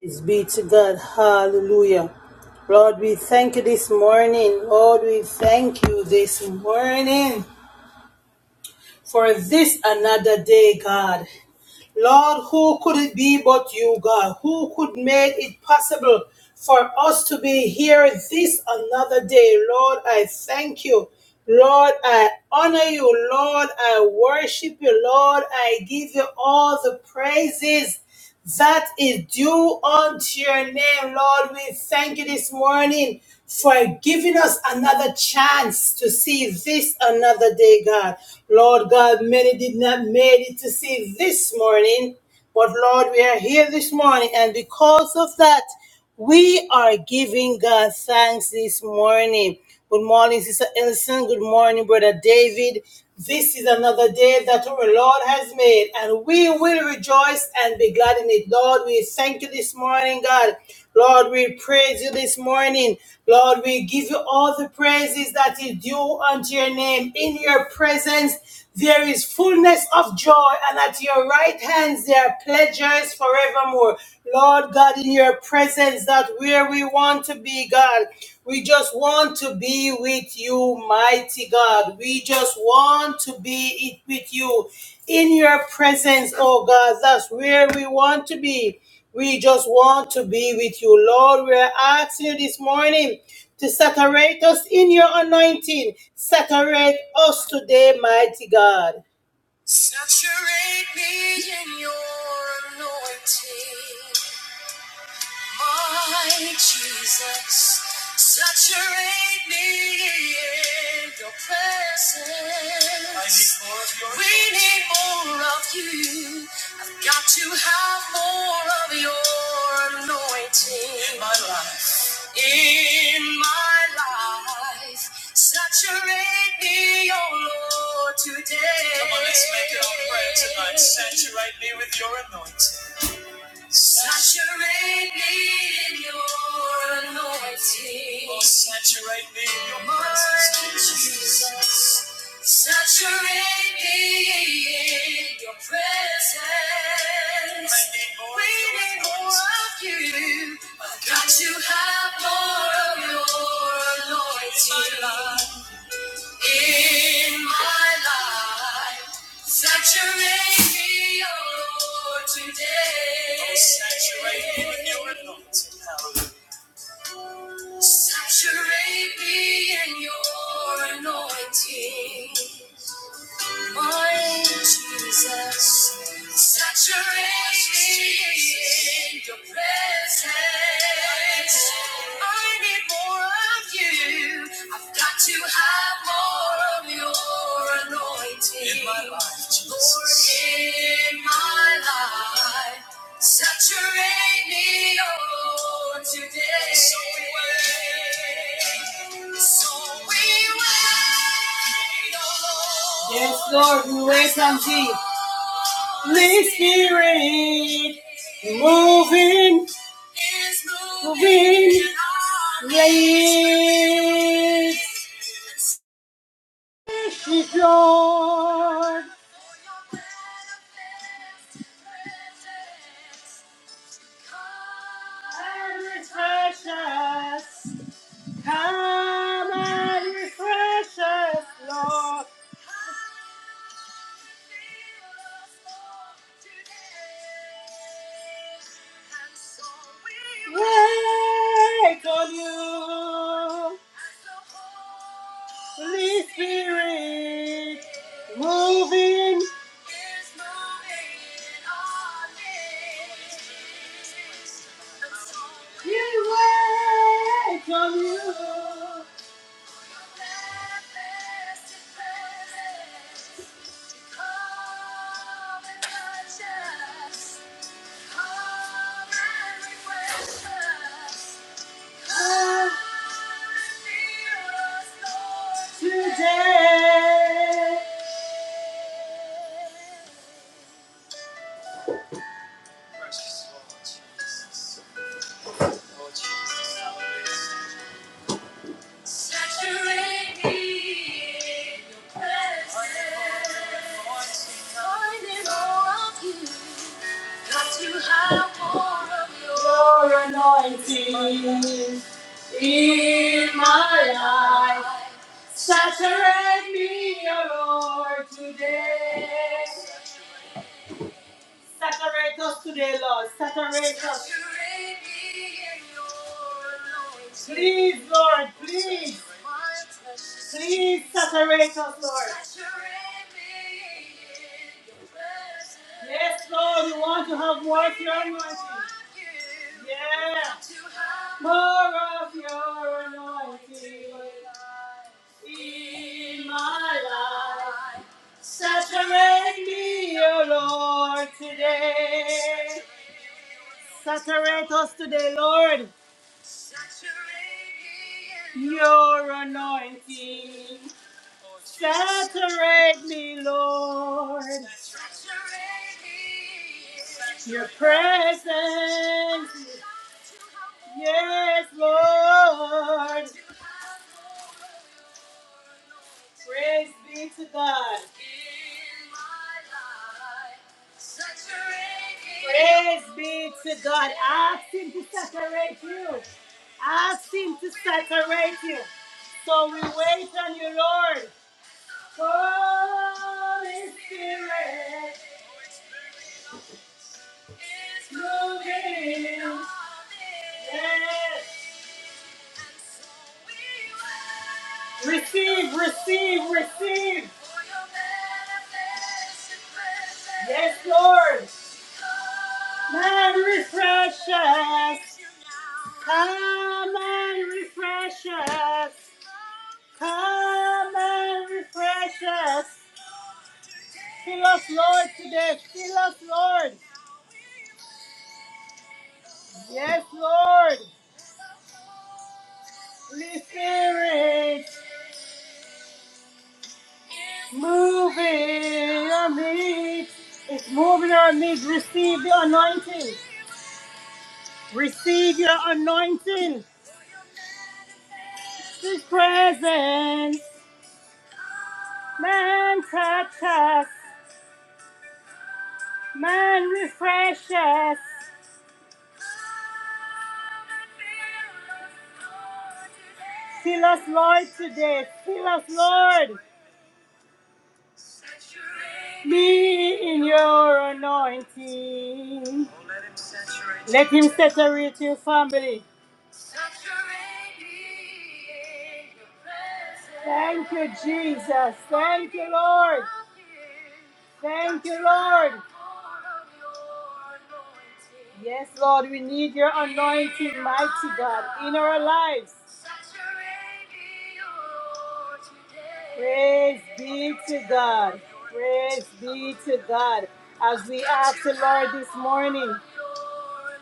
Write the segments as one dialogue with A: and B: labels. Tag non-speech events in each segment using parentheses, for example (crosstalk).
A: Praise be to God. Hallelujah. Lord, we thank you this morning. Lord, we thank you this morning for this another day, God. Lord, who could it be but you, God? Who could make it possible for us to be here this another day? Lord, I thank you. Lord, I honor you. Lord, I worship you. Lord, I give you all the praises that is due unto your name, Lord. We thank you this morning for giving us another chance to see this another day, God. Lord God, many did not make it to see this morning, but Lord, we are here this morning, and because of that, we are giving God thanks this morning. Good morning, Sister Ellison. Good morning, Brother David. This is another day that our Lord has made, and we will rejoice and be glad in it. Lord, we thank you this morning, God. Lord, we praise you this morning. Lord, we give you all the praises that is due unto your name. In your presence, there is fullness of joy, and at your right hands there are pleasures forevermore. Lord God, in your presence, that's where we want to be, God. We just want to be with you, mighty God. We just want to be it with you in your presence, oh God. That's where we want to be. We just want to be with you, Lord. We are asking you this morning to saturate us in your anointing. Saturate us today, mighty God. Saturate me in your anointing. I, Jesus, saturate me in your presence. I need more of your We need more of you. I've got to have more of your anointing. In my life. In my life. Saturate me, oh Lord, today. Come saturate me with your anointing. Saturate me in your anointing. Oh, saturate me in your presence, Jesus. Saturate me in your presence. More of you. I've got to have more of your anointing in my life. Saturate me, oh Lord, today. Saturate me in your anointing, my Jesus. Saturate me in your presence. I need more of you. I've got to have more of your anointing. In my life, Jesus. Lord, in my life. Saturate me, oh, today. So we wait. So we wait, oh, Lord. Yes, Lord, we wait on thee. Holy Spirit, moving, is moving. Yes, Lord and refresh us. Come and refresh us, Lord. Wake on you, Holy Spirit, moving. There's no end on this. You wait from you. Come and touch us. and refresh us. and feel Today. Saturate me in Finding more of you. Got to have more of your anointing in my life. Saturate me, O Lord, today. Saturate us today, Lord. Saturate us. Please, Lord, please. Please saturate us, Lord. Yes, Lord, you want to have more of your anointing. Yeah. More of your anointing in my life. Saturate me, O Lord, today. Saturate us today, Lord. Your anointing. Saturate me, Lord. Your presence. Yes, Lord. Praise be to God. Praise be to God. Ask Him to saturate you. Ask Him to saturate you. So we wait on you, Lord. Holy Spirit is moving. Yes. Receive, receive, receive. Yes, Lord. Man, refresh us. Come and refresh us. Lord, Lord, it's we to the anointing. Leave your anointing, His presence. Man touch us, man refresh us. Fill us, Lord, today. Fill us, Lord. Be in your anointing. Let Him saturate your family. Thank you, Jesus. Thank you, Lord. Thank you, Lord. Yes, Lord, we need your anointing, mighty God, in our lives. Praise be to God. Praise be to God. As we ask the Lord this morning,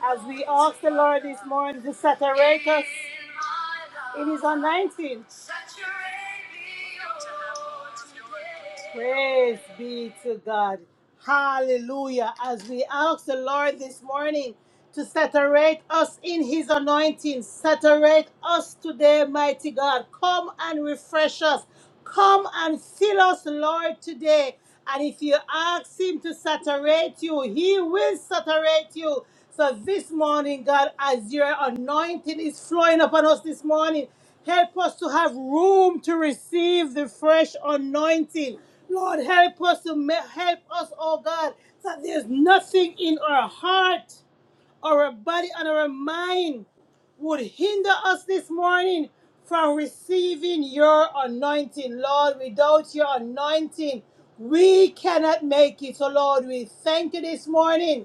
A: as we ask the Lord this morning to saturate us in His anointing, Praise be to God. Hallelujah. As we ask the Lord this morning to saturate us in his anointing, saturate us today, mighty God. Come and refresh us. Come and fill us, Lord, today. And if you ask Him to saturate you, He will saturate you. So this morning, God, as your anointing is flowing upon us this morning, help us to have room to receive the fresh anointing. Lord, help us to ma- help us, oh God, that there's nothing in our heart our body and our mind would hinder us this morning from receiving your anointing. Lord, without your anointing, we cannot make it. So, Lord, we thank you this morning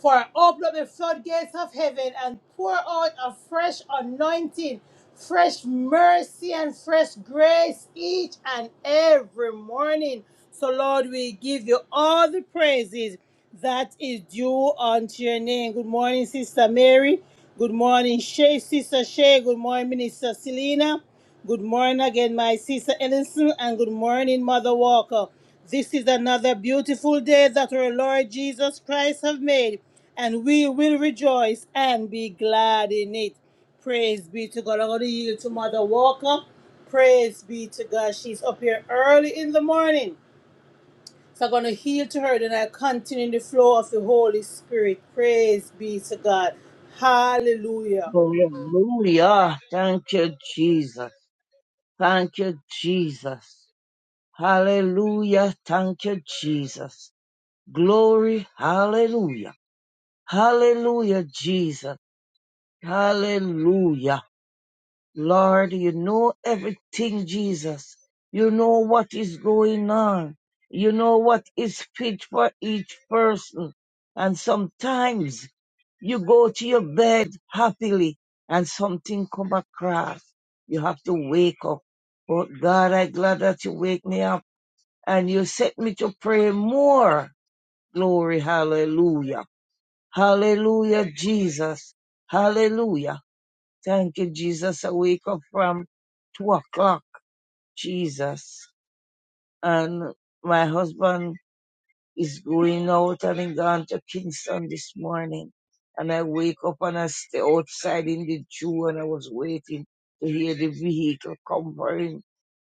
A: for open up the floodgates of heaven and pour out a fresh anointing, fresh mercy, and fresh grace each and every morning. So, Lord, we give you all the praises that is due unto your name. Good morning, Sister Mary. Good morning, Shay, Sister Shay. Good morning, Minister Selena. Good morning again, my sister Ellison, and good morning, Mother Walker. This is another beautiful day that our Lord Jesus Christ have made, and we will rejoice and be glad in it. Praise be to God. I'm going to yield to Mother Walker. Praise be to God. She's up here early in the morning. So I'm going to yield to her, then I continue in the flow of the Holy Spirit. Praise be to God. Hallelujah.
B: Hallelujah. Thank you, Jesus. Thank you, Jesus. Hallelujah. Thank you, Jesus. Glory. Hallelujah. Hallelujah, Jesus. Hallelujah. Lord, you know everything, Jesus. You know what is going on. You know what is fit for each person. And sometimes you go to your bed happily and something come across. You have to wake up. But God, i am glad that you wake me up and you set me to pray more. Glory, hallelujah. Hallelujah, Jesus. Hallelujah. Thank you, Jesus. I wake up from two o'clock, Jesus. And my husband is going out and he gone to Kingston this morning. And I wake up and I stay outside in the Jew and I was waiting to hear the vehicle come for him.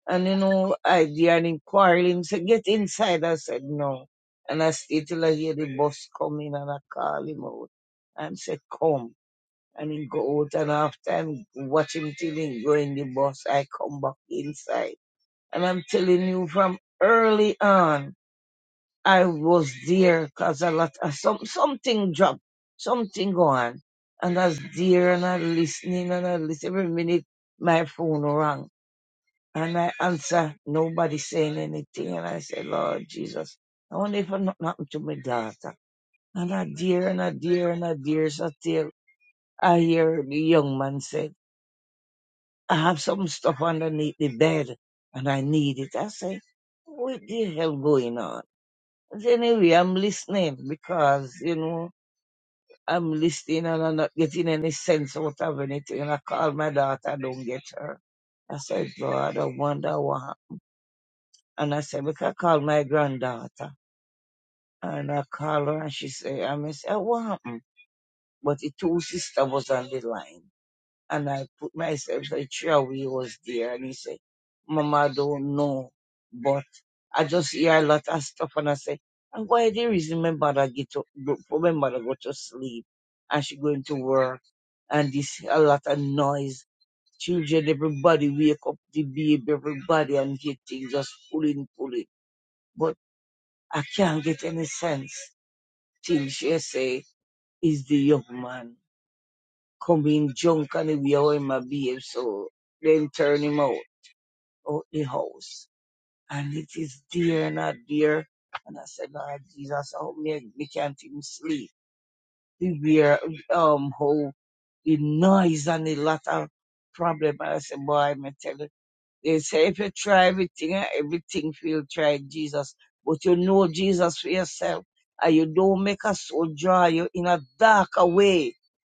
B: And you know, I and him quarreling, said, get inside. I said, no. And I stayed till I hear the bus coming and I call him out and said, come and he go out and after I'm watching till he go in the bus, I come back inside. And I'm telling you from early on, I was there 'cause a lot of some, something dropped, something go on. And I was there and I listening and I listen every minute my phone rang. And I answer, nobody saying anything. And I say, Lord Jesus, I wonder if I'm not happened to my daughter. And I dear and I dear and I dear so till I hear the young man say. I have some stuff underneath the bed and I need it. I say, what the hell going on? But anyway, I'm listening because, you know, I'm listening and I'm not getting any sense out of anything. And I call my daughter, I don't get her. I said, God, I wonder what. hap-" And I said, because I call my granddaughter. And I call her and she say, I miss, "Eh, what happened? But the two sisters was on the line. And I put myself, the chairway was there. And he said, Mama, I don't know. But I just hear a lot of stuff. And I say, and why the reason my mother get to, go- for my mother go to sleep and she going to work and this a lot of noise. Children, everybody wake up the baby, everybody and get things just pulling, pulling. But I can't get any sense till she say, is the young man come being drunk and the way how him a behave, so then turn him out, out the house. And it is dear, and not dear. And I said, Lord Jesus, help me, me can't even sleep. The bear, um, how the noise and the lot of problem. And I said, boy, me tell you they say if you try everything, eh, everything feel try Jesus. But you know Jesus for yourself. And you don't make a soul draw you in a darker way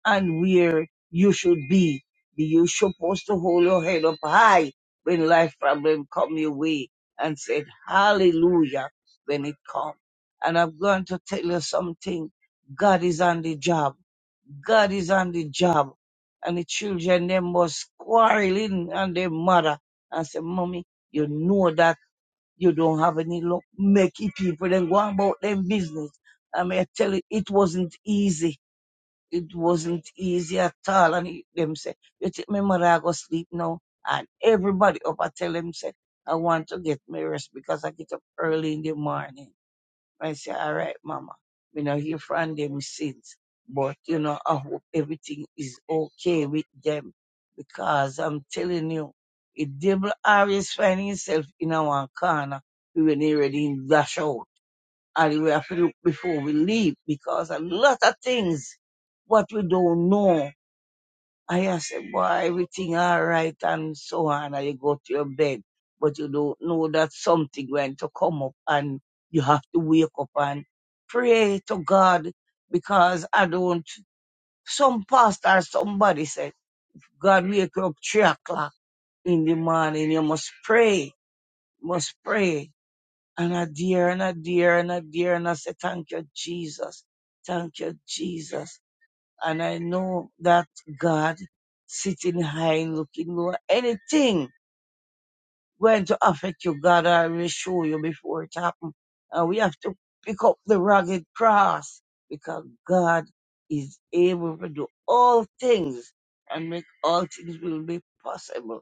B: and where you should be. Be you supposed to hold your head up high when life problem come your way and said hallelujah when it come. And I'm going to tell you something. God is on the job. God is on the job. And the children, they must quarreling and their mother and say, Mommy, you know that you don't have any luck. Make it people then go on about their business. I mean, I tell you, it wasn't easy. It wasn't easy at all. And he- them say, you take my mother, I go sleep now. And everybody up, I tell them, say, I want to get my rest because I get up early in the morning. I say, all right, mama, we not hear from them since, but you know, I hope everything is okay with them because I'm telling you, if devil always find himself in our corner, we will not ready to dash out. And we have to look before we leave because a lot of things what we don't know I just say, boy, everything all right and so on, and you go to your bed, but you don't know that something went to come up and you have to wake up and pray to God because I don't, some pastor somebody said, God wake you up three o'clock in the morning, you must pray, must pray. And I dear and I dear and I dear and I say, thank you, Jesus. Thank you, Jesus. And I know that God sitting high, looking low, anything going to affect you, God already show you before it happen. And we have to pick up the rugged cross because God is able to do all things and make all things will be possible.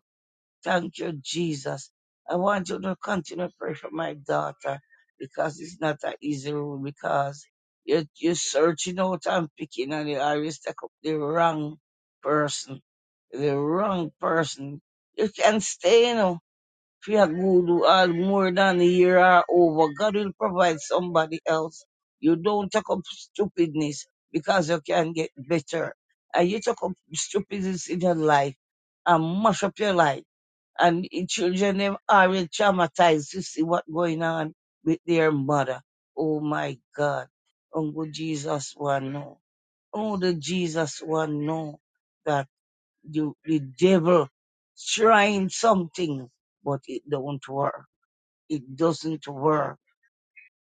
B: Thank you, Jesus. I want you to continue to pray for my daughter because it's not an easy road because you are you're searching out and picking and you always take up the wrong person. The wrong person. You can stay, you know, if you are good or more than a year or over. God will provide somebody else. You don't take up stupidness because you can get better. And you take up stupidness in your life and mash up your life. And the children them already traumatized to see what going on with their mother. Oh my God. Uncle Jesus one know. Oh the Jesus one know that the, the devil trying something but it don't work. It doesn't work.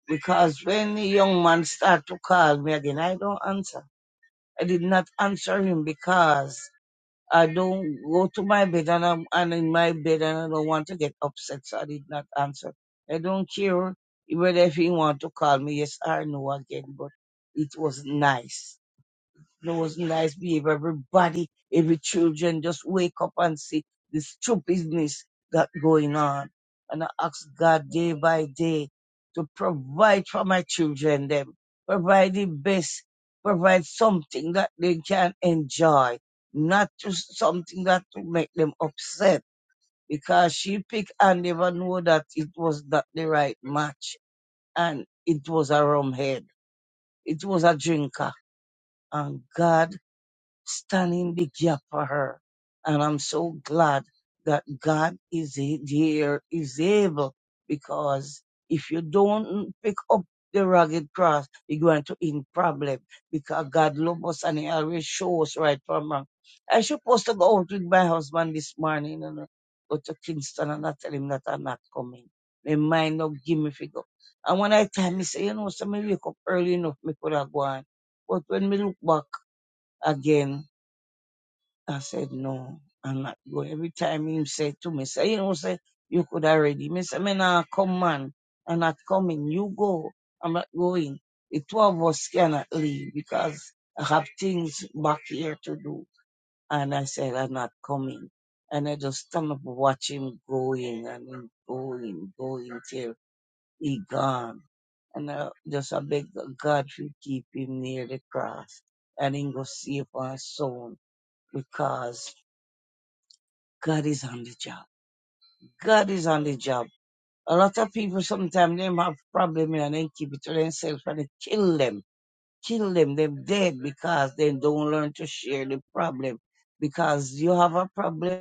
B: Because when the young man start to call me again, I don't answer. I did not answer him because I don't go to my bed and I'm and in my bed and I don't want to get upset, so I did not answer. I don't care whether if he want to call me yes or no again, but it was nice those nice behavior. Everybody, every children just wake up and see the stupidness that going on. And I ask God day by day to provide for my children them, provide the best, provide something that they can enjoy, not just something that will make them upset. Because she picked and never know that it was not the right match. And it was a rum head. It was a drinker. And God stand in the gap for her. And I'm so glad that God is a- there, is able, because if you don't pick up the rugged cross, you're going to in problem because God loves us and He always shows us right from wrong. I supposed to go out with my husband this morning and uh, go to Kingston and I tell him that I'm not coming. My mind not give me figure. And when I time, he say, you know, so me wake up early enough, me could have gone. But when me look back again, I said, no, I'm not going. Every time him said to me, say, you know, say, you could already. Me say, me nah come, man. I'm not coming. You go. I'm not going. The two of us cannot leave because I have things back here to do. And I said, I'm not coming. And I just stand up watch him going and him going, going till he gone. And I just I beg God to keep him near the cross and him go safe and sound because God is on the job. God is on the job. A lot of people sometimes them have problem and then keep it to themselves and they kill them. Kill them, them dead because they don't learn to share the problem. Because you have a problem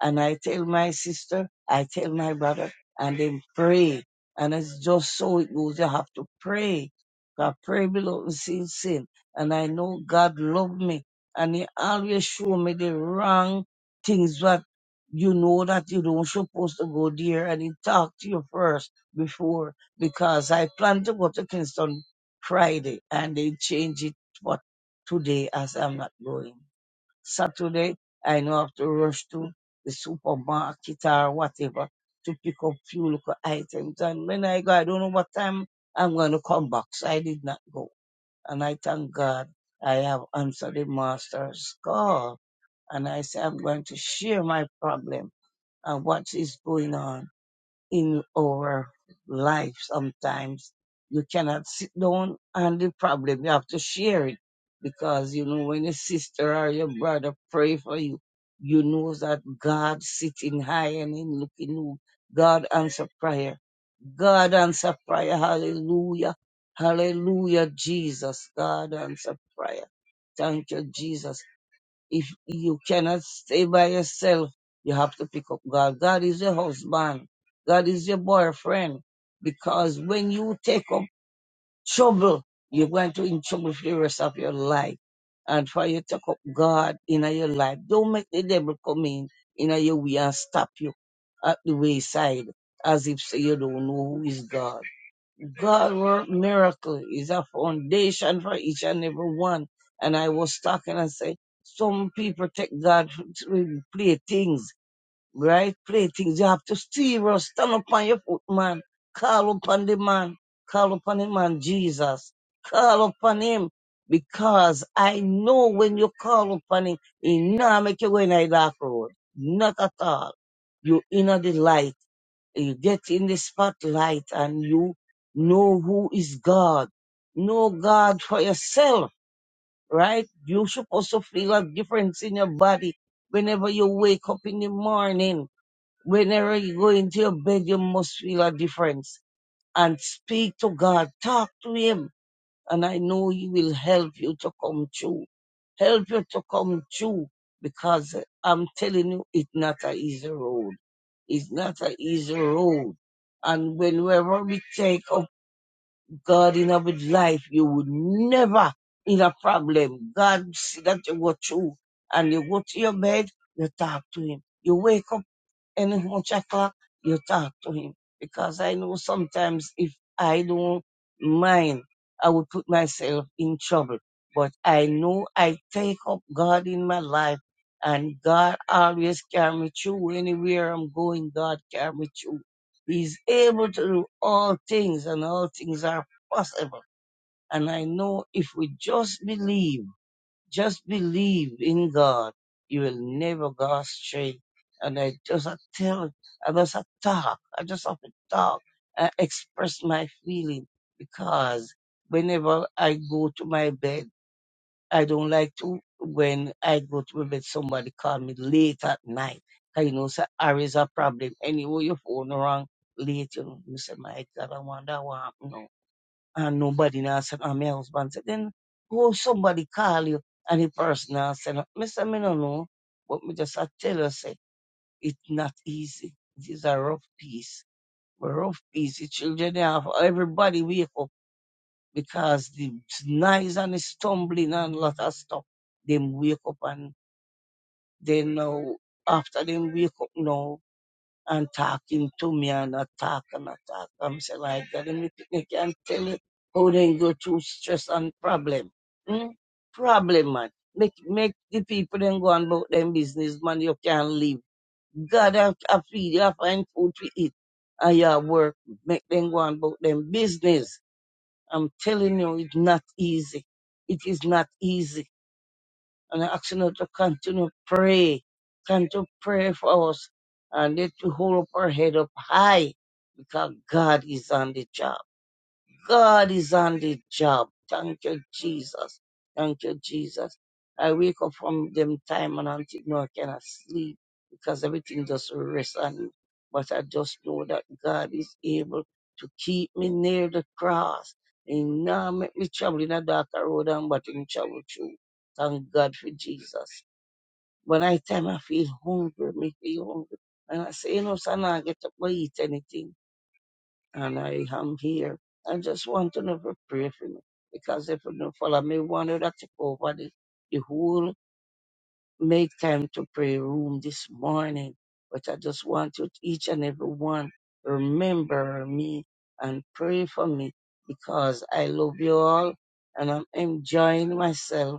B: and I tell my sister, I tell my brother, and then pray. And it's just so it goes. You have to pray. God pray below and see sin. And I know God love me. And he always show me the wrong things that you know that you don't supposed to go there. And he talk to you first before because I plan to go to Kingston Friday and they change it for today as I'm not going. Saturday, I know I have to rush to the supermarket or whatever to pick up few little items. And when I go, I don't know what time I'm going to come back. So I did not go. And I thank God I have answered the master's call. And I say, I'm going to share my problem and what is going on in our life sometimes. You cannot sit down on the problem. You have to share it. Because, you know, when your sister or your brother pray for you, you know that God sitting high and in looking low. God answer prayer. God answer prayer. Hallelujah. Hallelujah, Jesus. God answer prayer. Thank you, Jesus. If you cannot stay by yourself, you have to pick up God. God is your husband. God is your boyfriend. Because when you take up trouble, you're going to in trouble for the rest of your life. And for you to take up God in your life, don't make the devil come in in your way and stop you at the wayside as if say you don't know who is God. God work miracle is a foundation for each and every one. And I was talking and say, some people take God to play things, right? Play things. You have to steer us. Stand upon your foot, man. Call upon the man. Call upon him man, Jesus. Call upon him. Because I know when you call upon him, he not make you go in a dark road. Not at all. You in the light you get in the spotlight and you know who is God. Know God for yourself, right? You should also feel a difference in your body whenever you wake up in the morning. Whenever you go into your bed, you must feel a difference and speak to God. Talk to Him. And I know He will help you to come true. Help you to come true because I'm telling you, it's not an easy road it's not an easy road. And whenever we take up God in our life, you would never in a problem. God see that you go through and you go to your bed, you talk to him. You wake up and how much I you talk to him. Because I know sometimes if I don't mind, I would put myself in trouble. But I know I take up God in my life and God always carry me through. Anywhere I'm going, God carry me through. He's able to do all things and all things are possible. And I know if we just believe just believe in God. You will never go astray. And I just I tell, I just a talk. I just have to talk. I express my feeling because whenever I go to my bed, I don't like to when I go to my bed, somebody call me late at night. 'Cause you know, say, there is a problem. Anyway, your phone wrong late. You know, me say, my God, I wonder what happened and nobody now said, and my husband said, then who somebody call you? And the person now said, Mister, me no know, but me just a tell you, say, it's not easy. It is a rough piece. But rough piece, the children they have, everybody wake up because the knives and the stumbling and lot of stuff, them wake up and they know, after them wake up now, and talking to me and attack and attack. I'm saying like that. And you can tell you how they go through stress and problem. Hmm? Problem, man. Make make the people then go and about them business, man. You can't live. God have to feed you, have find food to eat. And your work, make them go and about them business. I'm telling you, it's not easy. It is not easy. And I ask you now to continue pray. Continue pray for us. And let you hold up our head up high God, God is on the job. God is on the job. Thank you, Jesus. Thank you, Jesus. I wake up from them time and until now I cannot sleep because everything just rests on me. But I just know that God is able to keep me near the cross. He now make me travel in a darker road and but in travel through. Thank God for Jesus. When I time I feel hungry, me feel hungry. And I say, you know, son, I get up, I eat anything and I am here. I just want to know if you pray for me. Because if you don't follow me, one of that took over the, the whole make time to pray room this morning. But I just want you, each and every one, remember me and pray for me because I love you all and I'm enjoying myself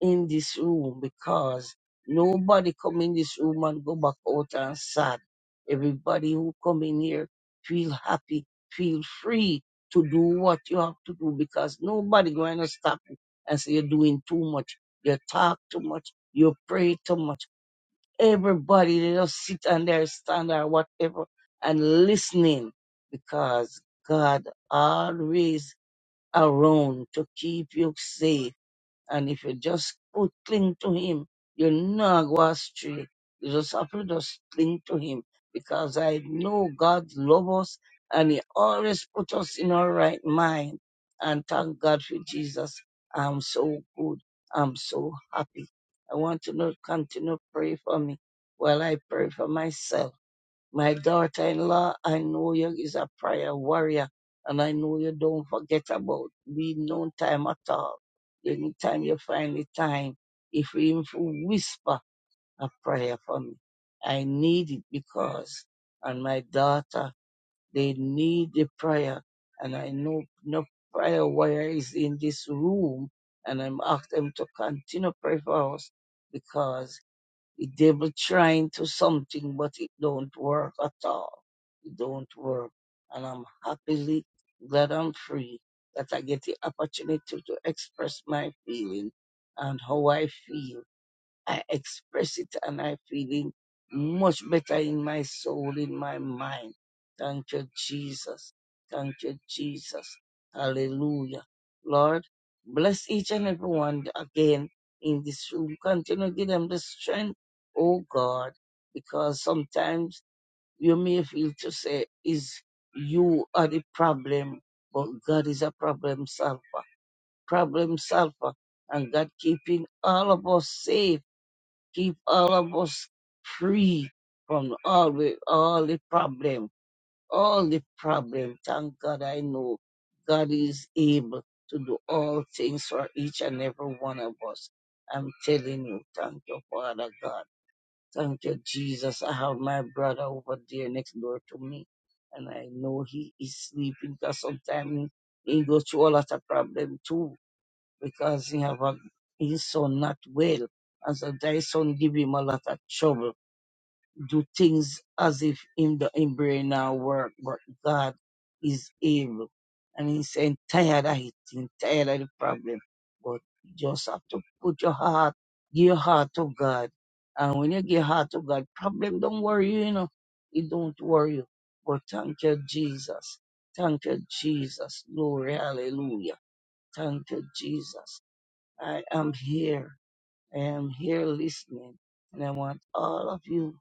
B: in this room because nobody come in this room and go back out and sad. Everybody who come in here feel happy, feel free to do what you have to do because nobody going to stop you and say you're doing too much, you talk too much, you pray too much. Everybody they just sit and there stand or whatever and listening because God always around to keep you safe and if you just put, cling to him, you're not go astray. You just have to just cling to him because I know God loves us and he always put us in our right mind. And thank God for Jesus. I'm so good. I'm so happy. I want to know, continue to pray for me while I pray for myself my daughter-in-law, I know you is a prayer warrior, and I know you don't forget about me no time at all. Anytime you find the time, if you even whisper a prayer for me, I need it because, and my daughter, they need the prayer, and I know no prayer warrior is in this room, and I'm asking them to continue pray for us because the devil trying to something, but it don't work at all. It don't work. And I'm happily glad I'm free that I get the opportunity to express my feeling and how I feel I express it and I feel it much better in my soul, in my mind. Thank you, Jesus. Thank you, Jesus. Hallelujah. Lord, bless each and every one again in this room. Continue to give them the strength, oh God, because sometimes you may feel to say is you are the problem, but God is a problem solver. Problem solver. And God keeping all of us safe keep all of us free from all the all the problem, all the problem. Thank God I know God is able to do all things for each and every one of us. I'm telling you, thank you, Father God. Thank you, Jesus. I have my brother over there next door to me, and I know he is sleeping because sometimes he go through a lot of problem too because he have a, his son not well. And so thy son give him a lot of trouble. Do things as if in the in brain now work, but God is able. And he saying tired of it, he tired of the problem. But you just have to put your heart, give your heart to God. And when you give your heart to God, problem don't worry you, you know. It don't worry you. But thank you, Jesus. Thank you, Jesus. Glory, hallelujah. Thank you, Jesus. I am here. I am here listening. And I want all of you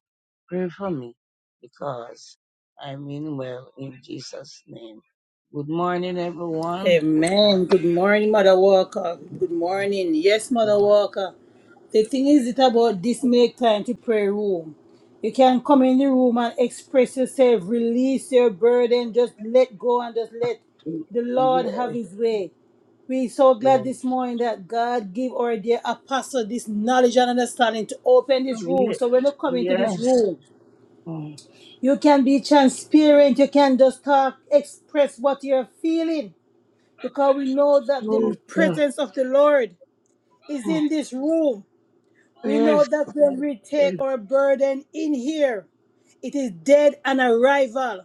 B: pray for me because I mean well in Jesus' name. Good morning, everyone. Good
A: Amen. Good
B: morning.
A: morning, Mother Walker. Good
B: Good
A: morning. Yes, Mother
B: morning.
A: Walker. The thing is, it about this make time to pray room. You can come in the room and express yourself, release your burden, just let go and just let the Lord
B: Yes,
A: have His way. We're so glad
B: yes.
A: this morning that God give our dear apostle this knowledge and understanding to open this room.
B: Yes.
A: So when you come into this
B: yes.
A: room, you can be transparent. You can just talk, express what you're feeling because we know that the
B: Oh, God.
A: presence of the Lord is in this room. We know
B: Yes.
A: that when we take our burden in here, it is dead on arrival.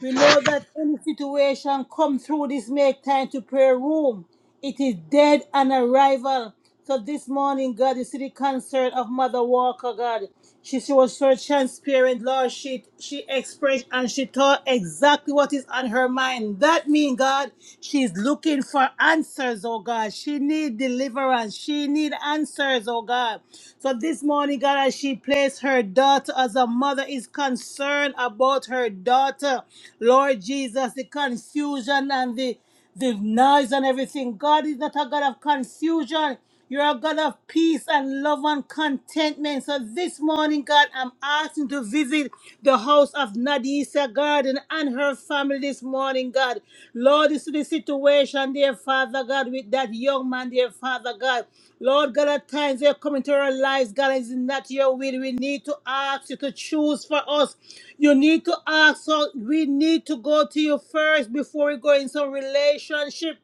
A: We know that any situation come through this make time to prayer room, it is dead on arrival. So this morning, God, you see the concert of Mother Walker, God. She, she was so transparent, Lord. She she expressed and she thought exactly what is on her mind. That means, God, she's looking for answers, oh God. She need deliverance. She need answers, oh God. So this morning, God, as she placed her daughter as a mother is concerned about her daughter, Lord Jesus, the confusion and the the noise and everything. God is not a God of confusion. You're a God of peace and love and contentment. So this morning, God, I'm asking to visit the house of Nadisa Garden and her family this morning, God. Lord, this is the situation situation, dear Father God, with that young man, dear Father God. Lord God, at times they're coming to our lives, God, it's not your will. We need to ask you to choose for us. You need to ask us. We need to go to you first before we go in some relationship.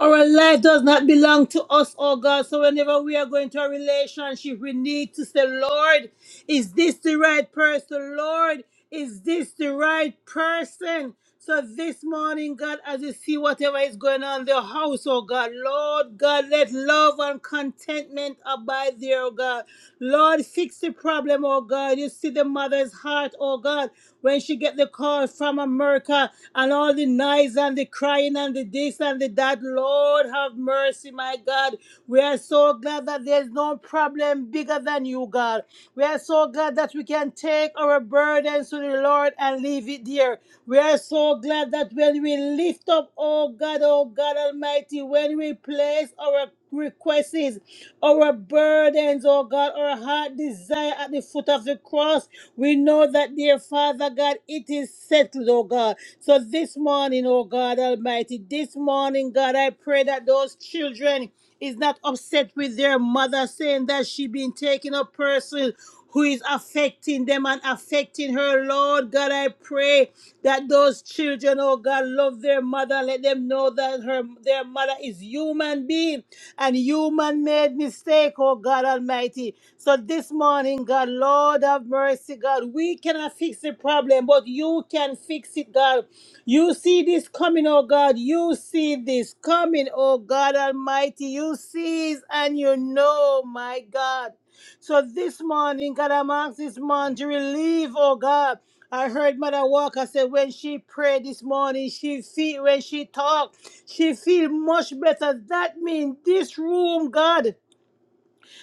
A: Our life does not belong to us, oh God. So whenever we are going to a relationship, we need to say, Lord, is this the right person? Lord, is this the right person? So this morning, God, as you see whatever is going on in the house, oh God, Lord God, let love and contentment abide there, oh God. Lord, fix the problem, oh God. You see the mother's heart, oh God, when she get the call from America and all the noise and the crying and the this and the that. Lord, have mercy, my God. We are so glad that there's no problem bigger than you, God. We are so glad that we can take our burdens to the Lord and leave it there. We are so glad that when we lift up, oh God, oh God Almighty, when we place our requests, our burdens, oh God, our heart desire at the foot of the cross, we know that, dear Father God, it is settled, oh God. So this morning, oh God Almighty, this morning, God, I pray that those children is not upset with their mother saying that she been taking a person who is affecting them and affecting her. Lord God, I pray that those children, oh God, love their mother. Let them know that her their mother is human being and human made mistake, oh God Almighty. So this morning, God, Lord of mercy, God, we cannot fix the problem, but you can fix it, God. You see this coming, oh God. You see this coming, oh God Almighty. You see it and you know, my God. So this morning, God, I'm asking this man to relieve, oh God. I heard Mother Walker say when she prayed this morning, she feel when she talked. She feel much better. That means this room, God,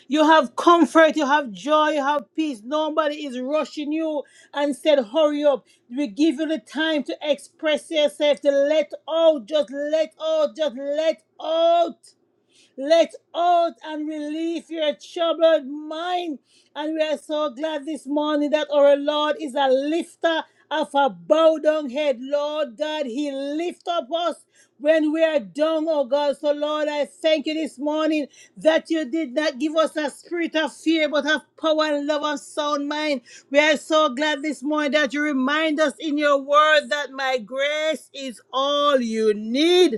A: you have comfort, you have joy, you have peace. Nobody is rushing you and said, hurry up. We give you the time to express yourself, to let out, just let out, just let out. Let out and relieve your troubled mind. And we are so glad this morning that our Lord is a lifter of a bowed down head. Lord God, He lift up us when we are down, oh God. So, Lord, I thank you this morning that you did not give us a spirit of fear, but of power and love and sound mind. We are so glad this morning that you remind us in your word that my grace is all you need.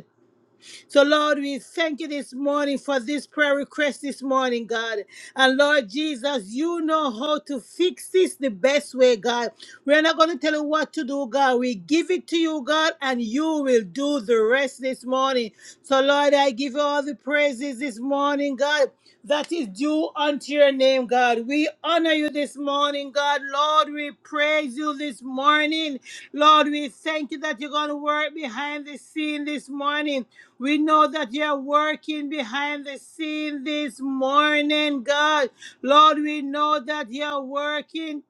A: So, Lord, we thank you this morning for this prayer request this morning, God. And Lord Jesus, you know how to fix this the best way, God. We're not going to tell you what to do, God. We give it to you, God, and you will do the rest this morning. So, Lord, I give you all the praises this morning, God. That is due unto your name, God. We honor you this morning, God. Lord, we praise you this morning. Lord, we thank you that you're going to work behind the scene this morning. We know that you're working behind the scene this morning, God. Lord, we know that you're working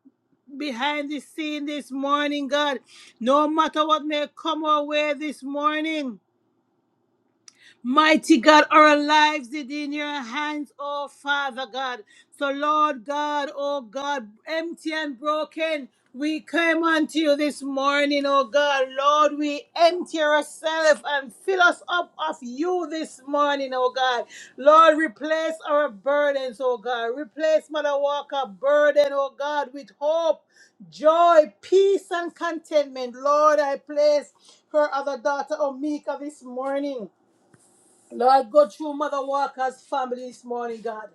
A: behind the scene this morning, God. No matter what may come our way this morning. Mighty God, our lives is in your hands, oh Father God. So, Lord God, oh God, empty and broken, we come unto you this morning, oh God. Lord, we empty ourselves and fill us up of you this morning, oh God. Lord, replace our burdens, oh God. Replace Mother Walker's burden, oh God, with hope, joy, peace, and contentment. Lord, I place her other daughter, Omika, this morning. Lord, go through Mother Walker's family this morning, God.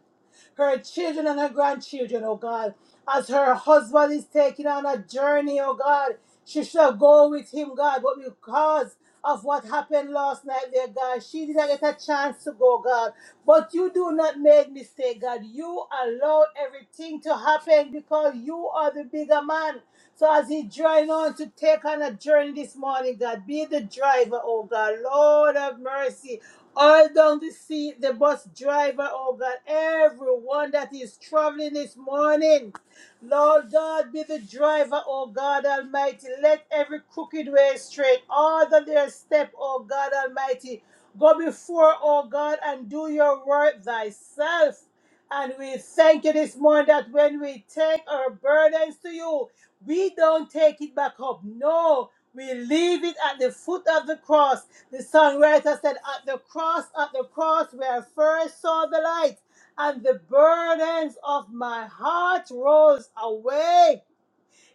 A: Her children and her grandchildren, oh God. As her husband is taking on a journey, oh God, she shall go with him, God. But because of what happened last night there, God, she did not get a chance to go, God. But you do not make mistake, God. You allow everything to happen because you are the bigger man. So as he journey on to take on a journey this morning, God, be the driver, oh God. Lord of mercy all down the sea, the bus driver, oh God, everyone that is traveling this morning. Lord God, be the driver, oh God Almighty. Let every crooked way straight, all that their step, oh God Almighty. Go before, oh God, and do your work thyself. And we thank you this morning that when we take our burdens to you, we don't take it back up. No, we leave it at the foot of the cross. The songwriter said, At the cross, at the cross where I first saw the light, and the burdens of my heart rose away.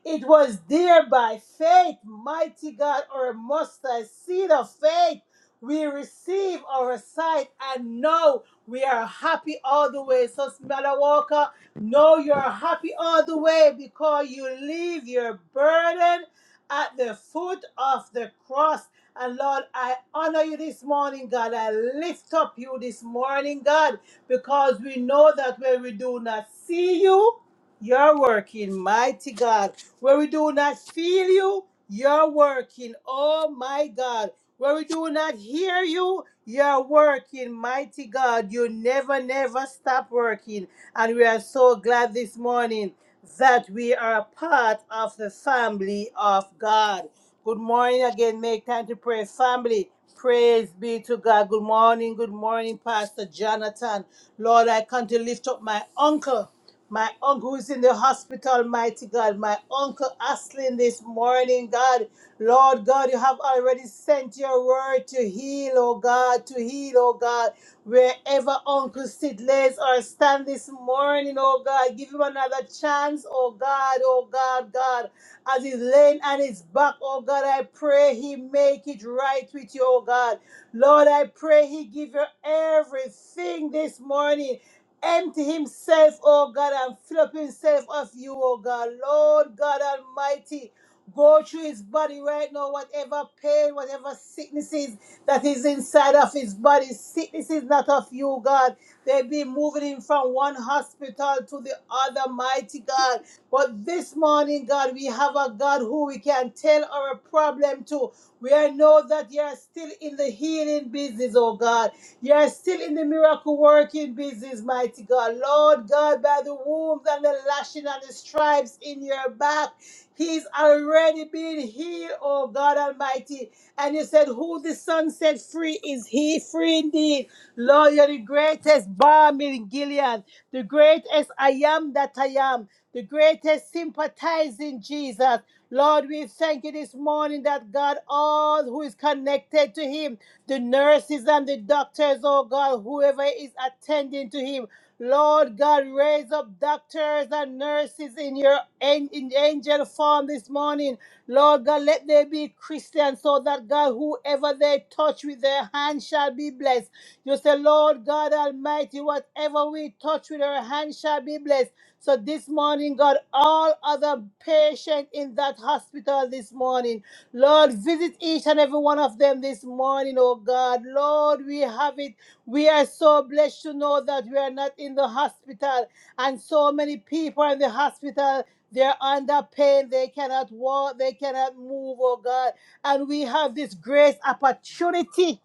A: It was there by faith, mighty God, our mustard seed of faith. We receive our sight and now we are happy all the way. So, Smella Walker, know you're happy all the way because you leave your burden at the foot of the cross. And Lord, I honor you this morning, God. I lift up you this morning, God, because we know that when we do not see you, you're working, mighty God. Where we do not feel you, you're working. Oh my God. Where we do not hear you, you're working. Mighty God, you never, never stop working. And we are so glad this morning that we are a part of the family of God. Good morning again. Make time to pray, family. Praise be to God. Good morning. Good morning, Pastor Jonathan. Lord, I come to lift up my uncle. My uncle is in the hospital, mighty God. My uncle Aslin this morning, God. Lord God, you have already sent your word to heal, oh God, to heal, oh God. Wherever Uncle Sid lays or stand this morning, oh God, give him another chance, oh God, oh God, God. As he's laying on his back, oh God, I pray he make it right with you, oh God. Lord, I pray he give you everything this morning empty himself, oh God, and fill up himself of you, oh God. Lord God Almighty, go through his body right now, whatever pain, whatever sicknesses that is inside of his body. Sickness is not of you, God. They've been moving him from one hospital to the other, mighty God. But this morning, God, we have a God who we can tell our problem to. We know that you are still in the healing business, oh God. You're still in the miracle working business, mighty God. Lord God, by the wounds and the lashing and the stripes in your back, He's already been healed, oh God Almighty. And you said, Who the Son set free is He free indeed. Lord, you're the greatest balm in Gilead, the greatest I am that I am, the greatest sympathizing Jesus. Lord, we thank you this morning that God, all who is connected to Him, the nurses and the doctors, oh God, whoever is attending to him. Lord God, raise up doctors and nurses in your an- in angel form this morning. Lord God, let they be Christian so that God, whoever they touch with their hand shall be blessed. You say, Lord God Almighty, whatever we touch with our hand shall be blessed. So this morning, God, all other patients in that hospital this morning. Lord, visit each and every one of them this morning, oh God. Lord, we have it. We are so blessed to know that we are not in the hospital, and so many people are in the hospital. They're under pain. They cannot walk. They cannot move, oh God. And we have this grace opportunity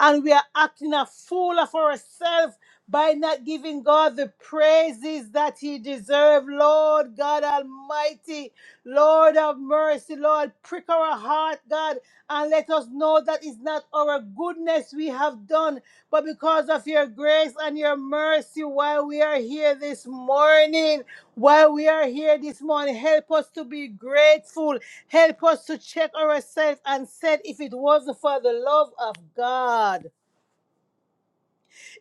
A: and we are acting a fool of ourselves by not giving God the praises that He deserves. Lord God Almighty, Lord of mercy, Lord, prick our heart, God, and let us know that it's not our goodness we have done. But because of your grace and your mercy, while we are here this morning, while we are here this morning, help us to be grateful. Help us to check ourselves and said, if it wasn't for the love of God.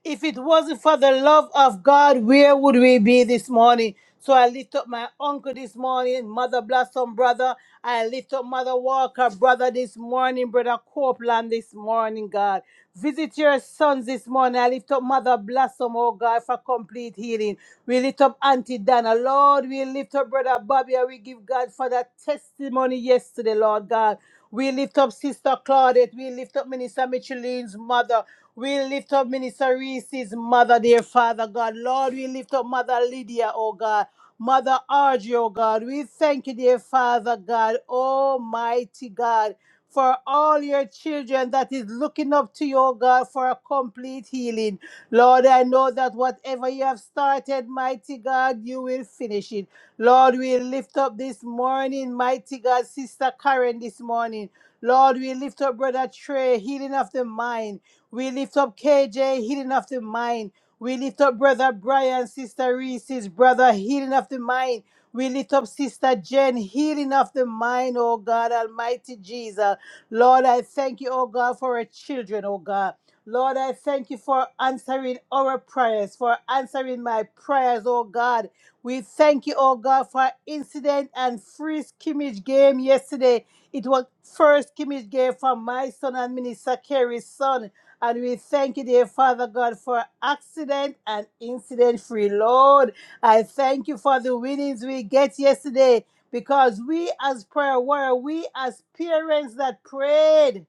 A: If it wasn't for the love of God, where would we be this morning? So I lift up my uncle this morning, Mother Blossom brother. I lift up Mother Walker brother this morning, Brother Copeland this morning, God. Visit your sons this morning. I lift up Mother Blossom, oh God, for complete healing. We lift up Auntie Dana, Lord. We lift up Brother Bobby, and we give God for that testimony yesterday, Lord God. We lift up Sister Claudette. We lift up Minister Micheline's mother. We lift up Minister Reese's mother, dear Father God. Lord, we lift up Mother Lydia, oh God. Mother Audrey, oh God. We thank you, dear Father God, Almighty God, for all your children that is looking up to you, oh God, for a complete healing. Lord, I know that whatever you have started, mighty God, you will finish it. Lord, we lift up this morning, mighty God, Sister Karen this morning. Lord, we lift up Brother Trey, healing of the mind. We lift up KJ, healing of the mind. We lift up brother Brian, sister Reese's brother, healing of the mind. We lift up sister Jen, healing of the mind, oh God, Almighty Jesus. Lord, I thank you, oh God, for our children, oh God. Lord, I thank you for answering our prayers, for answering my prayers, oh God. We thank you, oh God, for incident and free scrimmage game yesterday. It was first scrimmage game for my son and Minister Kerry's son. And we thank you, dear Father God, for accident and incident free. Lord, I thank you for the winnings we get yesterday because we, as prayer warrior, we, as parents that prayed,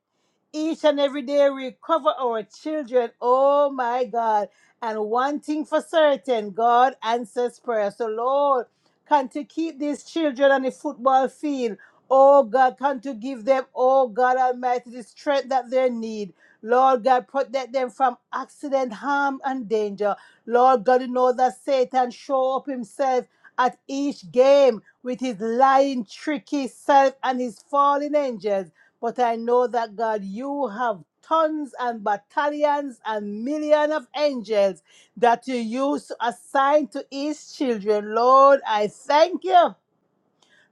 A: each and every day we cover our children. Oh my God. And one thing for certain, God answers prayer. So Lord, can to keep these children on the football field. Oh God, can to give them, oh God Almighty, the strength that they need. Lord God, protect them from accident, harm, and danger. Lord God, you know that Satan show up himself at each game with his lying, tricky self and his fallen angels. But I know that God, you have tons and battalions and millions of angels that you use to assign to each children. Lord, I thank you.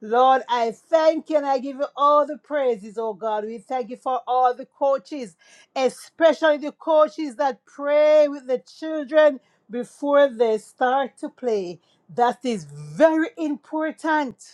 A: Lord, I thank you and I give you all the praises, oh God. We thank you for all the coaches, especially the coaches that pray with the children before they start to play. That is very important.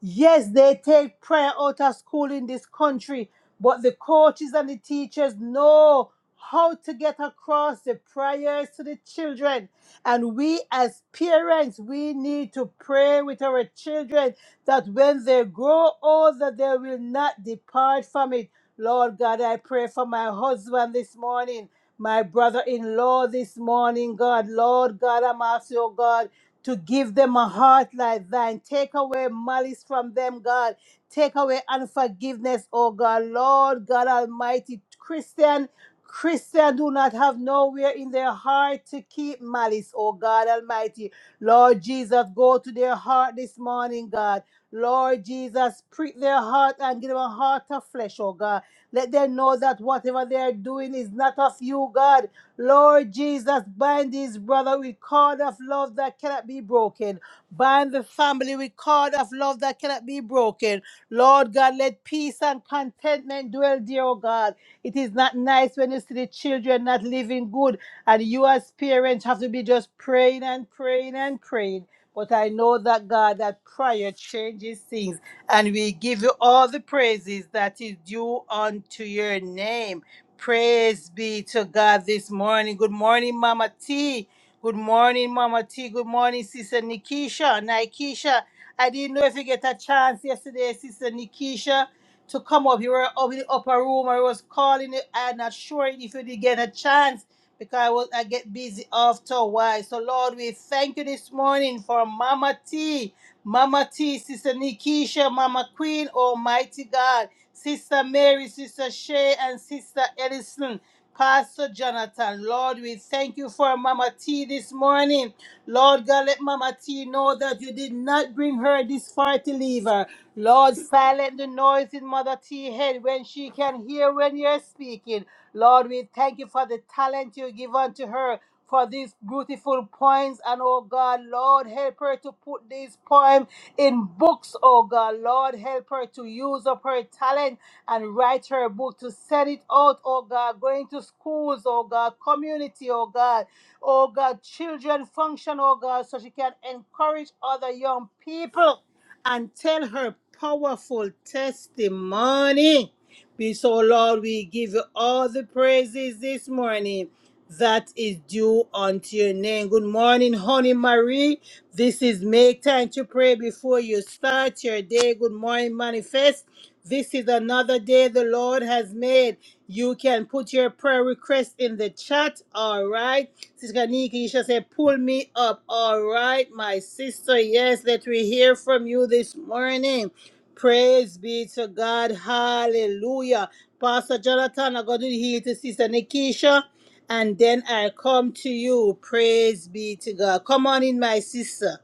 A: Yes, they take prayer out of school in this country, but the coaches and the teachers know how to get across the prayers to the children. And we, as parents, we need to pray with our children that when they grow older, they will not depart from it. Lord God, I pray for my husband this morning, my brother in law this morning, God. Lord God, I'm asking you, God to give them a heart like thine. Take away malice from them, God. Take away unforgiveness, oh God. Lord God Almighty, Christian. Christian do not have nowhere in their heart to keep malice, oh God Almighty. Lord Jesus, go to their heart this morning, God. Lord Jesus, prick their heart and give them a heart of flesh, oh God. Let them know that whatever they are doing is not of you, God. Lord Jesus, bind these brother with cord of love that cannot be broken. Bind the family with cord of love that cannot be broken. Lord God, let peace and contentment dwell dear, oh God. It is not nice when you see the children not living good, and you as parents have to be just praying and praying and praying. But I know that God, that prayer changes things. And we give you all the praises that is due unto your name. Praise be to God this morning. Good morning, Mama T. Good morning, Mama T. Good morning, Sister Nikisha. Nikisha, I didn't know if you get a chance yesterday, Sister Nikisha, to come up. You were up in the upper room or I was calling you. I'm not sure if you did get a chance because I was I get busy after a while. So Lord, we thank you this morning for Mama T, Mama T, Sister Nikisha, Mama Queen, Almighty God, Sister Mary, Sister Shay, and Sister Ellison. Pastor Jonathan, Lord, we thank you for Mama T this morning. Lord God, let Mama T know that you did not bring her this far to leave her. Lord, silent the noise in Mother T head when she can hear when you're speaking. Lord, we thank you for the talent you give unto her for these beautiful poems. And oh God, Lord, help her to put these poems in books, oh God. Lord, help her to use up her talent and write her book, to send it out, oh God, going to schools, oh God, community, oh God oh God, children function, oh God, so she can encourage other young people and tell her powerful testimony. Be so, Lord, we give you all the praises this morning that is due unto your name. Good morning, honey Marie. This is make time to pray before you start your day. Good morning, manifest. This is another day the Lord has made. You can put your prayer request in the chat, all right? Sister Nikisha said, pull me up. All right, my sister. Yes, let me hear from you this morning. Praise be to God. Hallelujah. Pastor Jonathan, I'm going to heal to Sister Nikisha, and then I come to you. Praise be to God. Come on in, my sister.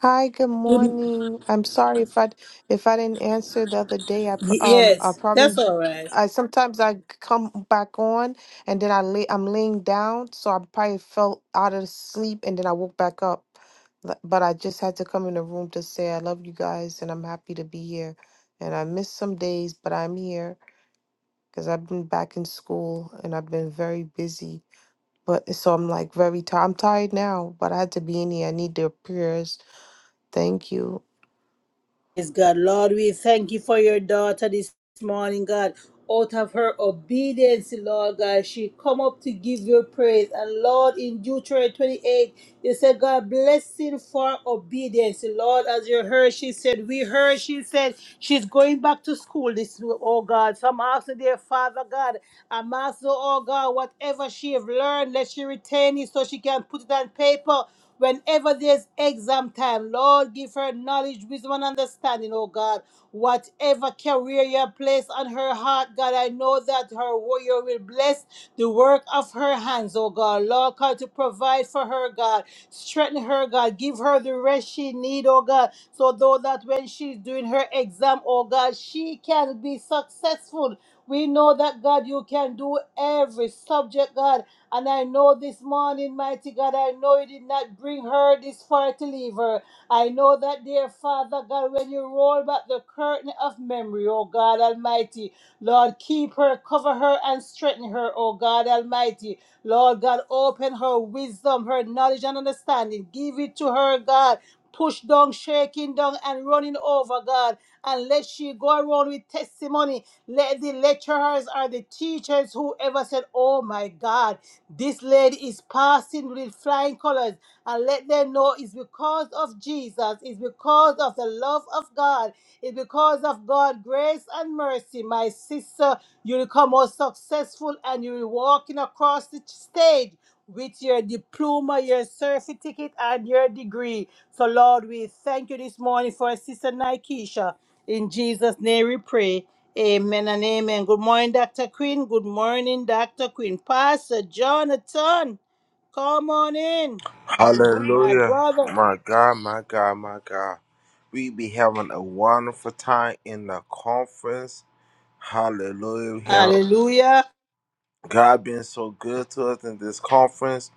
C: Hi, good morning. I'm sorry if I if I didn't answer the other day. I pr
A: Y-
C: um I
A: yes, that's
C: probably
A: all right.
C: I sometimes I come back on and then I lay I'm laying down, so I probably fell out of sleep and then I woke back up. L- But I just had to come in the room to say I love you guys and I'm happy to be here. And I missed some days, but I'm here because I've been back in school and I've been very busy. But so I'm like very tired. I'm tired now, but I had to be in here. I need their prayers. Thank you.
A: Praise God. Lord, we thank you for your daughter this morning, God. Out of her obedience, Lord God, she come up to give you praise. And Lord, in Deuteronomy 28, you said, God, blessing for obedience. Lord, as you heard, she said, we heard, she said, she's going back to school this week, oh God. So I'm asking, dear Father God, I'm asking, oh God, whatever she have learned, let she retain it so she can put it on paper Whenever there's exam time, Lord, give her knowledge, wisdom, and understanding, oh God. Whatever career you place on her heart, God, I know that her warrior will bless the work of her hands, oh God. Lord, God, to provide for her, God. Strengthen her, God. Give her the rest she need, oh God. So though that when she's doing her exam, oh God, she can be successful. We know that God, you can do every subject, God. And I know this morning, mighty God, I know you did not bring her this far to leave her. I know that, dear Father God, when you roll back the curtain of memory, oh God Almighty, Lord, keep her, cover her, and strengthen her, O God Almighty. Lord God, open her wisdom, her knowledge, and understanding. Give it to her, God. Push down, shaking down, and running over, God. And let she go around with testimony. Let the lecturers or the teachers, whoever said, Oh my God, this lady is passing with flying colors. And let them know it's because of Jesus, it's because of the love of God. It's because of God's grace and mercy, my sister, you will come out successful and you will walking across the stage with your diploma, your certificate, and your degree. So, Lord, we thank you this morning for our Sister Nikesha. In Jesus' name we pray. Amen and amen. Good morning, Dr. Queen. Good morning, Dr. Queen. Pastor Jonathan, come on in, my
D: Hallelujah.
A: brother.
D: My God, my God, my God. We be having a wonderful time in the conference. Hallelujah. We have
A: Hallelujah.
D: God been so good to us in this conference.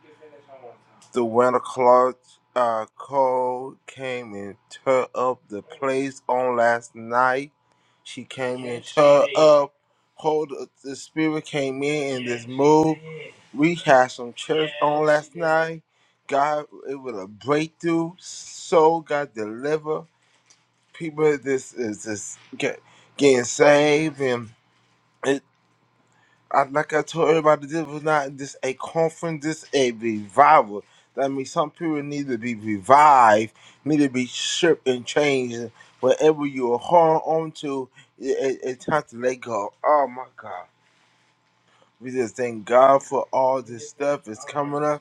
D: The winter cloth uh, cold came and tore up the place on last night. She came and Yes, tore up. Hold up, the spirit came in in this Yes, move. We had some church on Yes, last night. God, it was a breakthrough. Soul got delivered. People, this is this get, getting saved and. I, like I told everybody, this was not just a conference, this a revival. That means some people need to be revived, need to be stripped and changed. Whatever you are holding on to, it, it- it's time to let go. Oh my God. We just thank God for all this stuff that's coming up.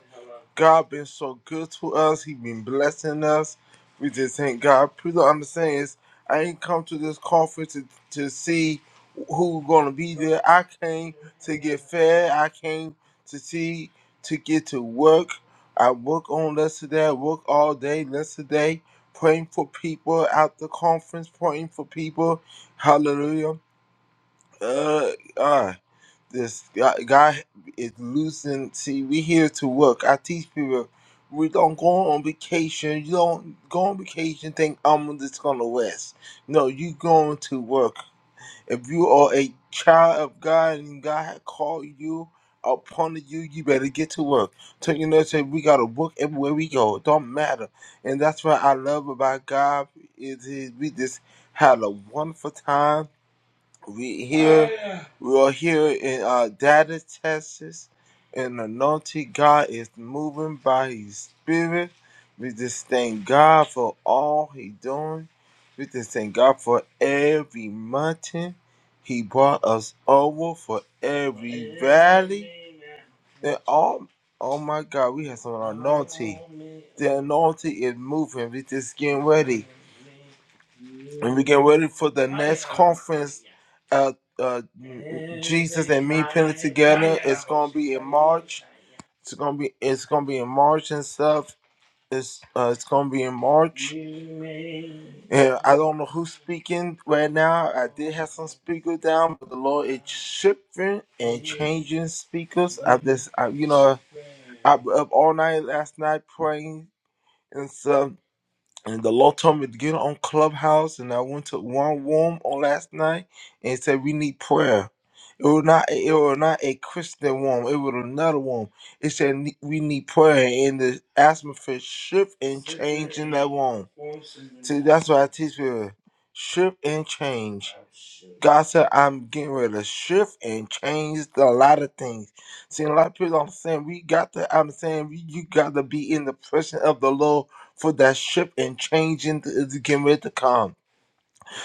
D: God been so good to us. He been blessing us. We just thank God. People understand is I ain't come to this conference to, to see who gonna be there. I came to get fed. I came to see to get to work. I work on yesterday. I work all day yesterday, praying for people at the conference, praying for people. Hallelujah. Uh, ah this God, God is losing. See, we here to work. I teach people we don't go on vacation. You don't go on vacation. Think I'm just gonna rest. No, you going to work. If you are a child of God and God had called you upon you, you better get to work. So you know, say we gotta work everywhere we go. It don't matter, and that's what I love about God is, is we just had a wonderful time we here, Oh, yeah. we are here in uh, Dallas, Texas, and anointed God is moving by His Spirit. We just thank God for all He doing. We just thank God for every mountain He brought us over, for every Amen. valley. And all, oh my God, we have some anointing. The anointing is moving. We just getting ready, and we get ready for the next conference uh, uh, Jesus and me put it together. It's gonna be in March. It's gonna be it's gonna be in March and stuff. It's uh, it's gonna be in March. Yeah, I don't know who's speaking right now. I did have some speakers down, but the Lord is shifting and changing speakers. I just I, you know I was up all night last night praying and stuff and the Lord told me to get on Clubhouse, and I went to one room on last night and it said we need prayer. It was not it was not a Christian room; it was another room. It said ne- we need prayer, and the atmosphere shift and change in that room. See, that's what I teach people: shift and change. God said, "I'm getting ready to shift and change a lot of things." See, a lot of people don't understand. We got to. I'm saying we, you got to be in the presence of the Lord for that shift and changing is getting ready to come.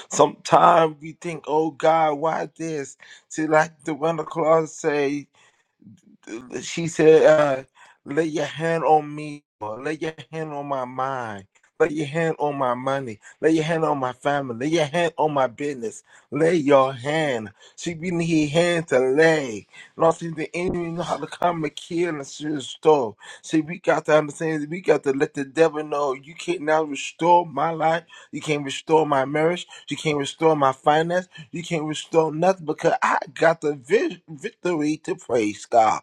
D: Sometimes we think, oh God, why this? See, like the Wonder Claus say she said, uh, lay your hand on me, Lord. lay your hand on my mind, lay your hand on my money, lay your hand on my family, lay your hand on my business, lay your hand. She we need hand to lay. Not see the enemy know how to come and kill and restore. See, we got to understand that we got to let the devil know you can't now restore my life, you can't restore my marriage, you can't restore my finance, you can't restore nothing because I got the vi- victory to praise God.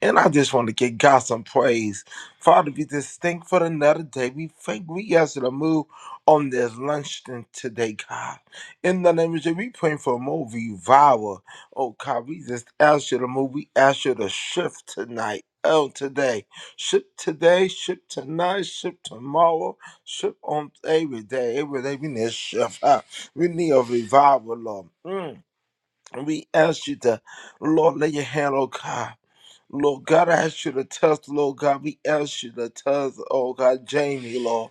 D: And I just want to give God some praise. Father, we just thank for another day. We thank we ask you to move on this luncheon today, God. In the name of Jesus, we praying for more revival. Oh God, we just ask you to move. We ask you to shift tonight. Oh, today. Shift today, shift tonight, shift tomorrow, shift on every day. Every day we need a shift. huh? We need a revival, Lord. Mm. We ask you to, Lord, lay your hand, oh God. Lord God, I ask you to touch, Lord God. We ask you to touch, oh God, Jamie, Lord.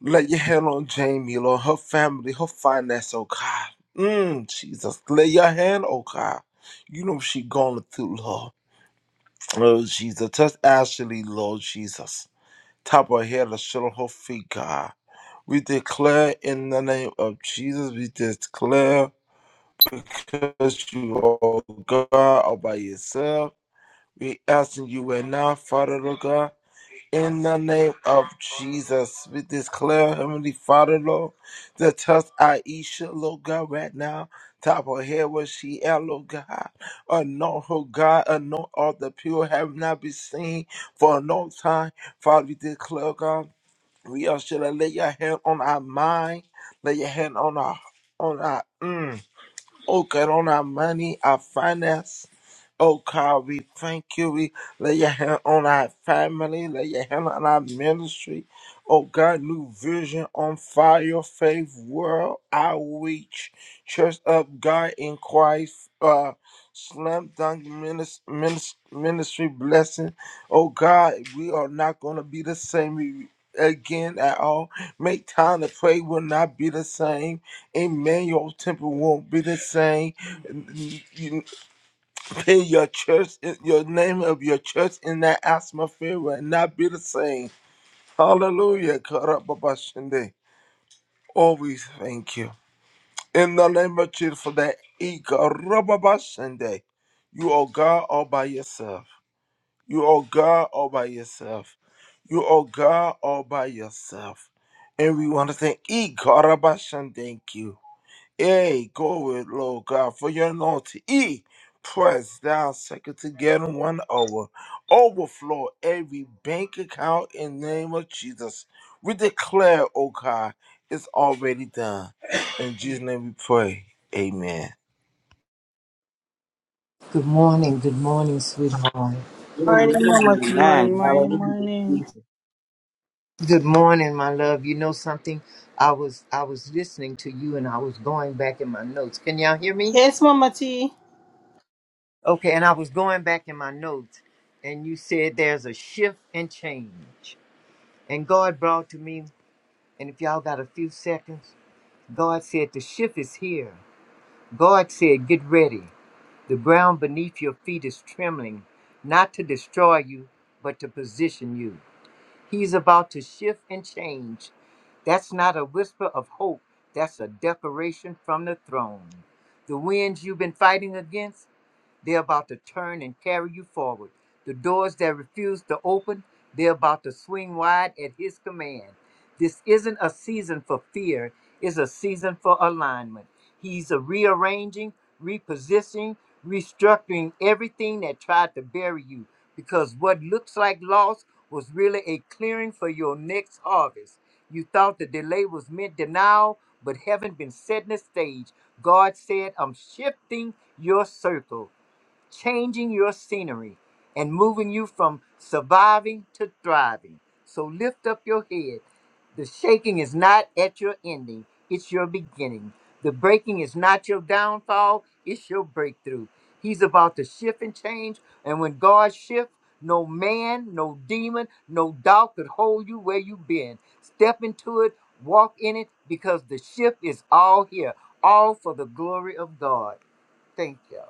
D: Lay your hand on Jamie, Lord, her family, her finance, oh God. Mm, Jesus, lay your hand, oh God. You know what she going through, Lord. Oh, Jesus, touch Ashley, Lord Jesus. Top her head, the shoulder, her feet, God. We declare in the name of Jesus, we declare because you are God all by yourself. We asking you right now, Father, Lord God. In the name of Jesus, we declare, Heavenly Father, Lord, to touch Aisha, Lord God, right now. Top of her head where she at, Lord God. Anoint her, God. Anoint all the people have not been seen for a long time. Father, we declare, God, we are should lay your hand on our mind, lay your hand on our, on our, mm. Oh God, on our money, our finance. Oh God, we thank you. We lay your hand on our family, lay your hand on our ministry. Oh God, new vision on fire, faith, world, outreach, church of God in Christ, uh, slam dunk minis- minis- ministry blessing. Oh God, we are not going to be the same again at all. Make time to pray will not be the same. Amen. Your temple won't be the same. You pay your church, your name of your church in that atmosphere will not be the same. Hallelujah. Karababashende. Always thank you. In the name of Jesus for that. Ikarababashende. You are God all by yourself. You are God all by yourself. You are God all by yourself. And we want to say, thank you. Yea, glory, Lord God, for your anointing. E, press down, second together, one hour. Overflow every bank account in the name of Jesus. We declare, oh God, it's already done. In Jesus' name we pray. Amen.
E: Good morning, good morning, sweetheart.
B: Amen.
A: Morning, mama.
B: Amen.
A: Morning, morning,
B: Hallelujah.
A: morning.
B: Jesus.
E: Good morning, my love. You know something? I was I was listening to you and I was going back in my notes. Can y'all hear me?
A: Yes, Mama T.
E: Okay, and I was going back in my notes and you said there's a shift and change. And God brought to me, and if y'all got a few seconds, God said the shift is here. God said, get ready. The ground beneath your feet is trembling, not to destroy you, but to position you. He's about to shift and change. That's not a whisper of hope, that's a declaration from the throne. The winds you've been fighting against, they're about to turn and carry you forward. The doors that refuse to open, they're about to swing wide at His command. This isn't a season for fear, it's a season for alignment. He's a rearranging, repositioning, restructuring everything that tried to bury you because what looks like loss was really a clearing for your next harvest. You thought the delay was meant denial, but heaven been setting the stage. God said, I'm shifting your circle changing your scenery and moving you from surviving to thriving. So lift up your head. The shaking is not at your ending, it's your beginning. The breaking is not your downfall, it's your breakthrough. He's about to shift and change, and when God shifts, no man, no demon, no doubt could hold you where you've been. Step into it, walk in it, because the shift is all here, all for the glory of God. Thank you.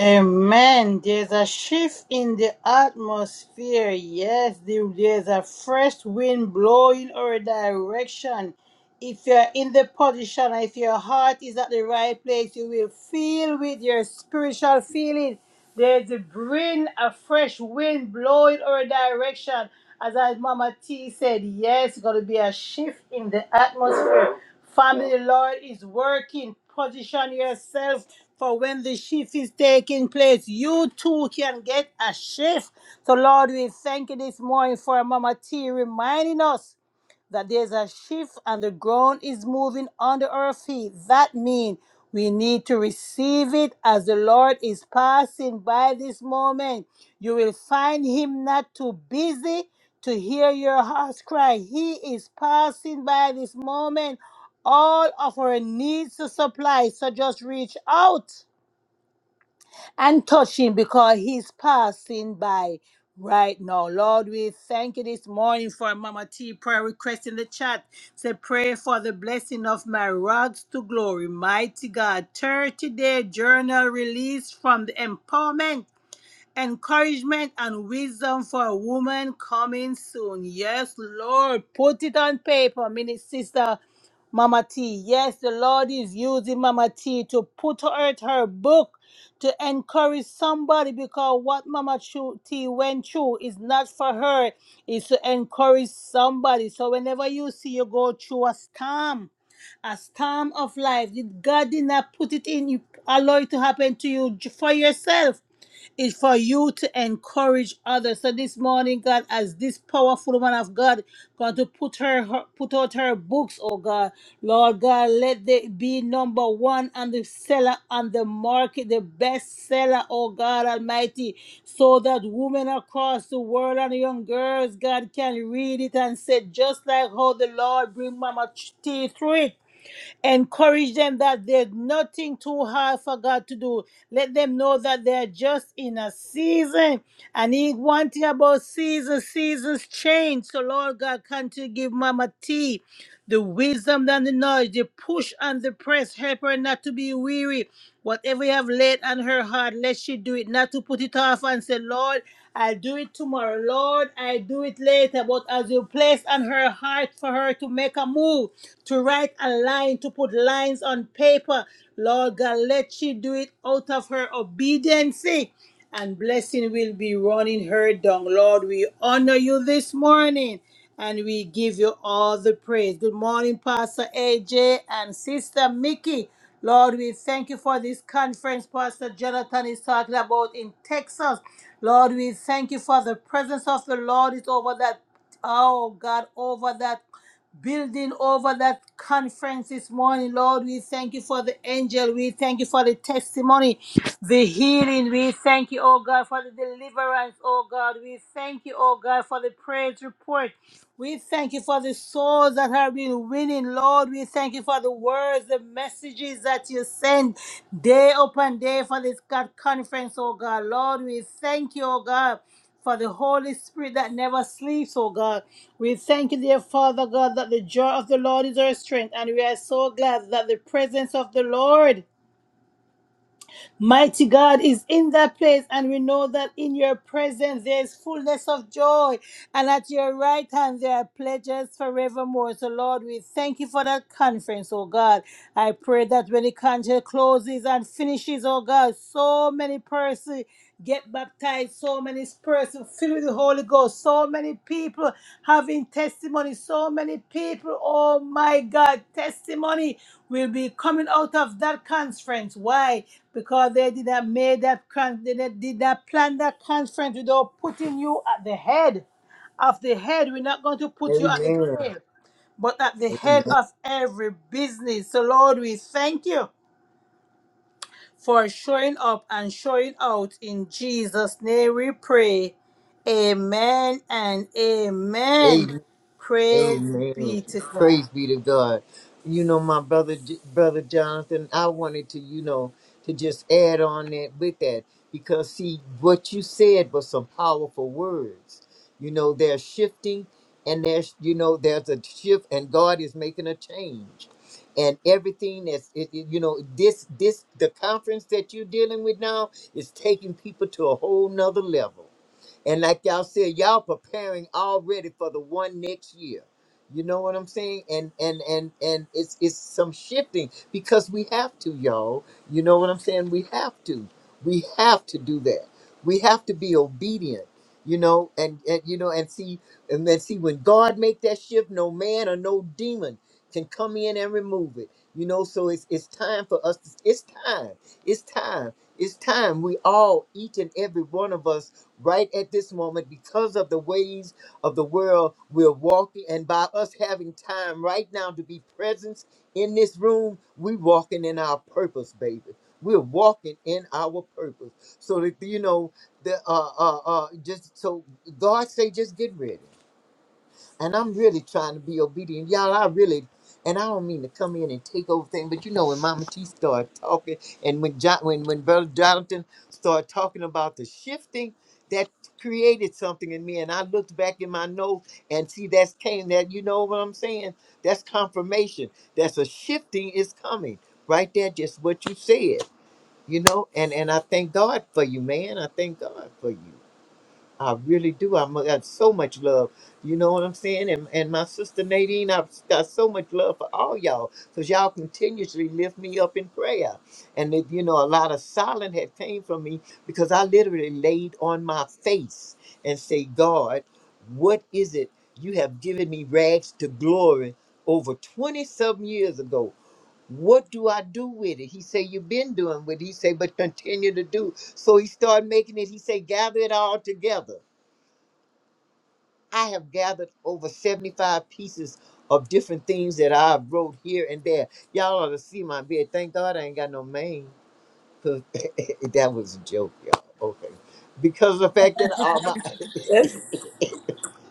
A: Amen. There's a shift in the atmosphere. Yes, there- there's a fresh wind blowing our direction. If you're in the position, if your heart is at the right place, you will feel with your spiritual feeling. There's a bring a fresh wind blowing our direction. As I, Mama T said, yes, it's going to be a shift in the atmosphere. Family, the Lord is working. Position yourself For when the shift is taking place, you too can get a shift. So, Lord, we thank you this morning for Mama T reminding us that there's a shift and the ground is moving under our feet. That means we need to receive it as the Lord is passing by this moment. You will find Him not too busy to hear your heart's cry. He is passing by this moment. All of our needs to supply. So just reach out and touch him because he's passing by right now. Lord, we thank you this morning for Mama T prayer request in the chat. Say, pray for the blessing of my rags to glory. Mighty God, 30 day journal release from the empowerment Encouragement and wisdom for a woman coming soon. Yes, Lord. Put it on paper, Minister Sister Mama T. Yes, the Lord is using Mama T to put out her book to encourage somebody because what Mama Chu- T went through is not for her, it's to encourage somebody. So whenever you see you go through a storm, a storm of life. Did God did not put it in you, allow it to happen to you j- for yourself is for you to encourage others. So this morning, God, as this powerful woman of God going to put her, her put out her books, oh God, Lord God, let they be number one on the seller on the market, the best seller, oh God Almighty, so that women across the world and young girls, God, can read it and say, just like how the Lord bring Mama T through it. Encourage them that there's nothing too hard for God to do. Let them know that they're just in a season. And he one thing about seasons, seasons change. So Lord God, continue to give Mama T the wisdom and the knowledge, the push and the press. Help her not to be weary. Whatever you have laid on her heart, let she do it. Not to put it off and say, Lord, I'll do it tomorrow. Lord, I'll do it later. But as you place on her heart for her to make a move, to write a line, to put lines on paper, Lord God, let she do it out of her obedience. And blessing will be running her down. Lord, we honor you this morning and we give you all the praise. Good morning, Pastor AJ and Sister Mickey. Lord, we thank you for this conference Pastor Jonathan is talking about in Texas. Lord, we thank you for the presence of the Lord is over that, oh God, over that building over that conference this morning. Lord, we thank you for the angel. We thank you for the testimony, the healing. We thank you, oh God, for the deliverance, oh God. We thank you, oh God, for the praise report. We thank you for the souls that have been winning, Lord. We thank you for the words, the messages that you send day upon day for this God conference, oh God. Lord, we thank you, oh God, for the Holy Spirit that never sleeps, oh God. We thank you, dear Father God, that the joy of the Lord is our strength, and we are so glad that the presence of the Lord Mighty God is in that place, and we know that in your presence there is fullness of joy, and at your right hand there are pledges forevermore. So, Lord, we thank you for that conference, oh God. I pray that when the conference closes and finishes, oh God, so many persons get baptized, so many persons filled with the Holy Ghost, so many people having testimony, so many people, oh my God, testimony will be coming out of that conference. Why? because they did not made that con- they did did not plan that conference without putting you at the head of the head. We're not going to put you at the
E: Amen.
A: tail, but at the head of every business. So Lord, we thank you for showing up and showing out in Jesus' name. We pray. Amen and amen.
E: Amen.
A: Praise
E: Amen.
A: be to God.
E: Praise be to God. You know, my brother, brother Jonathan, I wanted to, you know, to just add on that with that because see, what you said was some powerful words. You know, they're shifting, and there's, you know, there's a shift, and God is making a change, and everything that's, it, it- you know, this, this, the conference that you're dealing with now is taking people to a whole nother level and like y'all said, y'all preparing already for the one next year. You know what I'm saying? And and and and it's it's some shifting because we have to, y'all. You know what I'm saying? We have to. We have to do that. We have to be obedient. You know, and and you know, and see, and then see when God make that shift, no man or no demon can come in and remove it. You know, so it's it's time for us. To, it's time. It's time. It's time. We all, each and every one of us right at this moment because of the ways of the world we're walking and by us having time right now to be present in this room we are walking in our purpose baby we're walking in our purpose so that you know the uh uh uh just so god say just get ready and I'm really trying to be obedient. Y'all, I really, and I don't mean to come in and take over things, but you know when Mama T started talking, and when John, when when Brother Jonathan started talking about the shifting, that created something in me, and I looked back in my notes and see that's came that you know what I'm saying. That's confirmation. That's a shifting is coming right there. Just what you said, you know, and and I thank God for you, man. I thank God for you. I really do. I'm, I got so much love. You know what I'm saying? And, and my sister Nadine, I've got so much love for all y'all because y'all continuously lift me up in prayer. And, it, you know, a lot of silence had came from me because I literally laid on my face and say, God, what is it you have given me rags to glory over 20 some years ago? What do I do with it? He say, you've been doing what he say, but continue to do. So he started making it. He say, gather it all together. I have gathered over 75 pieces of different things that I wrote here and there. Y'all ought to see my bed. Thank God I ain't got no mane. 'cause (laughs) that was a joke, y'all. Okay. Because of the fact that all my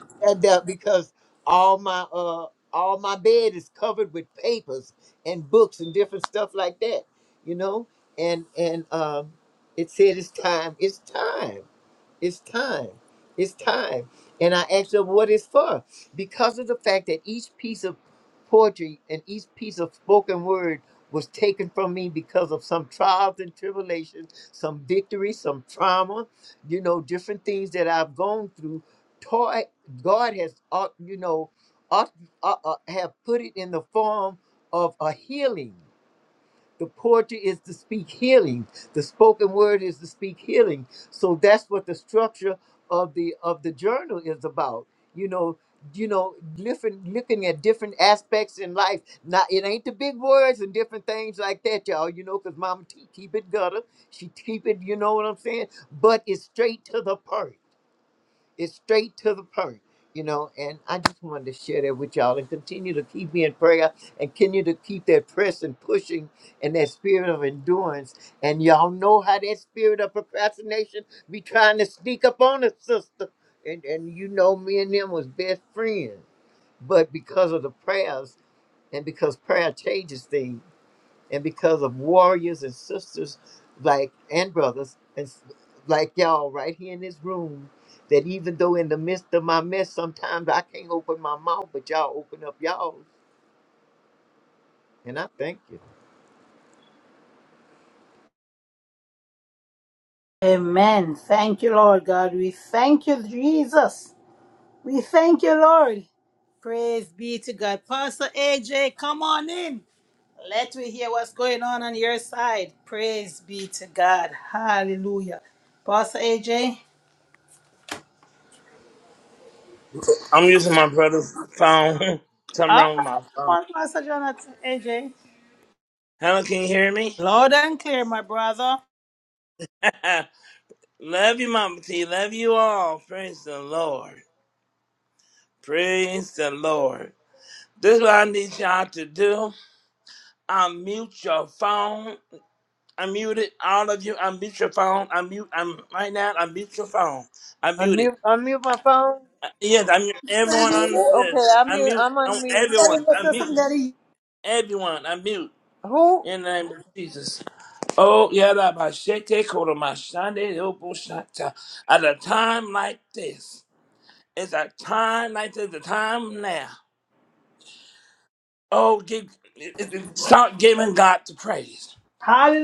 E: (laughs) and that because all my uh all my bed is covered with papers and books and different stuff like that, you know? And and um it said it's time, it's time. It's time. It's time. And I asked her what it's for. Because of the fact that each piece of poetry and each piece of spoken word was taken from me because of some trials and tribulations, some victory, some trauma, you know, different things that I've gone through. Toi- God has, au- you know, au- uh, uh, have put it in the form of a healing the poetry is to speak healing. The spoken word is to speak healing. So that's what the structure of the of the journal is about. You know, you know, different looking at different aspects in life. Not it ain't the big words and different things like that, y'all. You know, because Mama T keep it gutter. She keep it. You know what I'm saying? But it's straight to the point. It's straight to the point, you know. And I just wanted to share that with y'all and continue to keep me in prayer and continue to keep that press and pushing and that spirit of endurance. And y'all know how that spirit of procrastination be trying to sneak up on us, sister. And and you know me and them was best friends. But because of the prayers and because prayer changes things, and because of warriors and sisters like and brothers and s- like y'all right here in this room that even though in the midst of my mess sometimes i can't open my mouth but y'all open up y'all and i thank you
A: Amen. Thank you, Lord God. We thank you, Jesus. We thank you, Lord. Praise be to God. Pastor AJ, come on in. Let me hear what's going on on your side. Praise be to God. Hallelujah. Pastor AJ.
D: I'm using my brother's phone. (laughs) Something
A: All right,
D: wrong with my
A: come
D: phone.
A: on, Pastor Jonathan. AJ.
D: Hello, can you hear me?
A: Loud and clear, my brother.
D: (laughs) Love you, Mama T. Love you all. Praise the Lord. Praise the Lord. This is what I need y'all to do. unmute your phone. Unmute it. All of you, unmute your phone. Unmute. I'm right now. Unmute your phone. Unmute it.
E: Unmute, unmute my phone.
D: Uh, Yes, I mute everyone on this.
E: Okay, I'm
D: I
E: mute.
D: mute
E: I'm
D: on
E: unmute.
D: everyone. I mute everyone. I mute
E: Who?
D: in the name of Jesus. Oh, yeah, that by shete koto my shande opo At a time like this, it's a time like this, a time now. Oh, give, it- it- start giving God the praise.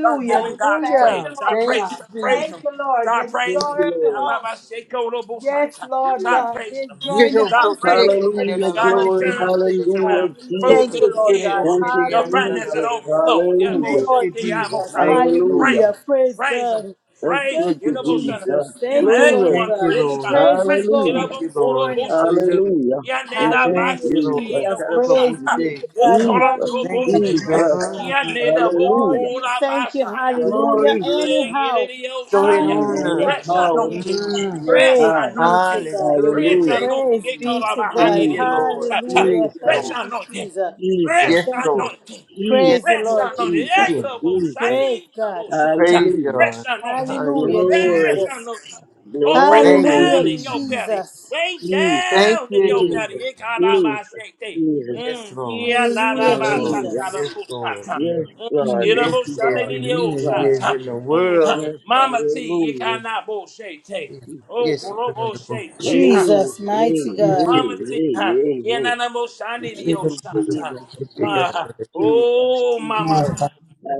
D: Start giving God the
A: Thank
D: praise.
E: Hallelujah.
A: the
D: Start
A: Lord
E: Thank you,
D: praising.
A: God.
D: Start
E: Jesus.
D: praising
A: Thank
D: Him.
A: the Lord. You're
D: Start
A: the
D: praising
E: Thank
D: Him.
E: you,
A: joy of the
E: Lord.
D: Ababa
A: house.
D: Sheko Robo
A: Yes,
D: Sata.
A: Lord
D: Start
A: God.
D: praising
A: They
D: Him.
E: You
A: join the
E: know,
D: Start
E: for
A: house of
D: praising
A: the
E: shake it,
D: Him.
E: it,
A: Lord
B: Hallelujah.
A: this
E: all
D: God
E: of us,
D: is
A: morning.
B: Glory.
E: son
D: turning
A: Mighty
E: of a
D: things
E: bitch.
A: God.
B: Hallelujah.
D: around.
A: We
D: First is
E: Shake
A: thank
D: get
B: Jesus.
A: you,
E: it,
A: Lord
E: it,
A: God.
D: healed.
B: Thank you,
D: Your
E: yes,
A: Hallelujah.
D: finances
B: Jesus.
D: overflowing. Yeah,
A: Thank
D: Bo
B: Hallelujah.
A: you,
E: Thank
A: Lord
D: Shake
E: you,
D: the Amo
E: Jesus.
A: Jesus.
D: Sata.
E: Thank you, Lord.
B: Hallelujah.
D: Praise
A: Hallelujah.
D: Him.
A: Praise
D: Praise Him.
A: God.
B: Thank
D: Praise Him.
A: Thank
E: Thank
B: you,
D: You
E: you,
A: you,
D: know,
E: Lord.
D: most
B: Jesus.
D: of
A: Jesus.
D: and
A: Thank you, Lord
B: Glory.
D: everyone
E: Thank
A: God.
E: you,
A: Let
D: praise
A: the
E: Lord.
D: God. Praise
A: praises
D: Him.
A: go
D: you know,
A: up
B: Hallelujah.
E: Thank
D: but
E: you,
A: this
D: Koro
E: Lord.
A: morning.
D: Boshi.
E: Hallelujah.
B: Hallelujah. Thank
D: Yaneda
B: you,
E: Thank
A: Hallelujah,
E: you,
D: Bashi
B: Jesus.
E: Lord.
D: Tato
A: Jesus.
D: Bosha.
A: Praise
B: Thank you,
A: be
E: Karababuche.
A: to
D: It
A: God.
D: Koron
B: Jesus.
E: Thank
A: Hallelujah,
E: you,
D: Boshi.
A: mighty
E: Jesus.
B: Jesus.
A: God.
E: Mm-mm.
D: Yaneda
A: Lord,
B: Hallelujah.
A: we
D: Bokora
A: thank you.
D: Basaya.
E: God, you
A: Hallelujah.
E: do
B: Glory.
E: good.
A: Anyhow.
E: Go ahead
D: Yaneda
E: on
B: Any
E: now.
A: Hallelujah.
D: Fresh
B: power
A: Anyhow.
D: anointing.
B: in
E: Mm.
B: the
D: Fresh
A: Praise
B: house.
A: be
D: anointing.
A: to God.
E: Hallelujah.
D: Fresh
B: Hallelujah.
E: Thank
D: anointing.
A: Praise
E: you,
D: It
A: be
E: Jesus.
D: Koron
A: to
E: Thank
A: God.
D: Bahani
E: you,
B: Jesus.
E: Lord.
D: Bosa.
E: Thank
A: Hallelujah.
E: you,
B: Jesus.
D: Fresh
A: Thank
E: Lord.
A: you,
D: anointing.
A: Jesus.
B: Jesus.
D: Fresh
E: Yes,
A: Thank you.
E: Lord.
D: anointing.
E: Yes,
A: Praise the
B: Jesus.
D: Fresh
E: Lord.
A: Lord
D: anointing.
B: Jesus.
D: Yeah, you
A: Jesus.
E: Mm.
D: have both. I
B: Jesus.
A: Praise
D: need you have
A: God.
D: both.
E: Praise
B: Hallelujah.
D: Fresh
E: God.
D: anointing.
E: Hallelujah.
A: Hallelujah,
D: Fresh
B: Glory.
A: Jesus.
D: anointing. Oh, press it
E: Thank you,
D: down
B: Glory.
A: Hallelujah,
D: in your
E: Jesus.
D: belly.
A: Jesus.
D: Way
B: Jesus,
E: Thank
D: down in
E: you,
D: your
E: Jesus.
D: belly.
B: Jesus,
D: It kind of my
B: Jesus,
D: shake day.
B: Jesus.
E: Yes,
D: Mm,
E: Lord.
D: yeah, la la
E: Yes,
A: Hallelujah,
D: la, sa
E: Lord.
B: Hallelujah.
D: la
A: Jesus.
D: la,
E: Yes,
D: bo sa
E: Lord.
D: ta.
B: Yes,
E: Mm-hmm.
D: Mm,
B: Lord.
D: yeah, la
B: Yes,
E: Yes,
D: bo sa la la,
E: is
B: Lord.
E: in
D: la,
B: Yes,
E: me
D: oh
E: Yes,
D: sa
B: Lord.
D: ta.
E: in the
D: Mm,
E: world.
D: ha.
B: Yes,
D: Mama T, you
B: hallelujah.
D: cannot bo shake day.
E: Yes,
D: Oh,
E: yes,
B: Jesus.
E: it's
D: bro, bo
E: another book.
D: shake
B: Hey,
D: day, huh?
A: Jesus,
B: hey,
D: Mm,
A: mighty
D: huh.
B: hey,
E: Yes,
A: God.
E: yes,
D: Mama
E: yes, yes,
D: T,
B: hey,
D: huh?
B: hey,
D: Yeah,
B: hey.
D: na na bo sa la la,
B: Thank
E: it's
D: oh
B: you,
E: another
D: sa
E: book.
D: ta.
B: Jesus,
D: (laughs)
E: It's another
D: Uh,
B: Jesus,
E: book.
B: Jesus,
D: oh, mama.
E: Move.
B: Jesus.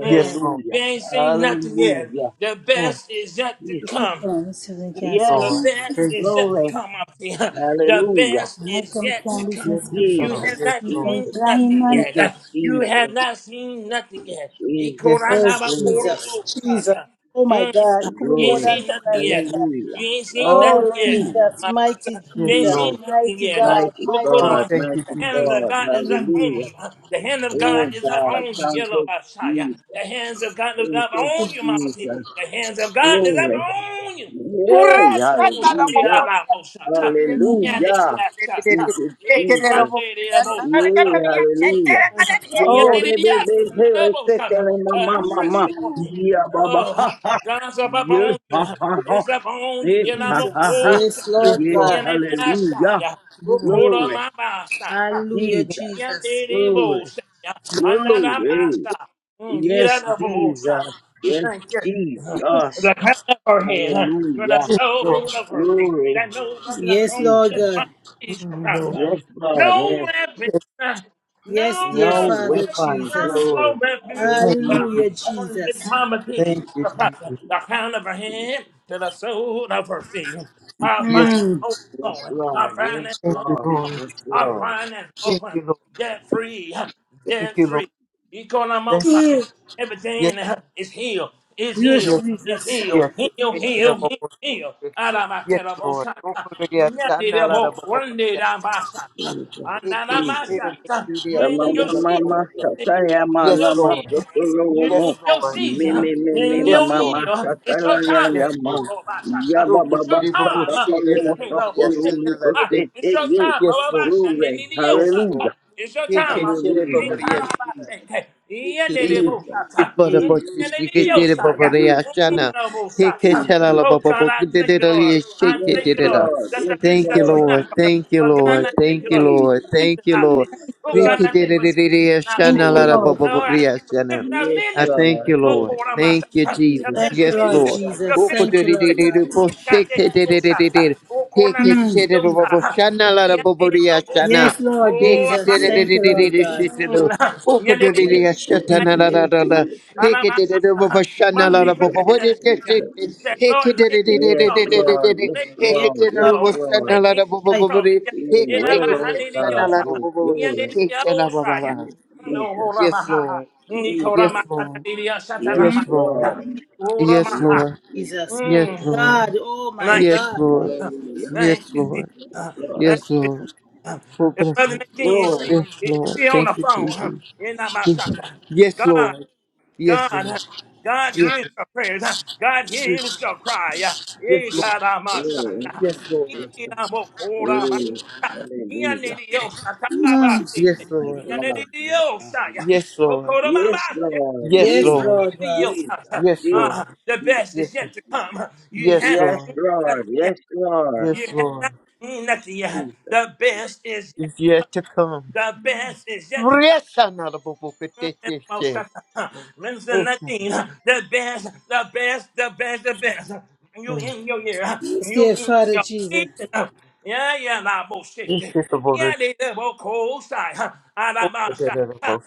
D: Mm,
E: Yes, Lord.
D: we ain't seen nothing yet.
B: Hallelujah.
D: The
E: Move,
D: best is yet to
A: The
B: Yes,
A: two
D: come.
A: promise of the cancer.
B: yes,
D: The
E: Lord.
D: best
E: Yes,
D: is yet to
B: glory.
D: come up here. (laughs) The
B: Hallelujah.
D: best
A: I
D: is
A: come
D: yet to
A: can be
D: come.
A: some
E: yes,
D: You
E: um,
D: have
B: Jesus,
E: yes,
D: not
E: Lord.
A: spiritual
B: Jesus.
D: seen
A: blind
D: nothing
B: Thank
A: man.
D: yet.
B: you,
D: (laughs) You have
B: Jesus,
D: not seen nothing yet.
E: Yes,
B: Jesus.
A: Oh,
B: Glory.
A: Jesus. Jesus.
D: Ikoranabakorodosa.
A: Oh, my
D: Mm,
A: God. It could be
D: You
A: more
D: ain't
A: than
B: Glory.
D: seen
A: something
D: nothing
A: like this.
D: yet.
A: God.
B: Hallelujah.
D: You ain't seen
A: Oh,
D: nothing yet,
B: Hallelujah.
A: Jesus.
D: my
A: Mighty
D: sister.
E: yes,
D: You ain't
A: Jesus.
E: Lord.
D: seen
B: Jesus.
D: nothing
A: Mighty
D: yet.
A: God.
B: Mighty
A: My
E: Oh,
A: God.
B: God.
D: (laughs)
E: thank you,
D: The
B: Mighty
D: hand
E: Jesus.
D: of
B: God.
D: God is up on
B: Hallelujah.
D: you. The hand of
B: Oh
D: God is up
B: God.
D: on you.
B: Thank
D: Yellow
B: you,
D: Messiah. The
B: Jesus.
D: hands of God is
B: Thank
D: up
B: you,
D: on you, Mama T.
B: Jesus.
D: The hands of God is up
B: Glory.
D: on you. Yeah, the
B: Yay.
E: Hurrah,
D: French got to
E: shakara,
D: yeah,
B: Hallelujah.
D: la
E: boboria.
D: moshata.
E: Hurrah,
D: Yeah, the
B: Hallelujah.
E: shakara,
B: Thank
D: yashata.
B: you,
D: Yeah,
E: shakara,
D: grande
B: Jesus.
E: boboria.
D: the
E: Nanare,
B: Yay.
D: moshata.
E: kararia,
B: Hallelujah.
E: shakara,
D: Mm.
E: kararia.
B: Yeah,
D: Yeah,
B: yeah,
A: Oh,
D: the
B: baby,
D: yashata.
B: baby,
D: The
B: hey, let's take care of my
D: The
B: mama,
D: fresh
B: mama.
D: anointing.
B: Yeah, baba, ha,
D: Oh,
B: ha.
D: God's up, up
B: Yeah,
D: on you.
B: ha, ha, ha.
D: He's up on you.
B: Eh,
D: Yeah, la
B: ha, ha,
A: Jesus.
B: ha.
D: moshata.
A: Yes,
E: Yes,
A: Lord
B: Yes,
A: God.
E: Lord.
B: hallelujah.
E: Yes, Lord.
D: Ukora
B: Glory,
D: mabasa.
A: Hallelujah,
B: Jesus.
A: Jesus.
D: Yandere
B: Glory,
D: bosa.
E: Yes,
D: Hanada
B: glory.
D: basa. Gira
B: Yes,
D: da bosa.
B: Jesus. Yes,
D: Thank you.
B: Jesus.
D: The crown of her head, uh, to the
B: Hallelujah.
E: Lord.
D: sole of her feet, that
B: Glory,
D: no weapon of
A: Yes,
D: home
A: Lord
D: is
B: Jesus.
A: God.
D: my
E: Yes,
D: peace shall
E: Lord.
D: prosper.
B: Yes, God.
D: No
B: Yes.
D: weapon.
A: Yes,
D: No,
A: dear
B: No
D: no,
A: Father
B: weapon,
D: no, no,
A: Jesus.
D: no,
B: glory.
D: baby.
E: Thank
D: I
B: Hallelujah.
A: Hallelujah,
D: want to give
A: Jesus.
D: Mama T
E: thank
B: Jesus.
E: you,
D: the
E: Jesus.
D: prophet the
B: Jesus.
D: crown of her head to the sole of her feet. I'll
E: Yes,
D: find it
B: Yes,
D: overflowing. I'll
B: Lord.
D: find it
B: Yes,
E: thank
D: overflowing.
E: you,
B: Lord.
E: Lord.
B: Yes,
D: I'll
B: Lord.
D: find it
E: Thank
D: over.
E: you, Lord.
D: Debt free.
E: Thank
D: Debt
E: you, Lord.
D: free.
E: Thank you.
D: Economosai. Everything
E: Yes,
D: is healed, is
E: yes,
D: healed, is healed,
E: yes.
D: heal,
E: Thank you,
D: heal, heal,
E: Lord.
D: heal.
E: Yes, yes, Lord. Go
D: Arabakarabosata.
E: for the yes. Sana la da
D: Yandirebo,
E: bo bo bo yes.
D: randirabasata.
B: Jesus.
E: Take it,
B: Jesus.
E: sit it,
D: Ananamasata.
E: do the
D: You
E: yes.
D: in your
E: Sana la bo bo
B: Mama
E: bo
D: season.
E: yes.
D: You
B: Sataya
D: in
B: Mana
E: Yes,
D: your
E: Lord.
D: season. You in
E: Yes,
B: Masotolomo
D: your
E: Lord.
B: Me
D: season,
B: me me me
D: in your
E: Yes,
B: Mama
E: Lord.
D: year, it's your
B: Satalaya
D: time.
E: Yes,
D: It's
E: Lord.
B: Yama
D: your Lord by Shanta.
E: Go
B: Yaba
E: for
D: It's
E: the
B: Baba
D: your
E: di bo bo
D: time.
E: she de
D: It
E: za
B: Satakalomo
E: da
D: can't
E: bo di
D: love
E: yes.
D: bullshit.
B: Sapolomo
E: Sana la da
D: Ah,
E: di.
D: It's your
B: Kosete
D: time.
E: Yes,
D: Lord by
E: Lord.
D: Shanta. They
B: Glory
D: need your
E: Yes,
D: shot.
E: Lord.
B: Hallelujah
D: Ah, It's your
E: Take
D: time. I'ma
E: it,
D: Mama.
E: sit it, bo
D: It
E: bo
B: Hallelujah
D: kind of
E: yes.
B: Jesus
D: by Shanta. Yeah,
E: Thank
D: they
E: you,
D: did both
B: Jesus
D: shots.
B: Jesus Jesus Jesus Jesus.
D: Oh God, I thank you, Lord. I
B: Yes
D: thank you, Lord,
B: Lord
D: that the
B: Yes
D: business that you
B: Lord
E: Lord.
D: have for her.
E: Thank you,
D: Well, God,
E: Lord.
D: I
B: Yes
D: thank
E: Thank
D: you,
E: you,
D: Lord, for
E: Lord.
B: Jesus
E: Thank
D: shifting
E: you,
D: that business.
B: Jesus
D: Oh God,
B: Jesus
D: I thank you for shifting that business.
B: Oh yeah
D: Lord, I thank you for
E: Lord.
D: shifting our
B: Yes
E: I
D: ministry.
E: thank
B: Lord
E: you,
B: Yes.
D: Oh,
E: Lord.
D: God, on my
E: Thank you,
D: side.
B: Jesus,
D: Your
E: Jesus.
A: Thank
D: ministry
A: you,
E: Yes,
D: being
A: Lord
D: shifted.
E: Lord.
B: Jesus,
D: Your
A: Jesus.
D: business
A: Thank you,
D: being
A: Lord
D: shifted.
A: God.
B: Jesus,
D: Yeah, God, that is Oh, side. Oh, God, on that.
A: Mm.
D: is Oh, side. Yeah, that is Oh,
A: Yes, Lord
D: side.
A: Jesus.
B: yes,
A: Thank you, Lord God.
B: Jesus,
D: Yelelele.
B: yes, yes, Jesus,
D: Mother, can you put
B: Jesus,
D: your hand? Yeah.
B: Jesus,
D: Said, Lord, lay hands
B: yes,
D: on me. Yeah.
B: Lord, yes,
D: Lay hands
A: Yes,
B: Lord,
D: on
B: yes,
D: me, Lord. Lay
B: Lord,
A: my
D: hands on me. Yeah.
B: you
D: And
B: will,
D: I'm a
B: oh God,
D: hallelujah.
B: oh
D: Yeah.
B: glory, yes,
D: No,
B: Jesus,
D: ora
E: Yes,
D: maha.
E: Lord.
D: Nikora
E: Yes,
B: Jesus,
D: maha.
E: Lord.
D: Satanidia.
B: yes,
E: Yes,
D: Satanama.
E: Lord.
B: Lord,
D: Ora
E: Yes,
B: yes,
D: maha.
E: Lord.
B: Jesus,
A: Jesus. My
E: Yes,
B: yes,
D: Mm.
E: Lord.
A: God. Oh, my
E: Yes,
A: God.
E: Lord.
B: Lord, yes,
D: Thank
E: Yes,
D: you, Jesus.
E: Lord.
D: Thank
B: Lord,
E: Yes,
D: you,
E: Lord.
D: Jesus.
E: Oh,
D: (laughs) If
E: bless
D: Mother
E: you.
D: King is
B: glory,
D: she,
E: Yes,
D: is she
E: Lord.
D: on the
E: Thank you,
D: phone? huh?
E: Jesus.
D: In that my shot. huh?
E: Yes,
D: God,
E: Lord.
D: God,
E: Yes, Lord.
D: huh? God
E: Yes,
D: hears your prayers. huh? God
E: yes,
D: hears your cry. huh?
E: yes,
D: Eh,
E: Lord.
D: God, I'm son,
B: glory,
D: huh?
E: Yes, Lord.
B: yes,
D: Eh, I'm a cold, i huh? Eh, I
B: yes,
D: need you, shot, huh? Bah, bah, eh, eh.
E: Yes,
B: hallelujah, my
D: Eh,
E: Lord.
D: I
B: God,
D: need
B: my
D: you, shot,
B: God.
D: yeah.
E: Yes,
D: Oh,
E: Lord.
D: cold, I'm a-
B: Yes,
D: eh, eh.
B: Lord.
D: yo,
E: Yes,
A: Yes,
D: I
B: Jesus.
E: Lord.
D: need
A: Lord God.
D: you,
B: Jesus.
D: shot, huh?
E: Yes,
D: Uh,
B: Jesus.
E: Lord.
D: the best
E: Yes,
D: is yet to come. huh? You
E: yes,
D: have
B: Yes,
E: Lord.
B: Lord.
D: to.
B: Yes, Lord.
D: You
E: Yes,
D: have
E: Lord.
D: not seen
B: Yes,
D: nothing yet.
B: Jesus.
D: The
B: yes.
D: best is yet.
E: Is yet to come.
D: The best is yet to come.
E: Yes, another book.
D: Mm,
E: Yes,
D: and
E: yes,
D: about
E: yes.
D: shut up. Minister Nadine, huh, the best, the best, the best, the best. You in your year. huh,
A: Yes,
D: You
A: dear
D: in
A: Father
D: your
A: Jesus.
D: season. Huh. Yeah, yeah, la bullshit.
E: Yes, yes.
D: Yeah, they live on cold side. Huh. I
E: Yes,
D: like my
E: Lord.
D: shot.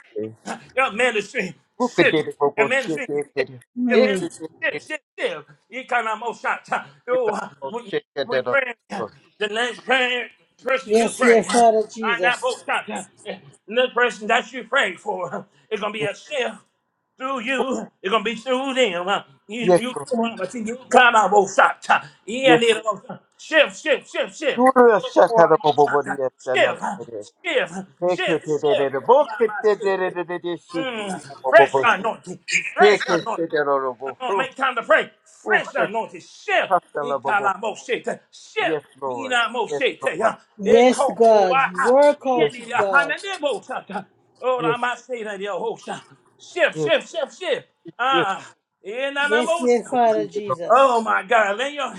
D: (laughs) Your ministry shit. Your ministry shit. Your ministry
A: Mm.
D: shit, shit, shit. You kind of most shots. Oh, (laughs) we, we pray. The next prayer, person you
A: Yes, dear
D: pray. I
A: Father
D: that
A: Jesus.
D: both shots. The person that you pray for, it's gonna be a shift through you. It's gonna be through them. You, you, but you kind of both shots. Yeah,
E: Yes,
D: need a shift, shift, shift, shift.
E: you are a shut out of a body at another.
D: Shift, shift,
E: Make
D: shift,
E: it a book, it did
D: shift.
E: it, she could be
D: Mm,
E: a
D: fresh
E: bobo.
D: anointing. Fresh
E: Take it,
D: anointing.
E: it
D: Come
E: honorable.
D: on, make time to pray.
E: Oh,
D: Fresh
E: yes,
D: anointing. Shift.
E: Costello Bobo.
D: Ikalamo shit. Shift.
E: Yes, Lord.
D: Inamo
E: Yes,
D: shit.
E: Lord. Yes,
A: Yes,
D: Eko
A: God.
D: owaha.
A: Work
E: yes,
A: out it,
D: Yedi ya
E: Lord.
A: God.
D: hanadebo shata. Oh, I
E: Yes,
D: might say that yo ho Shift,
E: yes,
D: shift, shift, shift. Ah,
A: Yes,
D: inanamo
A: dear Father
E: yes.
D: Oh
A: Jesus.
D: my God, lay your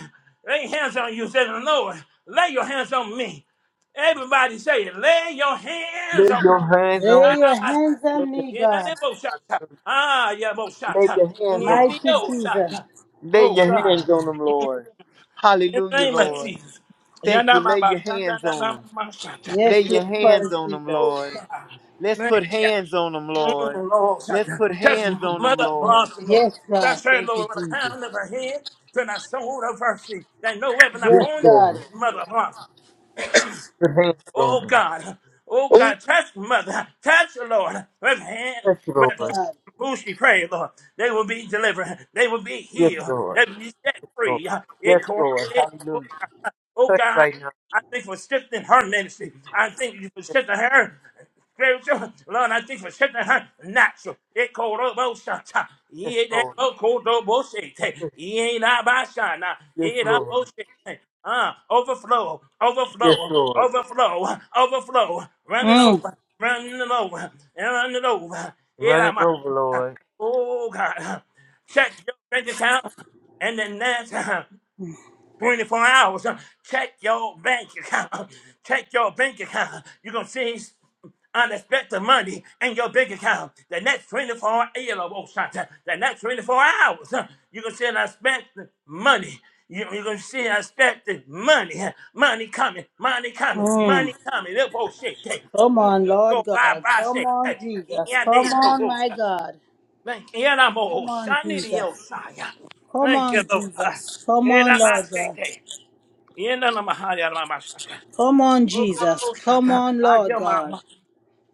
D: lay hands on you, say the Lord. Lay your hands on me. Everybody say it. Lay your hands
E: Lay
D: on.
E: your hands on
A: Lay
E: me.
A: your
D: Arabas-
A: hands on me, God.
D: Yenaneboshata. Ah,
E: Lay
D: Yaboshata.
E: your hands on the
A: Mighty
E: Lord.
A: Jesus.
D: Yenaneboshata.
E: Lay
D: Oh
E: your hands
D: God.
E: on them, Lord.
D: In the
E: Hallelujah,
D: name of
E: Lord.
D: Jesus.
E: Thank you. Lay your
D: Yanamabashata,
E: hands on them.
D: nanamashata.
E: Lay
A: Yes,
E: your
A: Lord,
E: hands
A: Father
E: on them,
A: Jesus.
D: Oh
E: Lord.
D: God.
E: Let's put
D: Thank you.
E: hands on them, Lord.
D: Mm, Lord,
E: Let's
D: Shaka.
E: put
D: touch
E: hands on them,
D: Mother
E: Lord.
D: Bronson, Lord.
A: Yes, God.
D: Touch her,
E: Thank you,
D: Lord, with the
E: Jesus.
D: crown of her head to the sole of her feet. That no weapon I
A: Yes,
E: Yes,
D: formed,
A: God.
E: Lord.
D: Mother Bronson.
E: Put hands on
D: Oh
E: them.
D: God, oh God, touch mother, touch the Lord. With hand,
E: Yes,
D: with
E: Lord.
A: God.
D: who she prayed, Lord, they will be delivered, they will be
E: Yes,
D: healed,
E: Lord.
D: they will be set
E: Lord.
D: free.
E: Yes,
D: It
E: Lord.
D: corrected.
E: Hallelujah.
D: Oh
E: Touch
D: God,
E: right now.
D: I thank you for shifting her ministry. I thank you for shifting her spiritual. Lord, I thank you for shifting her natural. It called up both shots.
E: Yes,
D: He ain't that
E: Lord.
D: both called up both shit. He ain't not by shot. Nah, he
E: Yes,
D: ain't not
E: Lord.
D: both shit. Uh, overflow,
E: Yes,
D: overflow,
E: Lord.
D: overflow, overflow, running over, running over, and running over. It
E: Running
D: I'm
E: over,
D: Oh God, check your bank account and then that. 24 hours. uh, Check your bank account. (laughs) Check your bank account. You're going to see unexpected money in your bank account. The next 24 hours. uh, The next 24 hours. uh, You're going to see unexpected money. You, you're going to see unexpected money. uh, Money coming. Money coming.
A: Mm.
D: Money coming. Little bullshit. Hey,
A: Come
D: mm,
A: on, Lord
D: Go buy,
A: God.
D: buy
A: Come
D: shit.
A: on,
D: Hey,
A: Jesus.
D: yeah,
A: Come
D: they little
A: on, my
D: bullshit.
A: God.
D: Thank you,
A: Come
D: Lord.
A: on,
D: I need you,
A: Jesus.
D: Shia.
A: Come
D: Thank you,
A: on,
D: Lord. Uh,
A: Jesus. Come
D: yeah,
A: on,
D: that buy
A: Lord
D: shit.
A: God.
D: hey. In the name of Yahweh, my Shaka.
A: Come on,
D: Oh, God,
A: Jesus.
D: oh,
A: Come
D: Shaka.
A: on,
D: I
A: Lord
D: hear my,
A: God.
D: my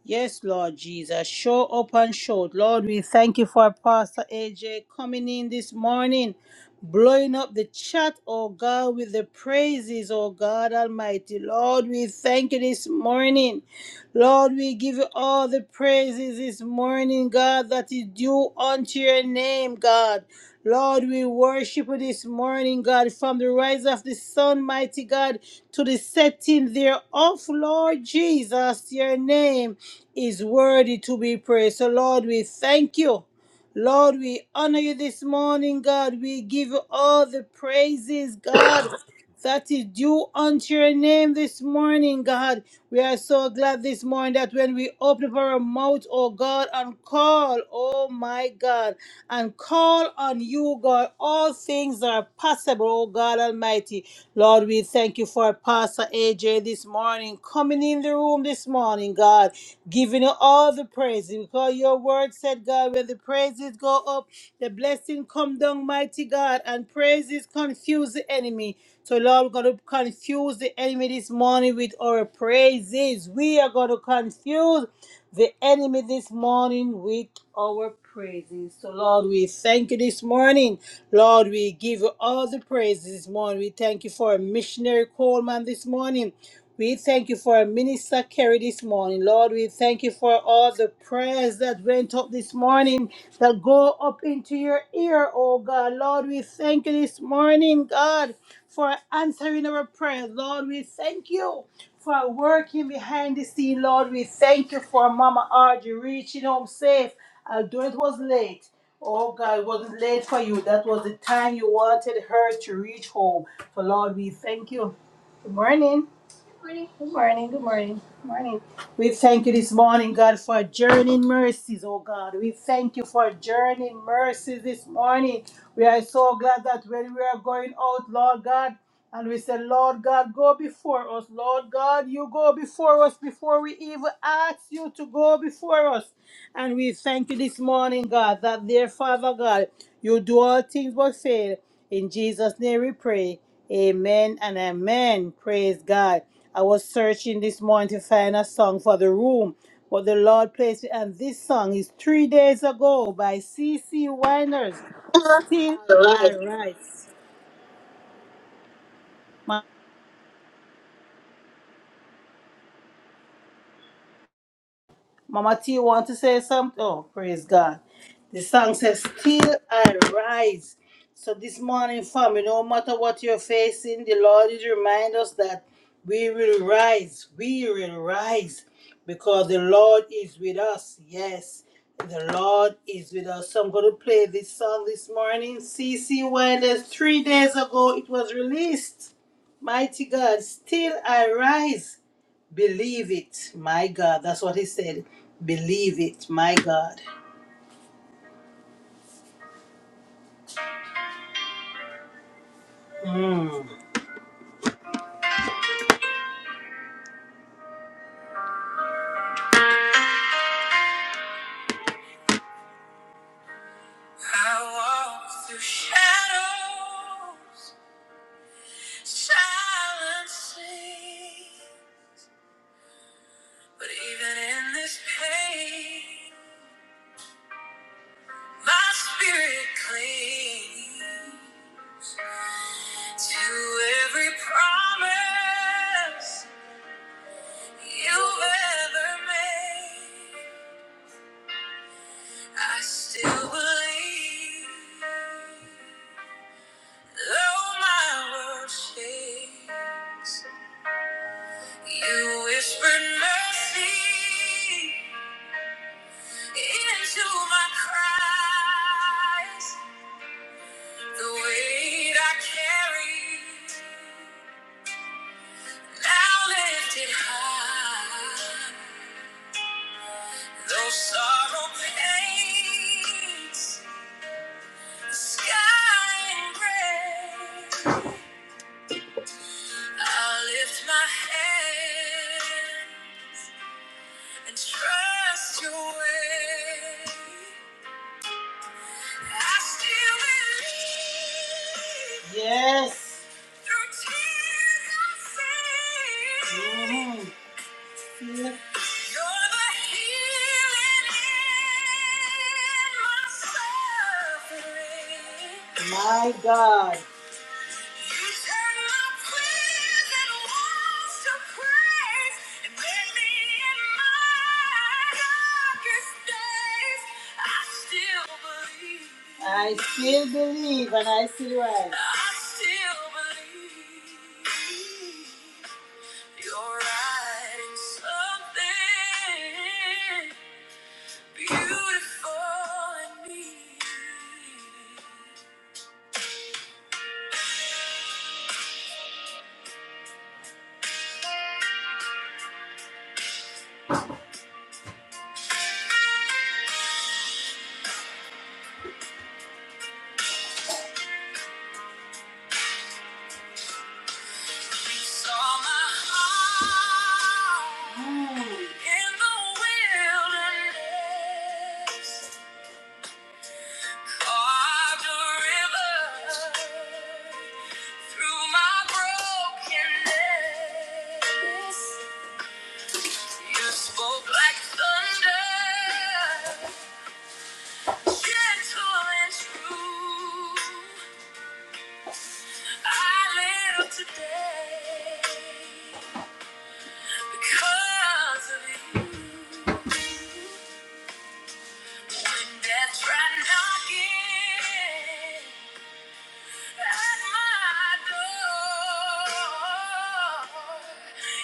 A: Yes, Lord Jesus. Show up and show. Lord, we thank you for Pastor AJ coming in this morning blowing up the chat, oh God, with the praises, oh God Almighty. Lord, we thank you this morning. Lord, we give you all the praises this morning, God, that is due unto your name, God. Lord, we worship you this morning, God, from the rise of the sun, mighty God, to the setting thereof, Lord Jesus, your name is worthy to be praised. So, Lord, we thank you. Lord, we honor you this morning, God. We give you all the praises, God, that is due unto your name this morning, God. We are so glad this morning that when we open up our mouth, oh God, and call, oh my God, and call on you, God, all things are possible, oh God Almighty. Lord, we thank you for Pastor AJ this morning, coming in the room this morning, God, giving you all the praise. Because your word said, God, when the praises go up, the blessing come down, mighty God, and praises confuse the enemy. So, Lord, we're going to confuse the enemy this morning with our praises. We are going to confuse the enemy this morning with our praises. So, Lord, we thank you this morning. Lord, we give you all the praises this morning. We thank you for missionary Coleman this morning. We thank you for Minister Kerry this morning. Lord, we thank you for all the prayers that went up this morning that go up into your ear, oh God. Lord, we thank you this morning, God for answering our prayers. Lord, we thank you for working behind the scene. Lord, we thank you for Mama Audrey reaching home safe, although it was late. Oh God, it wasn't late for you. That was the time you wanted her to reach home. So Lord, we thank you. Good morning. We thank you this morning, God, for journeying mercies, oh God. We thank you for journeying mercies this morning. We are so glad that when we are going out, Lord God, And we said, Lord God, go before us. Lord God, you go before us before we even ask you to go before us. And we thank you this morning, God, that dear Father God, you do all things but fail. In Jesus' name we pray. Amen and amen. Praise God. I was searching this morning to find a song for the room, but the Lord placed me. And this song is Three Days Ago by C. C. Winers. Still
E: Lord.
A: I rise. Mama T, you want to say something? Oh, praise God. The song says, Still I rise. So this morning, family, no matter what you're facing, the Lord is remind us that we will rise. We will rise because the Lord is with us. Yes, the Lord is with us. So I'm going to play this song this morning. C. C. Wilders, three days ago, it was released. Mighty God, still I rise. Believe it, my God. That's what he said. Believe it, my God. I walk through shadows, silencing. But even in this pain, my spirit clings to every promise you ever made. I still believe. Though my world shakes, you whispered mercy into my cries. The weight I carry now lifted high. Though sorrow paints the sky in gray, I lift my head and trust your way. I still believe. Yes. Through tears I see. Mhm. See You're the healing in my suffering. My God. I still believe and I still rise. I still believe you're writing something beautiful in me. Spoke like thunder, gentle and true. I live today because of you. When death tried knocking at my door,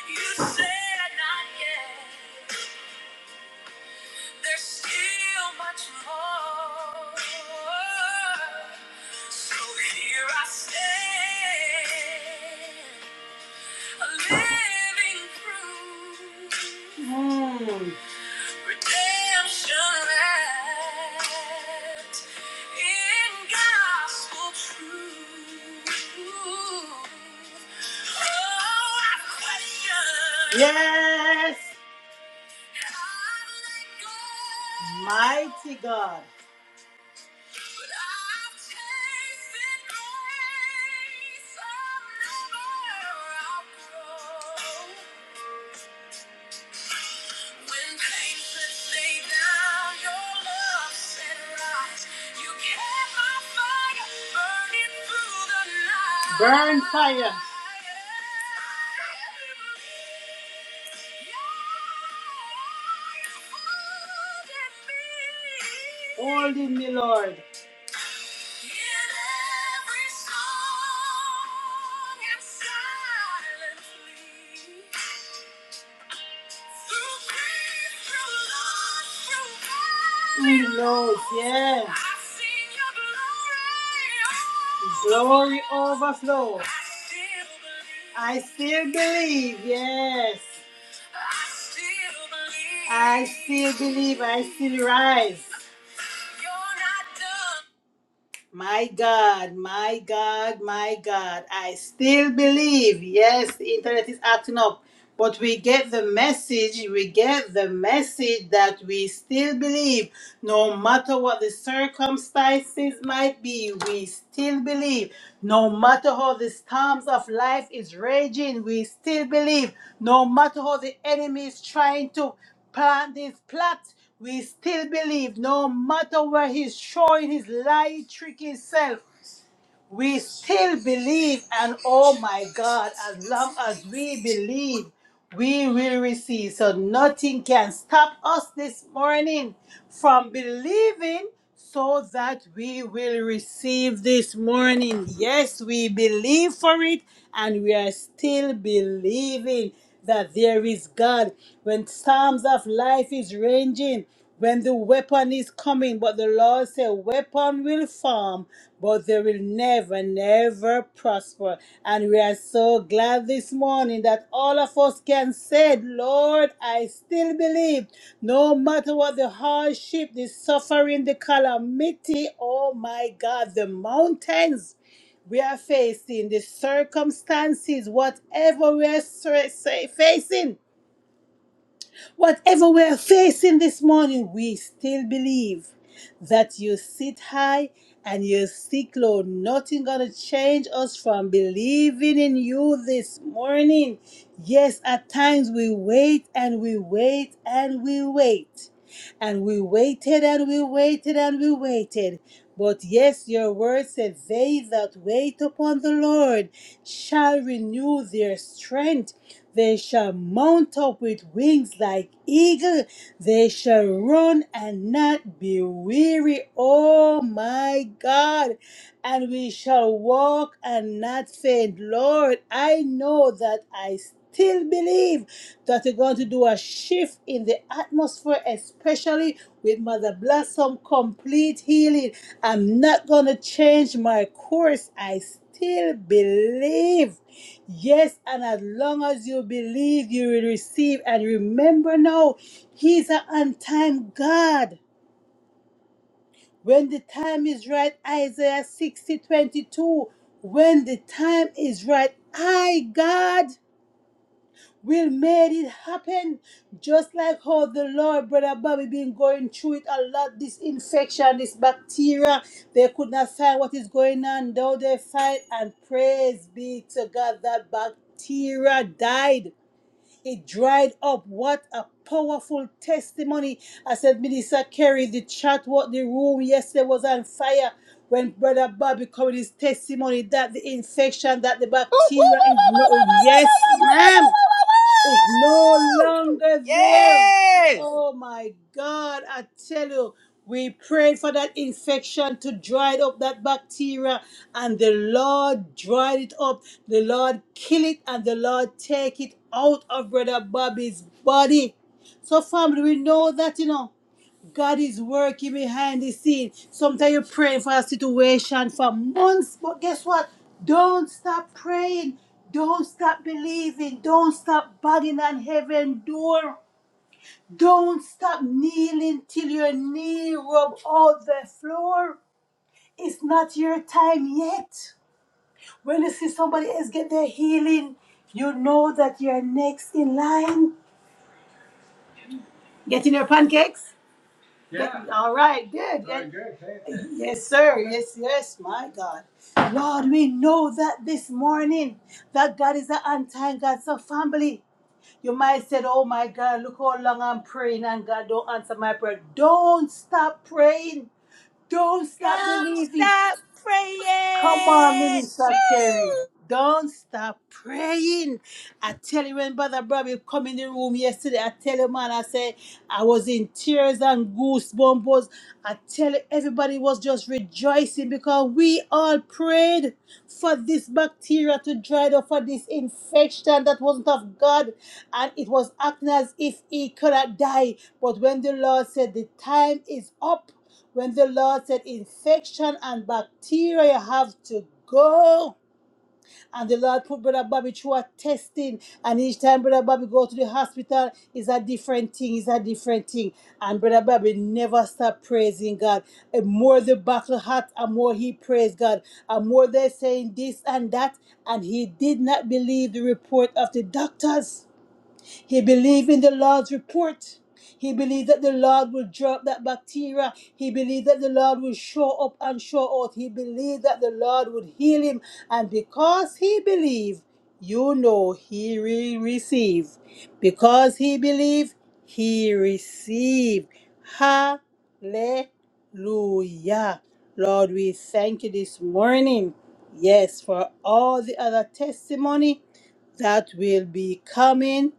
A: you said not yet. There's still much more. So here I stand, a living proof. Redemption act in gospel truth. Oh, I've questioned. Yes. Mighty God. But I've tasted grace, I'll never outgrow. Burn fire. Hold in me, Lord. Mm, Lord, yes. Glory overflow. I still believe, yes. I still believe, I still rise. My God, my God, my God, I still believe. Yes, the internet is acting up. But we get the message, we get the message that we still believe, no matter what the circumstances might be, we still believe. No matter how the storms of life is raging, we still believe. No matter how the enemy is trying to plant his plot, we still believe. No matter where he's showing his lie, trick himself, we still believe, and oh my God, as long as we believe, we will receive. So nothing can stop us this morning from believing so that we will receive this morning. Yes, we believe for it, and we are still believing that there is God. When storms of life is raging, when the weapon is coming, but the Lord said, weapon will form, but they will never, never prosper. And we are so glad this morning that all of us can say, Lord, I still believe, no matter what the hardship, the suffering, the calamity, oh my God, the mountains we are facing, the circumstances, whatever we are sa- sa- facing, whatever we are facing this morning, we still believe that you sit high and you sit low. Nothing gonna change us from believing in you this morning. Yes, at times we wait and we wait and we wait. And we waited and we waited and we waited. But yes, your word says, They that wait upon the Lord shall renew their strength. They shall mount up with wings like eagle. They shall run and not be weary. Oh my God. And we shall walk and not faint. Lord, I know that I still believe that you are going to do a shift in the atmosphere, especially with Mother Blossom complete healing. I'm not going to change my course. I still believe. Yes, and as long as you believe, you will receive. And remember now, He's an on time God. When the time is right, Isaiah 60 22. When the time is right, I, God will made it happen just like how the lord brother bobby been going through it a lot this infection this bacteria they could not find what is going on though they fight and praise be to god that bacteria died it dried up what a powerful testimony i said minister kerry the chat what the room yesterday was on fire when brother bobby covered his testimony that the infection that the bacteria is low yes ma'am is no longer there.
F: Yes.
A: Oh my God, I tell you, we prayed for that infection to dry up that bacteria, and the Lord dried it up. The Lord kill it, and the Lord take it out of Brother Bobby's body. So, family, we know that, you know. God is working behind the scene. Sometimes you're praying for a situation for months, but guess what? Don't stop praying. Don't stop believing. Don't stop banging on heaven door. Don't stop kneeling till your knee rub all the floor. It's not your time yet. When you see somebody else get their healing, you know that you're next in line. Getting your pancakes? All right, good. Very That- man. Yes, sir. Yes, yes, my God. Lord, we know that this morning that God is an untying God, so family. You might say, Oh my God, look how long I'm praying and God don't answer my prayer. Don't stop praying. Don't stop
F: Don't
A: believing.
F: stop
A: Come on,
F: praying.
A: Minister Kerry. Don't stop praying. I tell you, when Brother Bobby come in the room yesterday, I tell you, man, I said I was in tears and goosebumps. I tell you, everybody was just rejoicing because we all prayed for this bacteria to dry up, for this infection that wasn't of God, and it was acting as if he could have died. But when the Lord said the time is up, when the Lord said infection and bacteria have to go. And the Lord put Brother Bobby through a testing. And each time Brother Bobby go to the hospital, is a different thing, is a different thing. And Brother Bobby never stopped praising God. And more the battle hot, and more he praised God. And more they're saying this and that. And he did not believe the report of the doctors. He believed in the Lord's report. He believed that the Lord will drop that bacteria. He believed that the Lord will show up and show out. He believed that the Lord would heal him. And because he believed, you know he will receive. Because he believed, he received. Hallelujah. Lord, we thank you this morning. Yes, for all the other testimony that will be coming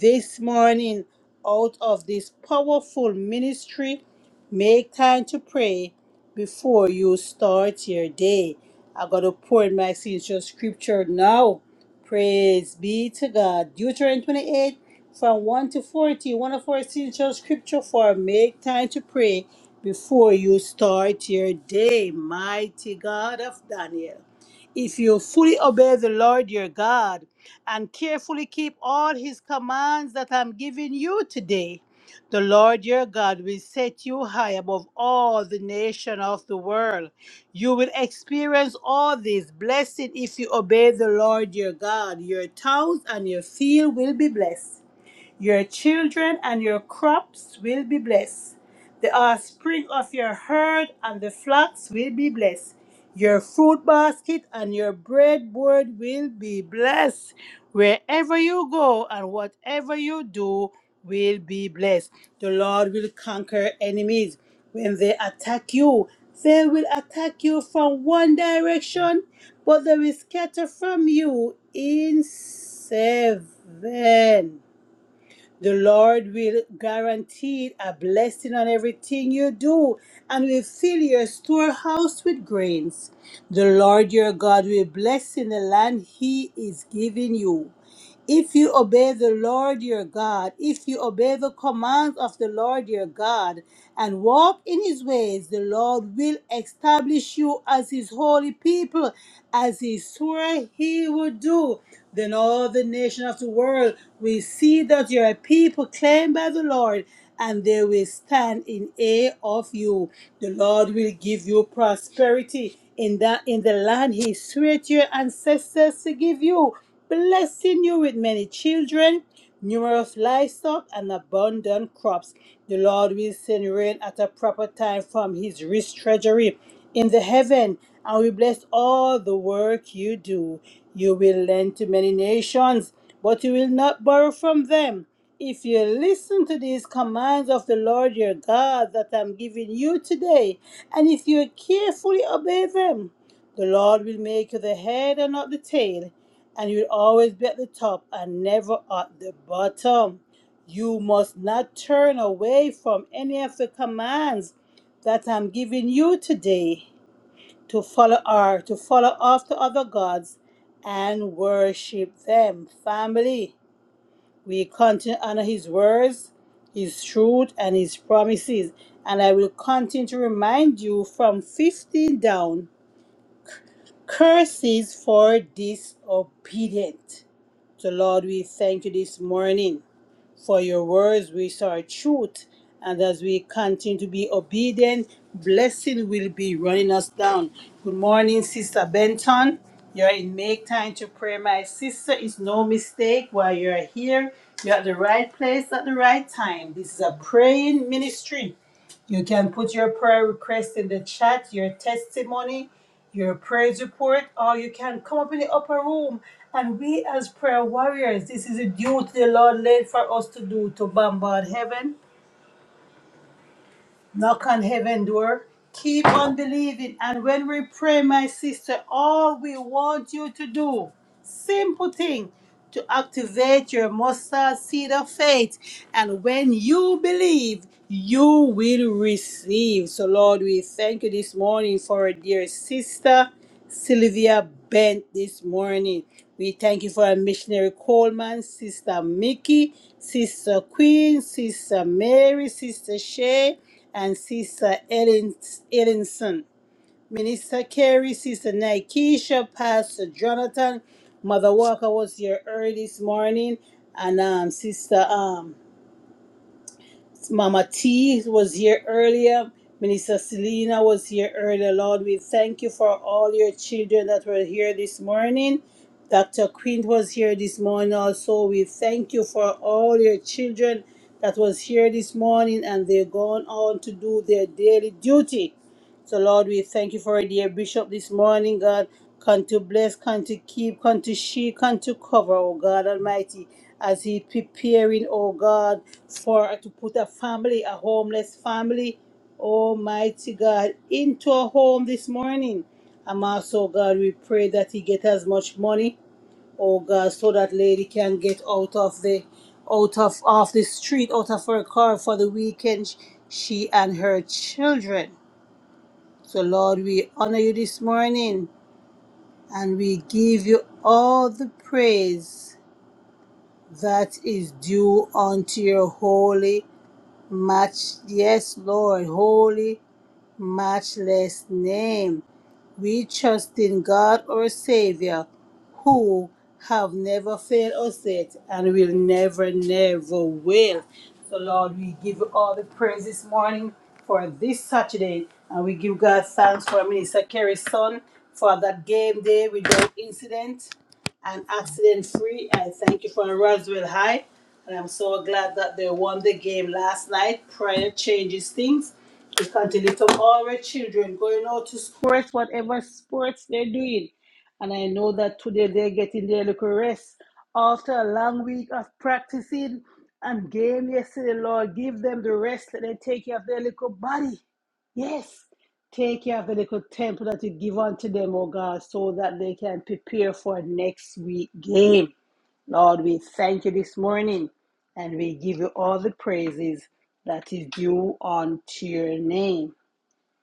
A: this morning out of this powerful ministry. Make time to pray before you start your day. I got to pour in my sincere scripture now. Praise be to God. Deuteronomy 28 from 1 to 40. One of our sincere scripture for make time to pray before you start your day. Mighty God of Daniel. If you fully obey the Lord your God and carefully keep all his commands that I'm giving you today, the Lord your God will set you high above all the nation of the world. You will experience all this blessing if you obey the Lord your God. Your towns and your field will be blessed. Your children and your crops will be blessed. The offspring of your herd and the flocks will be blessed. Your fruit basket and your breadboard will be blessed. Wherever you go and whatever you do will be blessed. The Lord will conquer enemies. When they attack you, they will attack you from one direction, but they will scatter from you in seven. The Lord will guarantee a blessing on everything you do and will fill your storehouse with grains. The Lord your God will bless in the land he is giving you. If you obey the Lord your God, if you obey the commands of the Lord your God and walk in his ways, the Lord will establish you as his holy people, as he swore he would do. Then all the nations of the world will see that you are a people claimed by the Lord, and they will stand in awe of you. The Lord will give you prosperity in that in the land he swore to your ancestors to give you blessing you with many children, numerous livestock, and abundant crops. The Lord will send rain at a proper time from his rich treasury in the heaven, and will bless all the work you do. You will lend to many nations, but you will not borrow from them. If you listen to these commands of the Lord your God that I'm giving you today, and if you carefully obey them, the Lord will make you the head and not the tail and you'll always be at the top and never at the bottom. You must not turn away from any of the commands that I'm giving you today to follow or to follow after other gods and worship them. Family, we continue to honor his words, his truth, and his promises. And I will continue to remind you from 15 down curses for disobedient. So, Lord, we thank you this morning for your words, which are truth. And as we continue to be obedient, blessing will be running us down. Good morning, Sister Benton. You're in Make Time to Pray, my sister. It's no mistake while you're here. You're at the right place at the right time. This is a praying ministry. You can put your prayer request in the chat, your testimony, your praise report, or you can come up in the upper room and we, as prayer warriors, this is a duty the Lord laid for us to do to bombard heaven, knock on heaven door, keep on believing. And when we pray, my sister, all we want you to do Simple thing to activate your mustard seed of faith. And when you believe, you will receive. So, Lord, we thank you this morning for our dear sister Sylvia Bent this morning. We thank you for our missionary Coleman, Sister Mickey, Sister Queen, Sister Mary, Sister Shay, and Sister Ellen, Ellinson. Minister Carey, Sister Nikesha, Pastor Jonathan, Mother Walker was here early this morning, and um, Sister um, Mama T was here earlier. Minister Selena was here earlier. Lord, we thank you for all your children that were here this morning. Dr. Quint was here this morning also. We thank you for all your children that was here this morning and they're going on to do their daily duty. So, Lord, we thank you for a dear bishop this morning, God. Come to bless, come to keep, come to shield, come to cover, oh God Almighty, as he preparing, oh God, for to put a family, a homeless family, Almighty God, into a home this morning. I'm also, God, we pray that he get as much money, oh God, so that lady can get out of the out of off the street, out of her car for the weekend, she and her children. So, Lord, we honor you this morning and we give you all the praise that is due unto your holy, match, yes, Lord, holy, matchless name. We trust in God our Savior, who have never failed us yet and will never, never will. So Lord, we give you all the praise this morning for this Saturday. And we give God thanks for Minister Kerry's son for that game day without incident and accident free. I thank you for Roswell High. And I'm so glad that they won the game last night. Prayer changes things. We can to lift up all our children going out to sports, whatever sports they're doing. And I know that today they're getting their little rest after a long week of practicing and game yesterday, Lord. Give them the rest that they take care of their little body. Yes. Take care of the little temple that you give unto them, oh God, so that they can prepare for next week game. Lord, we thank you this morning and we give you all the praises that is due unto your name.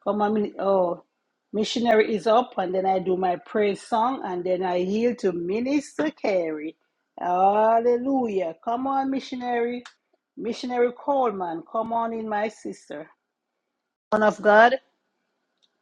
A: Come on, min- oh, missionary is up, and then I do my praise song, and then I yield to Minister Carey. Hallelujah. Come on, missionary. Missionary Coleman, come on in, my sister. Son of God,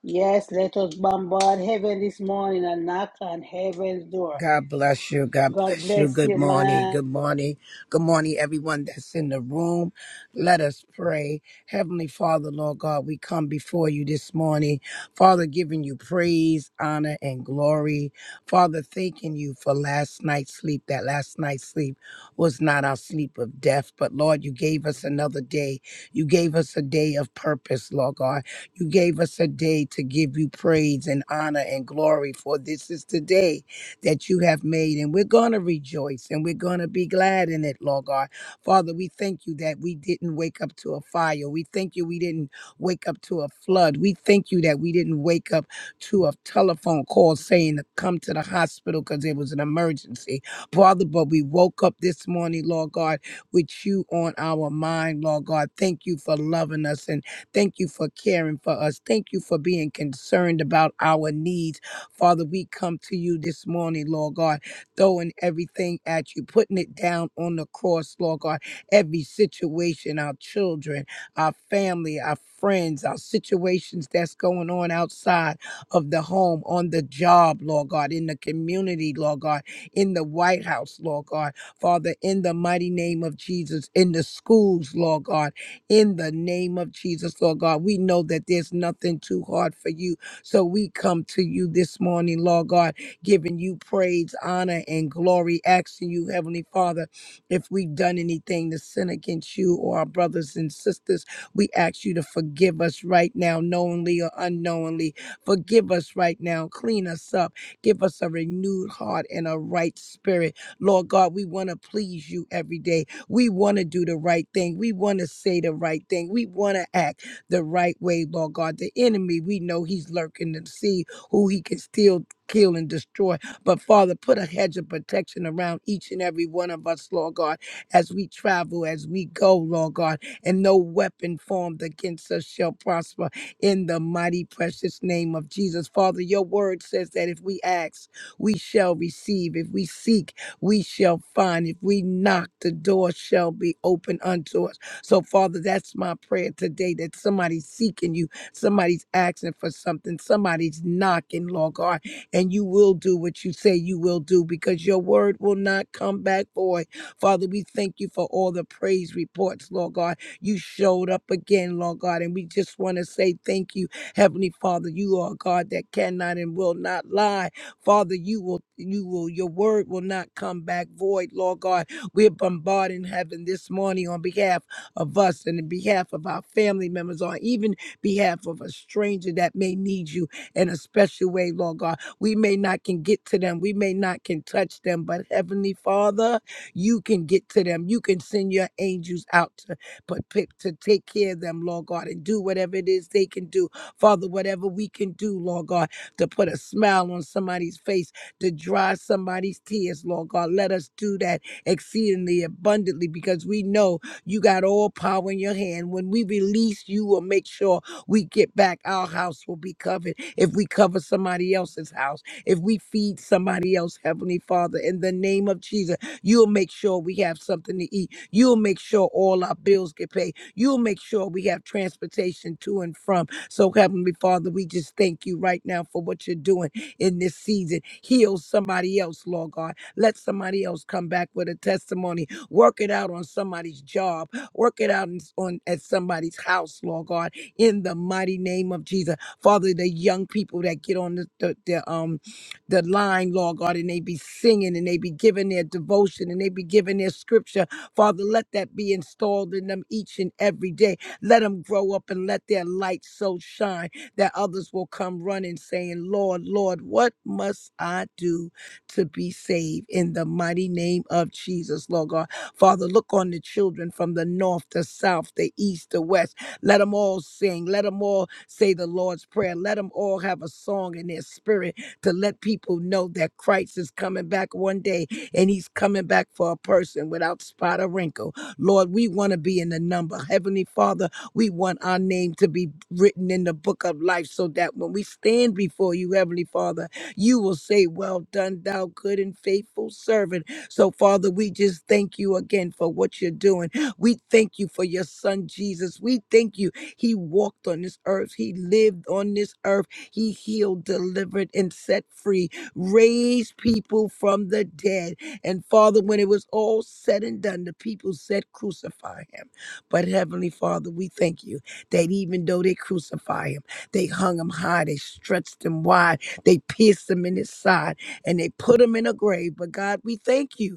A: Yes, let us bombard heaven this morning and knock on heaven's door.
G: God bless you. God
A: God
G: bless you.
A: bless
G: Good
A: you,
G: morning.
A: man.
G: Good morning. Good morning, everyone that's in the room. Let us pray. Heavenly Father, Lord God, we come before you this morning. Father, giving you praise, honor, and glory. Father, thanking you for last night's sleep. That last night's sleep was not our sleep of death, but Lord, you gave us another day. You gave us a day of purpose, Lord God. You gave us a day to give you praise and honor and glory, for this is the day that you have made. And we're going to rejoice and we're going to be glad in it, Lord God. Father, we thank you that we didn't wake up to a fire. We thank you we didn't wake up to a flood. We thank you that we didn't wake up to a telephone call saying to come to the hospital because it was an emergency. Father, but we woke up this morning, Lord God, with you on our mind, Lord God. Thank you for loving us and thank you for caring for us. Thank you for being concerned about our needs Father, we come to you this morning, Lord God, throwing everything at you, putting it down on the cross, Lord God. Every situation, our children, our family, our friends, our situations that's going on outside of the home, on the job, Lord God, in the community, Lord God, in the White House, Lord God. Father, in the mighty name of Jesus, in the schools, Lord God, in the name of Jesus, Lord God. We know that there's nothing too hard for you. So we come to you this morning, Lord God, giving you praise, honor, and glory, asking you, Heavenly Father, if we've done anything to sin against you or our brothers and sisters, we ask you to forgive us right now, knowingly or unknowingly. Forgive us right now. Clean us up. Give us a renewed heart and a right spirit. Lord God, we want to please you every day. We want to do the right thing. We want to say the right thing. We want to act the right way, Lord God. The enemy, we know he's lurking to see who he can steal, kill, and destroy. But Father, put a hedge of protection around each and every one of us, Lord God, as we travel, as we go, Lord God, and no weapon formed against us shall prosper in the mighty, precious name of Jesus. Father, your word says that if we ask, we shall receive. If we seek, we shall find. If we knock, the door shall be open unto us. So, Father, that's my prayer today that somebody's seeking you, somebody's asking for something, somebody's knocking, Lord God, and you will do what you say you will do because your word will not come back void. Father, we thank you for all the praise reports, Lord God. You showed up again, Lord God, and we just want to say thank you, Heavenly Father. You are a God that cannot and will not lie. Father, you will, you will, your word will not come back void, Lord God. We're bombarding heaven this morning on behalf of us and in behalf of our family members or even behalf of a stranger that may need you in a special way, Lord God. We may not can get to them. We may not can touch them, but Heavenly Father, you can get to them. You can send your angels out to put pick- to take care of them, Lord God, and do whatever it is they can do. Father, whatever we can do, Lord God, to put a smile on somebody's face, to dry somebody's tears, Lord God. Let us do that exceedingly abundantly because we know you got all power in your hand. When we release, you will make sure we get back. Our house will be covered. If we cover somebody else's house, if we feed somebody else, Heavenly Father, in the name of Jesus, you'll make sure we have something to eat. You'll make sure all our bills get paid. You'll make sure we have transportation to and from. So, Heavenly Father, we just thank you right now for what you're doing in this season. Heal somebody else, Lord God. Let somebody else come back with a testimony Work it out on somebody's job. Work it out in- on at somebody's house, Lord God, in the mighty name of Jesus. Father, the young people that get on the, the, the um the line, Lord God, and they be singing and they be giving their devotion and they be giving their scripture. Father, let that be installed in them each and every day. Let them grow up and let their light so shine that others will come running saying, Lord, Lord, what must I do to be saved? In the mighty name of Jesus, Lord God. Father, look on the children from the north, the south, the east, the west. Let them all sing. Let them all say the Lord's Prayer. Let them all have a song in their spirit to let people know that Christ is coming back one day and he's coming back for a person without spot or wrinkle. Lord, we want to be in the number. Heavenly Father, we want our name to be written in the book of life so that when we stand before you, Heavenly Father, you will say, Well done, thou good and faithful servant. So, Father, we just thank you again for what you're doing. We thank you for your son, Jesus. We thank you. He walked on this earth, he lived on this earth, he healed, delivered, and set free, raised people from the dead. And, Father, when it was all said and done, the people said, Crucify him. But, Heavenly Father, we thank you that even though they crucify him, they hung him high, they stretched him wide, they pierced him in his side and they put him in a grave. But God, we thank you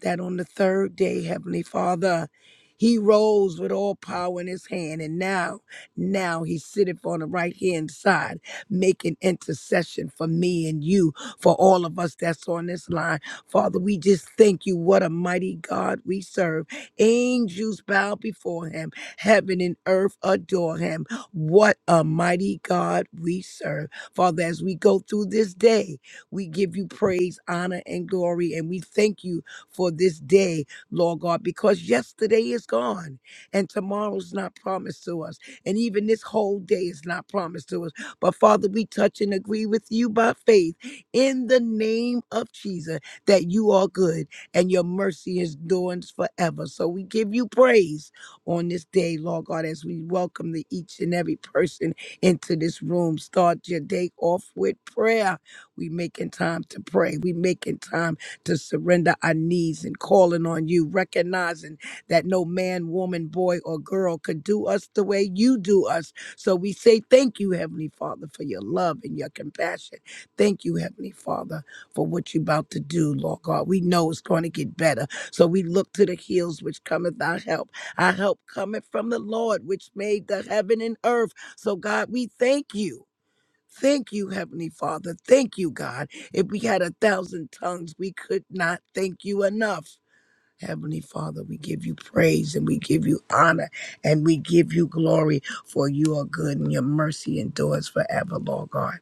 G: that on the third day, Heavenly Father, he rose with all power in his hand, and now, now he sitteth on the right hand side, making intercession for me and you, for all of us that's on this line. Father, we just thank you. What a mighty God we serve. Angels bow before him, heaven and earth adore him. What a mighty God we serve. Father, as we go through this day, we give you praise, honor, and glory, and we thank you for this day, Lord God, because yesterday is gone and tomorrow's not promised to us. And even this whole day is not promised to us. But Father, we touch and agree with you by faith in the name of Jesus that you are good and your mercy is doing forever. So we give you praise on this day, Lord God, as we welcome the each and every person into this room. Start your day off with prayer. We making time to pray. We making time to surrender our needs and calling on you, recognizing that no man, woman, boy, or girl could do us the way you do us. So we say thank you, Heavenly Father, for your love and your compassion. Thank you, Heavenly Father, for what you're about to do, Lord God. We know it's going to get better. So we look to the hills which cometh our help. Our help cometh from the Lord, which made the heaven and earth. So, God, we thank you. Thank you, Heavenly Father. Thank you, God. If we had a thousand tongues, we could not thank you enough. Heavenly Father, we give you praise and we give you honor and we give you glory for you are good and your mercy endures forever, Lord God.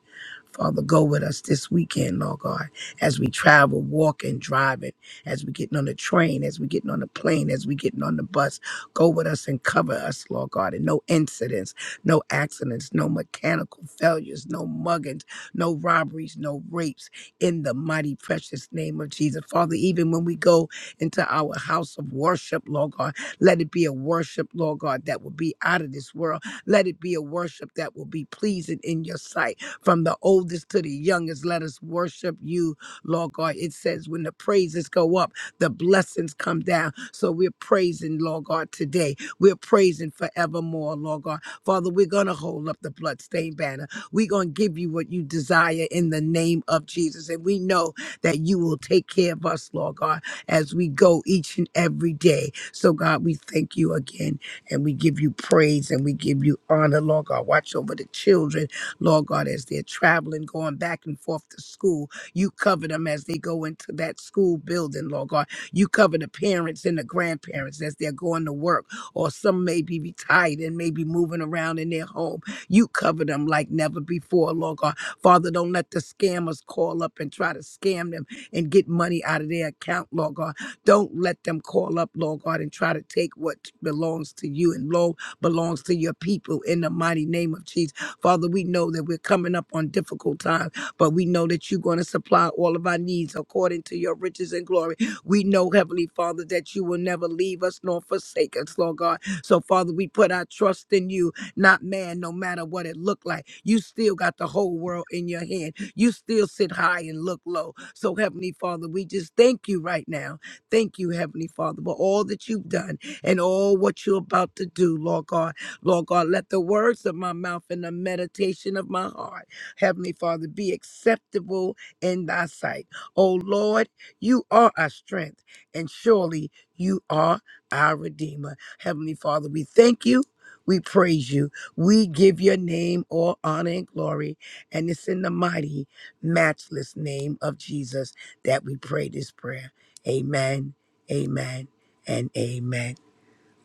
G: Father, go with us this weekend, Lord God, as we travel, walking, driving, as we getting on the train, as we getting on the plane, as we getting on the bus. Go with us and cover us, Lord God, and no incidents, no accidents, no mechanical failures, no muggings, no robberies, no rapes. In the mighty precious name of Jesus, Father, even when we go into our house of worship, Lord God. Let it be a worship, Lord God, that will be out of this world. Let it be a worship that will be pleasing in your sight. From the oldest to the youngest, let us worship you, Lord God. It says when the praises go up, the blessings come down. So we're praising, Lord God, today. We're praising forevermore, Lord God. Father, we're going to hold up the bloodstained banner. We're going to give you what you desire in the name of Jesus. And we know that you will take care of us, Lord God as we go each and every day. So, God, we thank you again and we give you praise and we give you honor, Lord God. Watch over the children, Lord God, as they're traveling, going back and forth to school. You cover them as they go into that school building, Lord God. You cover the parents and the grandparents as they're going to work, or some may be retired and may be moving around in their home. You cover them like never before, Lord God. Father, don't let the scammers call up and try to scam them and get money out of their account, Lord God. Don't let them call up, Lord God, and try to take what belongs to you and Lord belongs to your people in the mighty name of Jesus. Father, we know that we're coming up on difficult times, but we know that you're going to supply all of our needs according to your riches and glory. We know, Heavenly Father, that you will never leave us nor forsake us, Lord God. So, Father, we put our trust in you, not man, no matter what it looked like. You still got the whole world in your hand. You still sit high and look low. So, Heavenly Father, we just thank you right now. Thank you, Heavenly Father, for all that you've done and all what you're about to do, Lord God. Lord God, let the words of my mouth and the meditation of my heart, Heavenly Father, be acceptable in thy sight. Oh Lord, you are our strength, and surely you are our Redeemer. Heavenly Father, we thank you. We praise you. We give your name all honor and glory. And it's in the mighty matchless name of Jesus that we pray this prayer. Amen, amen, and amen.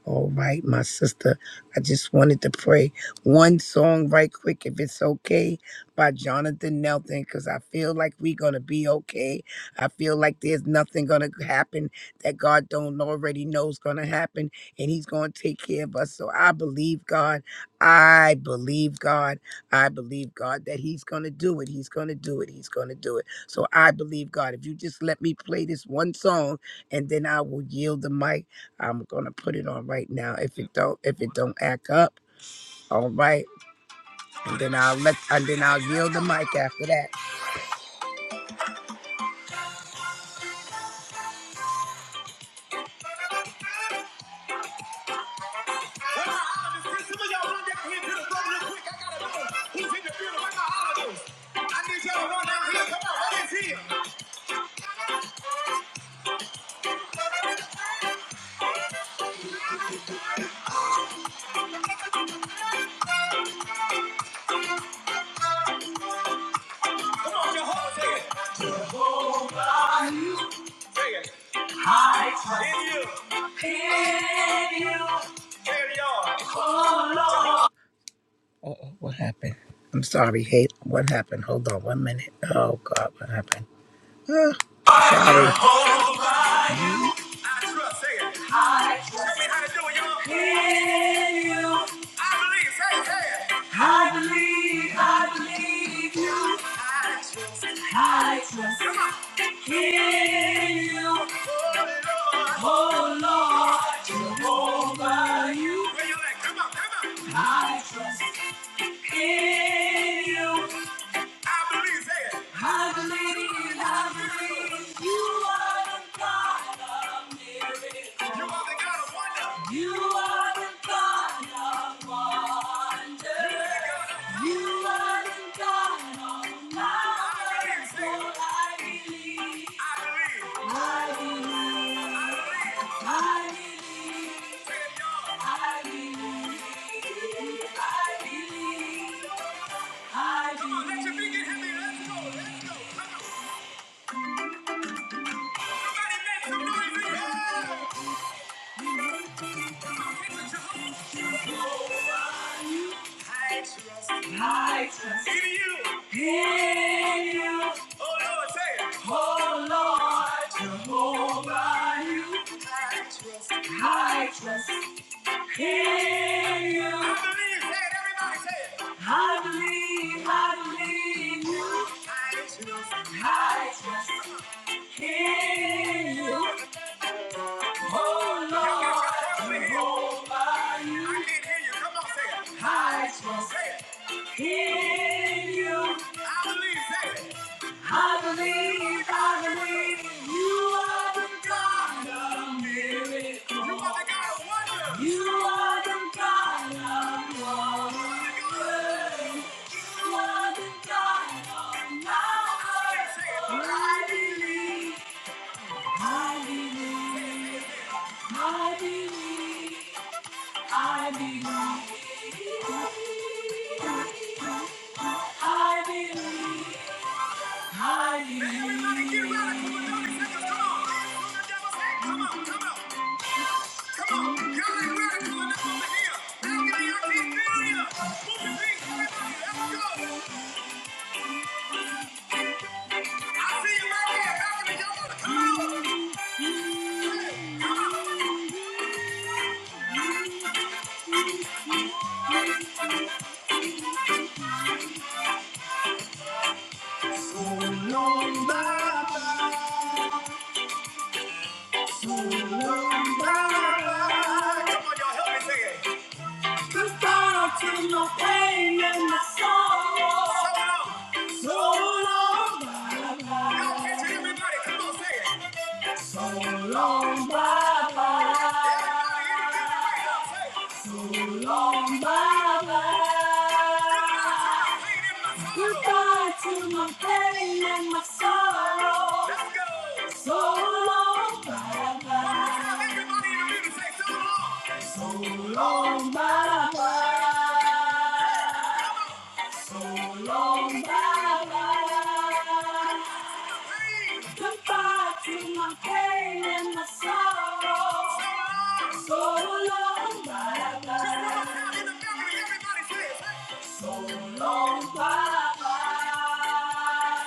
G: All right, my sister. I just wanted to pray one song right quick, if it's okay, by Jonathan Nelson, because I feel like we're gonna be okay. I feel like there's nothing gonna happen that God don't already know is gonna happen, and He's gonna take care of us. So I believe God. I believe God. I believe God that He's gonna do it. He's gonna do it. He's gonna do it. So I believe God. If you just let me play this one song, and then I will yield the mic I'm gonna put it on right now. If it don't, if it don't act up, all right, and then I'll let, and then I'll yield the mic after that. Uh-oh, what happened? I'm sorry, hate. What happened? Hold on one minute. Oh God, what happened? Ah. Tell me how to do it, y'all. Hear you. I believe. Say it, say it. I believe, I believe, I trust Come in you. Oh Lord, Jehovah, you. Where you at? Come on, come on. I trust in you. I believe that. I believe, I believe you are the God of miracles. You are the God of wonder. You are the God of wonder. You are the God of miracles. Oh, I believe. I believe. I believe. I believe. I believe. I believe. I Come on, let your big get heavy. Let's go. let make some noise I trust. I trust. In you. In you. Oh, Lord, say it. Oh, Lord, Jehovah, you. I trust. I trust. I believe, say it, everybody say it. I believe, I believe you. I trust, I trust in you. Oh Lord, you hold my youth. I can't hear you. Come on, say it. I trust say it. in you. I believe, say it. I believe, I believe you are the God of miracles. You are the God of wonders. You are the God of wonders. You are the God of miracles. I believe, I believe, I believe, I believe. I believe. Everybody get radical in 30 seconds. Come on. Come on, come on, come on. Y'all ain't radical enough over here. Now get your team building up. Move your feet, everybody. Let's go. I see you right there. Happening. Y'all come out? So long, bye-bye. So long, bye-bye. Come on, y'all. Help me sing it. Cause God feels no pain in my soul. So long. So long. So long, Baba. So long, Baba. Goodbye to my pain and my sorrow. Let's So long, Baba. So long, Baba. So long, Baba. Goodbye to my pain and my sorrow. So long, bye bye. Long bye bye.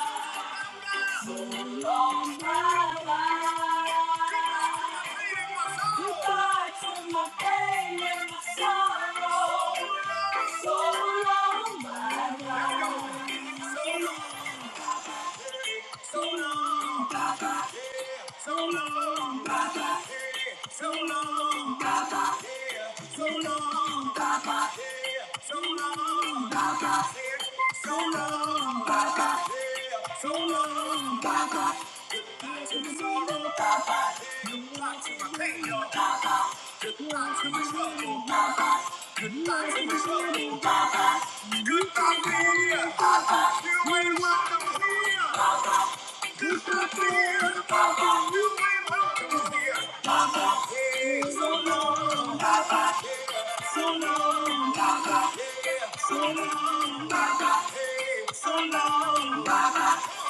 G: Long bye bye. Goodbye to my pain and my sorrow. So long, bye bye. So long, so long, so long, so long. So long, so long, so long, yeah, so long. To the sorrow, goodbye to my pain, y'all. Goodbye to my trouble, goodbye to my trouble. Goodbye, dear. You ain't welcome here. Goodbye, dear. You ain't welcome here. Yeah, so long, yeah, so long, yeah, so long. Hey, so long,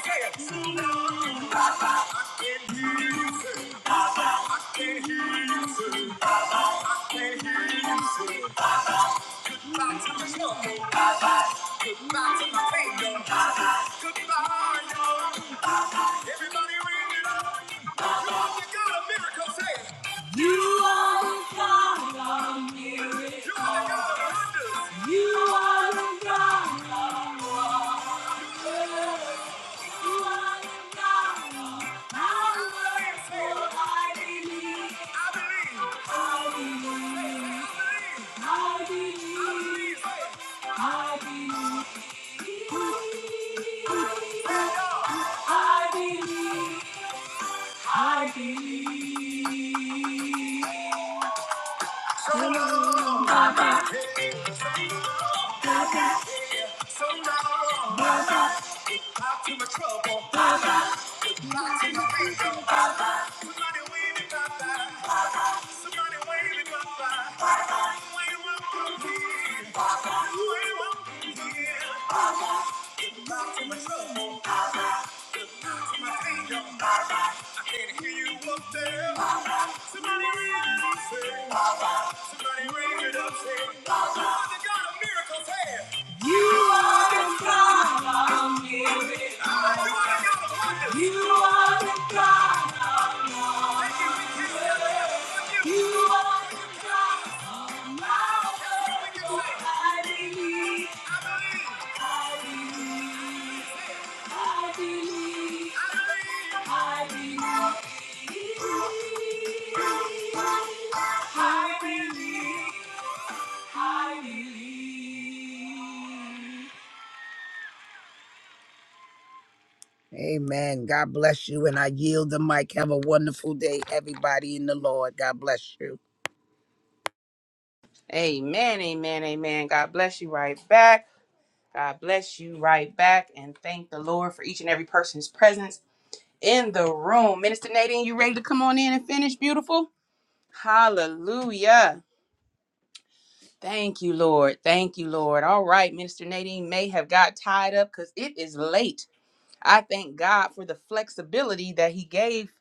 G: yeah, so long. you say, my no, no. miracle, You are the God of miracles. You are the God of wonders. You are the God of wonders. So now, not too much trouble, not too much trouble. Somebody wave it, Papa. Somebody wave it, Papa. Wave up from here. up from to my trouble, not to my kingdom. I can't hear you up there. Somebody wave me say. hey." You are the God of miracles. You are the God of wonders. You are the God of wonders. You are the God of miracles. I believe. I believe. I believe. I believe. I believe, I believe. Amen. God bless you, and I yield the mic. Have a wonderful day, everybody in the Lord. God bless you.
F: Amen, amen, amen. God bless you right back. God bless you right back. And thank the Lord for each and every person's presence in the room. Minister Nadine, you ready to come on in and finish, beautiful? Hallelujah. Thank you, Lord. Thank you, Lord. All right, Minister Nadine may have got tied up because it is late. I thank God for the flexibility that He gave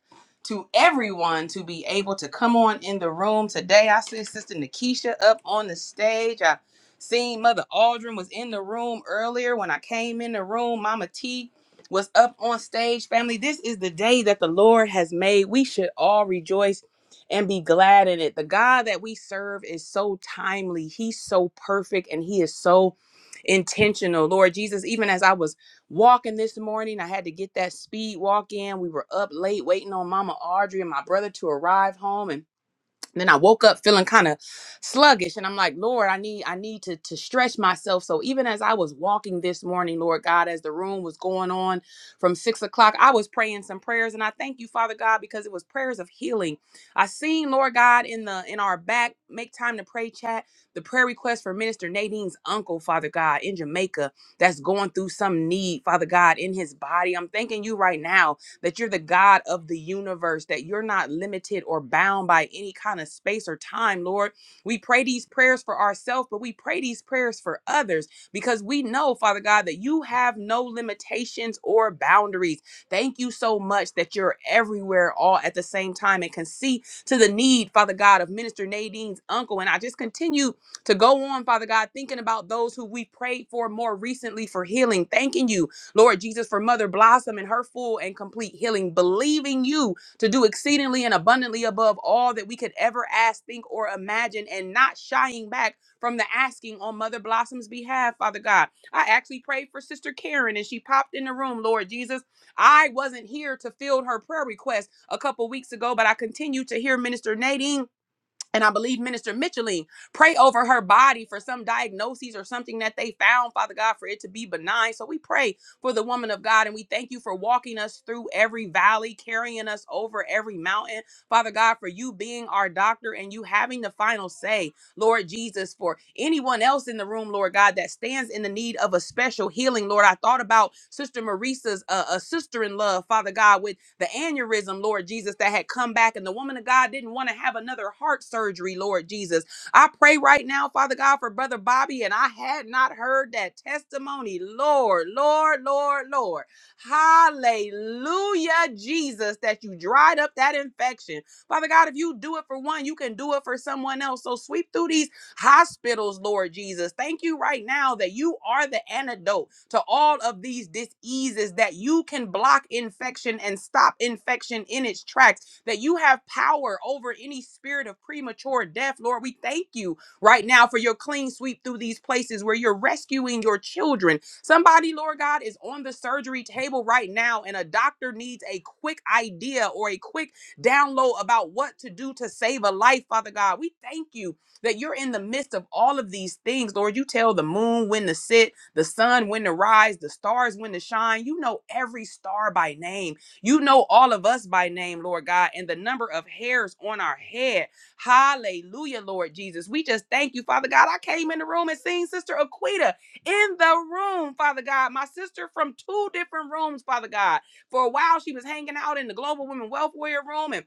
F: to everyone to be able to come on in the room today. I see Sister Nakisha up on the stage. I seen Mother Aldrin was in the room earlier when I came in the room. Mama T was up on stage. Family, this is the day that the Lord has made. We should all rejoice and be glad in it. The God that we serve is so timely. He's so perfect and he is so intentional. Lord Jesus, even as I was walking this morning. I had to get that speed walk in. We were up late waiting on Mama Audrey and my brother to arrive home and then I woke up feeling kind of sluggish and I'm like, Lord, I need I need to to stretch myself. So even as I was walking this morning, Lord God, as the room was going on from six o'clock, I was praying some prayers and I thank you, Father God, because it was prayers of healing. I seen Lord God in the in our back, make time to pray chat, the prayer request for Minister Nadine's uncle, Father God, in Jamaica, that's going through some need, Father God, in his body. I'm thanking you right now that you're the God of the universe, that you're not limited or bound by any kind of space or time, Lord. We pray these prayers for ourselves, but we pray these prayers for others because we know, Father God, that you have no limitations or boundaries. Thank you so much that you're everywhere all at the same time and can see to the need, Father God, of Minister Nadine's uncle. And I just continue to go on, Father God, thinking about those who we prayed for more recently for healing, thanking you Lord Jesus, for Mother Blossom and her full and complete healing, believing you to do exceedingly and abundantly above all that we could ever ask, think, or imagine, and not shying back from the asking on Mother Blossom's behalf, Father God. I actually prayed for Sister Karen and she popped in the room, Lord Jesus. I wasn't here to field her prayer request a couple weeks ago, but I continue to hear Minister Nadine and I believe Minister Mitchelling, pray over her body for some diagnoses or something that they found, Father God, for it to be benign. So we pray for the woman of God and we thank you for walking us through every valley, carrying us over every mountain. Father God, for you being our doctor and you having the final say. Lord Jesus, for anyone else in the room, Lord God, that stands in the need of a special healing, Lord. I thought about Sister Marisa's uh, a sister in love, Father God, with the aneurysm, Lord Jesus, that had come back, and the woman of God didn't want to have another heart surgery, Lord Jesus. I pray right now, Father God, for Brother Bobby, and I had not heard that testimony, Lord, Lord, Lord, Lord. Hallelujah, Jesus, that you dried up that infection. Father God, if you do it for one, you can do it for someone else. So sweep through these hospitals, Lord Jesus. Thank you right now that you are the antidote to all of these diseases, that you can block infection and stop infection in its tracks, that you have power over any spirit of premature death. Lord, we thank you right now for your clean sweep through these places where you're rescuing your children. Somebody, Lord God, is on the surgery table right now, and a doctor needs a quick idea or a quick download about what to do to save a life, Father God. We thank you that you're in the midst of all of these things, Lord. You tell the moon when to sit, the sun when to rise, the stars when to shine. You know every star by name. You know all of us by name, Lord God, and the number of hairs on our head. Hallelujah, Lord Jesus. We just thank you, Father God. I came in the room and seen Sister Aquita in the room, Father God. My sister from two different rooms, Father God. For a while, she was hanging out in the Global Women Welfare Room and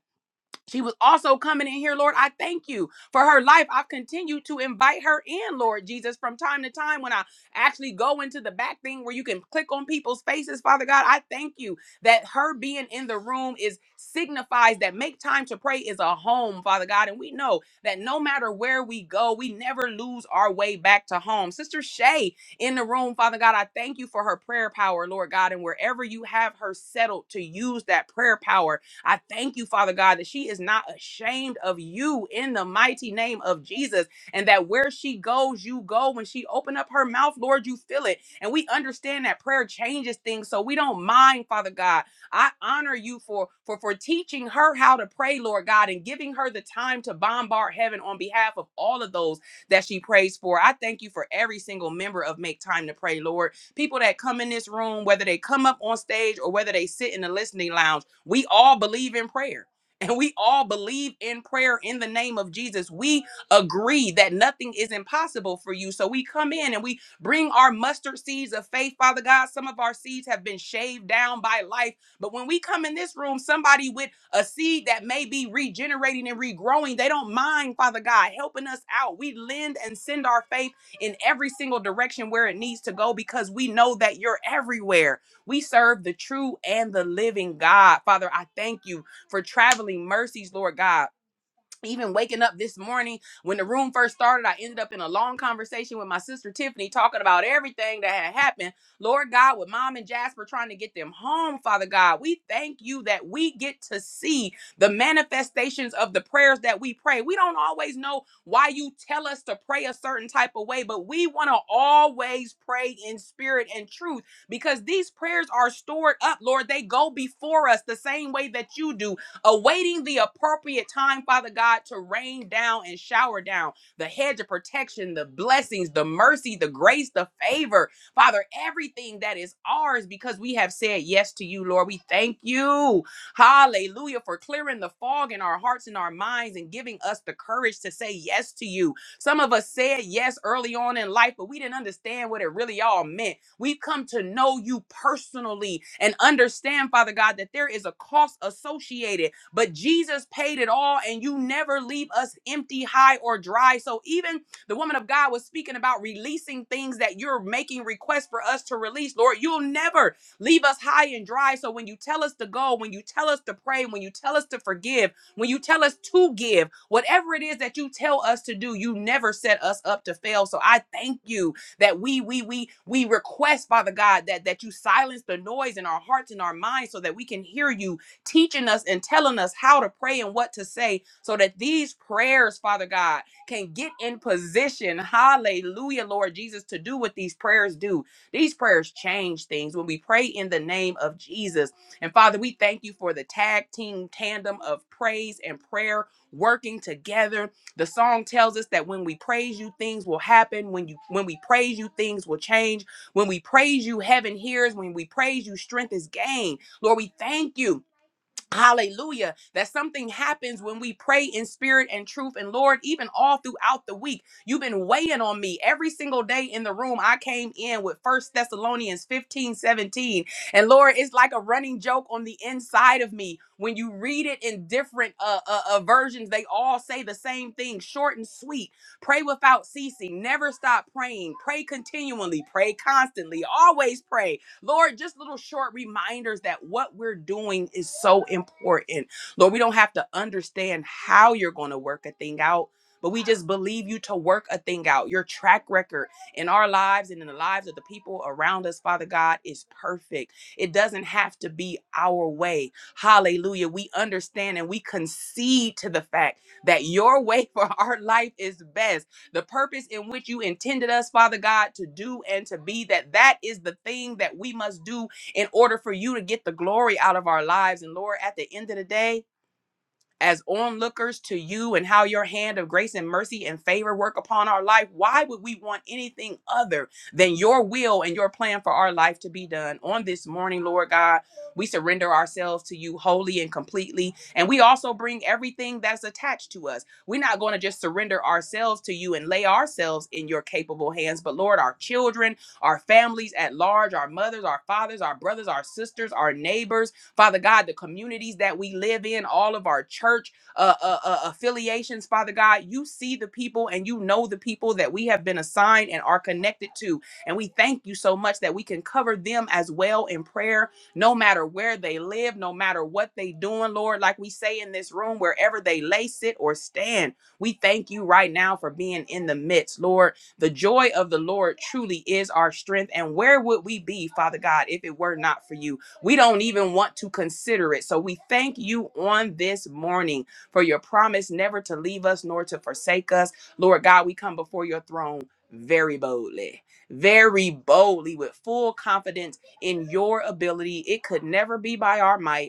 F: she was also coming in here, Lord. I thank you for her life. I've continued to invite her in, Lord Jesus, from time to time when I actually go into the back thing where you can click on people's faces, Father God. I thank you that her being in the room is signifies that make time to pray is a home, Father God. And we know that no matter where we go, we never lose our way back to home. Sister Shay in the room, Father God, I thank you for her prayer power, Lord God. And wherever you have her settled to use that prayer power I thank you, Father God, that she is not ashamed of you in the mighty name of Jesus, and that where she goes, you go. When she open up her mouth, Lord, you feel it. And we understand that prayer changes things, so we don't mind, Father God. I honor you for for for teaching her how to pray, Lord God, and giving her the time to bombard heaven on behalf of all of those that she prays for. I thank you for every single member of Make Time to Pray, Lord. People that come in this room, whether they come up on stage or whether they sit in the listening lounge. We all believe in prayer. And we all believe in prayer in the name of Jesus. We agree that nothing is impossible for you. So we come in and we bring our mustard seeds of faith, Father God. Some of our seeds have been shaved down by life. But when we come in this room, somebody with a seed that may be regenerating and regrowing, they don't mind, Father God, helping us out. We lend and send our faith in every single direction where it needs to go because we know that you're everywhere we serve the true and the living God. Father, I thank you for traveling mercies, Lord God even waking up this morning when the room first started, I ended up in a long conversation with my sister Tiffany talking about everything that had happened. Lord God, with mom and Jasper trying to get them home, Father God, we thank you that we get to see the manifestations of the prayers that we pray. We don't always know why you tell us to pray a certain type of way, but we want to always pray in spirit and truth because these prayers are stored up, Lord. They go before us the same way that you do awaiting the appropriate time, Father God, to rain down and shower down the hedge of protection, the blessings, the mercy, the grace, the favor, Father, everything that is ours because we have said yes to you, Lord. We thank you, hallelujah, for clearing the fog in our hearts and our minds and giving us the courage to say yes to you. Some of us said yes early on in life, but we didn't understand what it really all meant. We've come to know you personally and understand, Father God, that there is a cost associated but Jesus paid it all, and you never leave us empty, high, or dry. So even the woman of God was speaking about releasing things that you're making requests for us to release. Lord, you'll never leave us high and dry. So when you tell us to go, when you tell us to pray, when you tell us to forgive, when you tell us to give, whatever it is that you tell us to do, you never set us up to fail. So I thank you that we we we we request father god that that you silence the noise in our hearts and our minds so that we can hear you teaching us and telling us how to pray and what to say so that these prayers, Father God, can get in position. Hallelujah, Lord Jesus, to do what these prayers do. These prayers change things when we pray in the name of Jesus. And Father, we thank you for the tag team tandem of praise and prayer working together the song tells us that when we praise you, things will happen. When you when we praise you, things will change. When we praise you, heaven hears. When we praise you, strength is gained. Lord, we thank you Hallelujah. That something happens when we pray in spirit and truth. And Lord, even all throughout the week, you've been weighing on me every single day in the room. I came in with First Thessalonians 15 17, And Lord, it's like a running joke on the inside of me. When you read it in different uh, uh, uh, versions, they all say the same thing short and sweet. Pray without ceasing. Never stop praying. Pray continually. Pray constantly. Always pray Lord, just little short reminders that what we're doing is so important. Lord, we don't have to understand how you're going to work a thing out, but we just believe you to work a thing out. Your track record in our lives and in the lives of the people around us, Father God, is perfect. It doesn't have to be our way. Hallelujah. We understand and we concede to the fact that your way (laughs) for our life is best the purpose in which you intended us, Father God, to do and to be, that that is the thing that we must do in order for you to get the glory out of our lives. And Lord, at the end of the day, as onlookers to you and how your hand of grace and mercy and favor work upon our life, why would we want anything other than your will and your plan for our life to be done? On this morning, Lord God, we surrender ourselves to you wholly and completely. And we also bring everything that's attached to us. We're not going to just surrender ourselves to you and lay ourselves in your capable hands, but Lord, our children, our families at large, our mothers, our fathers, our brothers, our sisters, our neighbors, Father God, the communities that we live in, all of our church uh, uh, uh, affiliations, Father God, you see the people and you know the people that we have been assigned and are connected to. And we thank you so much that we can cover them as well in prayer, no matter where they live, no matter what they doing, Lord. Like we say in this room, wherever they lay, sit, or stand, we thank you right now for being in the midst, Lord. The joy of the Lord truly is our strength. And where would we be, Father God, if it were not for you? We don't even want to consider it. So we thank you on this morning for your promise never to leave us nor to forsake us. Lord God, we come before your throne very boldly, very boldly with full confidence in your ability. It could never be by our might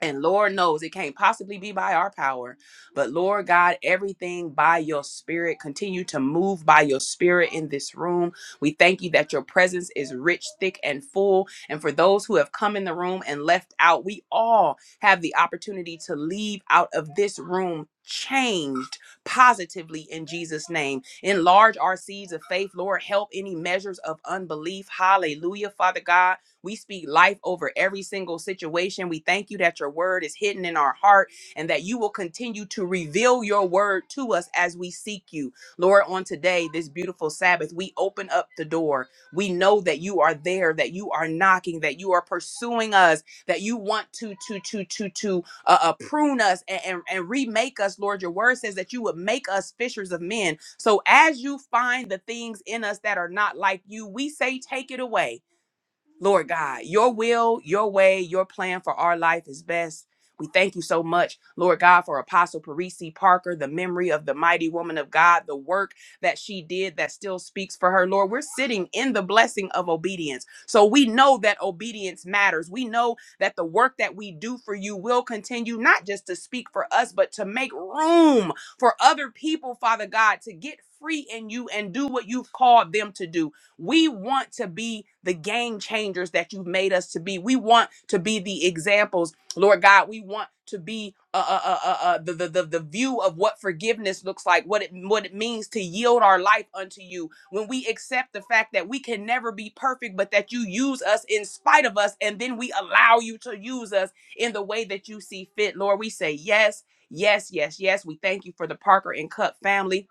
F: and Lord knows it can't possibly be by our power, but Lord God, everything by your spirit, continue to move by your spirit in this room. We thank you that your presence is rich, thick, and full. And for those who have come in the room and left out, we all have the opportunity to leave out of this room changed positively in Jesus' name. Enlarge our seeds of faith, Lord. Help any measures of unbelief. Hallelujah, Father God. We speak life over every single situation. We thank you that your word is hidden in our heart and that you will continue to reveal your word to us as we seek you. Lord, on today, this beautiful Sabbath, we open up the door. We know that you are there, that you are knocking, that you are pursuing us, that you want to to to to to uh, uh, prune us and, and, and remake us, Lord. Your word says that you would make us fishers of men. So as you find the things in us that are not like you, we say, take it away. Lord God, your will, your way, your plan for our life is best. We thank you so much, Lord God, for Apostle Parisi Parker, the memory of the mighty woman of God, the work that she did that still speaks for her. Lord, we're sitting in the blessing of obedience. So we know that obedience matters. We know that the work that we do for you will continue, not just to speak for us, but to make room for other people, Father God, to get free in you and do what you've called them to do. We want to be the game changers that you've made us to be. We want to be the examples, Lord God. We want to be uh, uh, uh, uh, uh, the, the, the, the view of what forgiveness looks like, what it, what it means to yield our life unto you. When we accept the fact that we can never be perfect, but that you use us in spite of us, and then we allow you to use us in the way that you see fit, Lord, we say yes, yes, yes, yes. We thank you for the Parker and Cup family.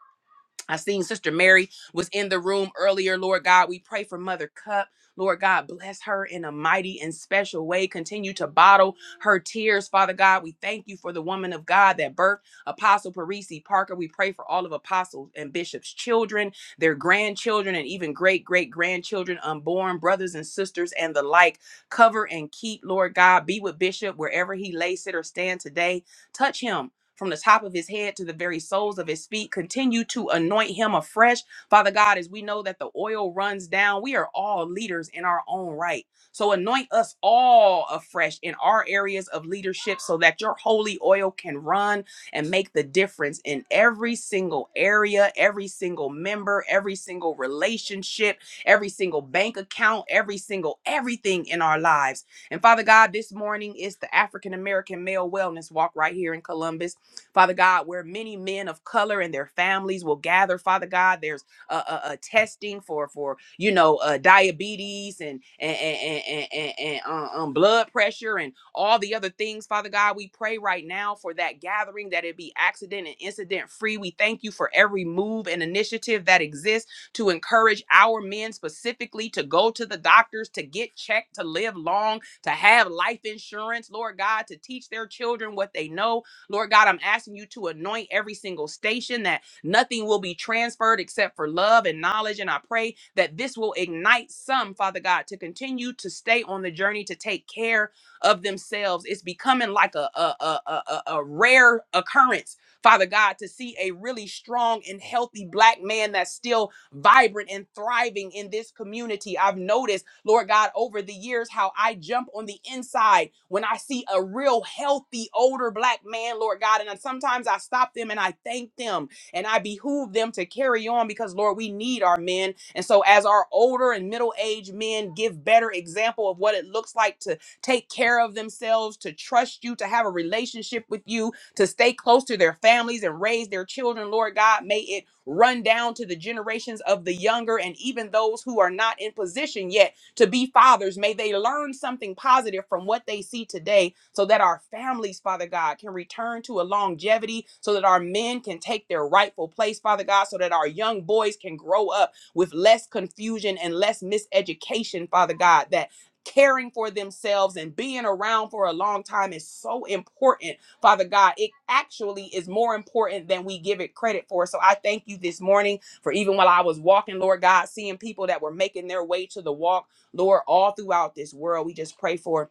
F: I seen Sister Mary was in the room earlier. Lord God, we pray for Mother Cup. Lord God, bless her in a mighty and special way. Continue to bottle her tears, Father God. We thank you for the woman of God that birthed Apostle Parisi Parker. We pray for all of Apostles and Bishop's children, their grandchildren, and even great great grandchildren, unborn brothers and sisters, and the like. Cover and keep, Lord God. Be with Bishop wherever he lay, sit, or stand today. Touch him from the top of his head to the very soles of his feet. Continue to anoint him afresh. Father God, as we know that the oil runs down, we are all leaders in our own right. So anoint us all afresh in our areas of leadership so that your holy oil can run and make the difference in every single area, every single member, every single relationship, every single bank account, every single everything in our lives. And Father God, this morning is the African American Male Wellness Walk right here in Columbus. Father God, where many men of color and their families will gather, Father God, there's uh, uh, uh, testing for for you know uh, diabetes and and and and, and, and uh, um, blood pressure and all the other things. Father God, we pray right now for that gathering that it be accident and incident free. We thank you for every move and initiative that exists to encourage our men specifically to go to the doctors to get checked, to live long, to have life insurance. Lord God, to teach their children what they know Lord God, I'm asking you to anoint every single station that nothing will be transferred except for love and knowledge. And I pray that this will ignite some, Father God, to continue to stay on the journey to take care of themselves. It's becoming like a, a, a, a, a a rare occurrence. Father God, to see a really strong and healthy black man that's still vibrant and thriving in this community. I've noticed, Lord God, over the years how I jump on the inside when I see a real healthy older black man, Lord God. And I- sometimes I stop them and I thank them and I behoove them to carry on because, Lord, we need our men. And so, as our older and middle aged men give better example of what it looks like to take care of themselves, to trust you, to have a relationship with you, to stay close to their families and raise their children, Lord God. May it run down to the generations of the younger and even those who are not in position yet to be fathers. May they learn something positive from what they see today so that our families, Father God, can return to a longevity, so that our men can take their rightful place, Father God, so that our young boys can grow up with less confusion and less miseducation, Father God, that caring for themselves and being around for a long time is so important Father God, it actually is more important than we give it credit for. So I thank you this morning for even while I was walking, Lord God, seeing people that were making their way to the walk, Lord, all throughout this world. We just pray for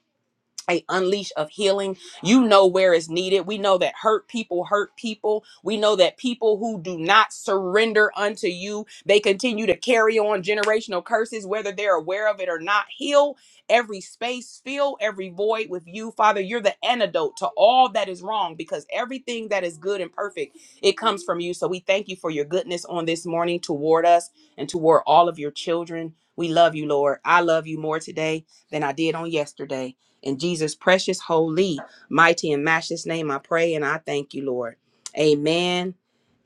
F: a unleash of healing. You know where is needed. We know that hurt people hurt people. We know that people who do not surrender unto you, they continue to carry on generational curses, whether they're aware of it or not. Heal every space, fill every void with you. Father, you're the antidote to all that is wrong because everything that is good and perfect, it comes from you. So we thank you for your goodness on this morning toward us and toward all of your children. We love you, Lord. I love you more today than I did on yesterday. In Jesus' precious, holy, mighty, and matchless name, I pray and I thank you, Lord. Amen.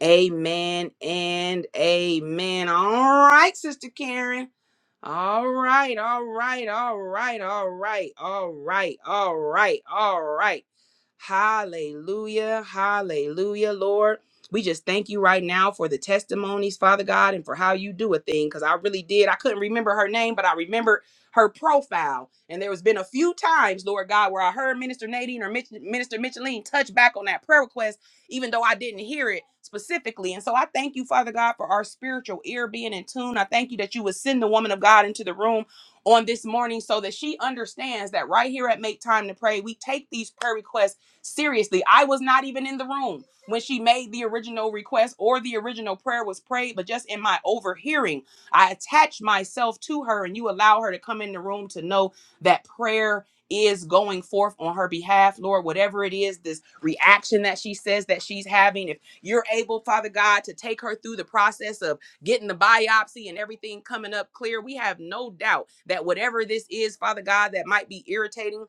F: Amen and amen. All right, Sister Karen. All right, all right, all right, all right, all right, all right, all right. Hallelujah, hallelujah, Lord. We just thank you right now for the testimonies, Father God, and for how you do a thing. Because I really did. I couldn't remember her name, but I remember her profile. And there has been a few times, Lord God, where I heard Minister Nadine or Mitch, Minister Micheline touch back on that prayer request even though I didn't hear it specifically. And so I thank you, Father God, for our spiritual ear being in tune. I thank you that you would send the woman of God into the room on this morning so that she understands that right here at Make Time to Pray, we take these prayer requests seriously. I was not even in the room when she made the original request or the original prayer was prayed, but just in my overhearing, I attached myself to her and you allow her to come in the room to know that prayer is going forth on her behalf, Lord, whatever it is, this reaction that she says that she's having, if you're able, Father God, to take her through the process of getting the biopsy and everything coming up clear, we have no doubt that whatever this is, Father God, that might be irritating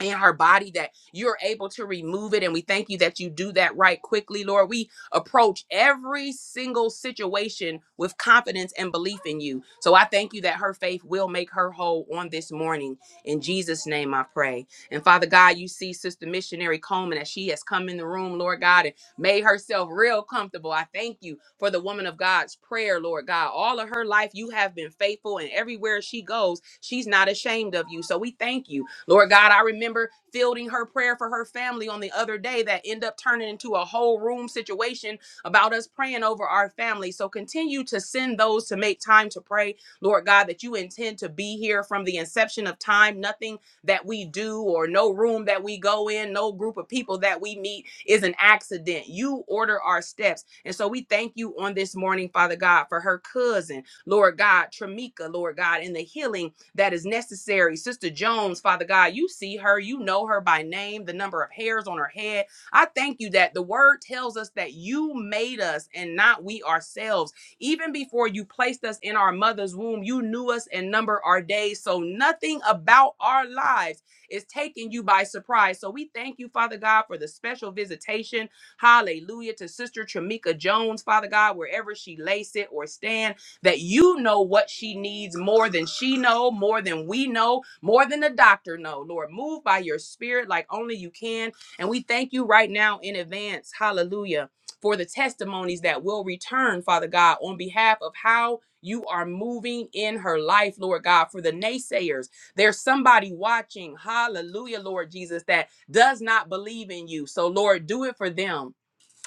F: in her body that you're able to remove it. And we thank you that you do that right quickly, Lord. We approach every single situation with confidence and belief in you. So I thank you that her faith will make her whole on this morning. In Jesus' name, I pray. And Father God, you see Sister Missionary Coleman as she has come in the room, Lord God, and made herself real comfortable. I thank you for the woman of God's prayer, Lord God. All of her life, you have been faithful, and everywhere she goes, she's not ashamed of you. So we thank you Lord God, I remember fielding her prayer for her family on the other day that end up turning into a whole room situation about us praying over our family. So continue to send those to make time to pray, Lord God, that you intend to be here from the inception of time. Nothing that we do or no room that we go in, no group of people that we meet is an accident. You order our steps. And so we thank you on this morning, Father God, for her cousin, Lord God, Tramika, Lord God, and the healing that is necessary. Sister Jones, Father God, you see her, you know her by name, the number of hairs on her head. I thank you that the word tells us that you made us and not we ourselves. Even before you placed us in our mother's womb, you knew us and numbered our days. So nothing about our lives is taking you by surprise. So we thank you, Father God, for the special visitation. Hallelujah to Sister Tramika Jones, Father God, wherever she lay, sit, or stand that you know what she needs more than she know, more than we know, more than the doctor know. Lord, move by your spirit like only you can. And we thank you right now in advance. Hallelujah. For the testimonies that will return, Father God, on behalf of how you are moving in her life, Lord God, for the naysayers. There's somebody watching, hallelujah, Lord Jesus, that does not believe in you. So, Lord, do it for them.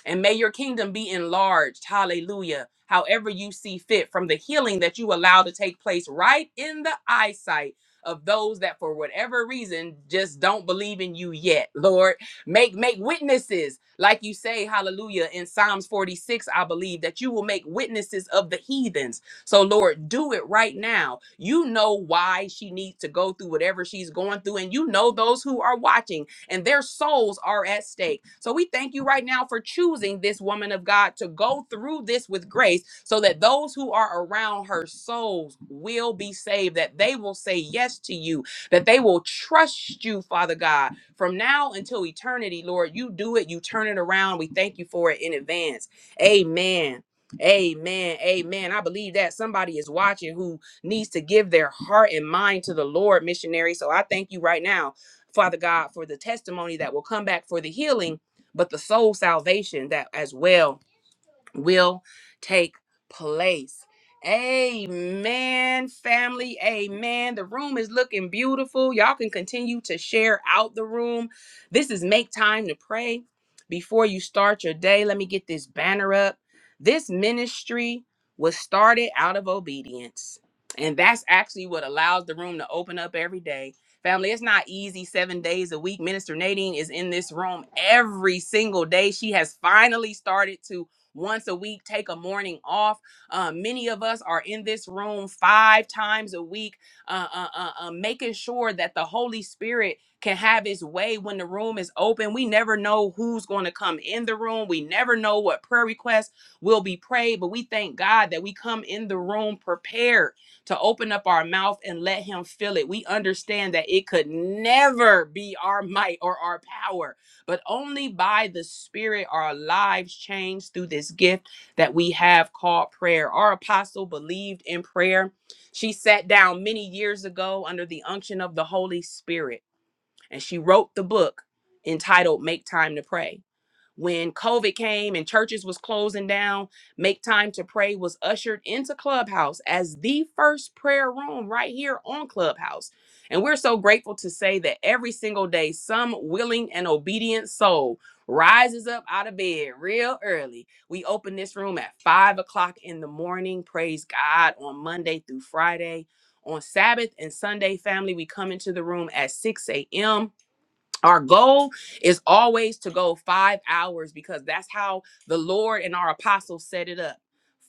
F: And may your kingdom be enlarged. Hallelujah. However you see fit from the healing that you allow to take place right in the eyesight of those that for whatever reason just don't believe in you yet. Lord, make make witnesses like you say hallelujah in Psalms 46 I believe that you will make witnesses of the heathens. So Lord, do it right now. You know why she needs to go through whatever she's going through and you know those who are watching and their souls are at stake. So we thank you right now for choosing this woman of God to go through this with grace so that those who are around her souls will be saved, that they will say yes to you, that they will trust you, Father God, from now until eternity, Lord. You do it, you turn it around. We thank you for it in advance. Amen. Amen. Amen. I believe that somebody is watching who needs to give their heart and mind to the Lord, missionary. So I thank you right now Father God, for the testimony that will come back for the healing, but the soul salvation that as well will take place. Amen, family. Amen. The room is looking beautiful. Y'all can continue to share out the room. This is Make Time to Pray. Before you start your day, let me get this banner up. This ministry was started out of obedience. And that's actually what allows the room to open up every day. Family, it's not easy seven days a week. Minister Nadine is in this room every single day. She has finally started to once a week, take a morning off. Uh, many of us are in this room five times a week, uh, uh, uh, uh, making sure that the Holy Spirit can have his way when the room is open. We never know who's going to come in the room. We never know what prayer requests will be prayed, but we thank God that we come in the room prepared to open up our mouth and let him fill it. We understand that it could never be our might or our power but only by the Spirit are lives changed through this gift that we have called prayer. Our apostle believed in prayer. She sat down many years ago under the unction of the Holy Spirit and she wrote the book entitled Make Time to Pray. When COVID came and churches was closing down, Make Time to Pray was ushered into Clubhouse as the first prayer room right here on Clubhouse. And we're so grateful to say that every single day, some willing and obedient soul rises up out of bed real early. We open this room at five o'clock in the morning. Praise God on Monday through Friday. On Sabbath and Sunday, family, we come into the room at 6 a.m our goal is always to go five hours because that's how the Lord and our apostles set it up.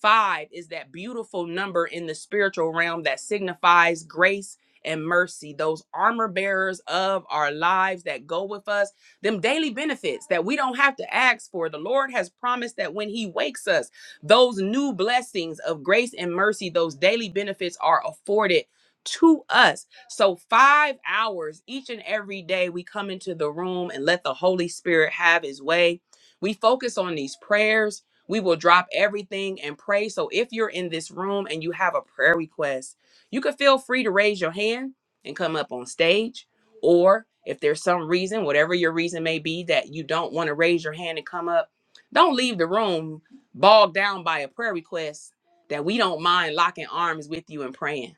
F: Five is that beautiful number in the spiritual realm that signifies grace and mercy, those armor bearers of our lives that go with us, them daily benefits that we don't have to ask for. The Lord has promised that when He wakes us, those new blessings of grace and mercy, those daily benefits are afforded to us so, five hours each and every day, we come into the room and let the Holy Spirit have his way. We focus on these prayers. We will drop everything and pray. So, if you're in this room and you have a prayer request, you can feel free to raise your hand and come up on stage. Or if there's some reason, whatever your reason may be, that you don't want to raise your hand and come up, don't leave the room bogged down by a prayer request that we don't mind locking arms with you and praying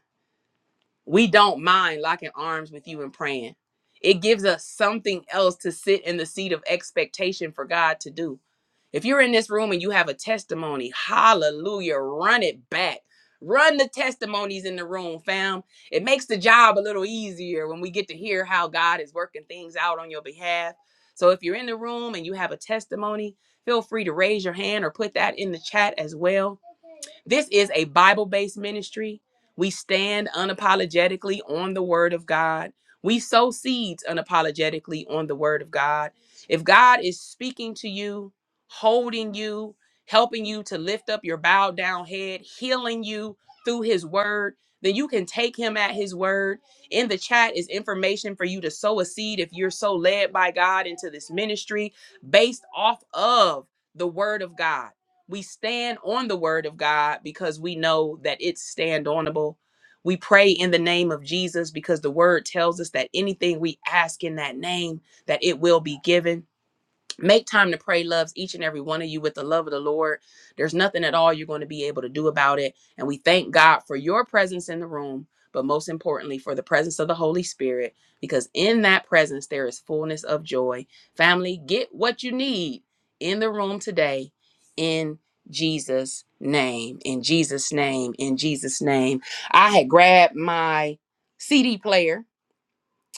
F: we don't mind locking arms with you and praying. It gives us something else to sit in the seat of expectation for God to do. If you're in this room and you have a testimony, hallelujah, run it back. Run the testimonies in the room, fam. It makes the job a little easier when we get to hear how God is working things out on your behalf. So if you're in the room and you have a testimony, feel free to raise your hand or put that in the chat as well this is a Bible based ministry. We stand unapologetically on the word of God. We sow seeds unapologetically on the word of God. If God is speaking to you, holding you, helping you to lift up your bowed down head, healing you through his word, then you can take him at his word. In the chat is information for you to sow a seed if you're so led by God into this ministry based off of the word of God. We stand on the word of God because we know that it's stand onable. We pray in the name of Jesus because the word tells us that anything we ask in that name that it will be given. Make time to pray loves each and every one of you with the love of the Lord. There's nothing at all you're going to be able to do about it. And we thank God for your presence in the room, but most importantly, for the presence of the Holy Spirit, because in that presence, there is fullness of joy. Family, get what you need in the room today in Jesus' name. In Jesus' name. In Jesus' name. I had grabbed my CD player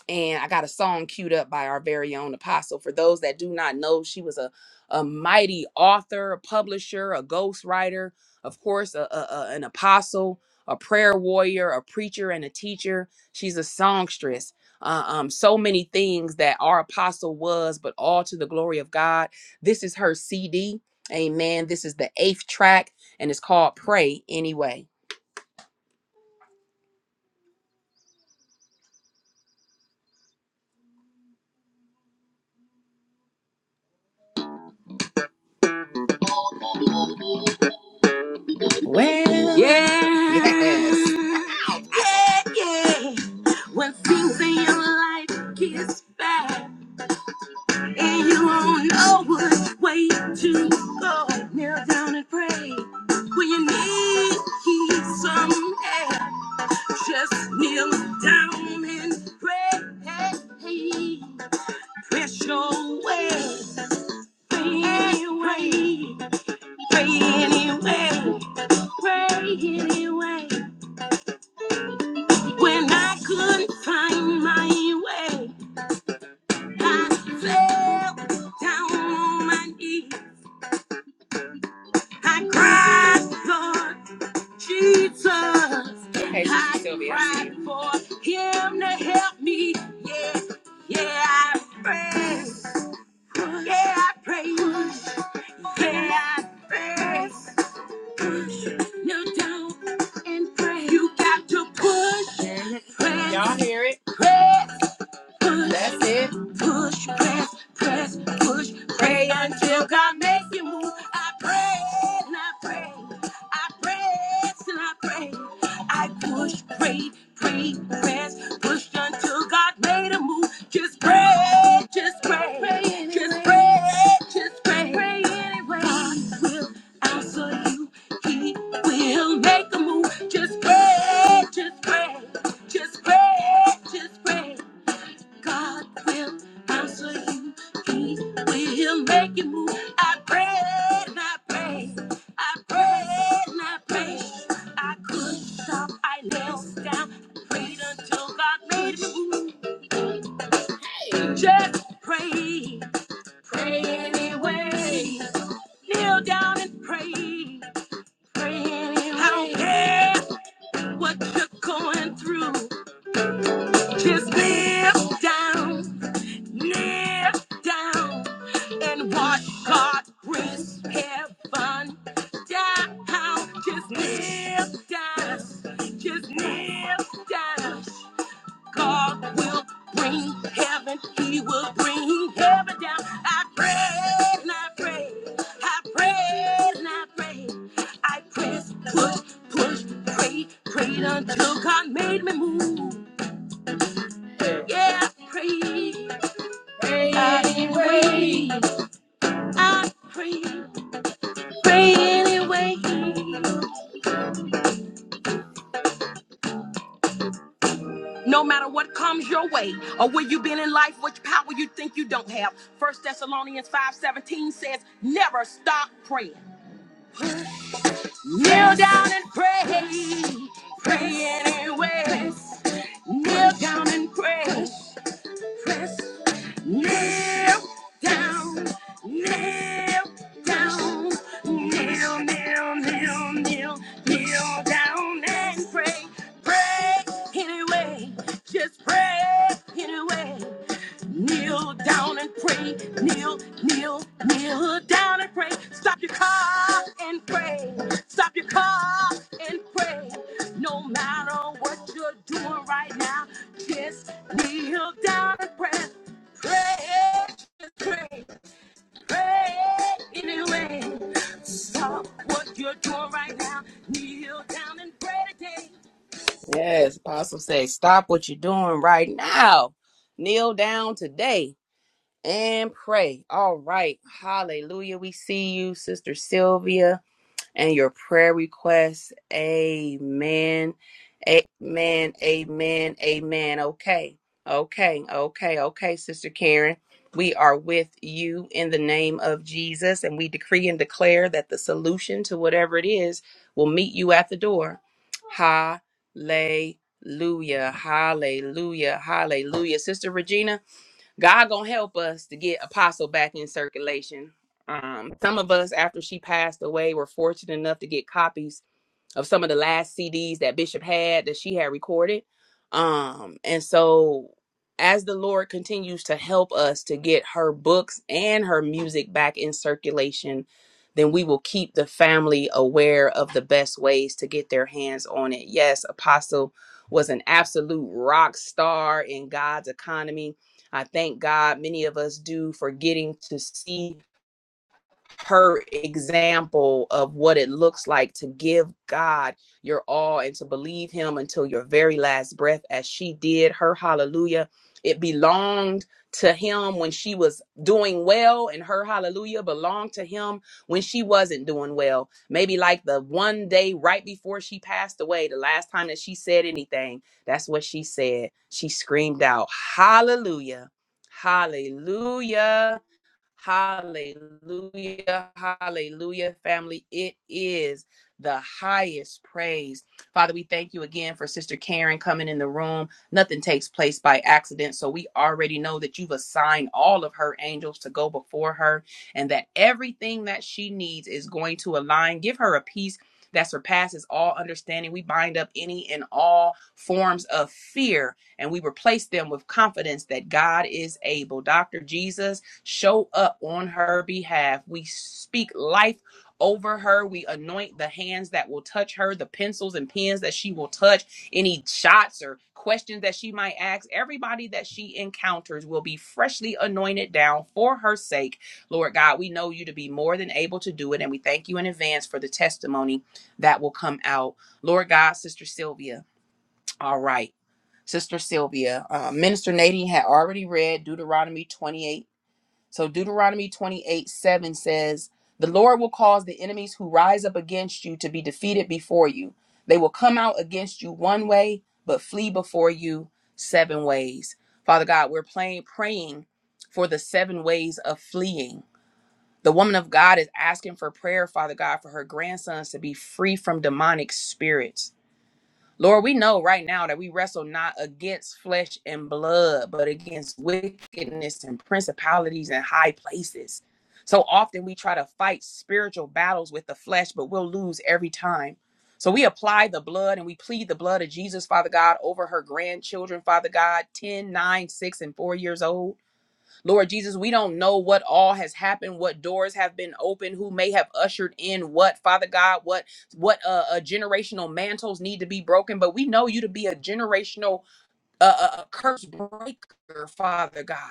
F: and I got a song queued up by our very own apostle. For those that do not know, she was a, a mighty author, a publisher, a ghostwriter, of course, a, a- a- an apostle, a prayer warrior, a preacher, and a teacher. She's a songstress. Uh, um, so many things that our apostle was, but all to the glory of God. This is her CD. Amen. This is the eighth track, and it's called Pray Anyway. Well, yes. Yeah. yes. Ow. Yeah, yeah. When things in your life gets bad and you don't know what way to go, kneel down and pray. When you need some help, just kneel down and pray. Hey, hey, Press your way. Pray anyway. Pray anyway. Pray anyway. When I couldn't find my way, I fell down on my knees. I cried for Jesus. Hey, I Sylvia, cried for Him to help me. Yeah, yeah, I pray. Yeah, I pray. Yeah, I pray. No doubt and pray. You got to push. Y'all hear it? Press. push. That's it. Push, press, press, push, pray until God makes you move. I pray and I pray. I press and I pray. I push, pray, pray, press, push until God made a move. Just pray, just pray, pray anyway. just pray, just pray. pray anyway. God will answer you. He will make a move. Just pray, just pray, just pray, just pray. God will answer you. He will make you move. I pray and I pray. I pray and I pray. I couldn't stop. I knelt down. Prayed until God made me move. Just pray. Pray anyway. Kneel down and pray. Pray anyway. I don't care what you're going through. Just kneel down. kneel down and watch God brings heaven down. Just kneel down, just kneel down. God will bring heaven, He will bring heaven down. I pray and I pray, I pray and I pray. I press, push, push, pray, prayed until God made me move. Yeah, I prayed. Pray anyway. I pray. Pray anyway. No matter what comes your way or where you've been in life, which power you think you don't have. First Thessalonians 5:17 says, never stop praying. Kneel down and pray. Pray anyway. Kneel down and pray. Press, nail down, nail down, nail, nail, nail, nail, nail down and pray. Pray anyway, just pray anyway. Kneel down and pray. Kneel, kneel, kneel down and pray. Stop your car and pray. Stop your car and pray. No matter what you're doing right now, just kneel down and pray. Pray, just pray, pray anyway. Stop what you're doing right now. Kneel down and pray today. Yes, Apostle says, stop what you're doing right now. Kneel down today and pray. All right. Hallelujah. We see you, Sister Sylvia, and your prayer requests. Amen. Amen. Amen. Amen. Okay. Okay. Okay. Okay, Sister Karen. We are with you in the name of Jesus, and we decree and declare that the solution to whatever it is will meet you at the door. Hallelujah. Hallelujah. Hallelujah. Sister Regina. God gonna help us to get Apostle back in circulation. Um, some of us, after she passed away, were fortunate enough to get copies of some of the last CDs that Bishop had that she had recorded. Um, and so as the Lord continues to help us to get her books and her music back in circulation, then we will keep the family aware of the best ways to get their hands on it. Yes, Apostle was an absolute rock star in God's economy. I thank God many of us do for getting to see her example of what it looks like to give God your all and to believe Him until your very last breath, as she did. Her hallelujah, it belonged to Him when she was doing well, and her hallelujah belonged to Him when she wasn't doing well. Maybe like the one day right before she passed away, the last time that she said anything, that's what she said. She screamed out, Hallelujah, Hallelujah. Hallelujah. Hallelujah, family. It is the highest praise. Father, we thank you again for Sister Karen coming in the room. Nothing takes place by accident. So we already know that you've assigned all of her angels to go before her and that everything that she needs is going to align. Give her a peace that surpasses all understanding. We bind up any and all forms of fear and we replace them with confidence that God is able. Dr. Jesus, show up on her behalf. We speak life over her. We anoint the hands that will touch her, the pencils and pens that she will touch, any shots or questions that she might ask. Everybody that she encounters will be freshly anointed down for her sake. Lord God, we know you to be more than able to do it, and we thank you in advance for the testimony that will come out. Lord God, Sister Sylvia, all right. Sister Sylvia, uh, Minister Nadine had already read Deuteronomy 28 so Deuteronomy 28 7 says, The Lord will cause the enemies who rise up against you to be defeated before you. They will come out against you one way, but flee before you seven ways. Father God, we're playing, praying for the seven ways of fleeing. The woman of God is asking for prayer, Father God, for her grandsons to be free from demonic spirits. Lord, we know right now that we wrestle not against flesh and blood, but against wickedness and principalities and high places. So often we try to fight spiritual battles with the flesh, but we'll lose every time. So we apply the blood and we plead the blood of Jesus, Father God, over her grandchildren, Father God, ten, nine, 6, and 4 years old. Lord Jesus, we don't know what all has happened, what doors have been opened, who may have ushered in what, Father God, what what uh, uh generational mantles need to be broken, but we know you to be a generational uh, uh uh, curse breaker, Father God.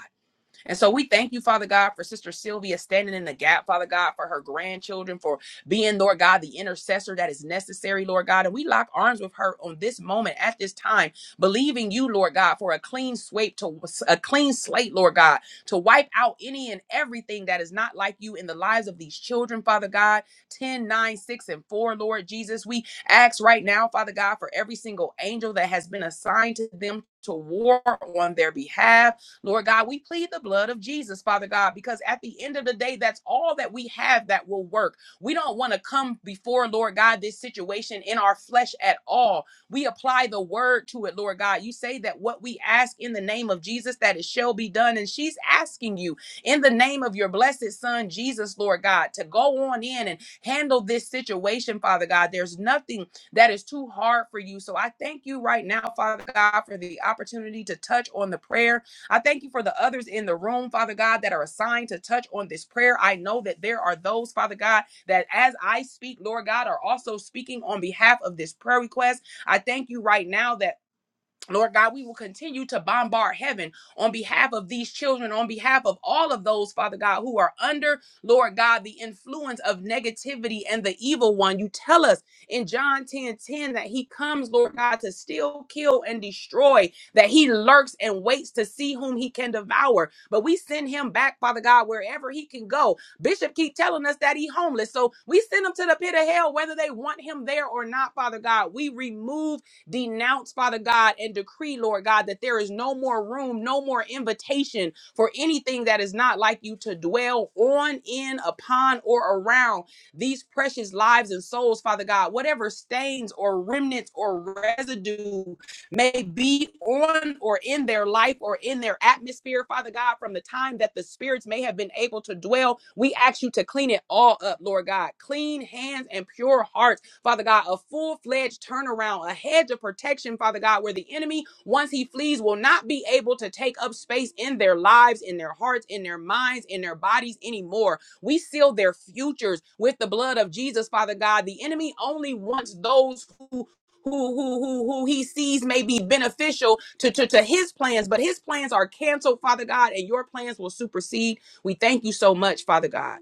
F: And so we thank you, Father God, for Sister Sylvia standing in the gap, Father God, for her grandchildren, for being, Lord God, the intercessor that is necessary, Lord God. And we lock arms with her on this moment at this time, believing you, Lord God, for a clean sweep to a clean slate, Lord God, to wipe out any and everything that is not like you in the lives of these children, Father God. ten, nine, 6, and 4, Lord Jesus. We ask right now, Father God, for every single angel that has been assigned to them to war on their behalf Lord God, we plead the blood of Jesus, Father God, because at the end of the day, that's all that we have that will work. We don't want to come before, Lord God, this situation in our flesh at all. We apply the word to it, Lord God. You say that what we ask in the name of Jesus, that it shall be done. And she's asking you in the name of your blessed son, Jesus, Lord God, to go on in and handle this situation, Father God. There's nothing that is too hard for you. So I thank you right now, Father God, for the opportunity to touch on the prayer I thank you for the others in the room, Father God, that are assigned to touch on this prayer. I know that there are those, Father God, that as I speak, Lord God, are also speaking on behalf of this prayer request. I thank you right now that. Lord God, we will continue to bombard heaven on behalf of these children, on behalf of all of those, Father God, who are under, Lord God, the influence of negativity and the evil one. You tell us in John 10 10 that he comes, Lord God, to steal, kill, and destroy, that he lurks and waits to see whom he can devour. But we send him back, Father God, wherever he can go. Bishop keep telling us that he homeless. So we send him to the pit of hell, whether they want him there or not, Father God. We remove denounce, Father God, and decree, Lord God, that there is no more room, no more invitation for anything that is not like you to dwell on, in, upon, or around these precious lives and souls, Father God. Whatever stains or remnants or residue may be on or in their life or in their atmosphere, Father God, from the time that the spirits may have been able to dwell. We ask you to clean it all up, Lord God. Clean hands and pure hearts Father God, a full fledged turnaround, a hedge of protection, Father God, where the enemy, once he flees, will not be able to take up space in their lives, in their hearts, in their minds, in their bodies anymore. We seal their futures with the blood of Jesus, Father God. The enemy only wants those who who who who who he sees may be beneficial to, to to his plans but his plans are canceled father god and your plans will supersede we thank you so much father god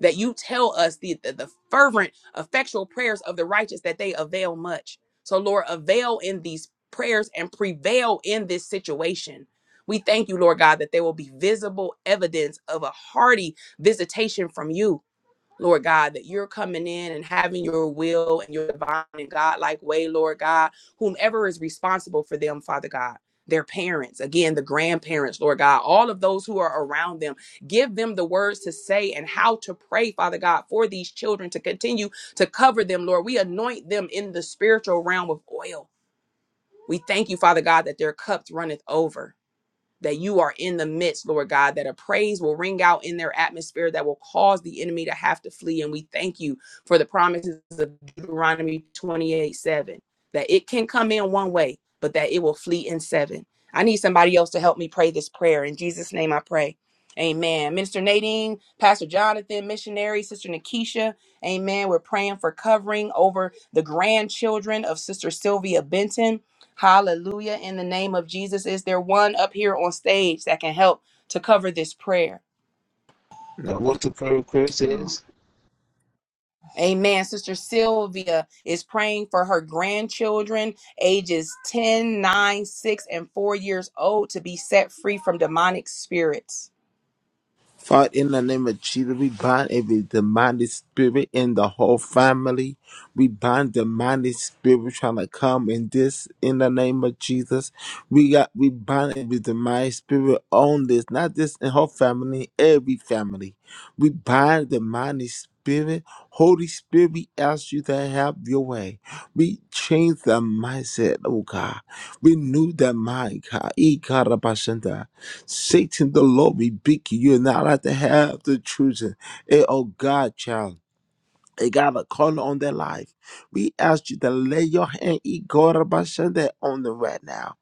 F: that you tell us the, the, the fervent, effectual prayers of the righteous that they avail much. So, Lord, avail in these prayers and prevail in this situation. We thank you, Lord God, that there will be visible evidence of a hearty visitation from you Lord God, that you're coming in and having your will and your divine and God-like way, Lord God, whomever is responsible for them, Father God, their parents, again, the grandparents, Lord God, all of those who are around them, give them the words to say and how to pray, Father God, for these children to continue to cover them, Lord. We anoint them in the spiritual realm with oil. We thank you, Father God, that their cups runneth over that you are in the midst, Lord God, that a praise will ring out in their atmosphere that will cause the enemy to have to flee. And we thank you for the promises of Deuteronomy 28 7, that it can come in one way, but that it will flee in seven. I need somebody else to help me pray this prayer. In Jesus' name I pray. Amen. Minister Nadine, Pastor Jonathan, missionary, Sister Nakisha, Amen. We're praying for covering over the grandchildren of Sister Sylvia Benton. Hallelujah. In the name of Jesus, is there one up here on stage that can help to cover this prayer? Amen. Sister Sylvia is praying for her grandchildren, ages ten, nine, 6, and 4 years old, to be set free from demonic spirits.
D: Father, in the name of Jesus, we bind every demonic spirit in the whole family. We bind demonic spirit trying to come in this in the name of Jesus. We got we bind every demonic spirit on this, not just in whole family, every family. We bind the demonic spirit. Holy Spirit, we ask you to have your way. We change the mindset, oh God. Renew the mind, God. Satan, the Lord rebuke you. You're not allowed to have the children. Hey, oh God, child. They got a call on their life. We ask you to lay your hand Ikorabashande, on them right now.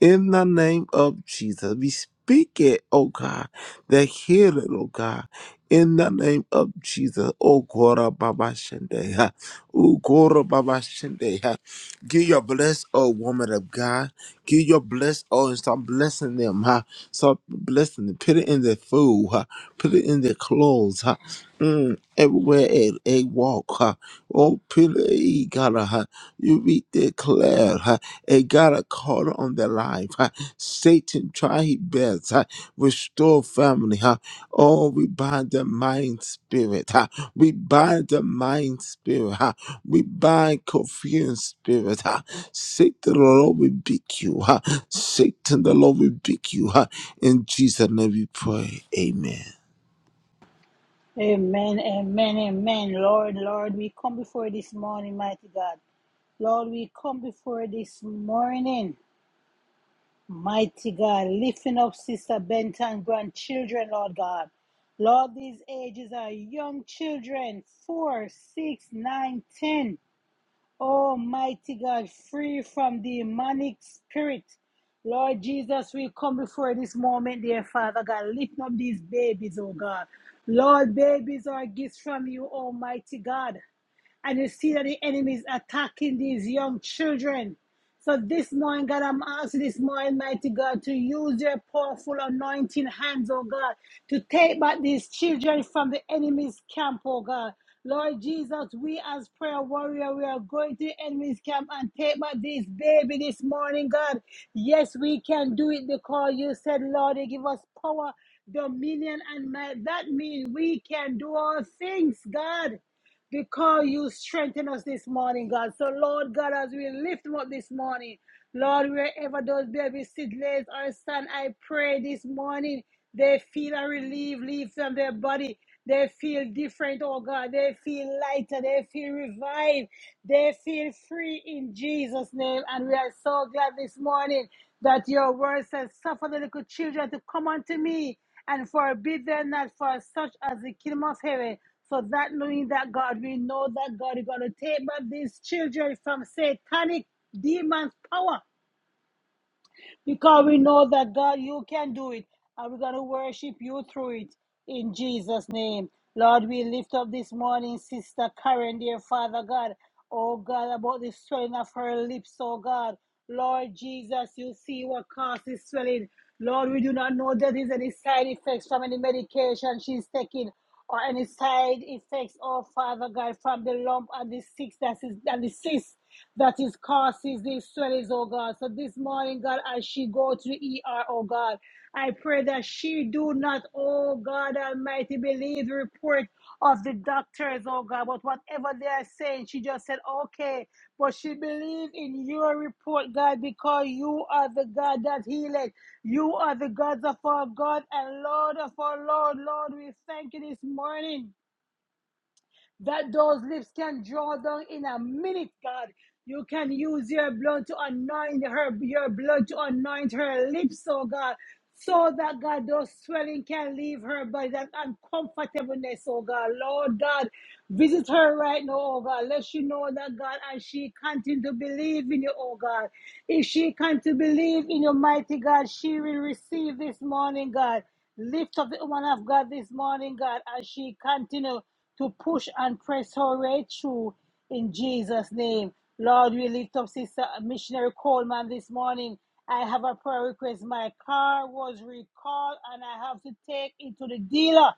D: In the name of Jesus, we speak it, oh God, the healing, oh God. In the name of Jesus, oh Korabashande, oh Korabashande. Give your bless, oh woman of God. Give your bless, oh, and start blessing them, huh? Start blessing them. Put it in their food, huh? Put it in their clothes, huh? Mm, everywhere at a walk, huh? oh pillar, eh, got uh, huh? you be declared, huh? a got a call on their life. Huh? Satan try his best, huh? restore family. Huh? Oh, we bind the mind spirit. Huh? We bind the mind spirit. Huh? We bind confused spirit. Huh? Satan, the Lord rebuke you. Huh? Satan, the Lord rebuke you. Huh? In Jesus' name we pray. Amen.
A: Amen, amen, amen. Lord, Lord, we come before this morning, mighty God. Lord, we come before this morning, mighty God, lifting up Sister Benton grandchildren, Lord God. Lord, these ages are young children, four, six, nine, ten. Oh mighty God, free from demonic spirit. Lord Jesus, we come before this moment, dear Father God. Lift up these babies, oh God. Lord, babies are gifts from you, Almighty God and you see that the enemy is attacking these young children. So this morning, God, I'm asking this morning, mighty God, to use your powerful anointing hands, oh God, to take back these children from the enemy's camp, oh God. Lord Jesus, we as prayer warrior, we are going to the enemy's camp and take back this baby this morning, God. Yes, we can do it because you said, Lord, you give us power, dominion, and might. That means we can do all things, God because you strengthen us this morning, God. So, Lord God, as we lift them up this morning, Lord, wherever those babies sit, lays or stand, I pray this morning they feel a relief leave from their body. They feel different, oh God. They feel lighter. They feel revived. They feel free in Jesus' name. And we are so glad this morning that your word says, Suffer the little children to come unto me and forbid them not for such as the kingdom of heaven. So that knowing that God, we know that God is going to take back these children from satanic demons' power because we know that God, you can do it, and we're going to worship you through it in Jesus' name. Lord, we lift up this morning, Sister Karen, dear Father God. Oh God, about the swelling of her lips, oh God. Lord Jesus, you see what causes swelling. Lord, we do not know there is any side effects from any medication she's taking or any side effects, oh Father God, from the lump and the cyst that is and the cyst that is causes these swells, oh God. So this morning, God, as she go to the ER, oh God, I pray that she do not, oh God Almighty, believe the report of the doctors, oh God. But whatever they are saying, she just said, okay. But she believe in your report, God, because you are the God that healeth. You are the God of our God and Lord of our Lord. Lord, we thank you this morning that those lips can draw down in a minute, God. You can use your blood to anoint her, your blood to anoint her lips, oh God, so that God, those swelling can leave her body, that uncomfortableness, oh God. Lord God, visit her right now, oh God. Let she know that God, and she continue to believe in you, oh God. If she continue to believe in you, mighty God, she will receive this morning, God. Lift up the woman of God this morning, God, as she continue to push and press her way through in Jesus' name. Lord, we lift up Sister Missionary Coleman this morning. I have a prayer request. My car was recalled and I have to take it to the dealer.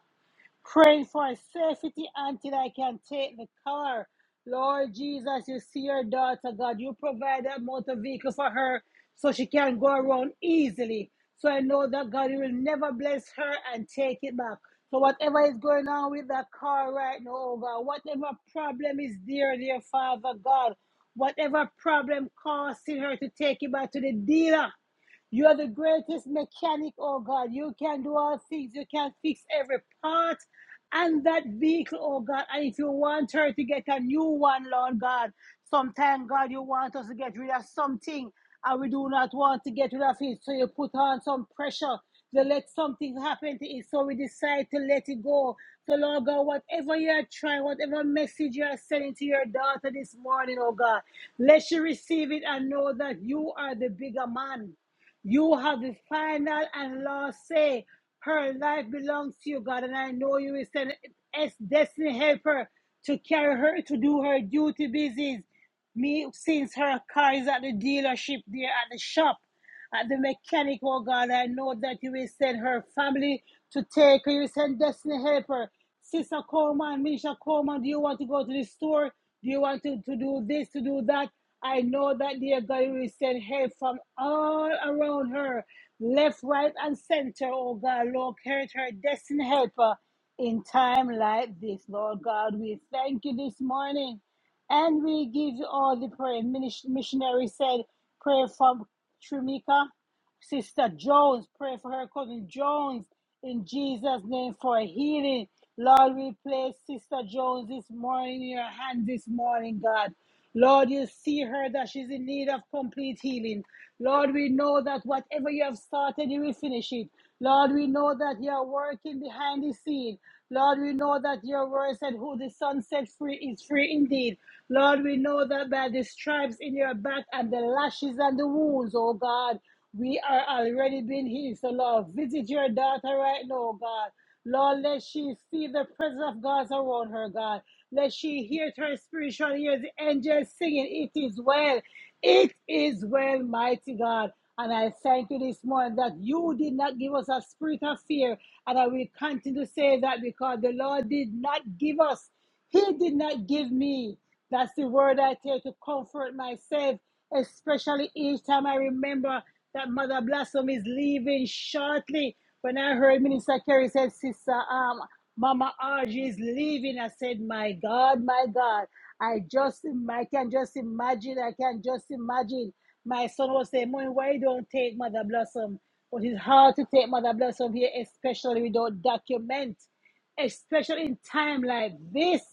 A: Pray for safety until I can take the car. Lord Jesus, you see your daughter, God. You provide that motor vehicle for her so she can go around easily. So I know that God, you will never bless her and take it back. So whatever is going on with that car right now, oh God, whatever problem is there, dear Father God, whatever problem causing her to take it back to the dealer. You are the greatest mechanic, oh God. You can do all things. You can fix every part and that vehicle, oh God. And if you want her to get a new one, Lord God, sometimes, God, you want us to get rid of something and we do not want to get rid of it. So you put on some pressure to let something happen to it. So we decide to let it go. So, Lord God, whatever you are trying, whatever message you are sending to your daughter this morning, oh God, let she receive it and know that you are the bigger man. You have the final and last say. Her life belongs to you, God, and I know you will send S destiny helper to carry her to do her duty business. Me, since her car is at the dealership, there at the shop, at the mechanic, oh God, I know that you will send her family to take her. You will send Destiny Helper. Sister Coleman, Minister Coleman, do you want to go to the store? Do you want to, to do this, to do that? I know that, dear God, you will send help from all around her, left, right, and center, oh God. Lord, carry her Destiny Helper in time like this, Lord God. We thank you this morning. And we give you all the prayer. Minis- Missionary said, pray for Trumika. Sister Jones, pray for her cousin Jones in Jesus' name for healing. Lord, we place Sister Jones this morning in your hands this morning, God. Lord, you see her that she's in need of complete healing. Lord, we know that whatever you have started, you will finish it. Lord, we know that you are working behind the scene. Lord, we know that your word said, Who the Son set free is free indeed. Lord, we know that by the stripes in your back and the lashes and the wounds, oh God, we are already being healed. So, Lord, visit your daughter right now, oh God. Lord, let she see the presence of God around her, God. Let she hear her spiritual ears, the angels singing, It is well. It is well, mighty God. And I thank you this morning that you did not give us a spirit of fear. And I will continue to say that because the Lord did not give us, He did not give me. That's the word I take to comfort myself, especially each time I remember that Mother Blossom is leaving shortly. When I heard Minister Kerry said, Sister, um, Mama Argy is leaving, I said, My God, my God. I just, I can just imagine, I can just imagine. My son was saying, Mommy, why you don't take Mother Blossom? But it's hard to take Mother Blossom here, especially without document especially in time like this.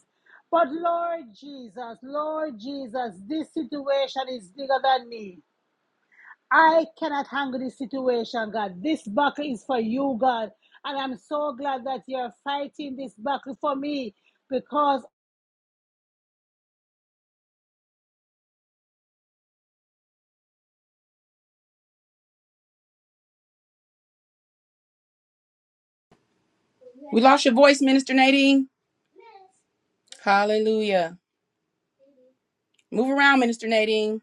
A: But Lord Jesus, Lord Jesus, this situation is bigger than me. I cannot handle this situation, God. This battle is for you, God. And I'm so glad that you're fighting this battle for me because.
F: We lost your voice, Minister Nadine. Hallelujah. Move around, Minister Nadine.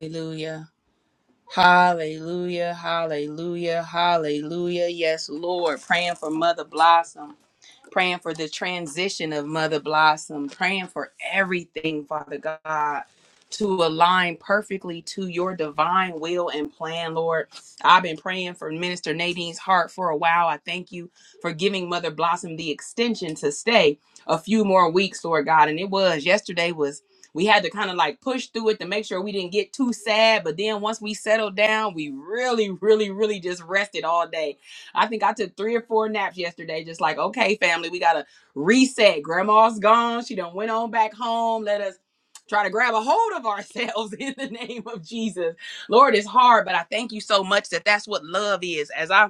F: Hallelujah. Hallelujah. Hallelujah. Hallelujah. Yes, Lord. Praying for Mother Blossom. praying for the transition of Mother Blossom, praying for everything, Father God, to align perfectly to your divine will and plan, Lord. I've been praying for Minister Nadine's heart for a while. I thank you for giving Mother Blossom the extension to stay a few more weeks, Lord God. And it was yesterday was we had to kind of like push through it to make sure we didn't get too sad. But then once we settled down, we really, really, really just rested all day I think I took three or four naps yesterday, just like, okay, family, we gotta reset. Grandma's gone. She done went on back home. Let us try to grab a hold of ourselves (laughs) in the name of Jesus. Lord, it's hard, but I thank you so much that that's what love is. As I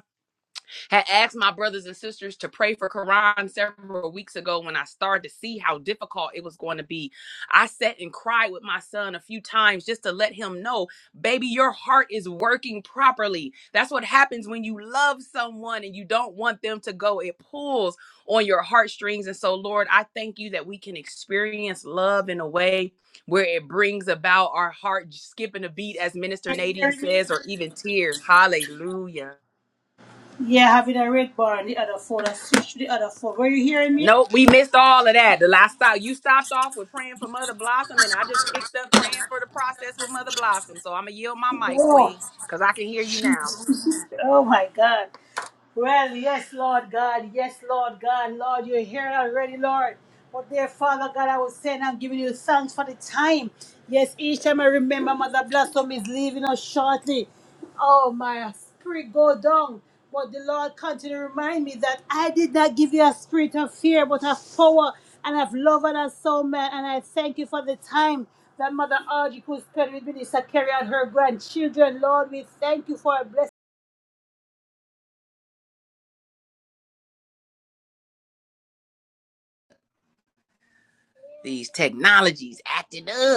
F: had asked my brothers and sisters to pray for Quran several weeks ago when I started to see how difficult it was going to be. I sat and cried with my son a few times just to let him know baby your heart is working properly that's what happens when you love someone and you don't want them to go it pulls on your heartstrings and so lord i thank you that we can experience love in a way where it brings about our heart skipping a beat as minister
A: Are you
F: nadine
A: hearing me?
F: says or even tears hallelujah
A: Yeah, having a red bar on the other phone. I switched to the other phone. Were you hearing me?
F: Nope, we missed all of that. The last time you stopped off with praying for Mother Blossom, and I just picked up praying for the process with Mother Blossom. So I'm gonna yield my mic, Queen, because I can hear you now.
A: Oh my God. Well, yes, Lord God. Yes, Lord God. Lord, you're here already, Lord. But dear Father God, I was saying I'm giving you thanks for the time. Yes, each time I remember Mother Blossom is leaving us shortly. Oh, my spirit go down. But the Lord continue to remind me that I did not give you a spirit of fear, but of power and of love and of soul, man. And I thank you for the time that Mother Audrey could spend with Minister Carrie and her grandchildren. Lord, we thank you for a blessing.
F: These technologies acting up.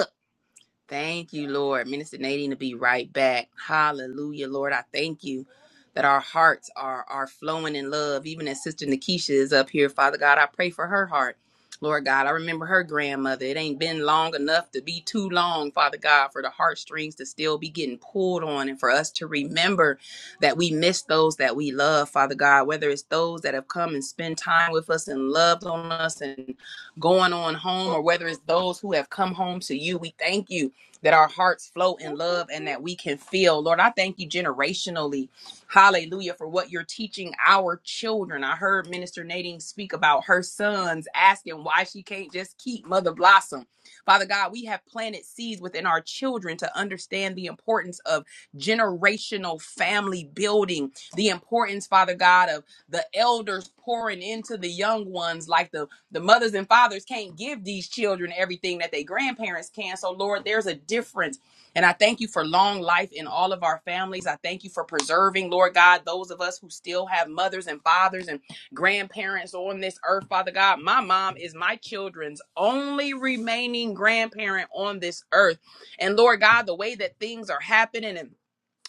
F: Thank you, Lord. Minister Nadine to be right back. Hallelujah, Lord. I thank you that our hearts are are flowing in love. Even as Sister Nakisha is up here, Father God, I pray for her heart. Lord God, I remember her grandmother. It ain't been long enough to be too long, Father God, for the heartstrings to still be getting pulled on and for us to remember that we miss those that we love, Father God, whether it's those that have come and spent time with us and loved on us and going on home, or whether it's those who have come home to you. We thank you that our hearts flow in love and that we can feel. Lord, I thank you generationally. Hallelujah for what you're teaching our children. I heard Minister Nadine speak about her sons asking why she can't just keep Mother Blossom. Father God, we have planted seeds within our children to understand the importance of generational family building, the importance, Father God, of the elders pouring into the young ones like the the mothers and fathers can't give these children everything that they grandparents can. So, Lord, there's a difference. And I thank you for long life in all of our families. I thank you for preserving, Lord God, those of us who still have mothers and fathers and grandparents on this earth, Father God. My mom is my children's only remaining grandparent on this earth. And Lord God, the way that things are happening and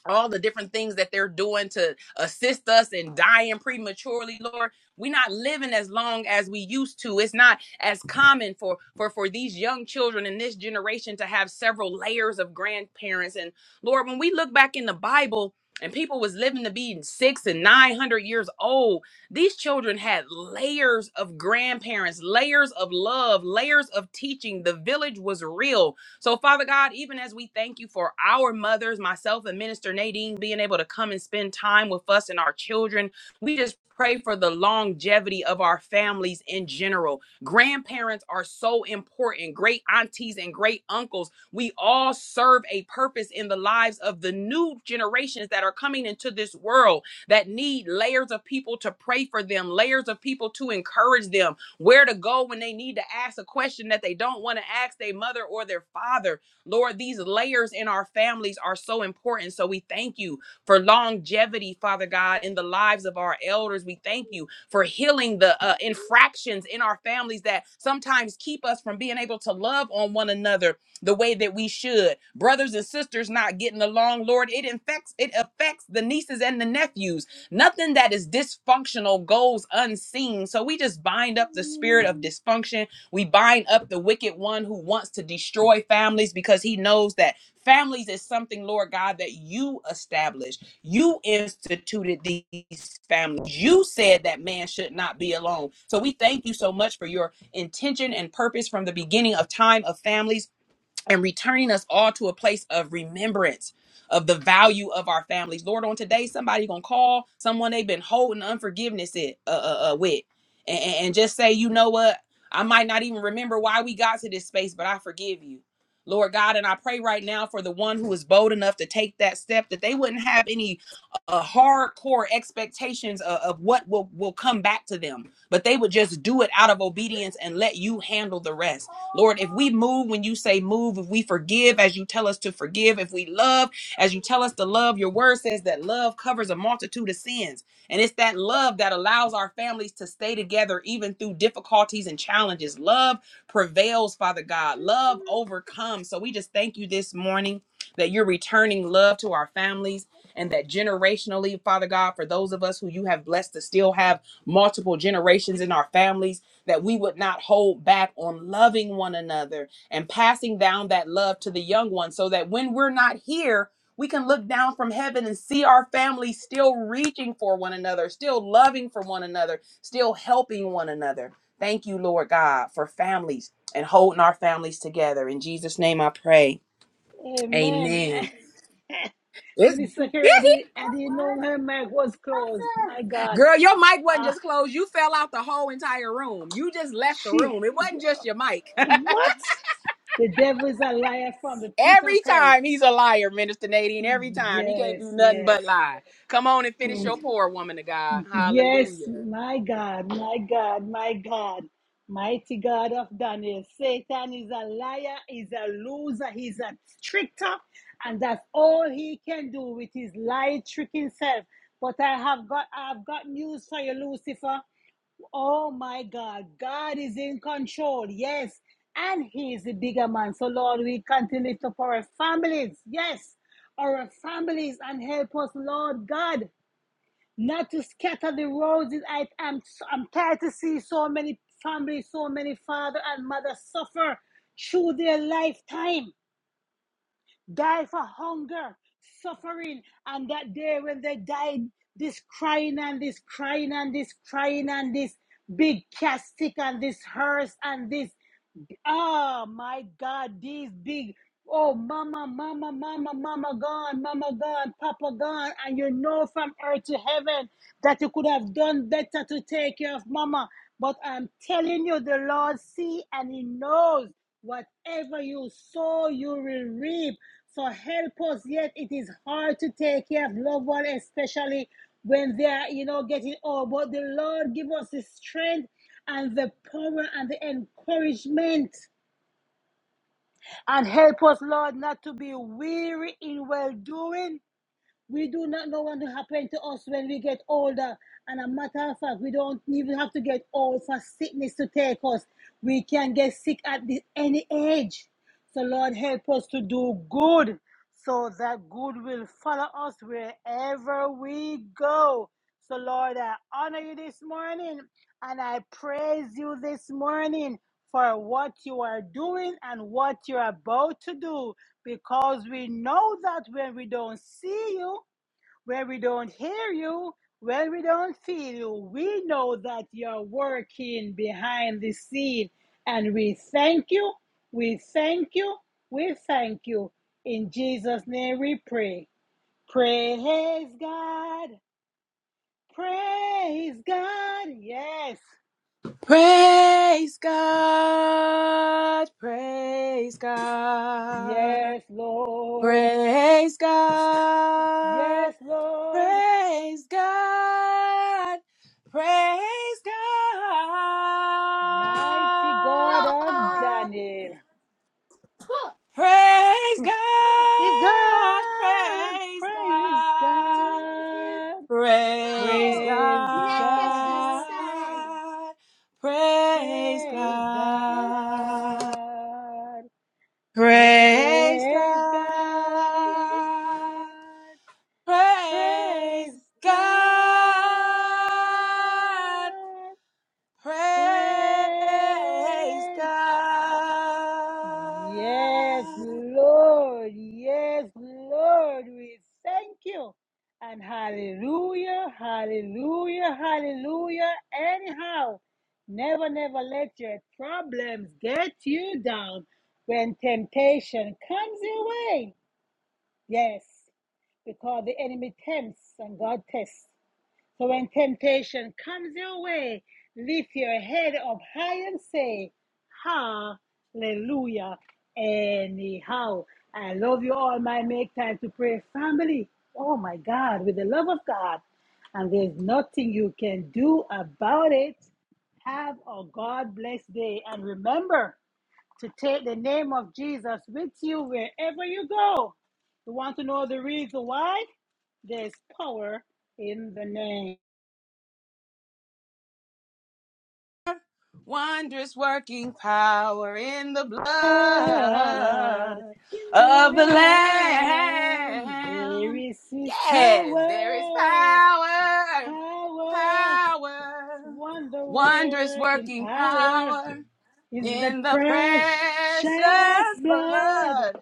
F: all the different things that they're doing to assist us in dying prematurely lord we're not living as long as we used to it's not as common for for for these young children in this generation to have several layers of grandparents and lord when we look back in the bible and people was living to be six and nine hundred years old these children had layers of grandparents layers of love layers of teaching the village was real so, Father God, even as we thank you for our mothers, myself and Minister Nadine being able to come and spend time with us and our children, we just pray for the longevity of our families in general. Grandparents are so important, great aunties and great uncles. We all serve a purpose in the lives of the new generations that are coming into this world that need layers of people to pray for them, layers of people to encourage them, where to go when they need to ask a question that they don't want to ask their mother or their father. Lord, these layers in our families are so important. So we thank you for longevity, Father God, in the lives of our elders. We thank you for healing the uh, infractions in our families that sometimes keep us from being able to love on one another the way that we should. Brothers and sisters not getting along, Lord, it infects, it affects the nieces and the nephews Nothing that is dysfunctional goes unseen. So we just bind up the spirit of dysfunction. We bind up the wicked one who wants to destroy families because he knows that families is something, Lord God, that you established. You instituted these families. You said that man should not be alone. So we thank you so much for your intention and purpose from the beginning of time of families and returning us all to a place of remembrance of the value of our families. Lord, on today, somebody gonna call someone they've been holding unforgiveness it, uh, uh, uh, with, and, and and just say, you know what? I might not even remember why we got to this space, but I forgive you. Lord God, and I pray right now for the one who is bold enough to take that step, that they wouldn't have any uh, hardcore expectations of, of what will, will come back to them, but they would just do it out of obedience and let you handle the rest. Lord, if we move when you say move, if we forgive as you tell us to forgive, if we love as you tell us to love, your word says that love covers a multitude of sins. And it's that love that allows our families to stay together even through difficulties and challenges. Love prevails, Father God. Love overcomes. So we just thank you this morning that you're returning love to our families and that generationally, Father God, for those of us who you have blessed to still have multiple generations in our families that we would not hold back on loving one another and passing down that love to the young ones so that when we're not here, we can look down from heaven and see our family still reaching for one another, still loving for one another, still helping one another. Thank you, Lord God, for families and holding our families together. In Jesus' name I pray.
A: Amen. (laughs)
F: Amen. It's,
A: Minister Kerry, I,
F: yeah,
A: did, I didn't know her mic was closed. My God.
F: girl, your mic wasn't
A: Ah,
F: just closed. You fell out the whole entire room. You just left the
A: she.
F: room. It wasn't just your mic.
A: What? The devil is a liar from the pit of
F: Every
A: hell.
F: time he's a liar, Minister Nadine. Every time he can't
A: Yes,
F: do nothing
A: yes.
F: but lie. Come on and finish your
A: Mm.
F: poor woman of God.
A: Yes,
F: Hallelujah.
A: my God, my God, my God. Mighty God of Daniel. Satan is a liar, he's a loser, he's a trickster, and that's all he can do with his lie tricking self. But I have got I've got news for you, Lucifer. Oh my God, God is in control. Yes, and He is the bigger man. So, Lord, we continue to for our families. Yes, our families and help us, Lord God, not to scatter the roses. I, I'm, I'm tired to see so many families, so many father and mother suffer through their lifetime die for hunger, suffering, and that day when they died, this crying and this crying and this crying and this big casket and this hearse and this Oh my God, these big. Oh, mama, mama, mama, mama gone, mama gone, papa gone. And you know from earth to heaven that you could have done better to take care of mama. But I'm telling you, the Lord see and He knows whatever you sow, you will reap. So help us. Yet it is hard to take care of loved ones, especially when they are, you know, getting old. But the Lord give us the strength and the power and the encouragement and help us, Lord, not to be weary in well doing. We do not know what will happen to us when we get older. And a matter of fact, we don't even have to get old for sickness to take us. We can get sick at the, any age. So, Lord, help us to do good so that good will follow us wherever we go. So, Lord, I honor you this morning and I praise you this morning for what you are doing and what you're about to do because we know that when we don't see you, when we don't hear you, when we don't feel you, we know that you're working behind the scene. And we thank you, we thank you, we thank you. In Jesus' name we pray. Praise God. Praise God. Yes.
F: Praise God. Praise God.
A: Yes, Lord.
F: Praise God.
A: Yes, Lord.
F: Praise God. Praise
A: Mighty God of
F: God.
A: Daniel.
F: Praise
A: Praise God.
F: God. Praise
A: Praise God.
F: God. Praise
A: Praise God,
F: God. Praise
A: praise
F: God. Praise God.
A: God,
F: Praise
A: praise
F: God.
A: God, praise God,
F: Praise
A: praise Yes,
F: God.
A: Lord. Yes, Lord. We thank you. And hallelujah, hallelujah, hallelujah. Anyhow, never, never let your problems get you down when temptation comes your way. Yes, because the enemy tempts and God tests. So when temptation comes your way, lift your head up high and say, Hallelujah. Anyhow, I love you all, my make time to pray family. Oh my God, with the love of God. And there's nothing you can do about it. Have a God blessed day. And remember to take the name of Jesus with you wherever you go. You want to know the reason why? There's power in the name.
F: Wondrous working power in the
A: God,
F: blood
A: the
F: of the
A: Lamb, there
F: Lamb.
A: is His
F: Yes, there is
A: power,
F: power,
A: power,
F: power,
A: wonder
F: wondrous
A: working
F: working
A: power
F: power
A: in the
F: in the
A: precious
F: precious
A: blood
F: blood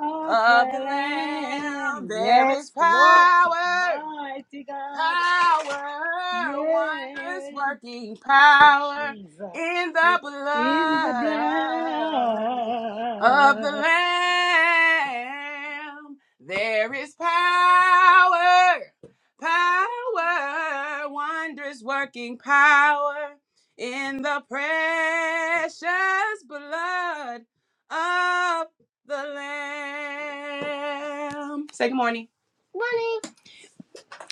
A: of the
F: of the Lamb.
A: Lamb.
F: There
A: Yes,
F: is
A: Lord,
F: power
A: mighty God,
F: power, wondrous
A: yes,
F: working power
A: Jesus,
F: in the
A: in the
F: blood of the
A: blood.
F: Lamb. There is power, power, wondrous working power in the precious blood of the Lamb. Say good morning.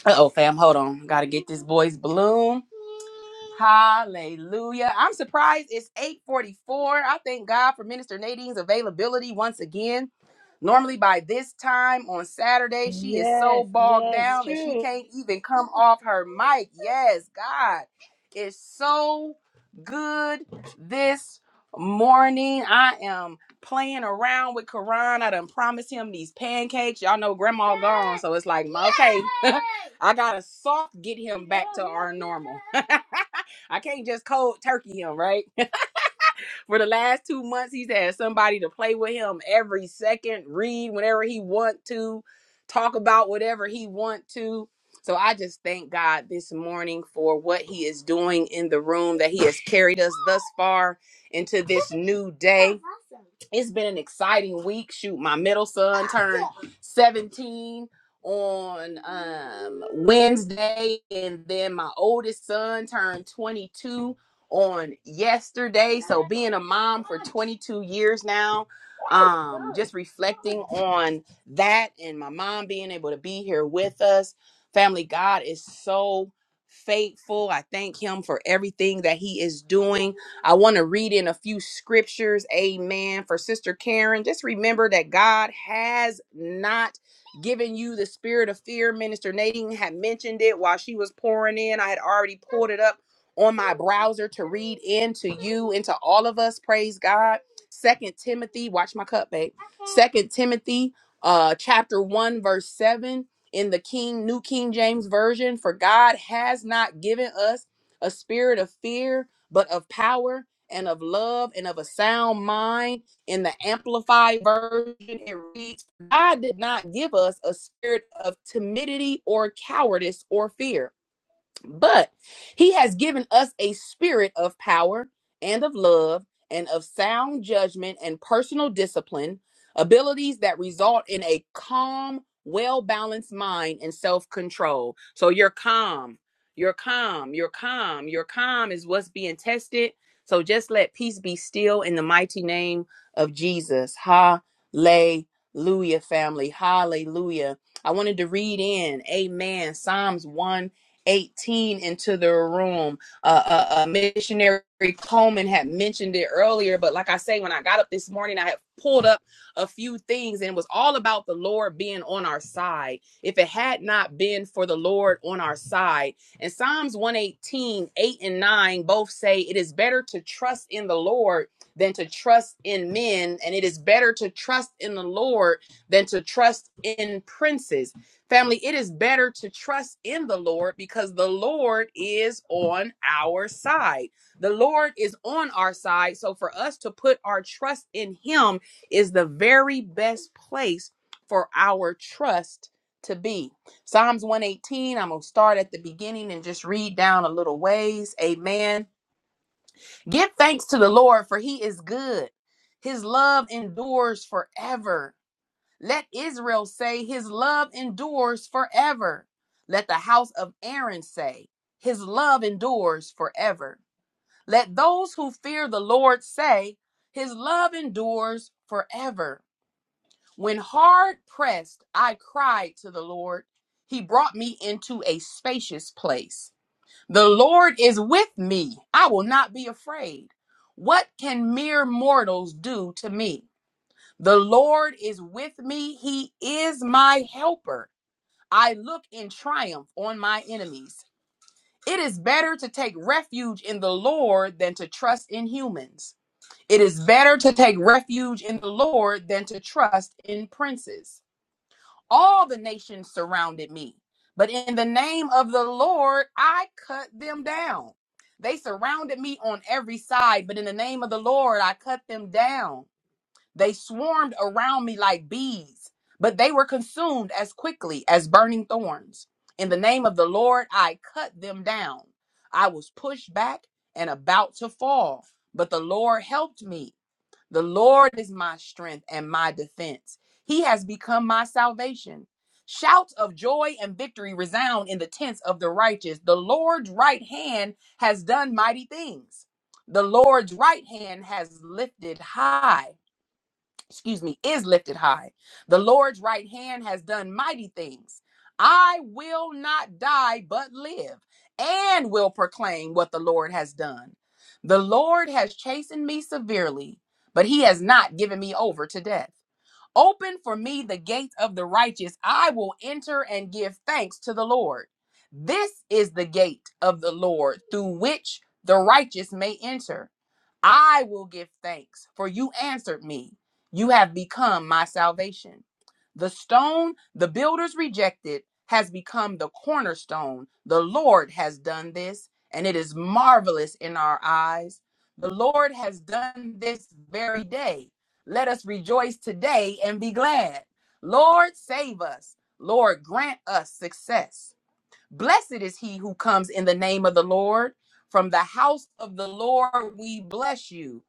F: Uh oh, fam, hold on. Gotta get this boy's balloon. Hallelujah. I'm surprised it's 844. I thank God for Minister Nadine's availability once again. Normally, by this time on Saturday, she is so
A: Yes,
F: bogged
A: yes,
F: down that she
A: true.
F: can't even come off her mic. Yes, God, it's so good this morning. I am playing around with Karan. I done promised him these pancakes. Y'all know Grandma gone, so it's like, okay, (laughs) I gotta soft get him back to our normal. (laughs) I can't just cold turkey him, right? For the last two months, he's had somebody to play with him every second, read whenever he want to, talk about whatever he want to. So I just thank God this morning for what he is doing in the room that he has carried us thus far into this new day. It's been an exciting week. Shoot, my middle son turned 17 on um Wednesday and then my oldest son turned 22 on yesterday. So being a mom for 22 years now, um, just reflecting on that and my mom being able to be here with us. Family, God is so faithful. I thank him for everything that he is doing. I want to read in a few scriptures. Amen. For Sister Karen, just remember that God has not given you the spirit of fear. Minister Nadine had mentioned it while she was pouring in. I had already pulled it up on my browser to read into you into all of us praise god second timothy watch my cup babe second timothy uh chapter 1 verse 7 in the king new king james version for god has not given us a spirit of fear but of power and of love and of a sound mind in the amplified version it reads god did not give us a spirit of timidity or cowardice or fear but he has given us a spirit of power and of love and of sound judgment and personal discipline, abilities that result in a calm, well balanced mind and self control. So you're calm, you're calm, you're calm, you're calm is what's being tested. So just let peace be still in the mighty name of Jesus. Hallelujah, family. Hallelujah. I wanted to read in, amen, Psalms 1. 18 into the room. Uh, uh, uh, missionary Coleman had mentioned it earlier, but like I say, when I got up this morning, I had pulled up a few things and it was all about the Lord being on our side. If it had not been for the Lord on our side, and Psalms 118, 8 and 9 both say it is better to trust in the Lord than to trust in men, and it is better to trust in the Lord than to trust in princes. Family, it is better to trust in the Lord because the Lord is on our side. The Lord is on our side. So for us to put our trust in Him is the very best place for our trust to be. Psalms 118, I'm going to start at the beginning and just read down a little ways. Amen. Give thanks to the Lord for He is good, His love endures forever. Let Israel say, His love endures forever. Let the house of Aaron say, His love endures forever. Let those who fear the Lord say, His love endures forever. When hard pressed, I cried to the Lord. He brought me into a spacious place. The Lord is with me. I will not be afraid. What can mere mortals do to me? The Lord is with me. He is my helper. I look in triumph on my enemies. It is better to take refuge in the Lord than to trust in humans. It is better to take refuge in the Lord than to trust in princes. All the nations surrounded me, but in the name of the Lord, I cut them down. They surrounded me on every side, but in the name of the Lord, I cut them down. They swarmed around me like bees, but they were consumed as quickly as burning thorns. In the name of the Lord, I cut them down. I was pushed back and about to fall, but the Lord helped me. The Lord is my strength and my defense. He has become my salvation. Shouts of joy and victory resound in the tents of the righteous. The Lord's right hand has done mighty things. The Lord's right hand has lifted high excuse me, is lifted high. The Lord's right hand has done mighty things. I will not die, but live and will proclaim what the Lord has done. The Lord has chastened me severely, but he has not given me over to death. Open for me the gates of the righteous. I will enter and give thanks to the Lord. This is the gate of the Lord through which the righteous may enter. I will give thanks, for you answered me. You have become my salvation. The stone the builders rejected has become the cornerstone. The Lord has done this, and it is marvelous in our eyes. The Lord has done this very day. Let us rejoice today and be glad. Lord, save us. Lord, grant us success. Blessed is he who comes in the name of the Lord. From the house of the Lord we bless you.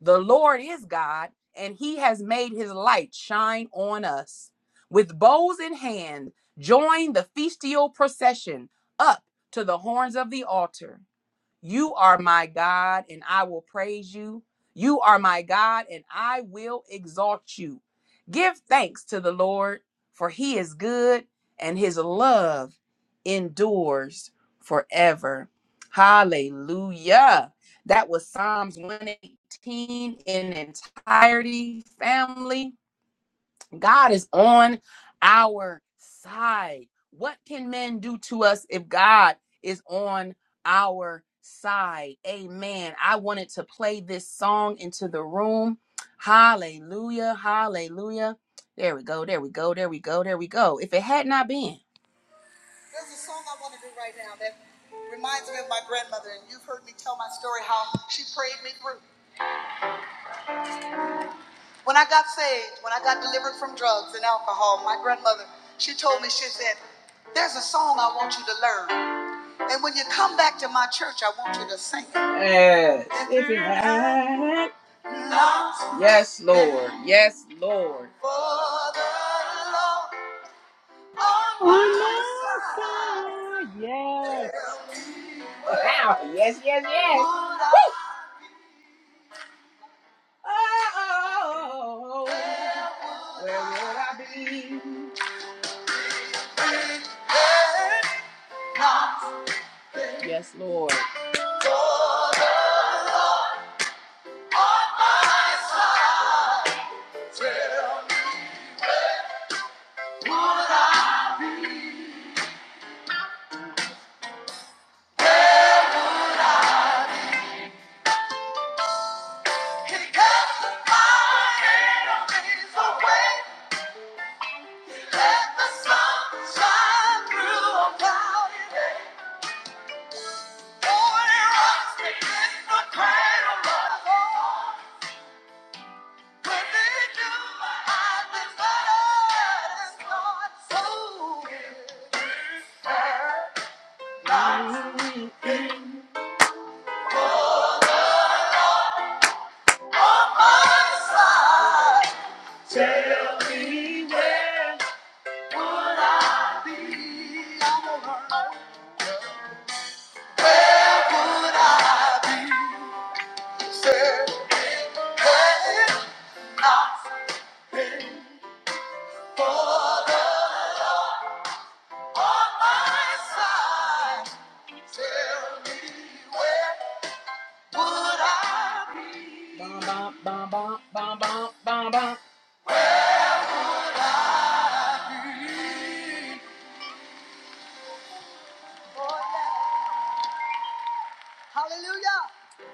F: The Lord is God, and he has made his light shine on us. With bowls in hand, join the festal procession up to the horns of the altar. You are my God, and I will praise you. You are my God, and I will exalt you. Give thanks to the Lord, for he is good, and his love endures forever. Hallelujah. That was Psalms 118 in entirety, family. God is on our side. What can men do to us if God is on our side? Amen. I wanted to play this song into the room. Hallelujah. Hallelujah. There we go. There we go. There we go. There we go. If it had not been. There's a song I want to do right now that reminds me of my grandmother, and you've heard me tell my story how she prayed me through. When I got saved, when I got delivered from drugs and alcohol, my grandmother, she told me, she said, There's a song I want you to learn. And when you come back to my church, I want you to sing it. Yes. If you had not Yes, Lord. Yes, Lord. For the Lord on
A: On
F: my
A: my
F: side.
A: side, yes.
F: Wow. Yes, yes, yes. Woo. Oh, yes, Lord. Tell me where would I be? Would I be saved?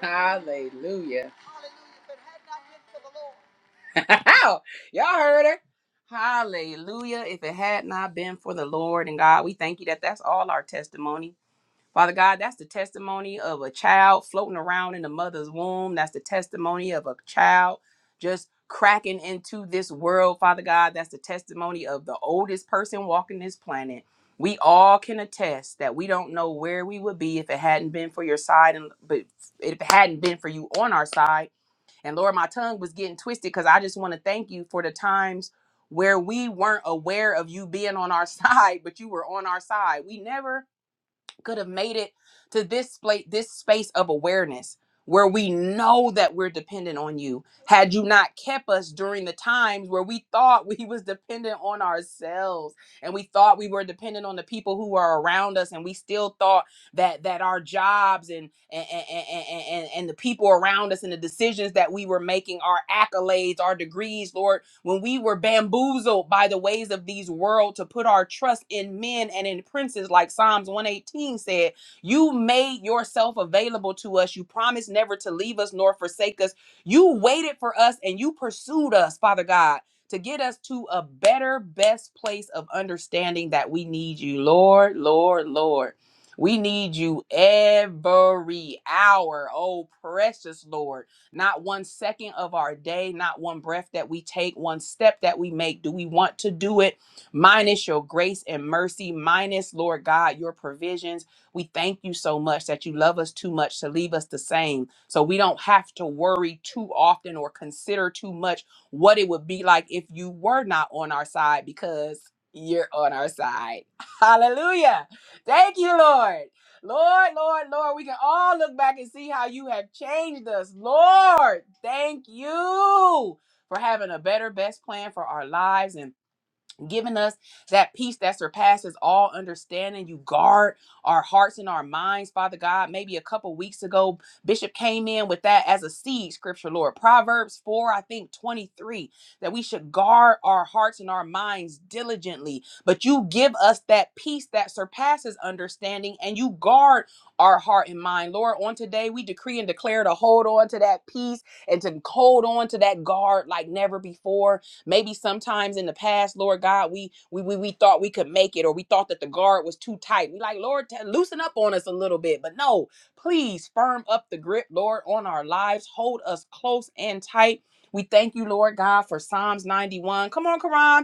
F: Hallelujah. Hallelujah. (laughs) Hallelujah. If it had not been for the Lord. (laughs) Y'all heard her. Hallelujah. If it had not been for the Lord and God, we thank you that that's all our testimony. Father God, that's the testimony of a child floating around in the mother's womb. That's the testimony of a child just cracking into this world, Father God. That's the testimony of the oldest person walking this planet. We all can attest that we don't know where we would be if it hadn't been for your side and but if it hadn't been for you on our side. And Lord, my tongue was getting twisted because I just want to thank you for the times where we weren't aware of you being on our (laughs) side, but you were on our side. We never could have made it to this place, this space of awareness where we know that we're dependent on you. Had you not kept us during the times where we thought we was dependent on ourselves and we thought we were dependent on the people who are around us and we still thought that that our jobs and and and, and, and and the people around us and the decisions that we were making, our accolades, our degrees, Lord, when we were bamboozled by the ways of these world to put our trust in men and in princes, like Psalms 118 said, you made yourself available to us. You promised never to leave us nor forsake us. You waited for us and you pursued us, Father God, to get us to a better, best place of understanding that we need you, Lord, Lord, Lord. We need you every hour, oh precious Lord. Not one second of our day, not one breath that we take, one step that we make. Do we want to do it? Minus your grace and mercy, minus, Lord God, your provisions. We thank you so much that you love us too much to leave us the same. So we don't have to worry too often or consider too much what it would be like if you were not on our side because you're on our side. (laughs) Hallelujah. Thank you, Lord. Lord, Lord, Lord, we can all look back and see how you have changed us. Lord, thank you for having a better, best plan for our lives. and giving us that peace that surpasses all understanding. You guard our hearts and our minds, Father God. Maybe a couple weeks ago, Bishop came in with that as a seed scripture, Lord. Proverbs 4, I think 23, that we should guard our hearts and our minds diligently. But you give us that peace that surpasses understanding, and you guard our heart and mind. Lord, on today, we decree and declare to hold on to that peace and to hold on to that guard like never before. Maybe sometimes in the past, Lord God, we we we, we thought we could make it or we thought that the guard was too tight. We like, Lord, t- loosen up on us a little bit. But no, please firm up the grip, Lord, on our lives. Hold us close and tight. We thank you, Lord God, for Psalms 91. Come on, Quran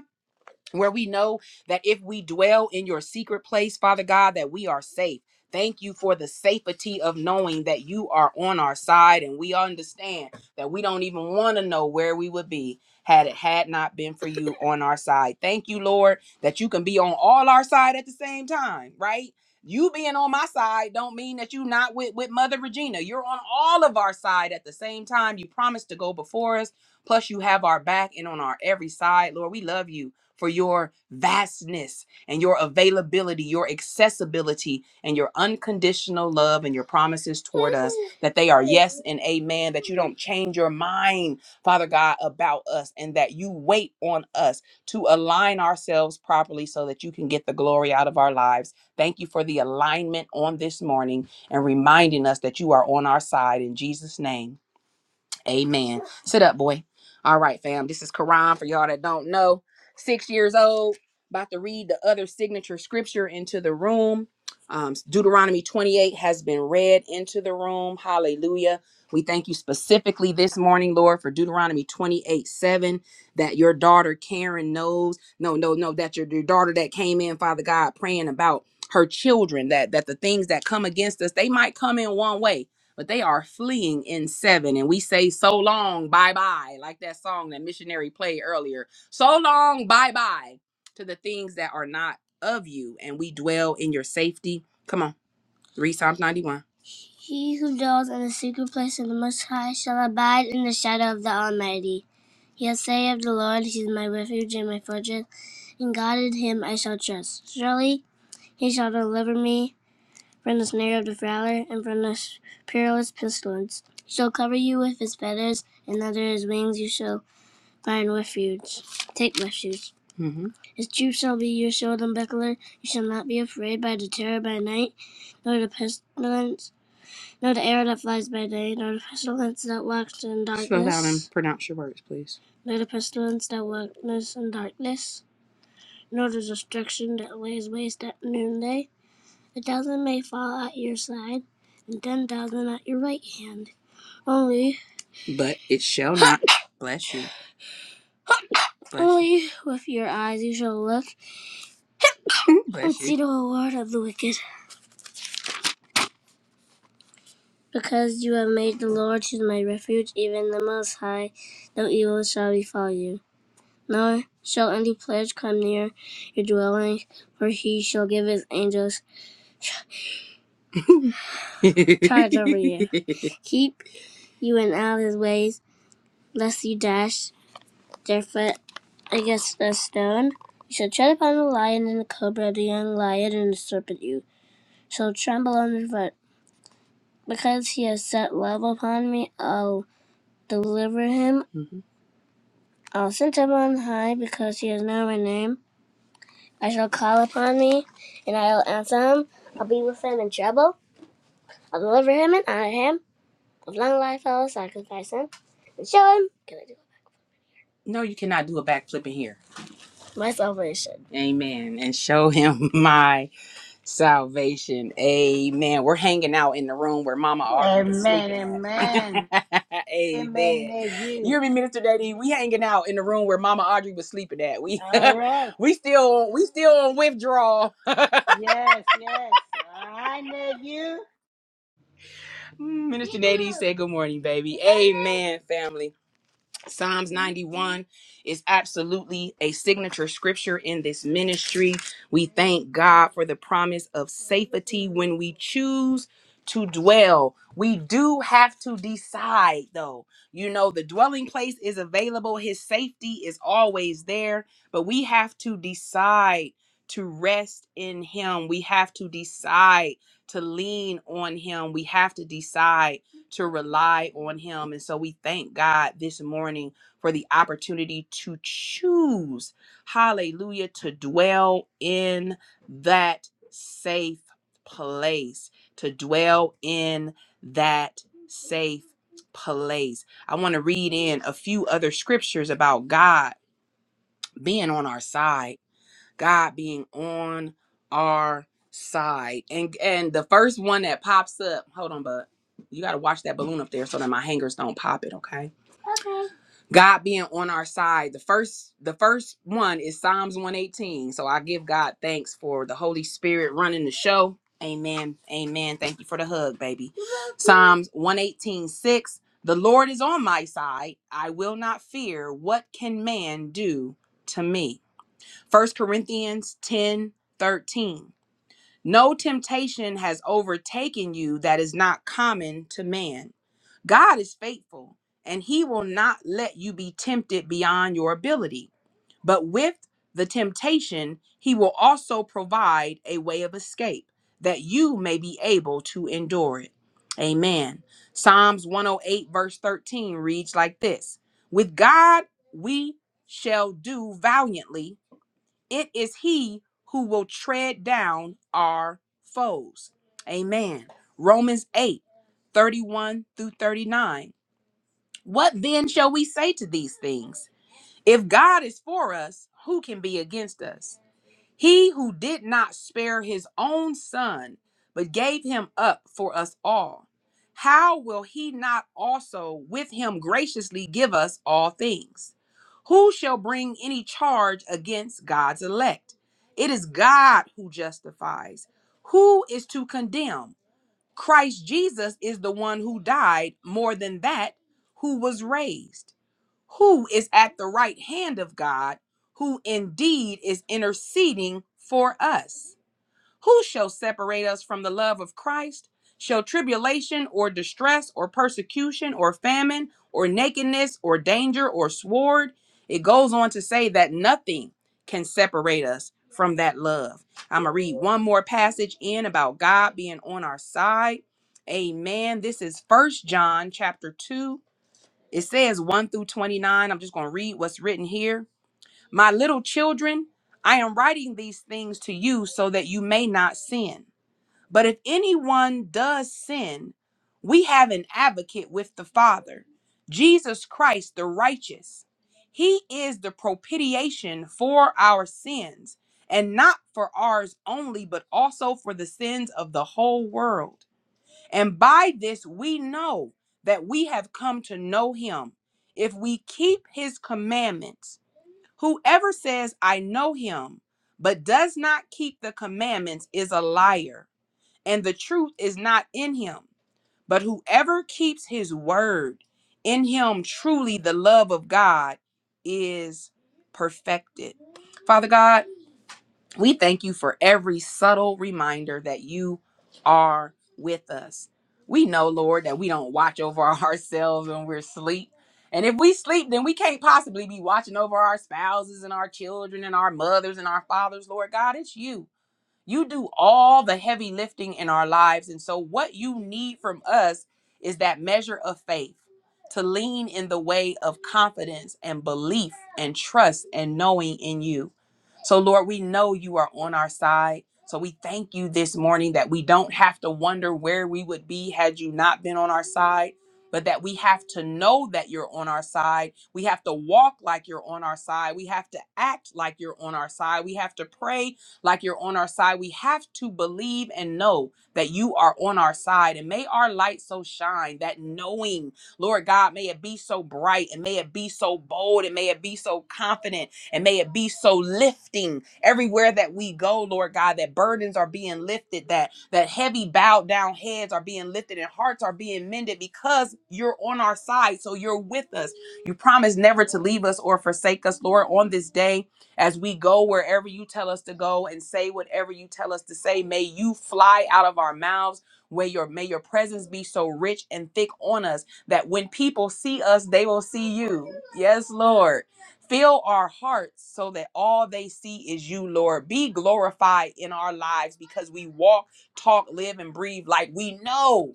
F: where we know that if we dwell in your secret place, Father God, that we are safe. Thank you for the safety of knowing that you are on our side and we understand that we don't even want to know where we would be had it had not been for you on our side. Thank you, Lord, that you can be on all our side at the same time, right? You being on my side don't mean that you're not with, with Mother Regina. You're on all of our side at the same time. You promised to go before us. Plus, you have our back and on our every side. Lord, we love you for your vastness and your availability, your accessibility, and your unconditional love and your promises toward us that they are yes and amen, that you don't change your mind, Father God, about us, and that you wait on us to align ourselves properly so that you can get the glory out of our lives. Thank you for the alignment on this morning and reminding us that you are on our side in Jesus' name. Amen. Sit up, boy. All right, fam. This is Quran for y'all that don't know. Six years old, about to read the other signature scripture into the room. Um, Deuteronomy 28 has been read into the room. Hallelujah. We thank you specifically this morning, Lord, for Deuteronomy 28 7, that your daughter Karen knows. No, no, no, that your, your daughter that came in, Father God, praying about her children, that that the things that come against us, they might come in one way but they are fleeing in seven. And we say, so long, bye bye, like that song that missionary played earlier. So long, bye bye to the things that are not of you, and we dwell in your safety. Come on, read Psalms 91. He who dwells in the secret place of the Most High shall abide in the shadow of the Almighty. He'll say of the Lord, He is my refuge and my fortress. In God in Him I shall trust. Surely He shall deliver me from his narrative valor, and from his perilous pestilence. He shall cover you with his feathers, and under his wings you shall find refuge. Take refuge. His troops shall be your shield and buckler. You shall not be afraid by the terror by night, nor the pestilence, nor the arrow that flies by day, nor the pestilence that walks in darkness. Slow down and produce. Nor the pestilence that walks in darkness, nor the destruction that lays waste at noonday. A thousand may fall at your side, and ten thousand at your right hand. Only, but it shall not. (coughs) (laughs) Bless you. Bless you. only you. with your eyes you shall look Bless and Bless see the reward of the wicked. Because you have made the Lord, who is my refuge, even the Most High, no evil shall befall you. Nor shall any pledge come near your dwelling, for he shall give his angels charge (laughs) over you. Keep you in all his ways, lest you dash Japheth against the stone. You shall tread upon the lion and the cobra, the young lion and the serpent. You shall tremble under foot. Because he has set love upon me, I'll deliver him. Mhm. I'll send him on high because he has known my name. I shall call upon me, and I'll answer him. I'll be with him in trouble. I'll deliver him and honor him. With long life, I will sacrifice him and show him. Can I do it? No, you cannot do a backflip in here. My salvation. Amen. And show him (laughs) my Salvation. Amen. We're hanging out in the room where Mama Audrey was
A: Amen,
F: sleeping at. (laughs)
A: amen. Amen,
F: Amen. You
A: nephew.
F: hear me, Minister Daddy? We hanging out in the room where Mama Audrey was sleeping at. We
A: All right.
F: (laughs) we still we still on withdrawal.
A: Yes, yes. Hi, nephew.
F: Mm, Minister Daddy said good morning, baby. Amen, family. Psalms 91 is absolutely a signature scripture in this ministry. We thank God for the promise of safety when we choose to dwell. We do have to decide, though. You know, the dwelling place is available, His safety is always there, but we have to decide to rest in Him. We have to decide to lean on Him. We have to decide to rely on him. And so we thank God this morning for the opportunity to choose, hallelujah, to dwell in that safe place, to dwell in that safe place. I want to read in a few other scriptures about God being on our side God being on our side. And and the first one that pops up, hold on, bud. you gotta watch that balloon up there so that my hangers don't pop it, okay? God being on our side. The first the first one is Psalms 118. So I give God thanks for the Holy Spirit running the show. Amen. Amen. Thank you for the hug, baby. Psalms one eighteen six. The Lord is on my side. I will not fear. What can man do to me? First Corinthians 10 13. No temptation has overtaken you that is not common to man. God is faithful, and he will not let you be tempted beyond your ability. But with the temptation, he will also provide a way of escape that you may be able to endure it. Amen. Psalms 108, verse 13 reads like this With God we shall do valiantly it is he who will tread down our foes. Amen. Romans 8 31 through 39. What then shall we say to these things? If God is for us, who can be against us? He who did not spare his own son, but gave him up for us all, how will he not also with him graciously give us all things? Who shall bring any charge against God's elect? It is God who justifies. Who is to condemn? Christ Jesus is the one who died, more than that, who was raised who is at the right hand of God, who indeed is interceding for us. Who shall separate us from the love of Christ? Shall tribulation or distress or persecution or famine or nakedness or danger or sword? It goes on to say that nothing can separate us from that love. I'm going to read one more passage in about God being on our side. Amen. This is First John chapter 2 it says 1 through 29. I'm just going to read what's written here. My little children, I am writing these things to you so that you may not sin. But if anyone does sin, we have an advocate with the Father, Jesus Christ the righteous. He is the propitiation for our sins, and not for ours only, but also for the sins of the whole world. And by this we know that we have come to know him if we keep his commandments. Whoever says, I know him, but does not keep the commandments is a liar, and the truth is not in him. But whoever keeps his word, in him truly the love of God is perfected. Father God, we thank you for every subtle reminder that you are with us. We know, Lord, that we don't watch over (laughs) ourselves when we're asleep. And if we sleep, then we can't possibly be watching over our spouses and our children and our mothers and our fathers. Lord God, it's you. You do all the heavy lifting in our lives. And so, what you need from us is that measure of faith to lean in the way of confidence and belief and trust and knowing in you. So, Lord, we know you are on our side. So, we thank you this morning that we don't have to wonder where we would be had you not been on our side, but that we have to know that you're on our side. We have to walk like you're on our side. We have to act like you're on our side. We have to pray like you're on our side. We have to believe and know that you are on our side. And may our light so shine that knowing, Lord God, may it be so bright and may it be so bold and may it be so confident and may it be so lifting everywhere that we go, Lord God, that burdens are being lifted, that that heavy bowed down heads are being lifted and hearts are being mended because you're on our side. So you're with us. You promise never to leave us or forsake us, Lord, on this day as we go wherever you tell us to go and say whatever you tell us to say. May you fly out of our mouths. Where your may your presence be so rich and thick on us that when people see us, they will see you. Yes, Lord. Fill our hearts so that all they see is you, Lord. Be glorified in our lives because we walk, talk, live, and breathe like we know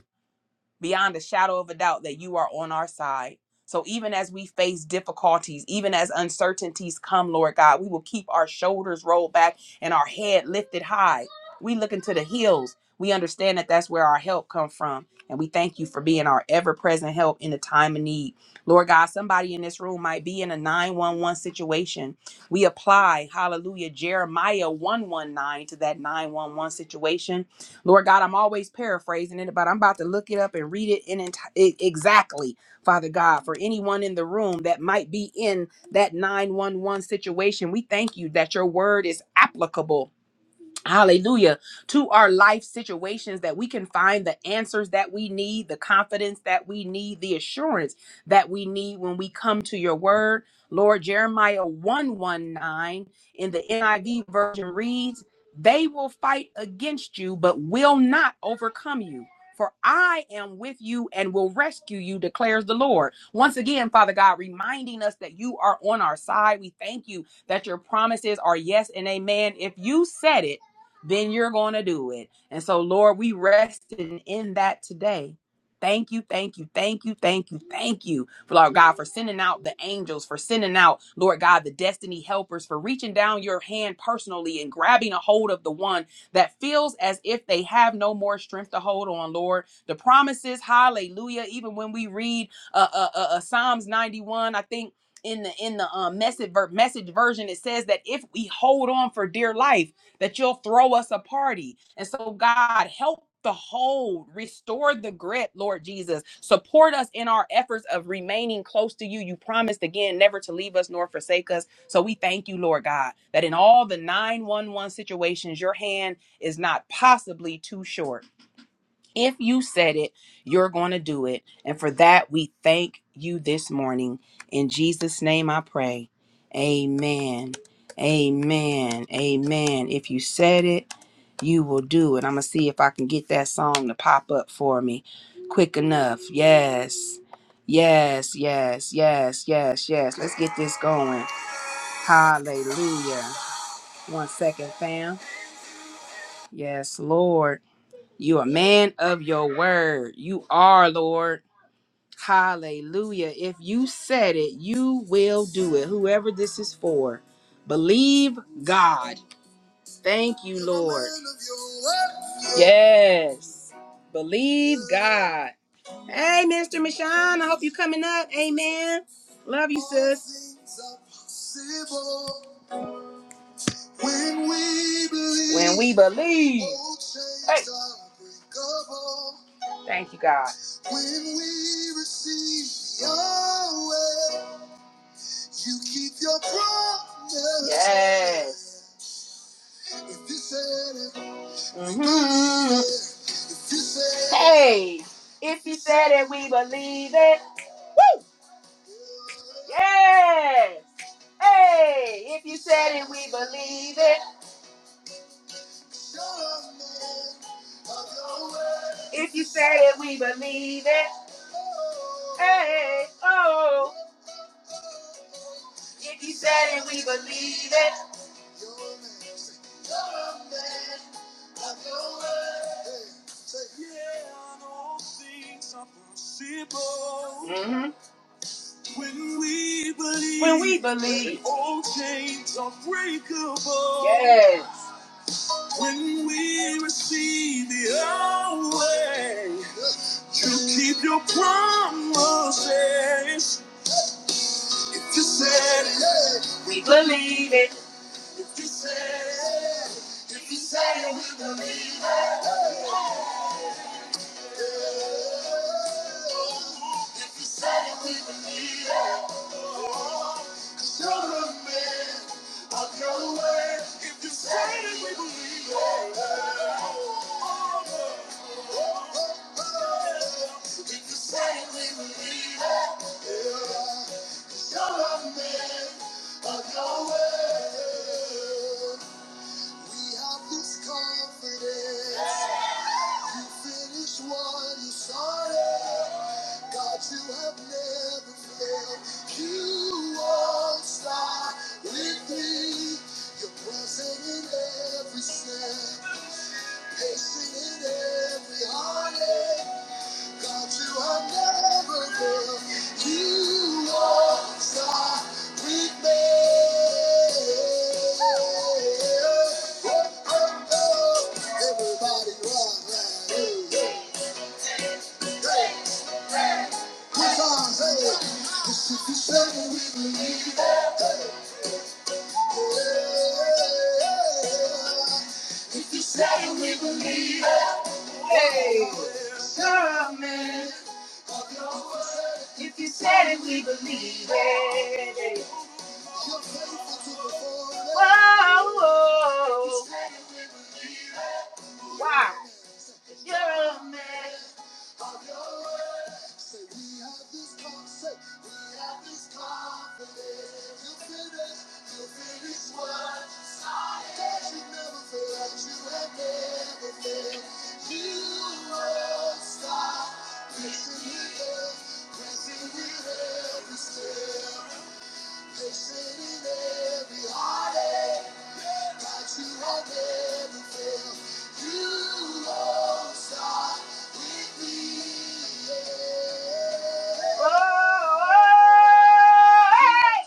F: beyond a shadow of a doubt that you are on our side. So even as we face difficulties, even as uncertainties come, Lord God, we will keep our shoulders rolled back and our head lifted high. We look into the hills. We understand that that's where our help comes from, and we thank you for being our ever-present help in the time of need. Lord God, somebody in this room might be in a 911 situation. We apply, hallelujah, Jeremiah 119 to that 911 situation Lord God, I'm always paraphrasing it, but I'm about to look it up and read it in enti- e- exactly, Father God, for anyone in the room that might be in that 911 situation. We thank you that your word is applicable hallelujah to our life situations that we can find the answers that we need the confidence that we need the assurance that we need when we come to your word lord jeremiah 119 in the niv version reads they will fight against you but will not overcome you for I am with you and will rescue you, declares the Lord. Once again, Father God, reminding us that you are on our side. We thank you that your promises are yes and amen. If you said it, then you're going to do it. And so, Lord, we rest in, in that today. Thank you, thank you, thank you, thank you, thank you, Lord God, for sending out the angels, for sending out, Lord God, the destiny helpers, for reaching down your hand personally and grabbing a hold of the one that feels as if they have no more strength to hold on, Lord. The promises, hallelujah, even when we read uh, uh, uh, uh, Psalms 91, I think in the in the um, message ver- message version it says that if we hold on for dear life that you'll throw us a party. And so, God, help the hold, restore the grip, Lord Jesus. Support us in our efforts of remaining close to you. You promised again never to leave us nor forsake us. So we thank you, Lord God, that in all the 911 situations, your hand is not possibly too short. If you said it, you're going to do it. And for that, we thank you this morning. In Jesus' name I pray. Amen. Amen. Amen. If you said it, you will do it. I'm going to see if I can get that song to pop up for me quick enough. Yes. Yes, yes, yes, yes, yes. Let's get this going. Hallelujah. One second, fam. Yes, Lord. You a man of your word. You are, Lord. Hallelujah. If you said it, you will do it. Whoever this is for, believe God. Thank you, Lord. Yes. Believe God. Hey, Mr. Michon, I hope you coming up. Amen. Love you, sis. When we believe, When we believe. Hey. Thank you, God. When we receive your way, you keep your promise. Yes. If you said it, mm-hmm. we hmm believe If you said Hey, if you said it, we believe it. Yes. Hey, if you said it, we believe it. If you say it, we believe it. Hey, oh. If you said it, we believe it. hmm When we believe, when we believe, all chains are breakable. Yes. When we receive your way, you keep your promises. If you said it, we believe it. If you said it, if you said it, we believe it. Yeah. You're a man of your word. We have this confidence. You finished what you started. God, you have never failed. You won't stop with me. You're present in every step, patient in every if you say we believe it. Hey, promise. If you said it, we believe it. Whoa, whoa. Wow. You're a man. You they said every heartache that you have ever felt, you start with me. Oh.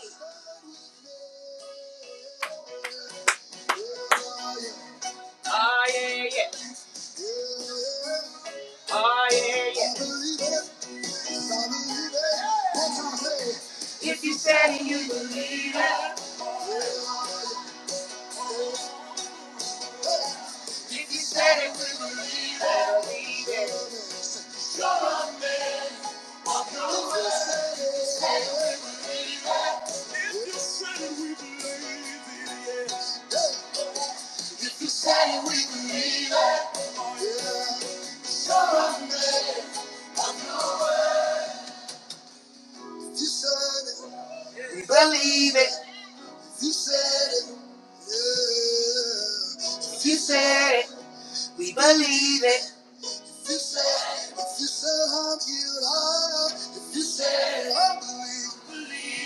F: Start with me. Yeah, yeah. I believe it. I believe it. One time, say it. If you said it, you believe it. If you said it, we believe it, believe it. You're a man of your word. If you said it, we believe it. If you said it, we believe it, yes. If you said it, we believe it. Oh, yeah. You're a man. If you said it, we believe it. If you said it, yeah. If you said it, we believe it. If you say, if you say I'm healed, I am. If you say I believe,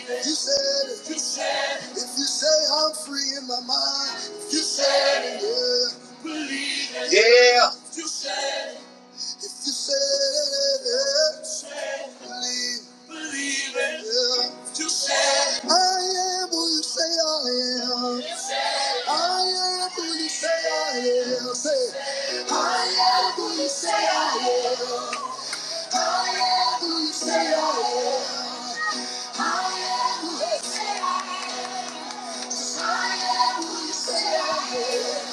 F: if you said, if you said, if you say I'm free in my mind, if you said, yeah, believe, it. yeah. If you said, if you said, yeah, believe, believe it, yeah. If you said, I am who you say I am. I am who you say I am. Say, I am who you say I am. I am who you say I am. I am who you say I am. I am who you say I am.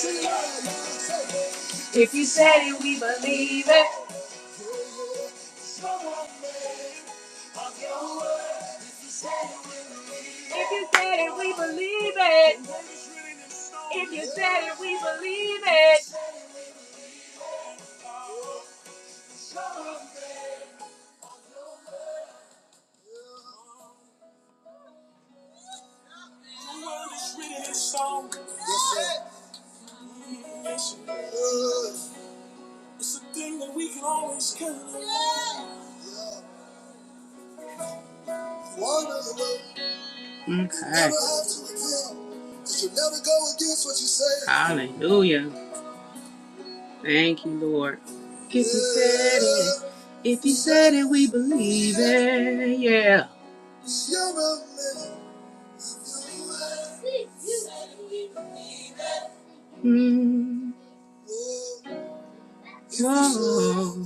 F: Yeah. If you said it, we believe it. If you said it, we believe it. The world is written in song. Yes, sir. Yes, It's a thing that we can always count on. Okay. Hallelujah. Thank you, Lord. If you said it, if you said it, we believe it. Yeah. Mm. Whoa.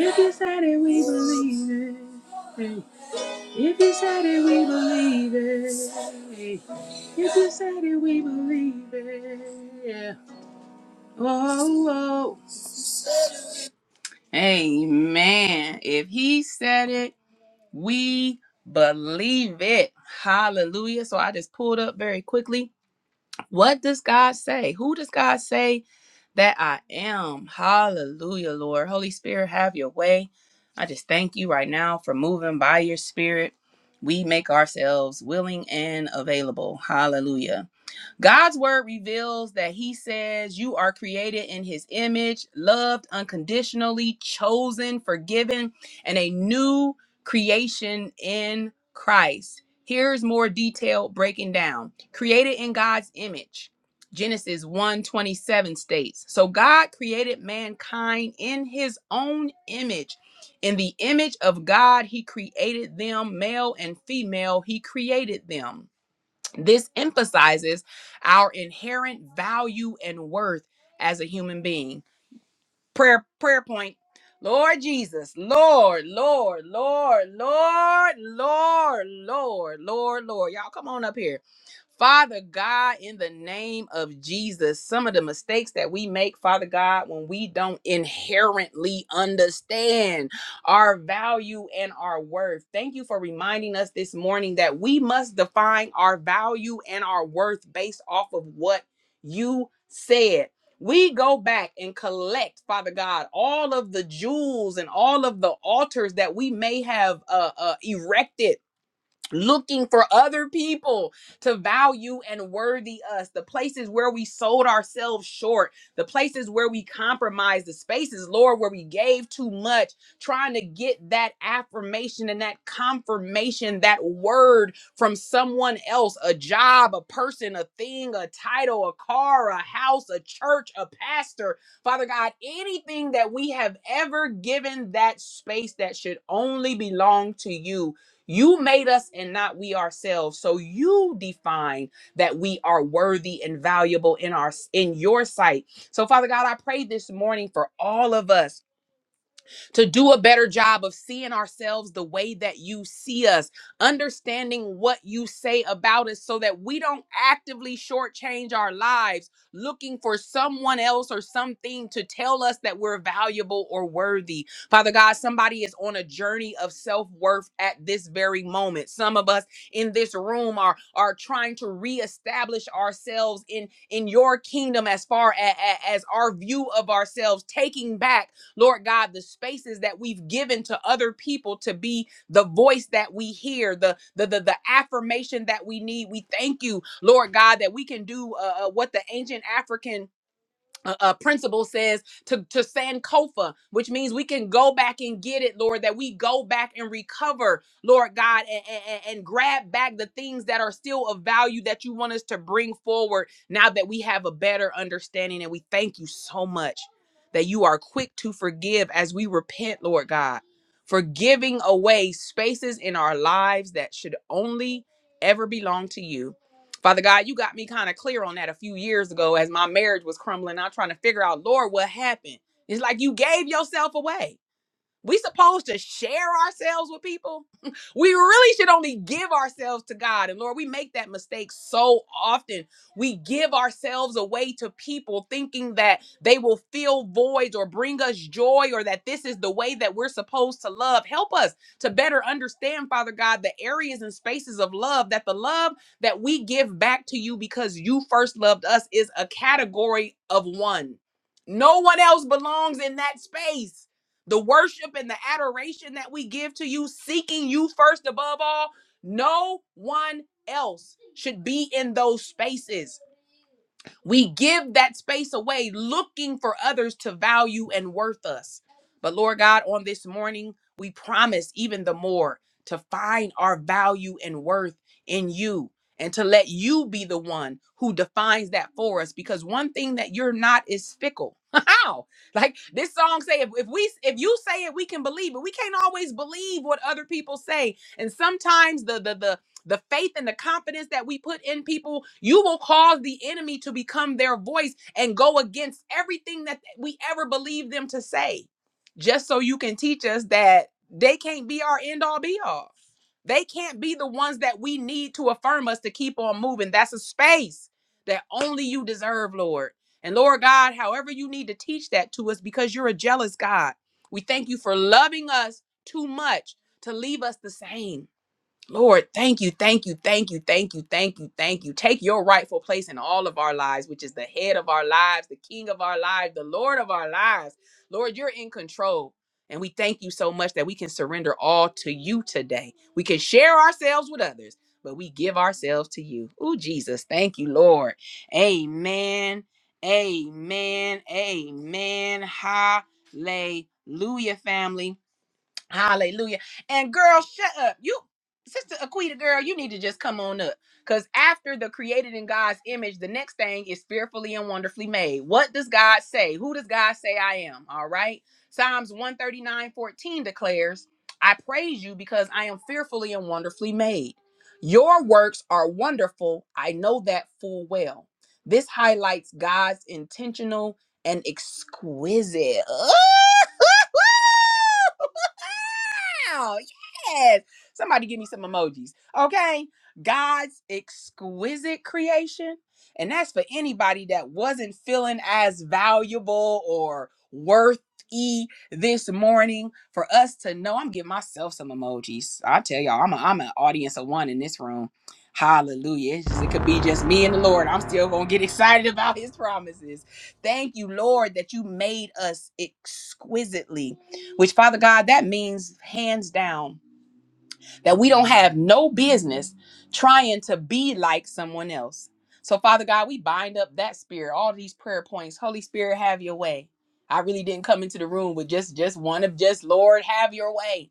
F: If you said it, we believe it. Hey. If you said it, we believe it. Say that we believe it. Oh. Amen. If he said it, we believe it. Hallelujah. So I just pulled up very quickly. What does God say? Who does God say that I am? Hallelujah, Lord. Holy Spirit, have your way. I just thank you right now for moving by your spirit. We make ourselves willing and available. Hallelujah. God's word reveals that he says you are created in his image, loved unconditionally, chosen, forgiven, and a new creation in Christ. Here's more detailed breaking down. Created in God's image. Genesis one twenty seven states, "So God created mankind in his own image. In the image of God he created them, male and female he created them." This emphasizes our inherent value and worth as a human being. Prayer prayer point. Lord Jesus, Lord, Lord, Lord, Lord, Lord, Lord, Lord, Lord. Y'all come on up here. Father God, in the name of Jesus, some of the mistakes that we make, Father God, when we don't inherently understand our value and our worth. Thank you for reminding us this morning that we must define our value and our worth based off of what you said. We go back and collect, Father God, all of the jewels and all of the altars that we may have uh, uh, erected looking for other people to value and worthy us the places where we sold ourselves short the places where we compromised the spaces lord where we gave too much trying to get that affirmation and that confirmation that word from someone else a job a person a thing a title a car a house a church a pastor father god anything that we have ever given that space that should only belong to you you made us and not we ourselves. So you define that we are worthy and valuable in our in your sight. So Father God, I pray this morning for all of us to do a better job of seeing ourselves the way that you see us, understanding what you say about us so that we don't actively shortchange our lives looking for someone else or something to tell us that we're valuable or worthy. Father God, somebody is on a journey of self-worth at this very moment. Some of us in this room are are trying to reestablish ourselves in in your kingdom as far as as our view of ourselves taking back Lord God, the spaces that we've given to other people to be the voice that we hear, the the the, the affirmation that we need. We thank you, Lord God, that we can do uh, uh, what the ancient African uh, uh, principle says to, to Sankofa, which means we can go back and get it, Lord, that we go back and recover, Lord God, and, and, and grab back the things that are still of value that you want us to bring forward now that we have a better understanding. And we thank you so much that you are quick to forgive as we repent, Lord God, for giving away spaces in our lives that should only ever belong to you. Father God, you got me kind of clear on that a few years ago as my marriage was crumbling. I'm trying to figure out, Lord, what happened? It's like you gave yourself away. We supposed to share ourselves with people. (laughs) We really should only give ourselves to God. And Lord, we make that mistake so often. We give ourselves away to people thinking that they will fill voids or bring us joy or that this is the way that we're supposed to love. Help us to better understand, Father God, the areas and spaces of love that the love that we give back to you because you first loved us is a category of one. No one else belongs in that space the worship and the adoration that we give to you, seeking you first above all, no one else should be in those spaces. We give that space away looking for others to value and worth us. But Lord God, on this morning, we promise even the more to find our value and worth in you and to let you be the one who defines that for us because one thing that you're not is fickle. (laughs) How? Like this song say if, if we if you say it we can believe it. We can't always believe what other people say. And sometimes the the the the faith and the confidence that we put in people, you will cause the enemy to become their voice and go against everything that we ever believed them to say, just so you can teach us that they can't be our end all be all. They can't be the ones that we need to affirm us to keep on moving. That's a space that only you deserve, Lord. And Lord God, however you need to teach that to us because you're a jealous God. We thank you for loving us too much to leave us the same. Lord, thank you, thank you, thank you, thank you, thank you, thank you. Take your rightful place in all of our lives, which is the head of our lives, the king of our lives, the Lord of our lives. Lord, you're in control. And we thank you so much that we can surrender all to you today. We can share ourselves with others, but we give ourselves to you. Ooh, Jesus, thank you, Lord. Amen. Amen. Amen. Hallelujah, family. Hallelujah. And girl, shut up. You, Sister Aquita, girl, you need to just come on up. Because after the created in God's image, the next thing is fearfully and wonderfully made. What does God say? Who does God say I am? All right. Psalms one thirty nine fourteen declares, I praise you because I am fearfully and wonderfully made. Your works are wonderful. I know that full well. This highlights God's intentional and exquisite. (laughs) Wow. Yes. Somebody give me some emojis. Okay. God's exquisite creation. And that's for anybody that wasn't feeling as valuable or worthy this morning. For us to know, I'm giving myself some emojis. I tell y'all, I'm, a, I'm an audience of one in this room. Hallelujah. It's just- it could be just me and the Lord. I'm still going to get excited about (laughs) his promises. Thank you, Lord, that you made us exquisitely which Father God, that means hands down that we don't have no business trying to be like someone else. So, Father God, we bind up that spirit, all these prayer points. Holy Spirit, have your way. I really didn't come into the room with just just one of just Lord, have your way.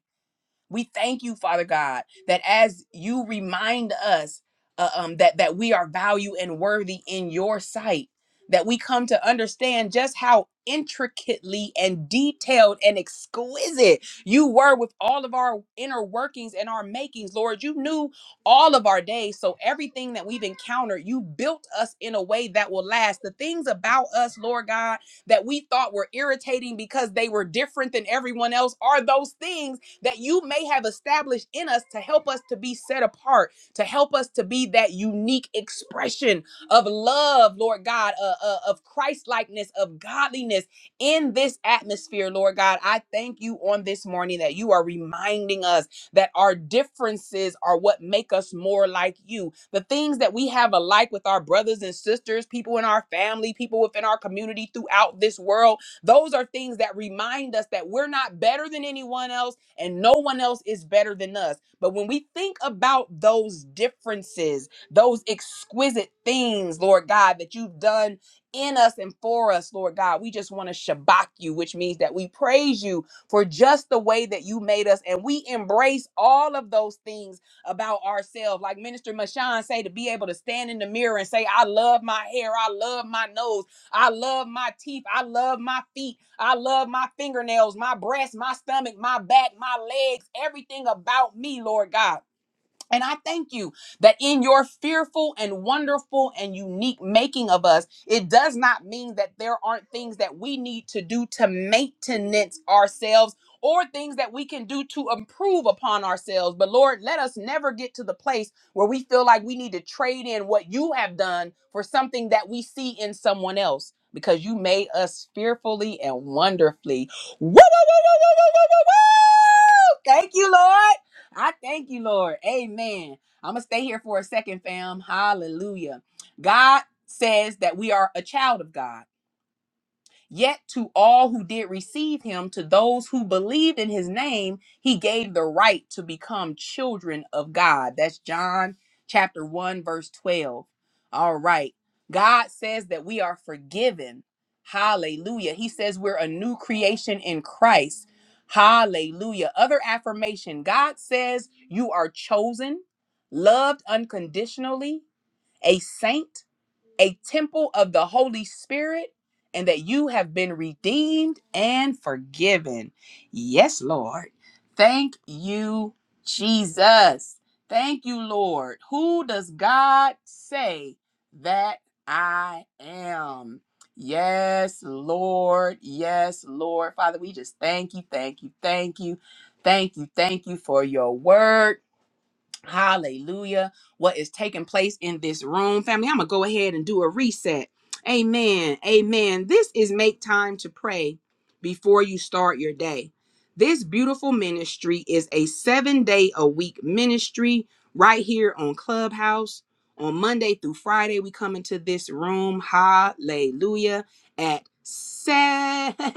F: We thank you, Father God, that as you remind us uh, um, that that we are value and worthy in your sight, that we come to understand just how intricately and detailed and exquisite you were with all of our inner workings and our makings, Lord. You knew all of our days, so everything that we've encountered, you built us in a way that will last. The things about us, Lord God, that we thought were irritating because they were different than everyone else, are those things that you may have established in us to help us to be set apart, to help us to be that unique expression of love, Lord God, uh, uh, of Christ likeness, of godliness in this atmosphere, Lord God. I thank you on this morning that you are reminding us that our differences are what make us more like you. The things that we have alike with our brothers and sisters, people in our family, people within our community throughout this world, those are things that remind us that we're not better than anyone else and no one else is better than us. But when we think about those differences, those exquisite things, Lord God, that you've done in us and for us, Lord God, we just want to shabak you, which means that we praise you for just the way that you made us. And we embrace all of those things about ourselves. Like Minister Mashan say, to be able to stand in the mirror and say, I love my hair, I love my nose, I love my teeth, I love my feet. I love my fingernails, my breast, my stomach, my back, my legs, everything about me, Lord God. And I thank you that in your fearful and wonderful and unique making of us, it does not mean that there aren't things that we need to do to maintenance ourselves or things that we can do to improve upon ourselves. But Lord, let us never get to the place where we feel like we need to trade in what you have done for something that we see in someone else because you made us fearfully and wonderfully. Woo, woo, woo, woo, woo, woo, woo, woo, woo! Thank you, Lord. I thank you, Lord. Amen. I'm going to stay here for a second, fam. Hallelujah. God says that we are a child of God. Yet to all who did receive him, to those who believed in his name, he gave the right to become children of God. That's John chapter 1, verse 12. All right. God says that we are forgiven. Hallelujah. He says we're a new creation in Christ. Hallelujah. Other affirmation God says you are chosen, loved unconditionally, a saint a temple of the Holy Spirit, and that you have been redeemed and forgiven. Yes, Lord. Thank you, Jesus. Thank you, Lord. Who does God say that I am? Yes, Lord. Yes, Lord. Father, we just thank you, thank you, thank you, thank you, thank you for your word. Hallelujah. What is taking place in this room, family? I'm going to go ahead and do a reset. Amen. Amen. This is Make Time to Pray Before You Start Your Day. This beautiful ministry is a seven day a week ministry right here on Clubhouse. On Monday through Friday, we come into this room. Hallelujah. At seven. (laughs)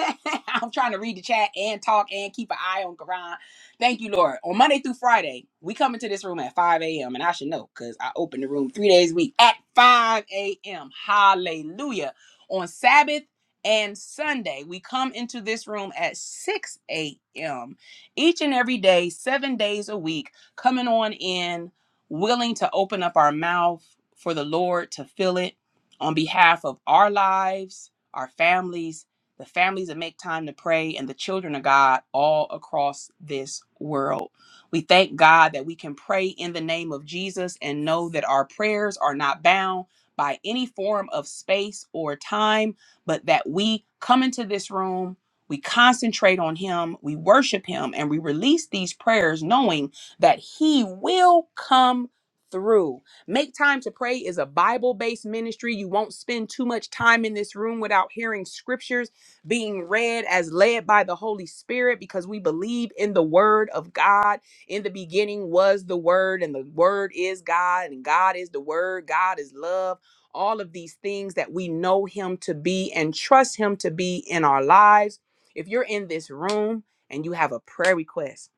F: I'm trying to read the chat and talk and keep an eye on Quran Thank you, Lord. On Monday through Friday, we come into this room at 5 a.m. And I should know because I open the room three days a week at 5 a.m. Hallelujah. On Sabbath and Sunday, we come into this room at 6 a.m. each and every day, seven days a week, coming on in, willing to open up our mouth for the Lord to fill it on behalf of our lives, our families the families that make time to pray, and the children of God all across this world. We thank God that we can pray in the name of Jesus and know that our prayers are not bound by any form of space or time, but that we come into this room. We concentrate on him, we worship him, and we release these prayers knowing that he will come through. Make Time to Pray is a Bible based ministry. You won't spend too much time in this room without hearing scriptures being read as led by the Holy Spirit because we believe in the Word of God. In the beginning was the Word, and the Word is God, and God is the Word, God is love. All of these things that we know Him to be and trust Him to be in our lives. If you're in this room and you have a prayer request,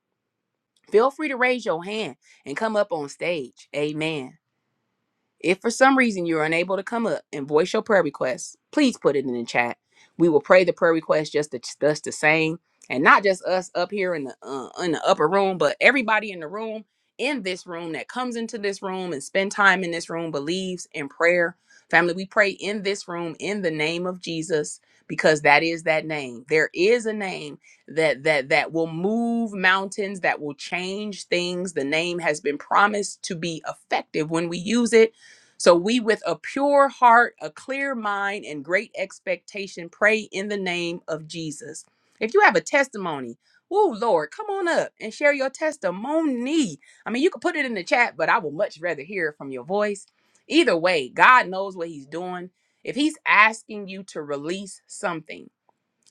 F: feel free to raise your hand and come up on stage. Amen. If for some reason you're unable to come up and voice your prayer request, please put it in the chat. We will pray the prayer request just the, just the same, and not just us up here in the uh, in the upper room, but everybody in the room in this room that comes into this room and spend time in this room believes in prayer. Family, we pray in this room in the name of Jesus because that is that name. There is a name that that that will move mountains, that will change things. The name has been promised to be effective when we use it so we, with a pure heart, a clear mind, and great expectation, pray in the name of Jesus. If you have a testimony, oh Lord, come on up and share your testimony. I mean, you could put it in the chat, but I would much rather hear it from your voice. Either way, God knows what He's doing. If He's asking you to release something,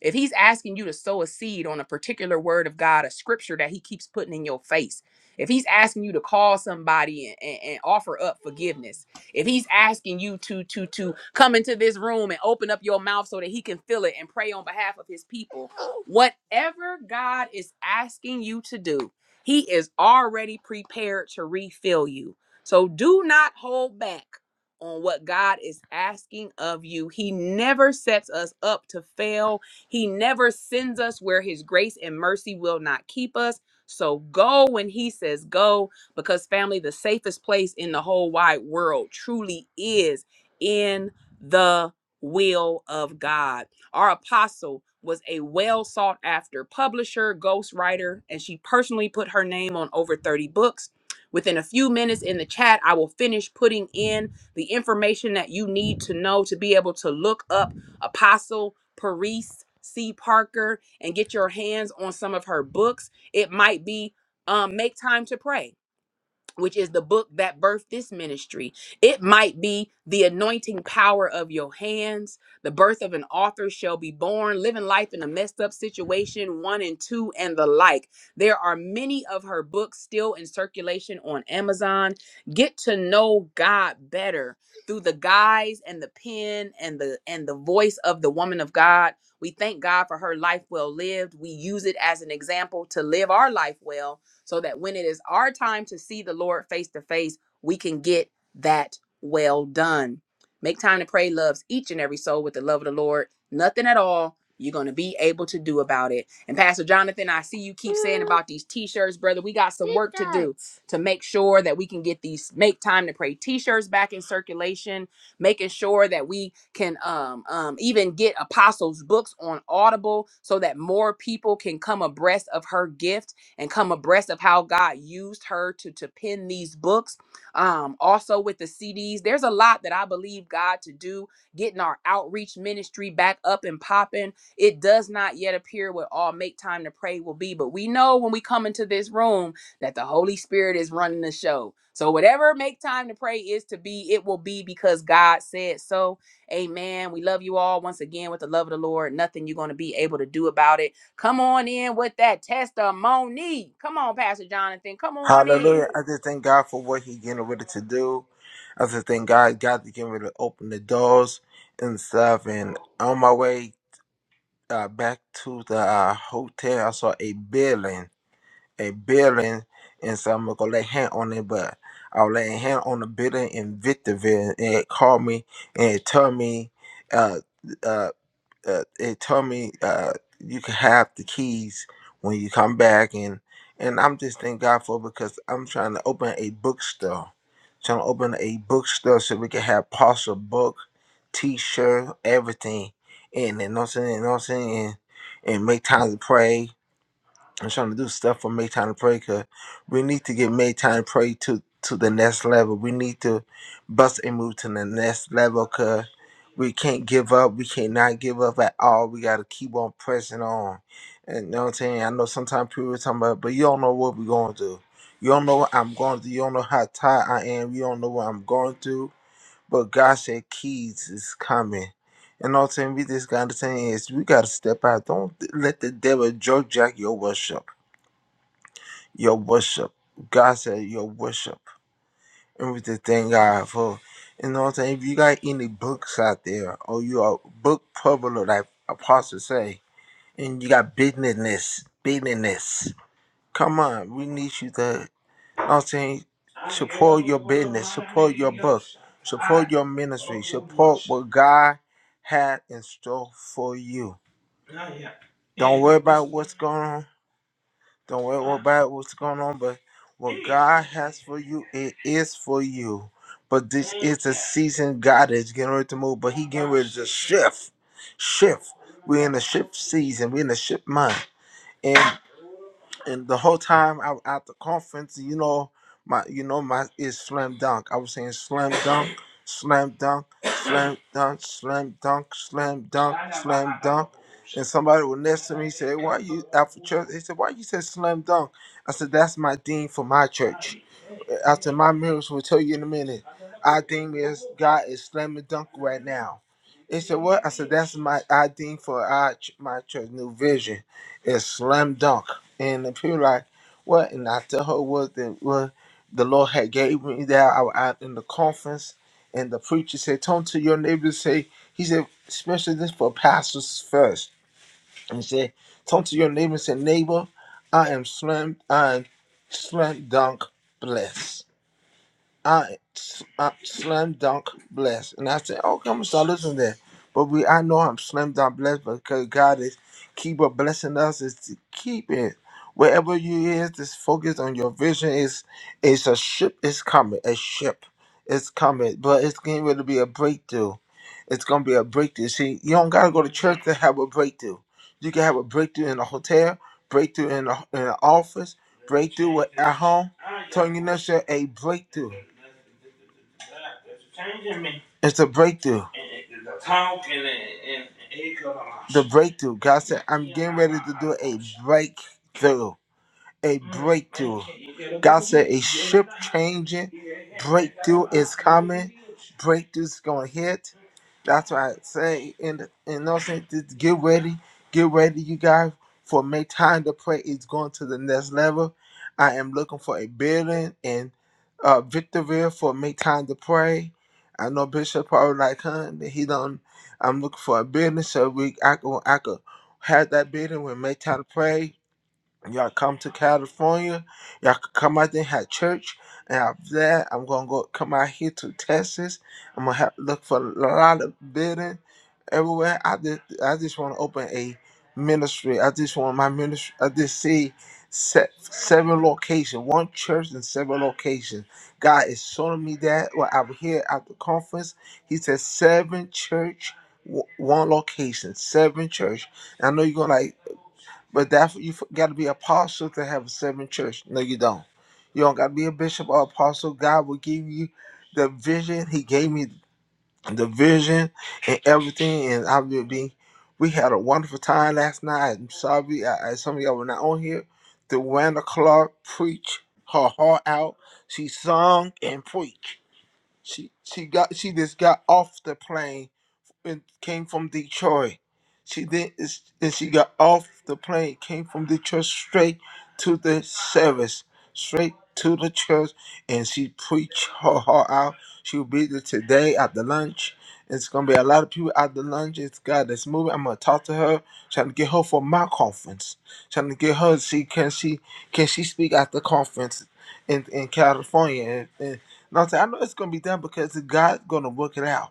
F: if he's asking you to sow a seed on a particular word of God, a scripture that he keeps putting in your face, if he's asking you to call somebody and, and- and offer up forgiveness, if he's asking you to to to come into this room and open up your mouth so that he can fill it and pray on behalf of his people, whatever God is asking you to do, he is already prepared to refill you. So do not hold back on what God is asking of you. He never sets us up to fail he never sends us where his grace and mercy will not keep us. So go when he says go, because family, the safest place in the whole wide world truly is in the will of God. Our apostle was a well sought after publisher, ghostwriter, and she personally put her name on over 30 books. Within a few minutes in the chat, I will finish putting in the information that you need to know to be able to look up Apostle Parise C. Parker and get your hands on some of her books. It might be um, Make Time to Pray which is the book that birthed this ministry. It might be the anointing power of your hands. The birth of an author shall be born, living life in a messed up situation, one and two, and the like. There are many of her books still in circulation on Amazon. Get to know God better through the guise and the pen and the and the voice of the woman of God. We thank God for her life well lived. We use it as an example to live our life well so that when it is our time to see the Lord face to face, we can get that well done. Make time to pray loves each and every soul with the love of the Lord. Nothing at all you're going to be able to do about it. And Pastor Jonathan, I see you keep saying about these t-shirts, brother. We got some work to do to make sure that we can get these make time to pray t-shirts back in circulation, making sure that we can um, um, even get apostles books on Audible so that more people can come abreast of her gift and come abreast of how God used her to to pen these books. Um, also with the CDs, there's a lot that I believe God to do. Getting our outreach ministry back up and popping. It does not yet appear what all make time to pray will be, but we know when we come into this room that the Holy Spirit is running the show. So whatever make time to pray is to be, it will be because God said so. Amen. We love you all once again with the love of the Lord. Nothing you're going to be able to do about it. Come on in with that testimony. Come on, Pastor Jonathan. Come on in.
D: Hallelujah. I just thank God for what He getting ready to do. I just thank God, God to getting ready to open the doors and stuff. And on my way uh, back to the uh, hotel, I saw a building, a building. And so I'm going to lay hand on it, but I was laying hand on the building in Victorville. And it called me and it told me, uh, uh, uh, it told me uh, you can have the keys when you come back and and I'm just thank God for it because I'm trying to open a bookstore. Trying to open a bookstore so we can have parcel book, t shirt, everything. And then you know what I'm saying, you know what I'm saying, and, and make time to pray I'm trying to do stuff for Make Time to Pray because we need to get Make Time to Pray to, to the next level. We need to bust and move to the next level because we can't give up. We cannot give up at all. We got to keep on pressing on. And you know what I'm saying? I know sometimes people are talking about, but you don't know what we're going through. You don't know what I'm going through. You don't know how tired I am. You don't know what I'm going through. But God said, Keys is coming. And all I'm saying, we just got to say is we got to step out. Don't let the devil joke jack your worship your worship. God said your worship. And we just thank God for you know what I'm saying. If you got any books out there or you are a book publisher like Apostle say, and you got business, business. Come on, we need you to you know what I'm saying support your business, support your book, support your ministry, support what God had in store for you. Don't worry about what's going on. Don't worry about what's going on, but what God has for you, it is for you. But this is the season God is getting ready to move, but He getting ready to shift. Shift. We're in a shift season. We're in a shift month and the whole time I was at the conference, you know, my you know my is slam dunk. I was saying slam dunk, slam dunk, slam dunk, slam dunk, slam dunk, slam dunk. And somebody was next to me said, Why you after church? They said, Why you said slam dunk? I said, That's my dean for my church after my miracles will tell you in a minute. I think is God is slamming dunk right now. He said, What? I said, That's my I think for our ch- my church new vision It's slam dunk. And the people like, What? And I tell her what the what the Lord had gave me that I was out in the conference and the preacher said, Turn to your neighbor say he said, especially this for pastors first. And he said, Turn to your neighbor and say, Neighbor, I am slam I am slam dunk blessed. I, I slam dunk blessed. And I said, okay, I'm gonna start listening there. But we I know I'm slam dunk blessed because God is keep on blessing us is to keep it. Wherever you is, just focus on your vision. Is it's a ship is coming. A ship is coming. But it's getting ready to be a breakthrough. It's gonna be a breakthrough. See, you don't gotta go to church to have a breakthrough. You can have a breakthrough in a hotel breakthrough in the, in the office, breakthrough at at home. Telling you next year, a breakthrough. It's a breakthrough. The breakthrough. God said, I'm getting ready to do a breakthrough. A breakthrough. God said, a ship changing breakthrough is coming. Breakthrough's going to hit. That's why I say, and and no sense, just get ready, get ready, you guys, for make time to pray is going to the next level. I am looking for a building in uh, Victorville for make time to pray. I know Bishop probably like him, but he don't. I'm looking for a building so we I could I could have that building with make time to pray Y'all come to California. Y'all can come out there and have church. And after that, I'm gonna go come out here to Texas. I'm gonna have, look for a lot of building everywhere. I just I just want to open a ministry. I just want my ministry. I just see set seven locations, one church in seven locations. God is showing me that. Well, I'm here at the conference. He said seven church, w- one location, seven church. And I know you're gonna like. But that's you got to be an apostle to have a seven church. No, you don't. You don't got to be a bishop or apostle. God will give you the vision. He gave me the vision and everything. And I will be. We had a wonderful time last night. I'm sorry, I, I, some of y'all were not on here. The Wanda Clark preached her heart out. She sung and preached. She she got she just got off the plane and came from Detroit. She did, and she got off the plane, came from Detroit straight to the service, straight to the church, and she preached her heart out. She'll be there today at the lunch. It's gonna be a lot of people at the lunch. It's God that's moving. I'm gonna talk to her, trying to get her for my conference, trying to get her to see can she can she speak at the conference in in California. And, and, and I said I know it's gonna be done because God's gonna work it out.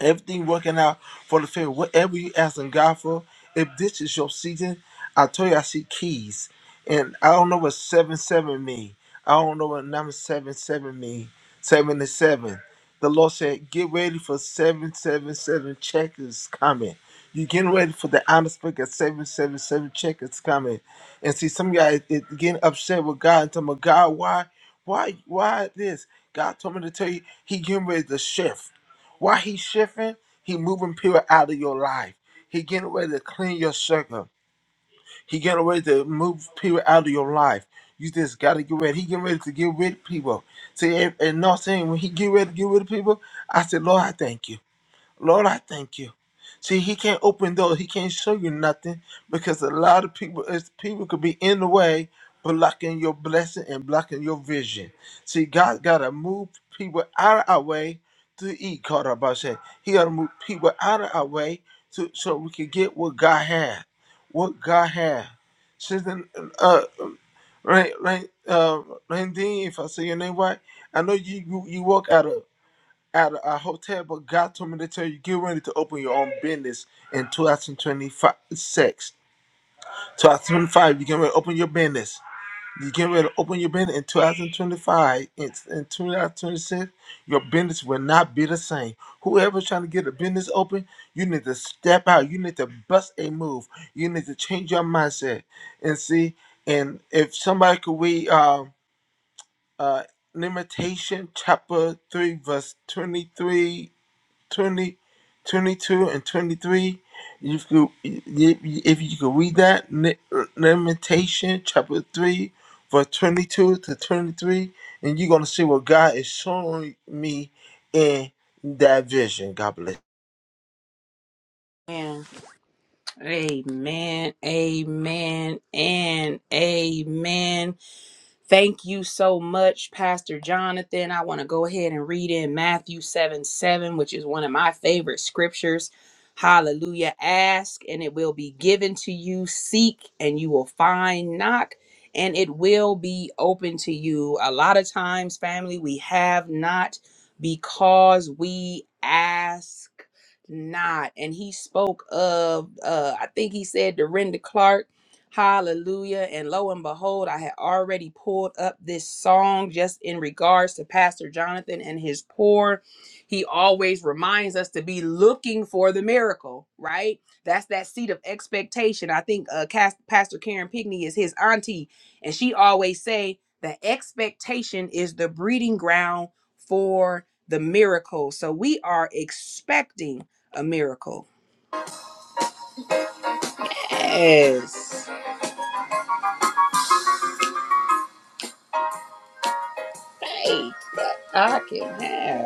D: Everything working out for the favor. Whatever you asking God for, if this is your season, I tell you I see keys. And I don't know what seven seven mean. I don't know what number seven seven mean. Seven to seven. The Lord said, get ready for seven seven seven check is coming. you getting ready for the honest book at seven seven seven check is coming. And see some guys it getting upset with God and telling God, why, why, why this? God told me to tell you he getting ready to shift. Why he shifting? He moving people out of your life. He getting ready to clean your circle. He getting ready to move people out of your life. You just gotta get ready. He getting ready to get rid of people. See, and, and not saying when he get ready to get rid of people, I said, Lord, I thank you. Lord, I thank you. See, he can't open doors. He can't show you nothing because a lot of people, is people could be in the way, blocking your blessing and blocking your vision. See, God gotta move people out of our way to eat. Caught up, I said. He gotta move people out of our way to so we can get what God had, what God had. Since then, uh, Rain, Rain, uh, Rain if I say your name right, I know you you, you walk out of at a hotel, but God told me to tell you get ready to open your own business in 2026. 2025, you get ready to open your business. You get ready to open your business in 2025. In, in 2026, your business will not be the same. Whoever's trying to get a business open, you need to step out. You need to bust a move. You need to change your mindset. And see, and if somebody could read um, uh, Limitation chapter 3, verse 23 20, 22 and 23. You could, if you could read that, Ne- uh, Lamentation chapter 3, verse 22 to 23, and you're going to see what God is showing me in that vision. God bless.
F: Amen. Amen. Amen. And amen. Thank you so much, Pastor Jonathan. I want to go ahead and read in Matthew 7 7, which is one of my favorite scriptures. Hallelujah. Ask and it will be given to you. Seek and you will find. Knock and it will be open to you. A lot of times, family, we have not because we ask not. And he spoke of, uh, I think he said Dorinda Clark Hallelujah. And lo and behold, I had already pulled up this song just in regards to Pastor Jonathan and his pour. He always reminds us to be looking for the miracle, right? That's that seed of expectation. I think uh, Cas- Pastor Karen Pigney is his auntie, and she always say that expectation is the breeding ground for the miracle. So we are expecting a miracle. Yes. Faith I can have.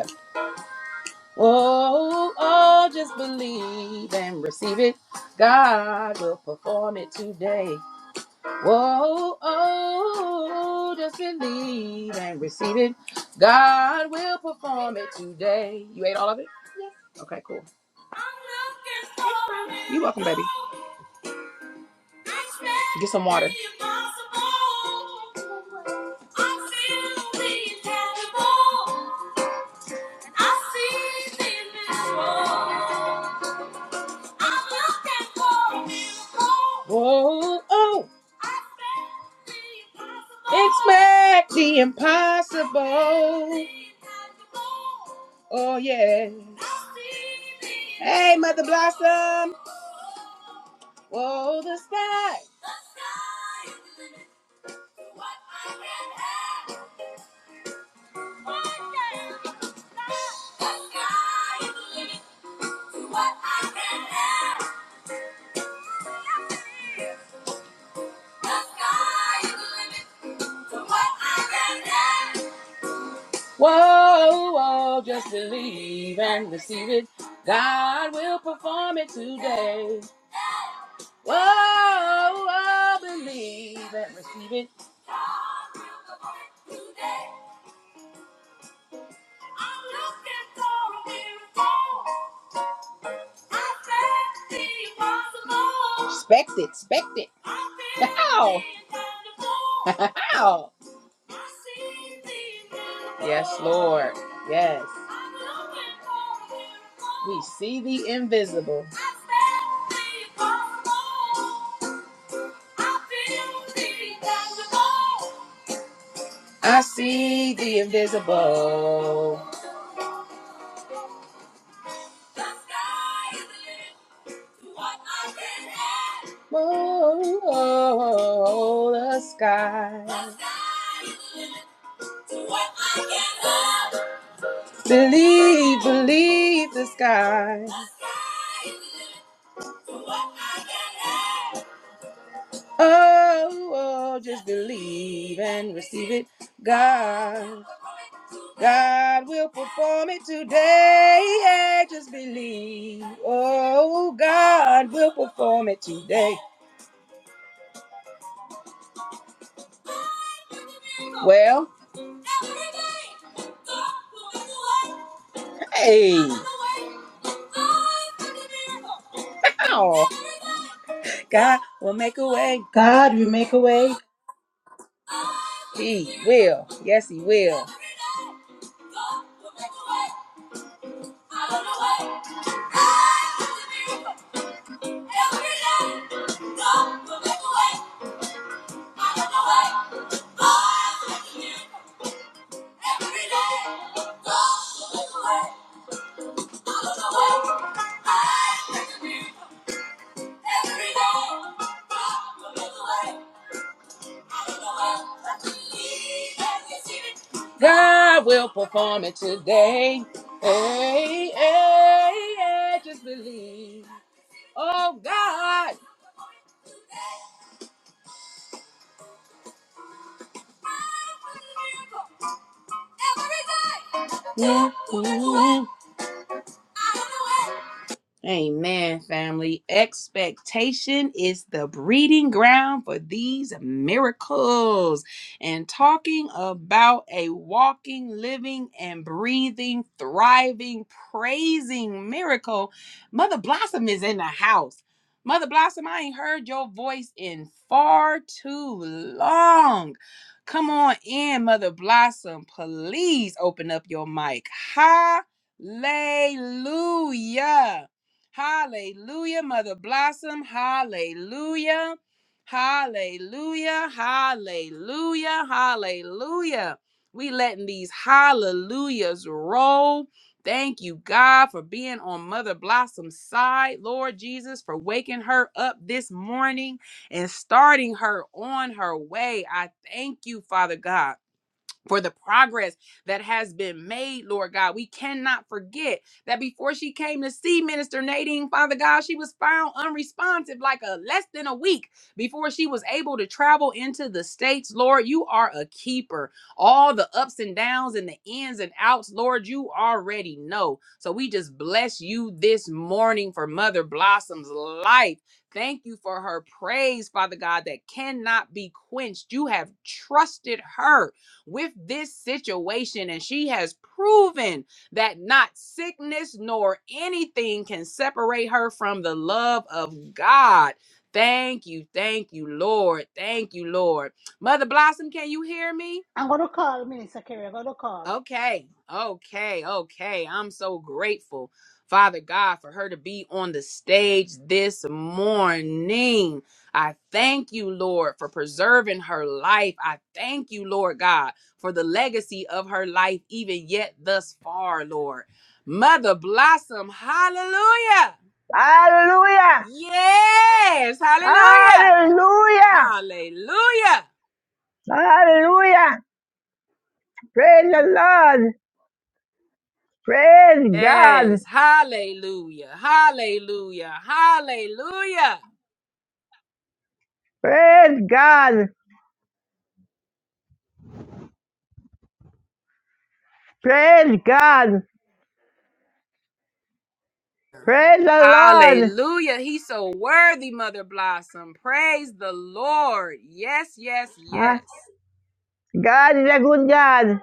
F: Oh, oh, just believe and receive it. God will perform it today. Whoa, oh, just believe and receive it. God will perform it today. You ate all of it? Okay, cool. You're welcome, baby. Get some water. Whoa. Expensible. Oh, yeah. Hey, Mother Blossom. Whoa, the sky. Whoa, whoa, just believe and receive it. God will perform it today. Whoa, whoa, believe and receive it. God will perform it today. I'm looking for a miracle. I Expect the impossible. Expect it, expect it. How? How? (laughs) Yes, Lord. Yes. We. I see the invisible. Oh, oh, oh, the sky. The sky is the limit to what I can have. Believe, believe the sky. Oh, oh, just believe and receive it. God, God will perform it today. Yeah, just believe. Oh, God will perform it today. Well, hey. Ow. God will make a way.
A: Guy, I'm
F: He will. Yes, He will. Every day, God will make a way. God will perform it today. Hey, hey, hey, just believe. Oh, God. Yeah. Amen, family. Expectation is the breeding ground for these miracles. And talking about a walking, living, and breathing, thriving, praising miracle, Mother Blossom is in the house. Mother Blossom, I ain't heard your voice in far too long. Come on in, Mother Blossom. Please open up your mic. Hallelujah. Hallelujah, Mother Blossom. Hallelujah. Hallelujah. Hallelujah. Hallelujah. We letting these hallelujahs roll. Thank you, God, for being on Mother Blossom's side. Lord Jesus, for waking her up this morning and starting her on her way. I thank you, Father God for the progress that has been made, Lord God. We cannot forget that before she came to see Minister Nadine, Father God, she was found unresponsive like a less than a week before she was able to travel into the States. Lord, you are a keeper. All the ups and downs and the ins and outs, Lord, you already know. So we just bless you this morning for Mother Blossom's life. Thank you for her praise, Father God, that cannot be quenched. You have trusted her with this situation, and she has proven that not sickness nor anything can separate her from the love of God. Thank you, thank you, Lord. Thank you, Lord. Mother Blossom, can you hear me?
A: going to call Minister Kerry. I'm going to call.
F: Okay, okay, okay. I'm so grateful, Father God, for her to be on the stage this morning. I thank you, Lord, for preserving her life. I thank you, Lord God, for the legacy of her life, even yet thus far, Lord. Mother Blossom, hallelujah.
H: Hallelujah!
F: Yes, hallelujah.
H: Hallelujah!
F: Hallelujah.
H: Hallelujah! Praise the Lord! Praise God!
F: Yes, hallelujah, hallelujah, hallelujah.
H: Praise God! Praise God! Praise the Lord!
F: Hallelujah. He's so worthy, Mother Blossom. Praise the Lord. Yes, yes,
H: Ah,
F: yes.
H: God is a good God.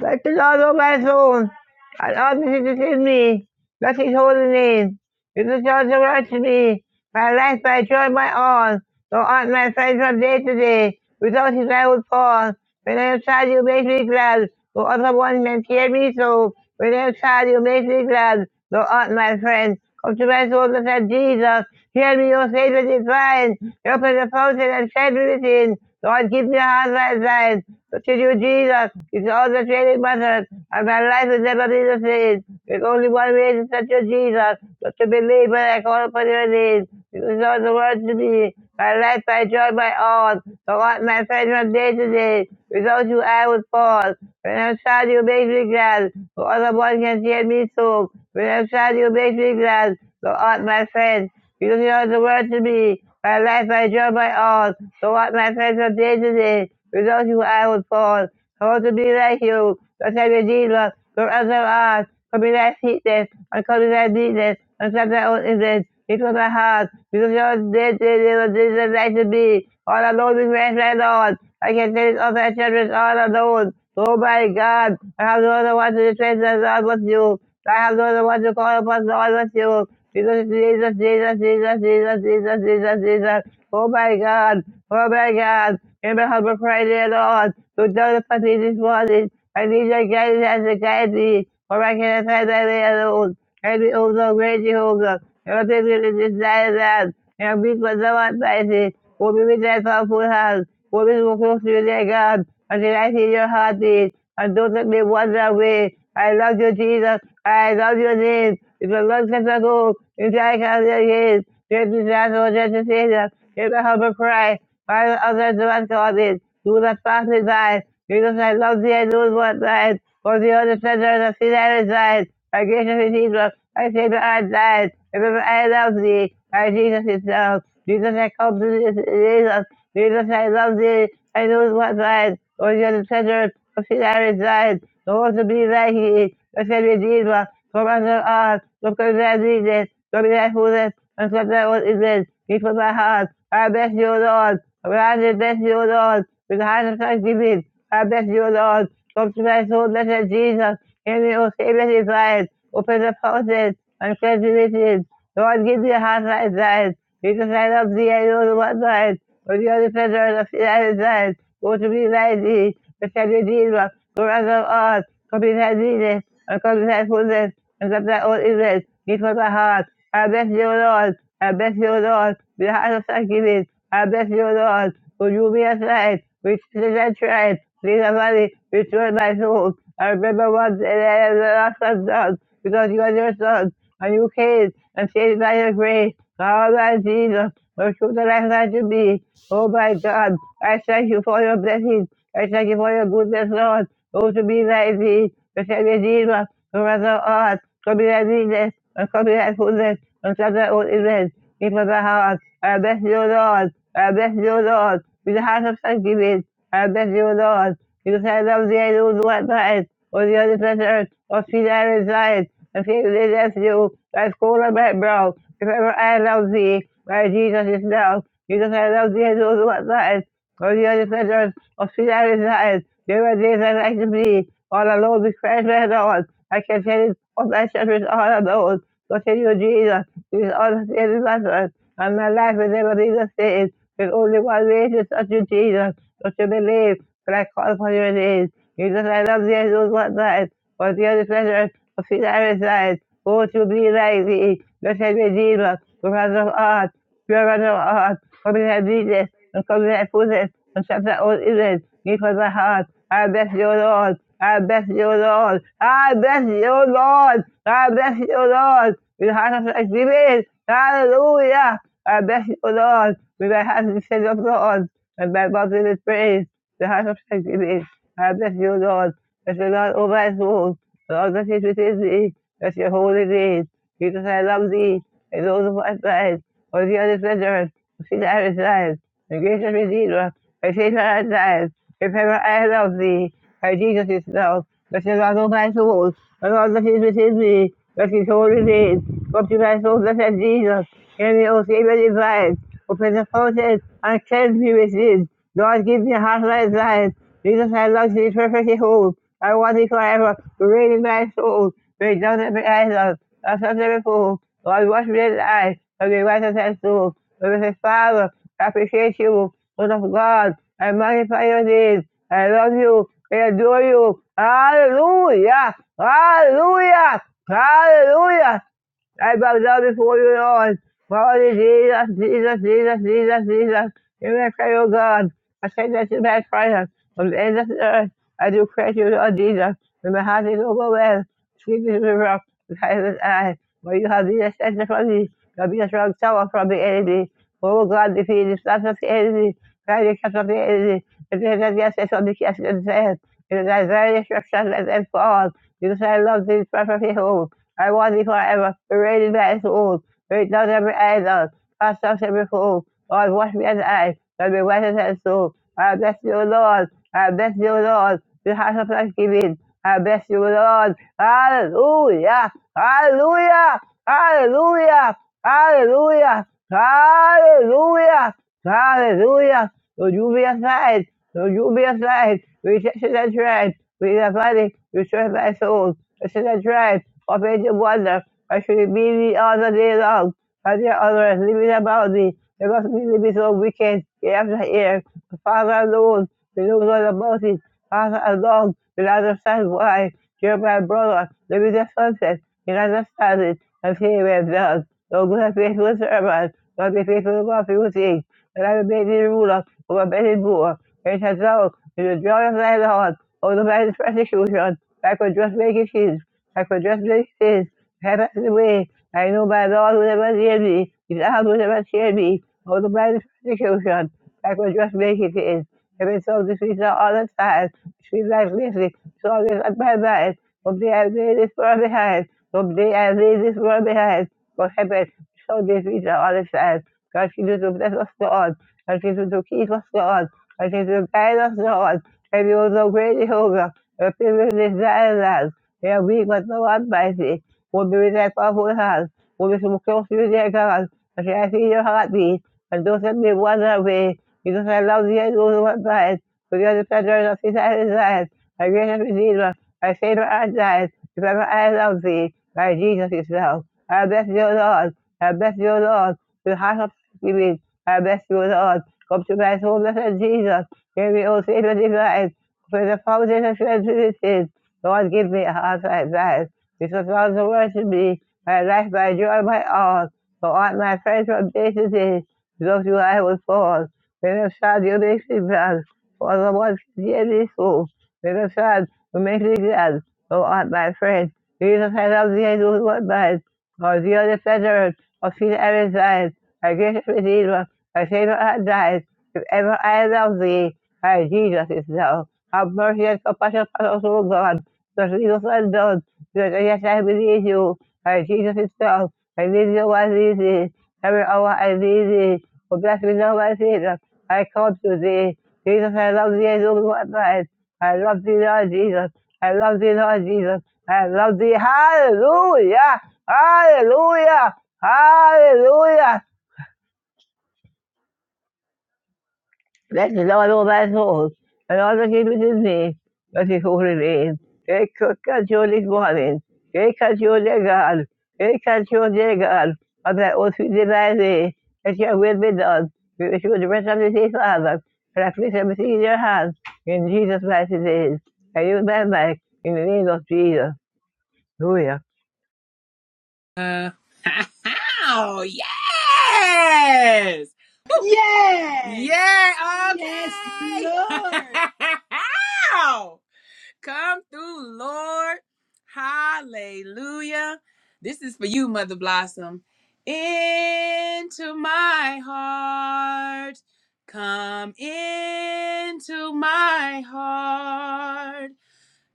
H: Let the Lord O my soul, and all that is within me. Bless his holy name. Give the joy of unto me. My life, my joy, my all. Thou art my friend from day to day. Without his I would fall. When I am sad, you make me glad. Though other ones may tear me so. When I am sad, you make me glad. Thou art my friend. Come to my soul, Lord Jesus. Hear me, O Savior divine. Open the fountain and shed me within. Lord, keep their heart right side. To you, Jesus, it's all the training methods, and my life is never be the same. There's only one way to touch you, Jesus, but to believe when I call upon your name. Because all the words to me, my life, my joy, my all, So, what my friend from day to day. Without you, I would fall. When I'm sad, you make me glad, for other one can hear me so. When I'm sad, you make me glad, So, art my friend. Because he knows the word to me. My life I draw my own. So what my friends from day to day, without you I would fall. I want to be like you, not like redeemer, from as thou art. For me thy sweetness, and come me thy meekness, and set thy own image. It was my heart, because your dead day they were days and night to be. All alone with rest my Lord. I can tell it of thy children all alone. Oh my God, I have no other one to the treasure of God but you. I have no one to call upon, no one but you. Jesus, Jesus, Jesus, Jesus, Jesus, Jesus, Jesus, Jesus. Oh my God, oh my God. In my of cry, dear Lord, to tell the party this morning. I need your guidance and guide me, for I cannot find my way alone. Ele usa o grande ruga. Eu tenho necessidade. Eu vim fazer uma espécie. O me der só And O mesmo curso your heart, cidade and don't let me wander away." I love you, Jesus. I love your name. It's a long time ago. It's like how it is. There's a shadow of the Savior. Let me a humble cry. Father, others do not call it. Do not pass me by. because I love thee. I do not want thine. For the other treasure, the sin I reside. Our gracious Jesus, I say that I died. Remember, I love thee. Our Jesus is love. Jesus, I come to this Jesus. Jesus, I love thee. I know what thine. O you are the treasure of sin I reside. No one to be like thee. O said Redeemer, from under earth, look on thy needed. So be that who this and such that what it is. Keep with my heart. I bless you, Lord. I bless you, Lord. With the heart of thanksgiving. I bless you, Lord. Come to my soul, blessed Jesus. Hear me, O Savior divine. Open the faucet and cleanse the riches. Lord, give me a heart like thine. Jesus, I love thee, I know the one thine. But you are the pleasure of the United States. Go to me, like thee. Protect your Jesus for us of us. Come to that Jesus. And come to that fullness. And come that all Israel. Give us a heart. I bless you, Lord. I bless you, Lord. With a heart of thanksgiving. I bless you, Lord. For you be a light. Which is a tribe. Lead a valley. Restore my soul. I remember once and I am the last of done. Because you are your son. And you came and saved by your grace. God, my Jesus. Lord, show the life that you be. Oh my God, I thank you for your blessings. I thank you for your goodness, Lord. Oh, to be like thee, to say Redeemer, to rather art, to be thy meanness, and to be thy goodness, and to thy own image, give us thy heart. I bless you, Lord. I bless you, Lord, with the heart of thanksgiving. I bless you, Lord, because I love thee, I know not mine. Or the other pleasure of sin I reside. And people did that to you, like school of black bro. If ever I love thee, by Jesus is now. Jesus, I love thee, and those what that is. Or the other sinners, or see that is that is. There were days I like to be, all alone with Christ my Lord. I can tell it of thy shepherds all alone. So tell you, Jesus, this is all that really matters. And my life will never be the same. There's only one way to touch you, Jesus. Don't you believe, but I call upon your name. Jesus, I love thee, and those what that is for the other pleasure of his eyes, oh, to be like thee, blessed Redeemer, Provider of art, pure runner of art, come in thy and come in fullness, and shut thy own ears, give us a heart, I bless you, Lord, I bless you, Lord, I bless you, Lord, I bless you, Lord, with a heart of thanksgiving, hallelujah, I bless you, Lord, with my heart in the of Lord, and my mouth in praise, the heart of thanksgiving, I bless you, Lord, that you're not over as old. Lord, that is within thee, that your holy name. Jesus, I love thee, and those of my friends, for the other pleasure, see that I reside. The grace of his Redeemer, her faithful eyes, her faithful eyes of thee, her Jesus is love, that is not of my soul, and all that is within me, that is holy name. Come to my soul, blessed Jesus, hear me, O Savior divine, open the fountain and cleanse me within. Lord, give me a heart like thine. Jesus, I love thee perfectly whole. I want thee forever to reign in my soul. Break down every idol, I such never fool. Lord, wash me in the eye, and be white as snow. Lord say, Father, I appreciate you, Lord of God. I magnify your name. I love you. I adore you. Hallelujah. Hallelujah. Hallelujah. I bow down before you, Lord. Holy Jesus, Jesus, Jesus, Jesus, Jesus. Hear my prayer, O God. I say that You to my prayer from the end of the earth. I do praise you, Lord Jesus. When my heart is overwhelmed, sweep me to the rock, the silent eye. For you have been a shelter from me. You have been a strong tower from the enemy. Oh God, defeat the plans of the enemy. Try the cup of the enemy. And then that yes, it's on the cast of the sand. In thy very destruction, let them fall. Because I love thee, prophet of I want thee forever, remaining there to all. Read down every idol, cast off every fool. Lord, wash me as I, and be white as that I bless you, Lord. I bless you, Lord. The house of thanksgiving. I bless you, Lord. Hallelujah. Hallelujah. Hallelujah. Hallelujah. Hallelujah. Hallelujah. Lord, you be aside. Lord, you be aside. Rejection and dread. We are body. Restore my soul. Reject and dread forbid to wonder, I should be me all the day long. But there others living about me. They must really be living so wicked, year after year. The Father alone, we don't know about it. Father alone, will understand why. Dear my brother, live in the sunset, you understand it, and see where done. No good and faithful servant, not be faithful about few things. And I will make thee ruler over many more. And it has now, in the joy of thy Lord, over the man's persecution, I could just make it his. I could just like this, have the way. I know by the Lord whoever hear me, if the Lord whoever hear me, all the by the persecution, I could just make it in. If it's all the streets are all the time, street like this, it's all this at my mind. Someday I lay this world behind, someday I lay this world behind. God help us, so this streets are all the time. Continue to bless us, Lord. Continue to keep us, Lord. Continue to guide us, Lord. And you are the great Jehovah, the privilege of Kaya bigat na one spicy. Kung bibigay pa po lahat. Kung sumukyo ko bibigay ka lang. Kasi ay sinyo hakati. Ando sa may buwan na may. Ito sa law diya yung lumat dahil. Kaya sa tadar na si sa dahil. Ay biya na pinila. Ay say na ang dahil. If ever I love thee, my Jesus is love. I bless you, Lord. I bless you, Lord. With heart of thanksgiving. I bless you, Lord. Come to my soul, blessed Jesus. give me, all O Savior divine. For the fountain of transgression Lord, give me a heart like that, because all the world to me, my life, my joy, my all. For all my friends from day to day, because you I will fall. When I'm sad, you make me glad. For the ones who hear me so. When I'm sad, you make me glad. For all my friends, Jesus, I love thee, I do what mine. For thee are the pleasure of sin and desire. My gracious Redeemer, my Savior and died. If ever I love thee, my Jesus is thou. Have mercy and compassion upon us, O God. Because Jesus was born. Because yes, I believe you. And Jesus is strong. I need you my easy. Every hour I need thee. Oh, bless me now, my Savior. I come to thee. Jesus, I love thee as only one man. I love thee, Lord Jesus. I love thee, Lord Jesus. I love thee. Hallelujah. Hallelujah. Hallelujah. Let the Lord over souls and all that is within me, that is holy name. Take control this morning. Take control, dear God. Take control, dear God, of that oath we divine thee. Let your will be done. We wish you the rest of the day, Father. And I place everything in your hands. In Jesus' mighty name. I use my mic in the name of Jesus. Hallelujah.
F: Uh, (laughs) oh, yes! Woo!
A: Yes,
F: Yeah,
A: yes,
F: okay! (laughs)
A: Lord.
F: Wow. Come through, Lord. Hallelujah. This is for you, Mother Blossom. Into my heart. Come into my heart.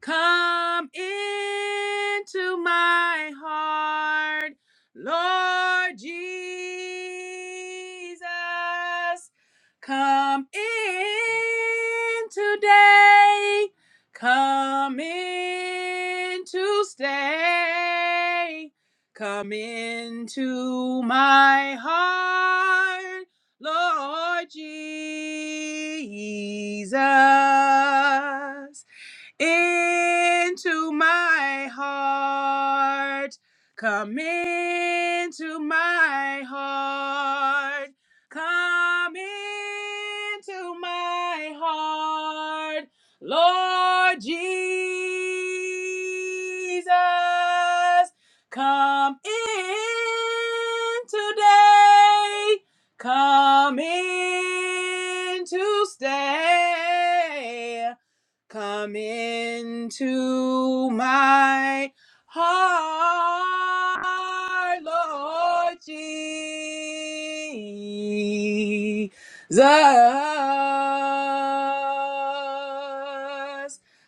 F: Come into my heart, Lord Jesus. Come in today. Come in to stay. Come into my heart, Lord Jesus into my heart. Come into my heart. Come into my heart. Lord Jesus, come in today. Come in to stay. Come into my heart, Lord Jesus.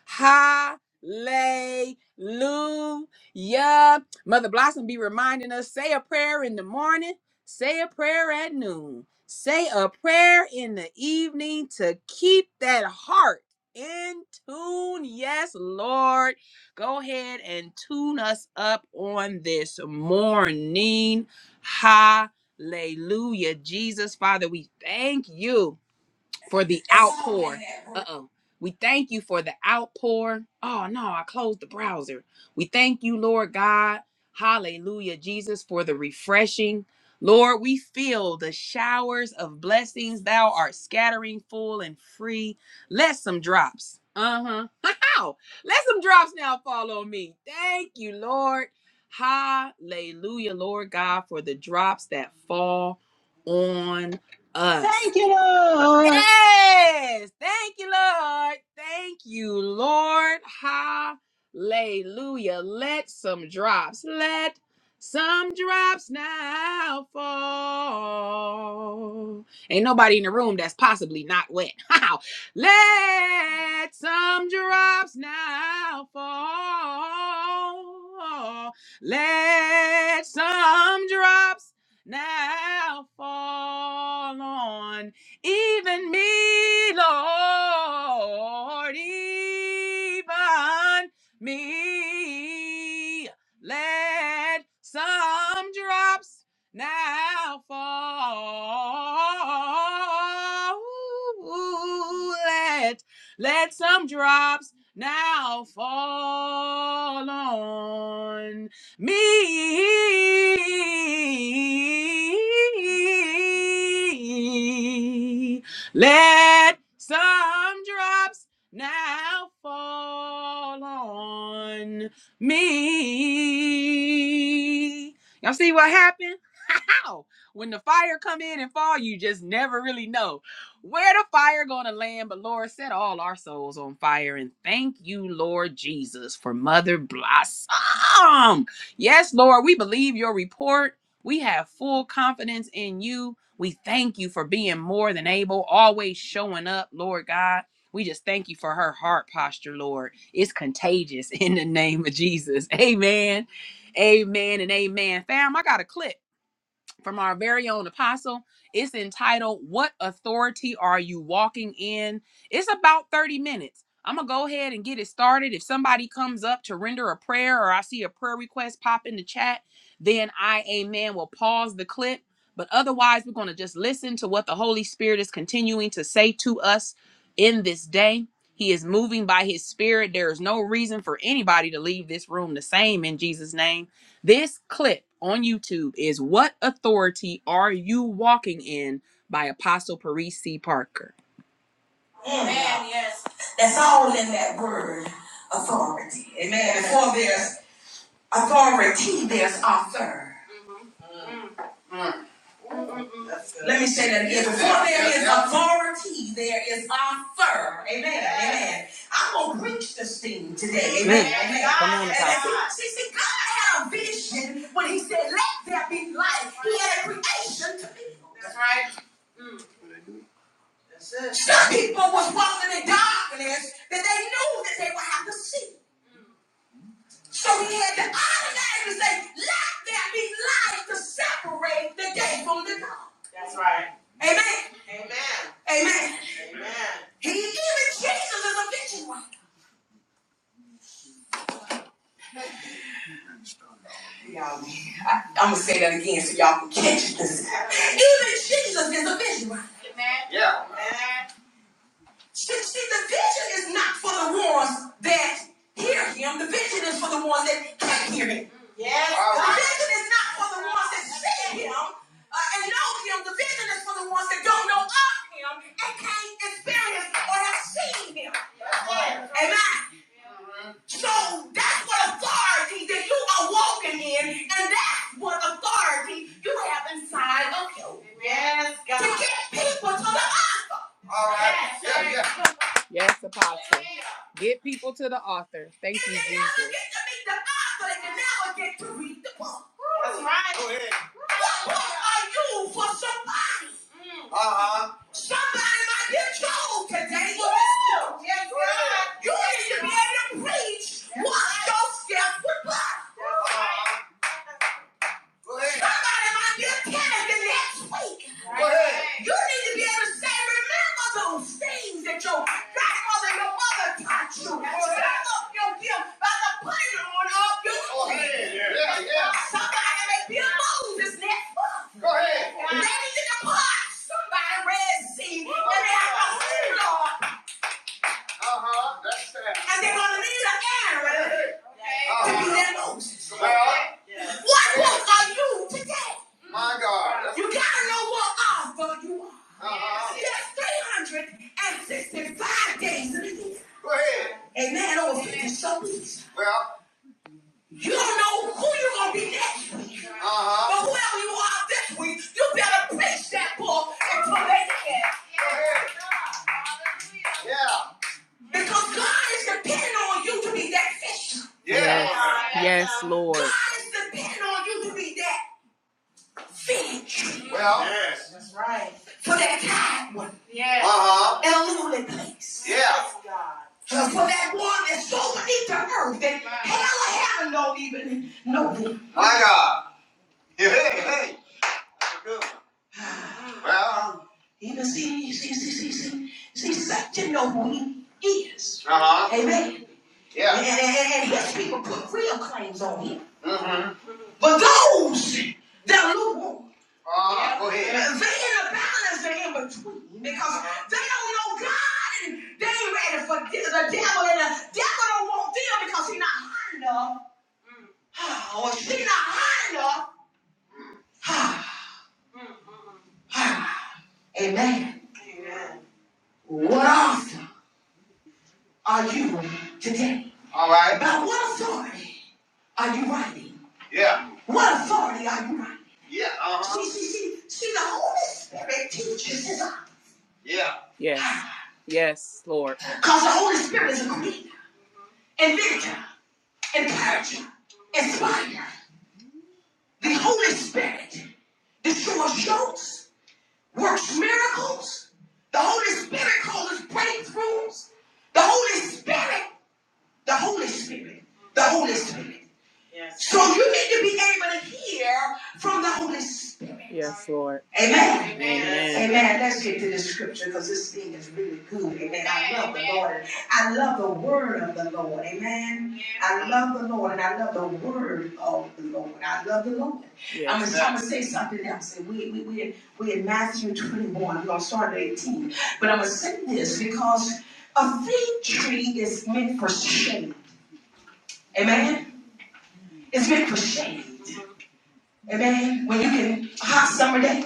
F: Hallelujah. Mother Blossom be reminding us say a prayer in the morning, say a prayer at noon, say a prayer in the evening to keep that heart in tune. Yes, Lord. Go ahead and tune us up on this morning. Hallelujah. Jesus, Father, we thank you for the outpour. Uh oh. We thank you for the outpour. Oh no, I closed the browser. We thank you, Lord God. Hallelujah, Jesus, for the refreshing. Lord, we feel the showers of blessings thou art scattering full and free. Let some drops. Uh huh. How? (laughs) Let some drops now fall on me. Thank you, Lord. Hallelujah, Lord God, for the drops that fall on us.
A: Thank you, Lord.
F: Yes. Thank you, Lord. Thank you, Lord. Hallelujah. Let some drops, let some drops now fall. Ain't nobody in the room that's possibly not wet. (laughs) How? let some drops now fall. Let some drops now fall on even me, Lord, even me. Let some drops now fall. Let, let some drops now fall on me. Let some drops now fall on me. Y'all see what happened? how. When the fire come in and fall, you just never really know where the fire gonna land. But Lord, set all our souls on fire. And thank you, Lord Jesus, for Mother Blossom. Yes, Lord, we believe your report. We have full confidence in you. We thank you for being more than able, always showing up, Lord God. We just thank you for her heart posture, Lord. It's contagious (laughs) in the name of Jesus. Amen. Amen and amen. Fam, I got a clip from our very own apostle. It's entitled What Authority Are You Walking In? It's about 30 minutes. I'm going to go ahead and get it started. If somebody comes up to render a prayer or I see a prayer request pop in the chat, then I, amen, will pause the clip. But otherwise, we're going to just listen to what the Holy Spirit is continuing to say to us in this day. He is moving by his spirit. There is no reason for anybody to leave this room the same in Jesus' name. This clip on YouTube is What Authority Are You Walking In by Apostle Parisi C. Parker. Amen. That's all in that word, authority. Amen. Before there's authority, there's author. Let me say that again. Before there is authority, there is author. Amen. Amen. I'm gonna preach this thing today. Amen. Mm. Amen. Come on, Apostle. See, see, God had a vision when He said, "Let there be light." He had a creation to be. Some people was walking in darkness that they knew that they would have to see. So he had the automatic to say, let there be light to separate the day from the dawn. Amen. Amen. He even Jesus is a vision Y'all, I, I'm gonna say that again so y'all can catch this. Even Jesus is a vision writer. See, see, the vision is not for the ones that hear him. The vision is for the ones that can't hear him. The vision is not for the ones that see him uh, and know him. The vision is for the ones that don't know of him and can't experience or have seen him. Amen. So that's what authority that you are walking in, and that's what authority you have inside of you to get people to the altar. All right. Yes, Apostle. Get people to the author. Thank you, Jesus. Get to meet the author, and now I get to read the book. That's right. Go ahead. What book are you for somebody? Uh-huh. Somebody might get told today with this book. Yes, right. You need to be able to preach. Watch yourself with God. Go ahead. Somebody might be a candidate next week. Go ahead. You need to be able to say, remember those things that your grandmother and your mother taught you. Go Back up your gift by the putting on up your Go ahead. Yeah, yeah. Somebody may be a Moses next month. Go ahead. They need to depart. Somebody Red Sea. And they have a hold on. Uh-huh. That's that. And they're going to need an Aaron. Oh, well, yeah. what walk are you today? My God. You gotta know what offer you are. Uh-huh. There's 365 days in a year. Go ahead. Amen. Over 50 somethings. Well. You don't know who you're gonna be next week. Uh-huh. But whoever you are this week, you better preach that book and put it in. Go ahead. Yeah. Because God is depending on you to be that fish. Yes. Yes, Lord. God is depending on you to be that fish. Well, yes. That's right. For that tired one. Yes. Uh huh. In a lonely place. Yeah. For that one that's so beneath the earth that hell and heaven don't even know him. My God. Hey, hey. Good. Well, Even see, see, see, see, see, see, see, you know who he is. uh huh. Amen. Yeah. And, and- and yes, people put real claims on him. Mm-hmm. But those that are lukewarm, Uh, go ahead. they in ahead. a balance, they're in between because they don't know God and they ain't ready for the devil. And the devil don't want them because he's not high enough, or she's not high enough. (sighs) Amen. What author are you today? All right. By what authority Are you writing? Yeah. What authority are you writing? Yeah. Uh huh. See, see, see, see, the Holy Spirit teaches us. Yeah. Yes. (sighs) Yes, Lord. Because the Holy Spirit is a creator, inventor, encourager, inspire. The Holy Spirit destroys yokes, works miracles. The Holy Spirit causes breakthroughs. The Holy Spirit, the Holy Spirit, the Holy Spirit. So you need to be able to hear from the Holy Spirit. Yes, Lord. Amen. Amen. Amen. Let's get to the scripture because this thing is really good. Amen. I love the Lord. I love the word of the Lord. Amen. I love the Lord and I love the word of the Lord. I love the Lord. Yes. I'm Yes. gonna, I'm gonna say something else. We we we we in Matthew 21. We're gonna start at 18. But I'm gonna say this because a fig tree is meant for shade. Amen. It's meant for shade. Amen. When you can hot summer day,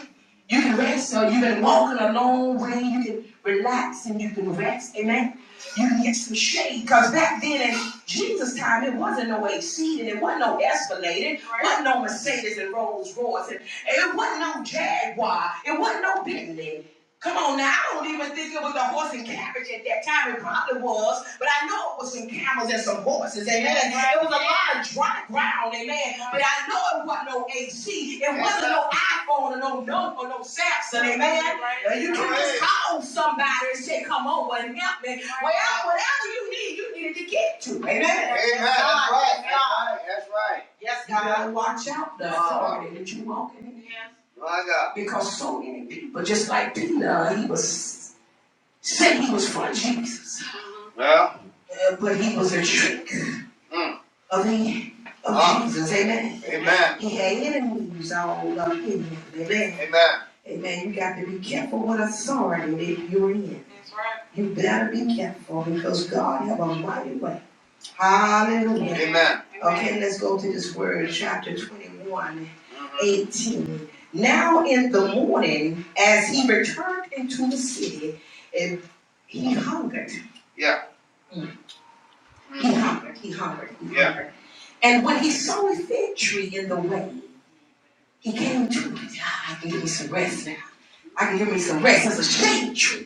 F: you can rest. Or you have been walking a long way. You can relax and you can rest. Amen. You can get some shade. Because back then in Jesus' time, it wasn't no AC and it wasn't no Escalade. It wasn't no Mercedes and Rolls Royce. And it wasn't no Jaguar. It wasn't no Bentley. Come on now, I don't even think it was a horse and carriage at that time. It probably was, but I know it was some camels and some horses, amen. It was a lot of dry ground, amen. But I know it wasn't no AC, it wasn't no iPhone or no note or no Samsung, amen. And You can just call somebody and say, Come over and help me. Well, whatever you need, you needed to get to, amen. Amen. That's right. That's right. Yes, God. You better watch out though. authority that you walking in. My God. because so many people, just like Peter, he was said he was for Jesus, Well, uh, but he was a trick mm, of the of ah, Jesus. Amen. amen. He had enemies all up in him. Amen. Amen. Amen. You got to be careful what authority that you're in. You better be careful because God have a mighty way. Hallelujah. Amen. Okay, let's go to this word, chapter 21, 18. Now in the morning, as he returned into the city, and he hungered. Yeah. He hungered, he hungered, he Yeah. hungered. And when he saw a fig tree in the way, he came to it. "Ah, I can give me some rest now. I can give me some rest. It's a shade tree.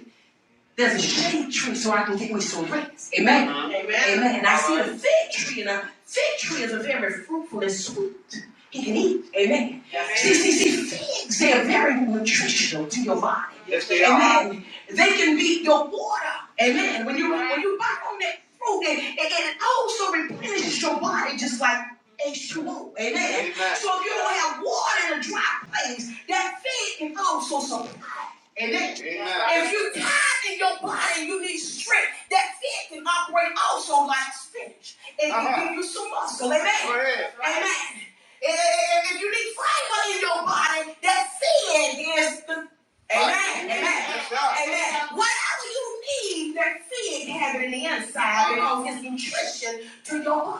F: There's a shade tree so I can get me some rest. Amen. Amen. Amen. And I see a fig tree, and a fig tree is a very fruitful and sweet. He can eat. Amen. Amen. See, see, see, figs, they are very nutritional to your body. Yes, they Amen. are. They can be your water. Amen. When you when you bite on that fruit, and it, it also replenishes your body just like H2O. Amen. Amen. So if you don't have water in a dry place, that fig can also supply Amen. if you tired in your body and you need strength, that fit can operate also like spinach. It can Uh-huh. can give you some muscle. Amen. Go Amen. If you need fiber in your body, that feed is the Amen. Right. Amen. Yes, Amen. Whatever you need, that feed can have it in the inside because it's nutrition to your body.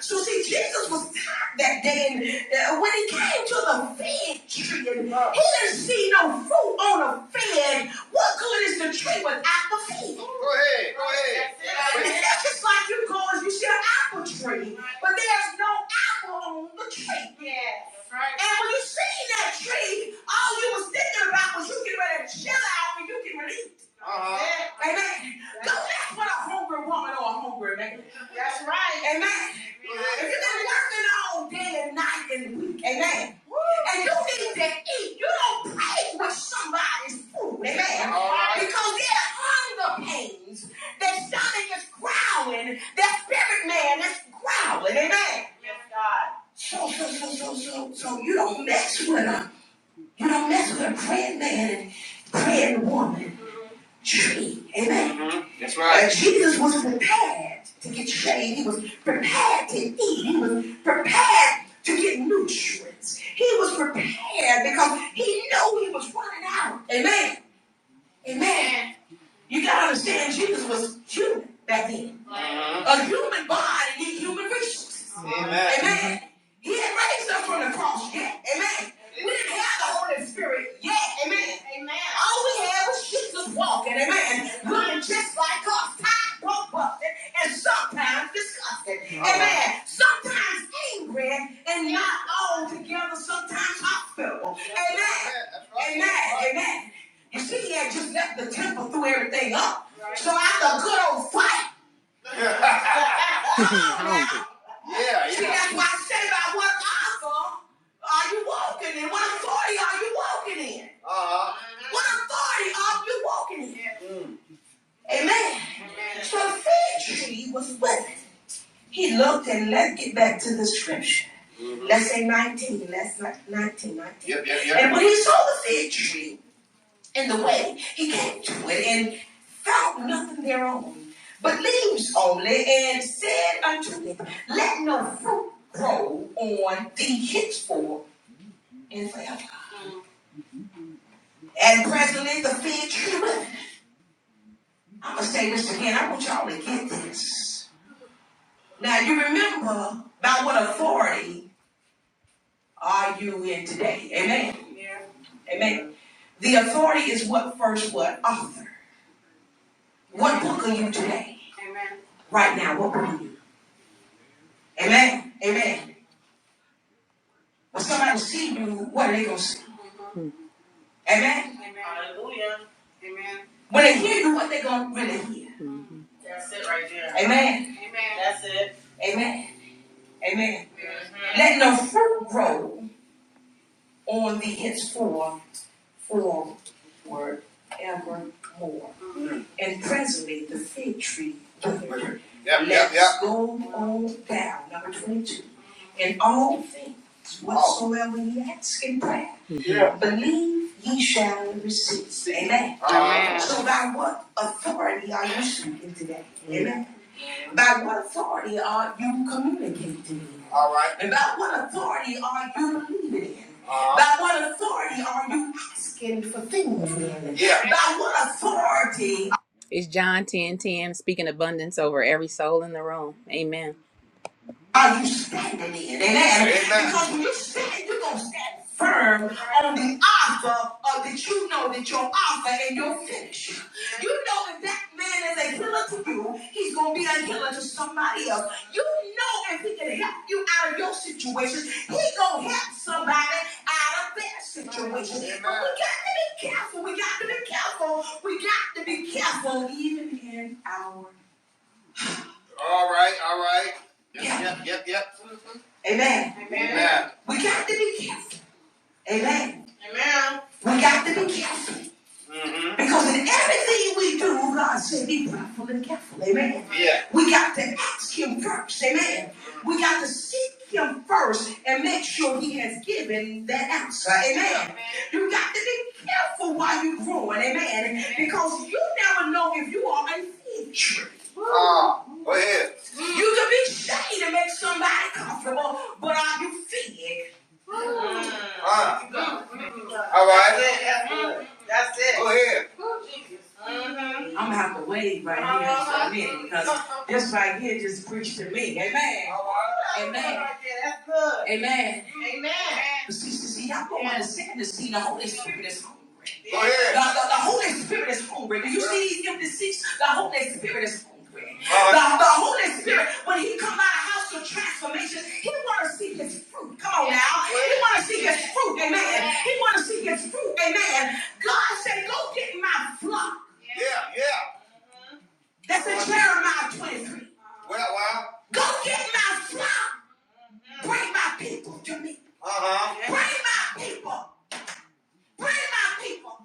F: So see, Jesus was tired that day, and uh, when he came to the fig tree, and he didn't see no fruit on a fig. What good is the tree without the fig? Go ahead, go ahead. That's it. That's just like you go and you see an apple tree, but there's no apple on the tree. Yes. Right. And when you see that tree, all you was thinking about was you get ready to chill out and you can release. Uh-huh. Yeah. Amen. That's So that's what a hungry woman or a hungry man. That's right. Amen. If you've been working all day and night and week, amen. And you need to eat, you don't pay with somebody's food, amen. All right. Because there are hunger pains, their stomach is growling, their spirit man is growling, amen. So, so, so, so, so, so you don't mess with a, you don't mess with a praying man and praying woman tree. Amen. Mm-hmm. That's Uh, right. Uh, Jesus was prepared to get shade. He was prepared to eat. He was prepared to get nutrients. He was prepared because he knew he was running out. Amen. Amen. You gotta understand, Jesus was human back then. Mhm. A human body need human resources. Amen. Amen. He had raised up from the cross yet. Amen. We didn't have the Holy Spirit yet. Amen. Amen. All we had was Jesus walking. Amen. Women just like us, tired, broke, busted, and sometimes disgusted. Amen. Right. Sometimes angry and not all together, sometimes hospitable. Amen. right. Amen. Amen. You see, he had just left the temple, threw everything up. Right. So after a good old fight. (laughs) (laughs) yeah, yeah, See, yeah. that's why I said about what gospel are you walking in? What authority are you walking in? Uh-huh. What authority are you walking in? Mm. Amen. Amen. So the fig tree was wet. He looked and let's get back to the scripture. Mm-hmm. Let's say 19. Let's not 19, nineteen. Yep, yep, yep. And when he saw the fig tree in the way he came to it and found nothing thereon, but leaves only, and said unto it, Let no fruit grow on thee henceforth and forever. And presently the fig tree withered. I'm gonna say this again. I want y'all to get this. Now you remember by what authority are you in today? Amen. Amen. The authority is what first what author. What book are you today? Right now, what book are you? Amen. Amen. When somebody see you, what are they gonna see? Amen. When they hear you, what they gonna really hear? Amen. Amen. Amen. Let no fruit grow on thee henceforth for word evermore. And presently the fig tree withered. Yep, yep, yep. Let's yep. go on down. Number 22. in all things whatsoever ye ask in prayer. Yeah. Believe ye shall receive. Amen. Amen. So by what authority are you speaking today? Amen. By what authority are you communicating? All right. And by what authority are you believing in? Uh, By what authority are you asking for things in? yeah. By what authority? It's John ten ten, speaking abundance over every soul in the room. Amen. Are you standing in? Amen. Because when you stand, you're going to stand firm on the offer of that you know that your offer and your finish. You know if that man is a killer to you, he's going to be a killer to somebody else. You know if he can help you out of your situation, he going to help somebody out of their situation. But we got to be careful. We got to be careful. We got to be careful even in our all right, all right. Yep, yeah. yep, yep, yep. Mm-hmm. Amen. Amen. Amen. We got to be careful. Amen. We got to be careful. Mm-hmm. Because in everything we do, God said, be prayerful and careful. Amen. Yeah. We got to ask Him first. Amen. We got to seek Him first and make sure He has given that answer. Amen. Amen. You got to be careful while you're growing. Amen. Amen. Because you never know if you are a fig tree. Ah, go ahead. You can be shady to make somebody comfortable, but are you fig? Ah. All right. That's it. That's it. Go ahead. Mhm. I'm gonna have to wave right uh-huh. here in a minute because this right here just preached to me. Amen. Uh-huh. Amen. Amen. That's good. Amen. Amen. See, see, see, y'all don't understand this. See, the Holy Spirit is hungry. Go ahead. The, the, the Holy Spirit is hungry. Do you see these empty seats? The Holy Spirit is hungry. Uh-huh. The, Uh, the Holy Spirit, when he come out of house of transformation, he want to see his fruit. Come on now. He want to see his fruit. Amen. He want to see his fruit. Amen. God said, go get my flock. Yeah, yeah. That's in Jeremiah 23. Well, well. Go get my flock. Bring my people to me. Uh-huh. Bring my people. Bring my people.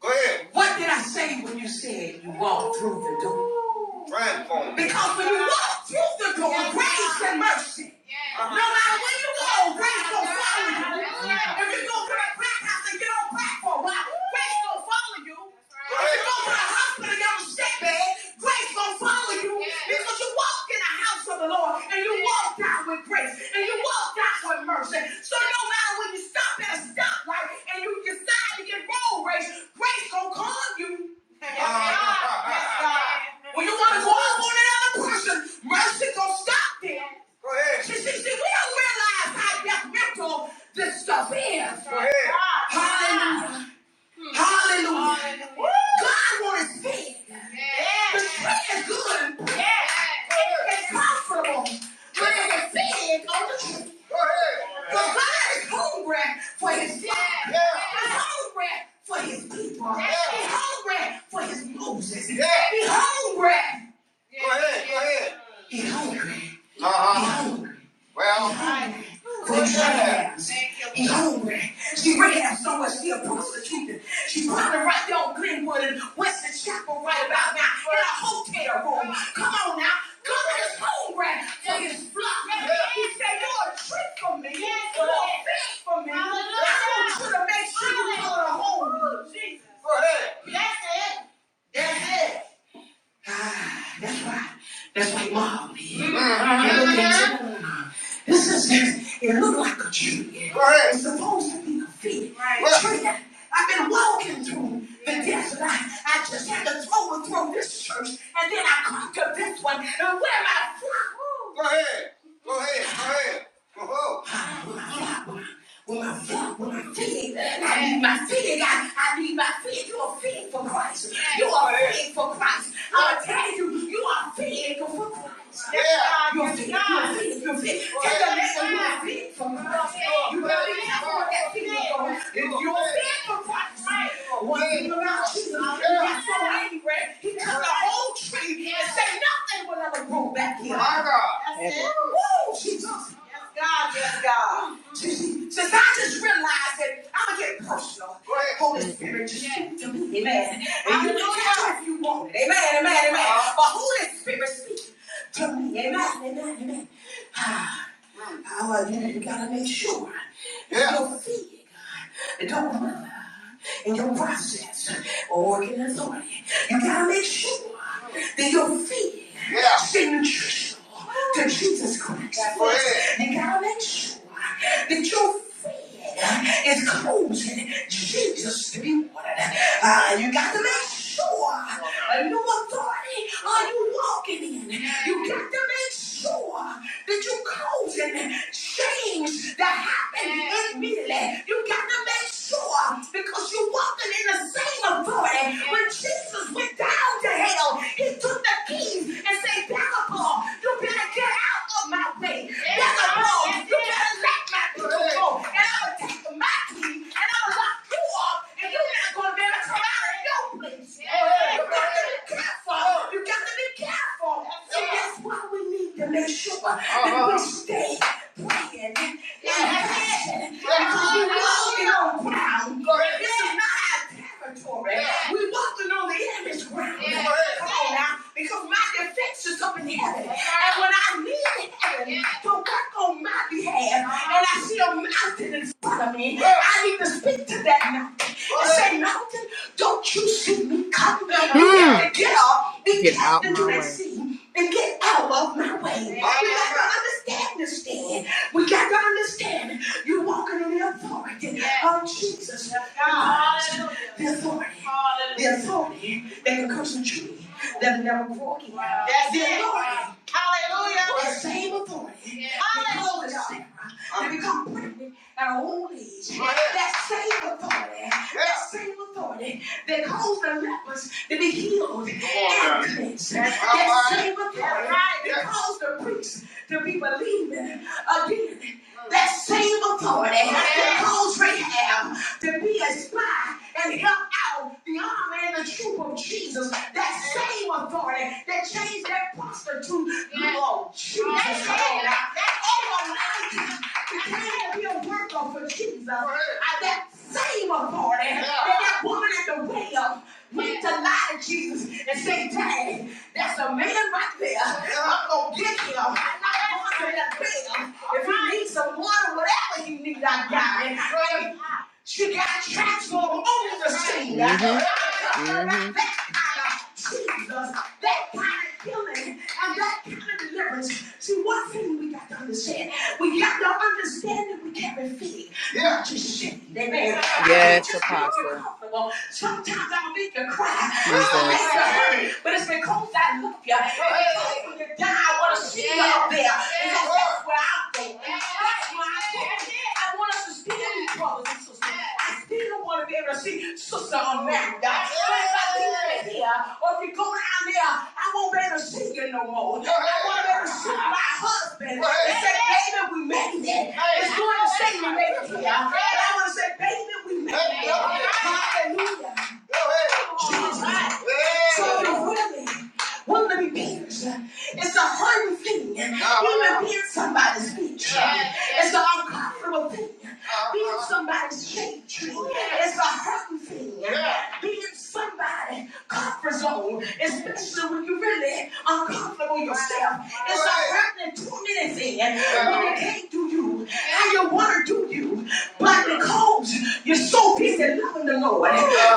F: Go ahead. What did I say when you said you walked through the door? Transform Because when you walk through the door, grace and mercy Uh-huh. No matter where you go, grace gonna follow you. If you go to the crack house and get on crack for a while, grace gonna follow you. If you go to the hospital and get on a sick bed, grace gonna follow you. Because you walk in the house of the Lord and you walk out with grace and you walk out with mercy. So no matter when you stop at a stoplight and you decide to get road race, grace gonna call you. Yes, God. When you want to go up on another person, mercy gonna stop them. Go ahead. See, see, see, we don't realize how detrimental this stuff is. Go ahead. Hallelujah. Hallelujah. God wants to see. The tree is good and it's profitable when it is fed on the tree. So God is hungry for his flock. He's hungry for his people. He's hungry for his Moses. He's hungry. Go ahead. go ahead. He's hungry. Uh-huh. He's hungry. Well, He's hungry. Well, your hands. She's hungry. She ready to have somewhere she a prostitute. She's probably right there on Glenwood and Western Chapel right about now in a hotel room. Come on now. Come on, it's hungry for his flock. He said, you're a trick for me. You're a fish for me. I want you to make sure you go to home. For her. That's it. That's it. Ah, That's why. That's why mom did. Mm-hmm. This is just, it looked like a tree. Right. It's supposed to be a fig right. tree. I- have been walking through the desert. I, I just had to overthrow this church, and then I come to this one. And where am I? Go ahead. Go ahead. Go ahead. Go ahead. When my feet, when my feet, I need my feet. I, I need my feet. You are feeding for Christ. You are feeding for Christ. I'm tell you, you are feeding for Christ. Yeah. You're feeding, you're feeding, you're feeding. Tell your neighbor you are feeding for Christ. You better be careful what that feeding is for. If You're feeding for Christ. One thing about Jesus, that's so angry. He took the whole tree and said nothing will ever grow back here. My God. That's it. Woo, Jesus. Yes, God, yes, God. Since I just realized that I'm gonna get personal. Go ahead. Holy Spirit, just speak to me. Amen. And you do that if you want it. Amen, amen, amen. But Holy Spirit, speak to me. Amen, amen, amen. (sighs) power, and then you gotta make sure that Yeah. your feet don't move in your process or working authority. You gotta make sure that your feet yeah. stay nutritional to Jesus Christ. Go ahead. You gotta make sure that your feet is closing Jesus to be watered. Uh, you gotta make sure a new authority are you walking in. You got to make sure sure that you're causing change to happen in Billy. You got to make sure because you're walking in the same authority. When Jesus went down to hell, he took the keys and said, Beelzebub, you better get out of my way. Beelzebub, you better let my people go. And I'm going to take my keys and I'm going to lock you up and you're not gonna be able to come out of your place. Yeah. You got to be careful. You got to be careful. That's So it. that's why we need to make sure uh-huh. that we stay praying and passionate. Because we're walking on ground. This is not our territory. Yeah. We're walking on the enemy's ground. Yeah. Come on now. Because my defense is up in heaven. Yeah. And when I need heaven yeah. to work on my behalf, and I see a mountain in front of me, yeah. I need to speak to that mountain and say, Mountain, don't you see me coming? You Mm. get up and Get out into my that way. sea and get out of my way. We got to understand this thing. We got to understand you're walking in the authority of Jesus Christ. The authority. The authority that can curse a tree that never grew again. That's the authority. Hallelujah. The same authority. that caused Sarah to become pregnant at her old age. That same authority that same authority that caused the lepers to be healed and cleansed. That same authority that caused the priests to be believing again. That same authority that caused Rahab to be a spy and help out the army and the troop of Jesus. That same authority that changed that prostitute. Lord Jesus, come on now. I have him work off for Jesus. I, that same authority yeah. that that woman at the well went to lie to Jesus and say, Dang, that's a man right there. I'm going to get him. I'm not going to that well. If you need some water, whatever you need, I got it. She got transformed on the scene. Mm-hmm. Mm-hmm. That kind of Jesus, that kind of healing, and that kind of deliverance. See, one thing we got to understand, we got to understand that we can't refuse. Yes, Apostle. Sometimes I'll make you cry. But it's because I love you. And When you die, I want to see you up there. Because that's where I go. That's where I go. I want us to see you, brothers and sisters eyes. Peter want to be able to see Sister Amanda. So if I leave it here, or if you go down there, I won't be able to see you no more. I won't be able to see my husband. They say, baby, we made it. It's good to say we made it here. And I want to say, baby, we made it. Hallelujah. Jesus. So you really want to be pierced. It's a hurting thing. You've hear pierced somebody's speech. It's an uncomfortable thing. (laughs) Being somebody's shade tree is a hurting thing. Being somebody cortisol, especially when you really uncomfortable yourself. It's not happening two minutes in when it came to you, how you want to do you, but because you're so busy loving the Lord,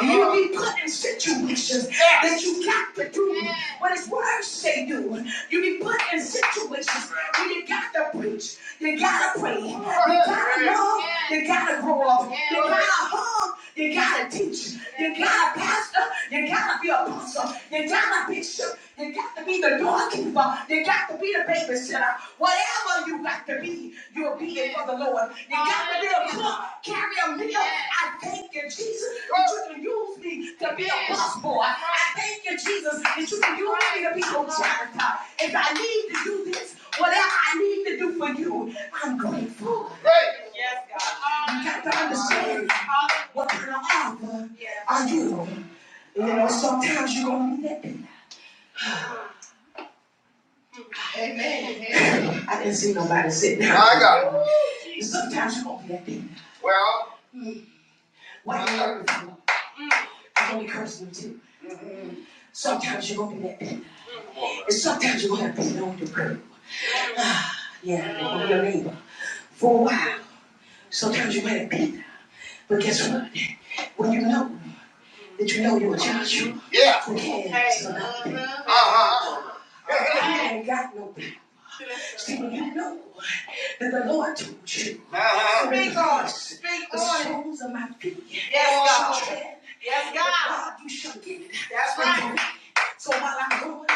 F: you be put in situations that you got to do what His words say do. You be put in situations where you got to preach, you gotta pray, you gotta love, you gotta grow up, you gotta hug song, you gotta teach. You gotta pastor. You gotta be apostle. You gotta be bishop. You got to be the doorkeeper. You got to be the babysitter. Whatever you got to be, you'll be it for the Lord. You got to be a cook, carry a meal. I thank you, Jesus, that you can use me to be a boss boy. I thank you, Jesus, that you can use me to be your janitor. If I need to do this, whatever I need to do for you, I'm grateful. You got to understand. What kind of father Yeah. are you? You know, sometimes you're gonna be that big. Amen. (laughs) I didn't see nobody sitting down. I got it. sometimes you're gonna be that big. Well, What you hurt you, I'm gonna be cursing them too. Sometimes you're gonna be that big. And sometimes you're gonna have to know the girl. (sighs) yeah, you're gonna be a neighbor for a while. Sometimes you're gonna have to But guess what? When you know that you know you're a Joshua yeah. who Hey. cares about people. Uh huh. I ain't got no people. See, when you know that the Lord told you, uh-huh. speak on, speak on. it. soles of my feet. Yes, God. Yes, God. God, you shall get it. That's right. So while I'm going,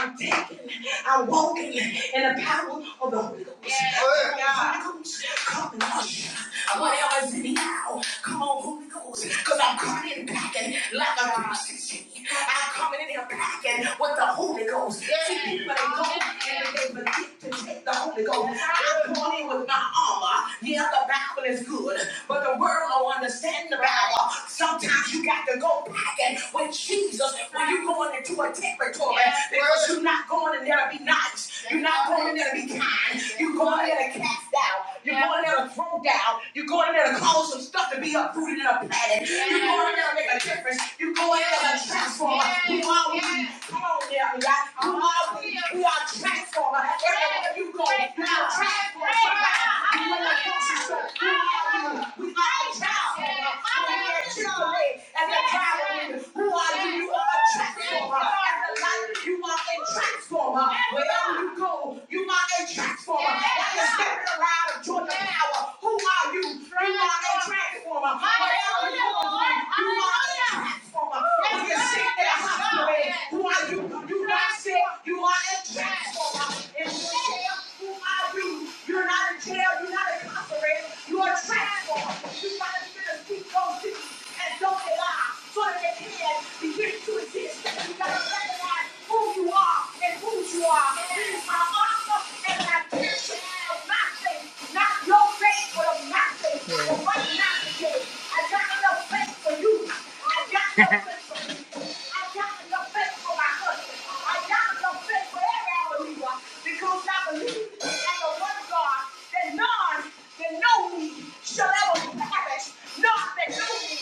F: I'm taking. I'm walking in the power of the Holy Ghost. Yes, Come on, Holy Ghost, come on. usher. Whatever is in now, come on, Holy Ghost. Because I'm coming in packing like a princess. I'm coming in here packing with the Holy Ghost. See, people they go and they forget to take the Holy Ghost. I'm going in with my armor. Yeah, the Bible is good, but the world don't understand the Bible. Sometimes you got to go packing with Jesus when you're going into a territory because you're not going going in there to be nice. You're not going in there to be kind. You're going in there to cast out. You're going in there to throw down. You're going in there to cause some stuff to be uprooted and planted. You're going in there to make a difference. You're going in there to transform. Who are we? Come on, there, God. Who are we? We are transformers. Everywhere you go, you are transformers. You are the grocery store. Who are you? We are transformers. Come on, there, Chick-fil-A. And the driver, who are you? You are a transformer. And the light you are in a transformer. Wherever you go, you are a transformer. That is stepping around of Georgia Power. Who are you? You are a transformer. Wherever you go, you are a transformer. If you're sick in a hospital bed, who are you? You're not sick. You are a transformer. If you're in jail, who are you? You're not in jail. You're not incarcerated. You are a transformer. You got to keep those cities and don't allow so that they can begin to exist. You got to recognize. who who you are and who you are. He is my author and my teacher. Of my faith, not your faith, but of my faith. Yeah. Of what not faith. I got enough faith for you. I got enough (laughs) faith for you. I got enough faith for my husband. I got enough faith for every believer because I believe in the one God that none that know me shall ever perish. None that know me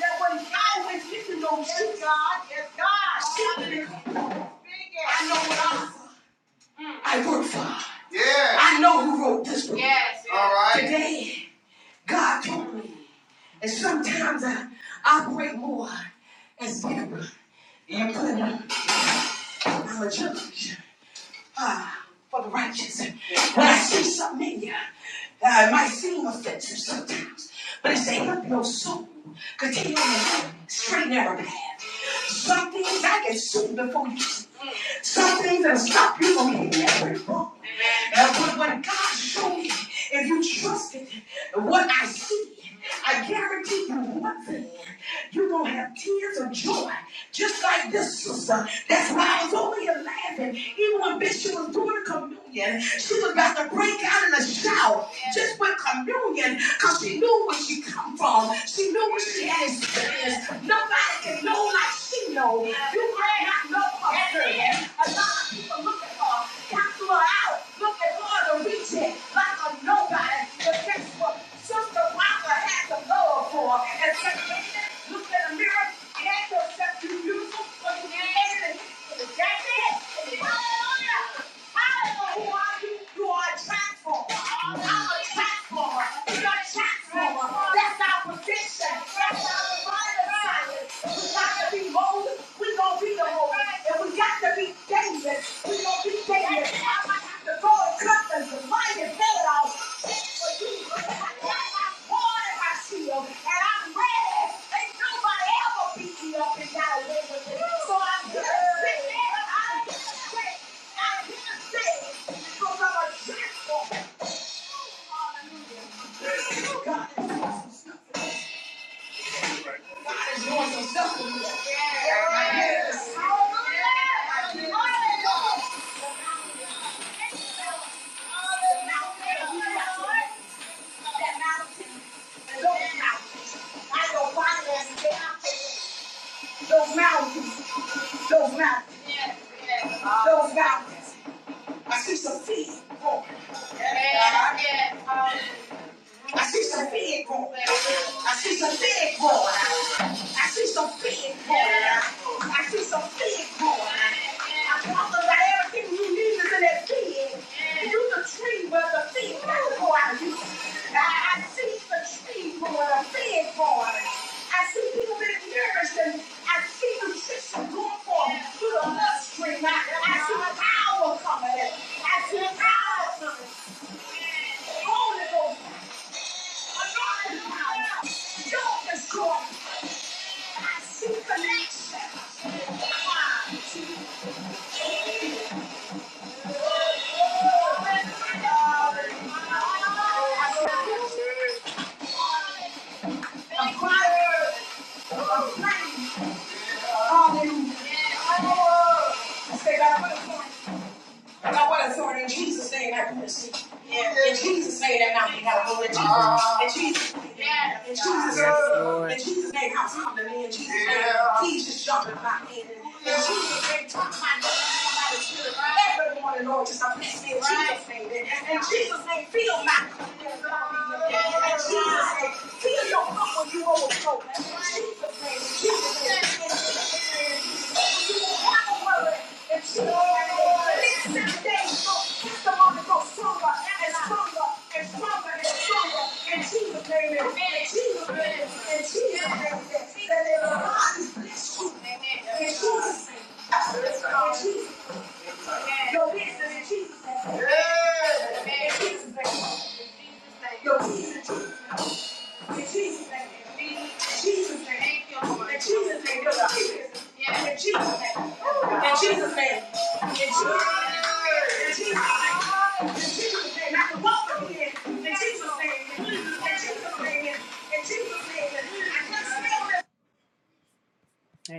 F: that will die with me to know you, God. Yes, God. I know what I'm. I work for. Yeah. I know who wrote this book. Yes. yes. All right. Today, God told me, and sometimes I operate more as Deborah and put Clinton, our judge ah, for the righteous. When I see something in you, uh, it might seem offensive sometimes, but it's a help your soul. Continue on the straight and narrow path. Some things I can see before you see. Some things that'll stop you from hitting that brick Uh, but when God showed me, if you trusted what I see, I guarantee you one thing morning, You're going to have tears of joy, just like this sister. That's why I was over here laughing. Even when Bishop was doing the communion, she was about to break out in a shout just with communion because she knew where she come from. She knew what she had experienced. Nobody can know like she know. You might not know her. A lot of people look at her, cancel her out looking hard to reach it like a nobody. But guess what? Sister Wanda had to go for and look in the mirror, and ask yourself, you beautiful, or you ugly." That's it. Hallelujah. Hallelujah. Who you? You are a transformer. I'm a transformer. You're a transformer. That's our position. That's our final assignment. We got to be bold, We gonna be the bold, And we got to be dangerous. We gonna be dangerous. I might have to go and cut the divine and fill it out That's for you. That's my sword and my shield. And I'm ready. Ain't nobody ever beat me up and got away with it. So I'm gonna sit there. I'm gonna sit. I'm gonna sit. Because I'm a transformer. Hallelujah. God. is Those mountains, those mountains, those mountains. I see some feet. Oh. Yeah, yeah. I see some big boy. I see some big boy. I see some big boy. I see some big boy. I promise that everything you need is in that big. You the tree where the big boy. go out of you. I, I see the tree where the big boy. I see people being nourished and I see nutrition going forth through the bloodstream. I, I see power coming. I see power coming. Holy Ghost Hallelujah. I say that And I wasn't sorry. In Jesus' name, I can receive. In Jesus' name, that mountain got to go. In Jesus' in Jesus' name, yeah, in Jesus' name, in Jesus' name, I'm coming in. In Jesus' name, he's just jumping my in. In Jesus' name, talk my name. Somebody feel Lord, just I bless me in Jesus' name. In in Jesus' name, feel my. In Jesus' name, feel your cup when you overflow. Your business in Jesus' name. Your business in Jesus' name. Your business in Jesus' name.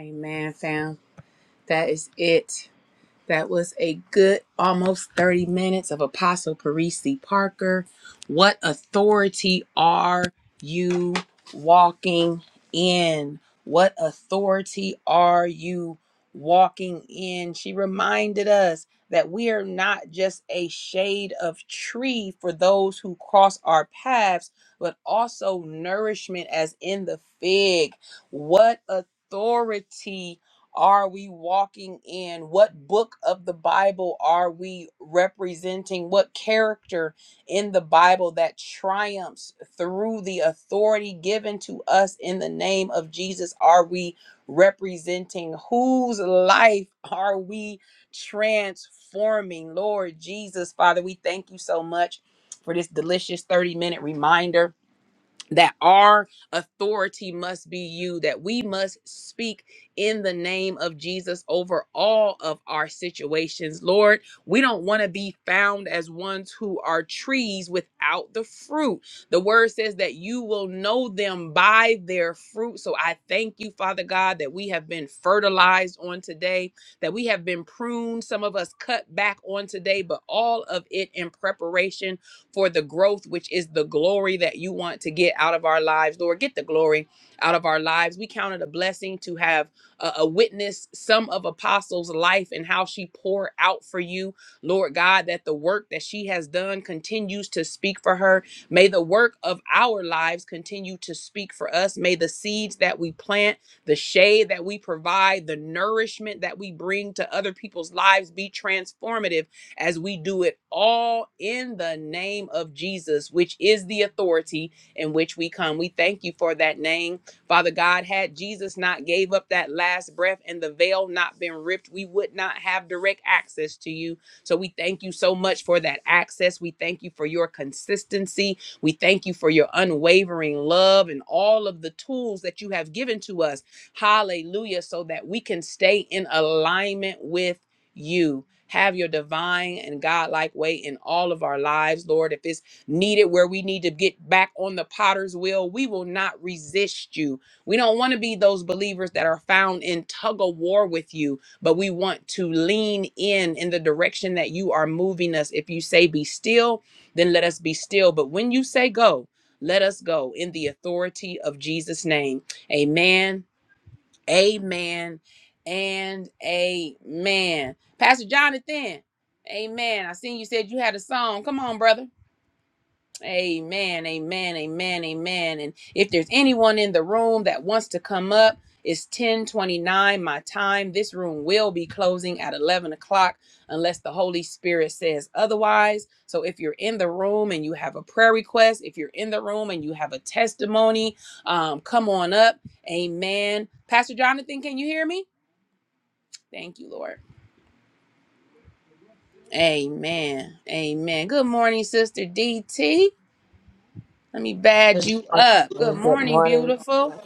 F: Amen, fam. That is it. That was a good almost 30 minutes of Apostle Parisi Parker. What authority are you walking in? What authority are you walking in? She reminded us that we are not just a shade of tree for those who cross our paths, but also nourishment as in the fig. What authority? are we walking in? What book of the Bible are we representing? What character in the Bible that triumphs through the authority given to us in the name of Jesus are we representing? Whose life are we transforming? Lord Jesus, Father, we thank you so much for this delicious 30 minute reminder that our authority must be you, that we must speak in the name of Jesus over all of our situations. Lord, we don't want to be found as ones who are trees without the fruit. The word says that you will know them by their fruit. So I thank you, Father God, that we have been fertilized on today, that we have been pruned, some of us cut back on today, but all of it in preparation for the growth, which is the glory that you want to get out of our lives. Lord, get the glory out of our lives. We count it a blessing to have uh, a witness some of Apostle's life and how she poured out for you. Lord God, that the work that she has done continues to speak for her. May the work of our lives continue to speak for us. May the seeds that we plant, the shade that we provide, the nourishment that we bring to other people's lives be transformative as we do it all in the name of Jesus, which is the authority in which we come. We thank you for that name. Father God, had Jesus not gave up that last breath and the veil not been ripped, we would not have direct access to you. So we thank you so much for that access. We thank you for your consistency. We thank you for your unwavering love and all of the tools that you have given to us. Hallelujah, so that we can stay in alignment with you. Have your divine and godlike way in all of our lives, Lord. If it's needed where we need to get back on the potter's wheel, we will not resist you. We don't want to be those believers that are found in tug of war with you, but we want to lean in in the direction that you are moving us. If you say be still, then let us be still. But when you say go, let us go in the authority of Jesus' name. Amen. Amen and amen. Pastor Jonathan, amen. I seen you said you had a song. Come on, brother. Amen, amen, amen, amen. And if there's anyone in the room that wants to come up, it's 1029 my time. This room will be closing at 11 o'clock unless the Holy Spirit says otherwise. So if you're in the room and you have a prayer request, if you're in the room and you have a testimony, um, come on up. Amen. Pastor Jonathan, can you hear me? Thank you, Lord. Amen. Amen. Good morning, Sister DT. Let me bad
I: Good
F: you up. Good
I: morning. Good
F: morning,
I: morning.
F: beautiful.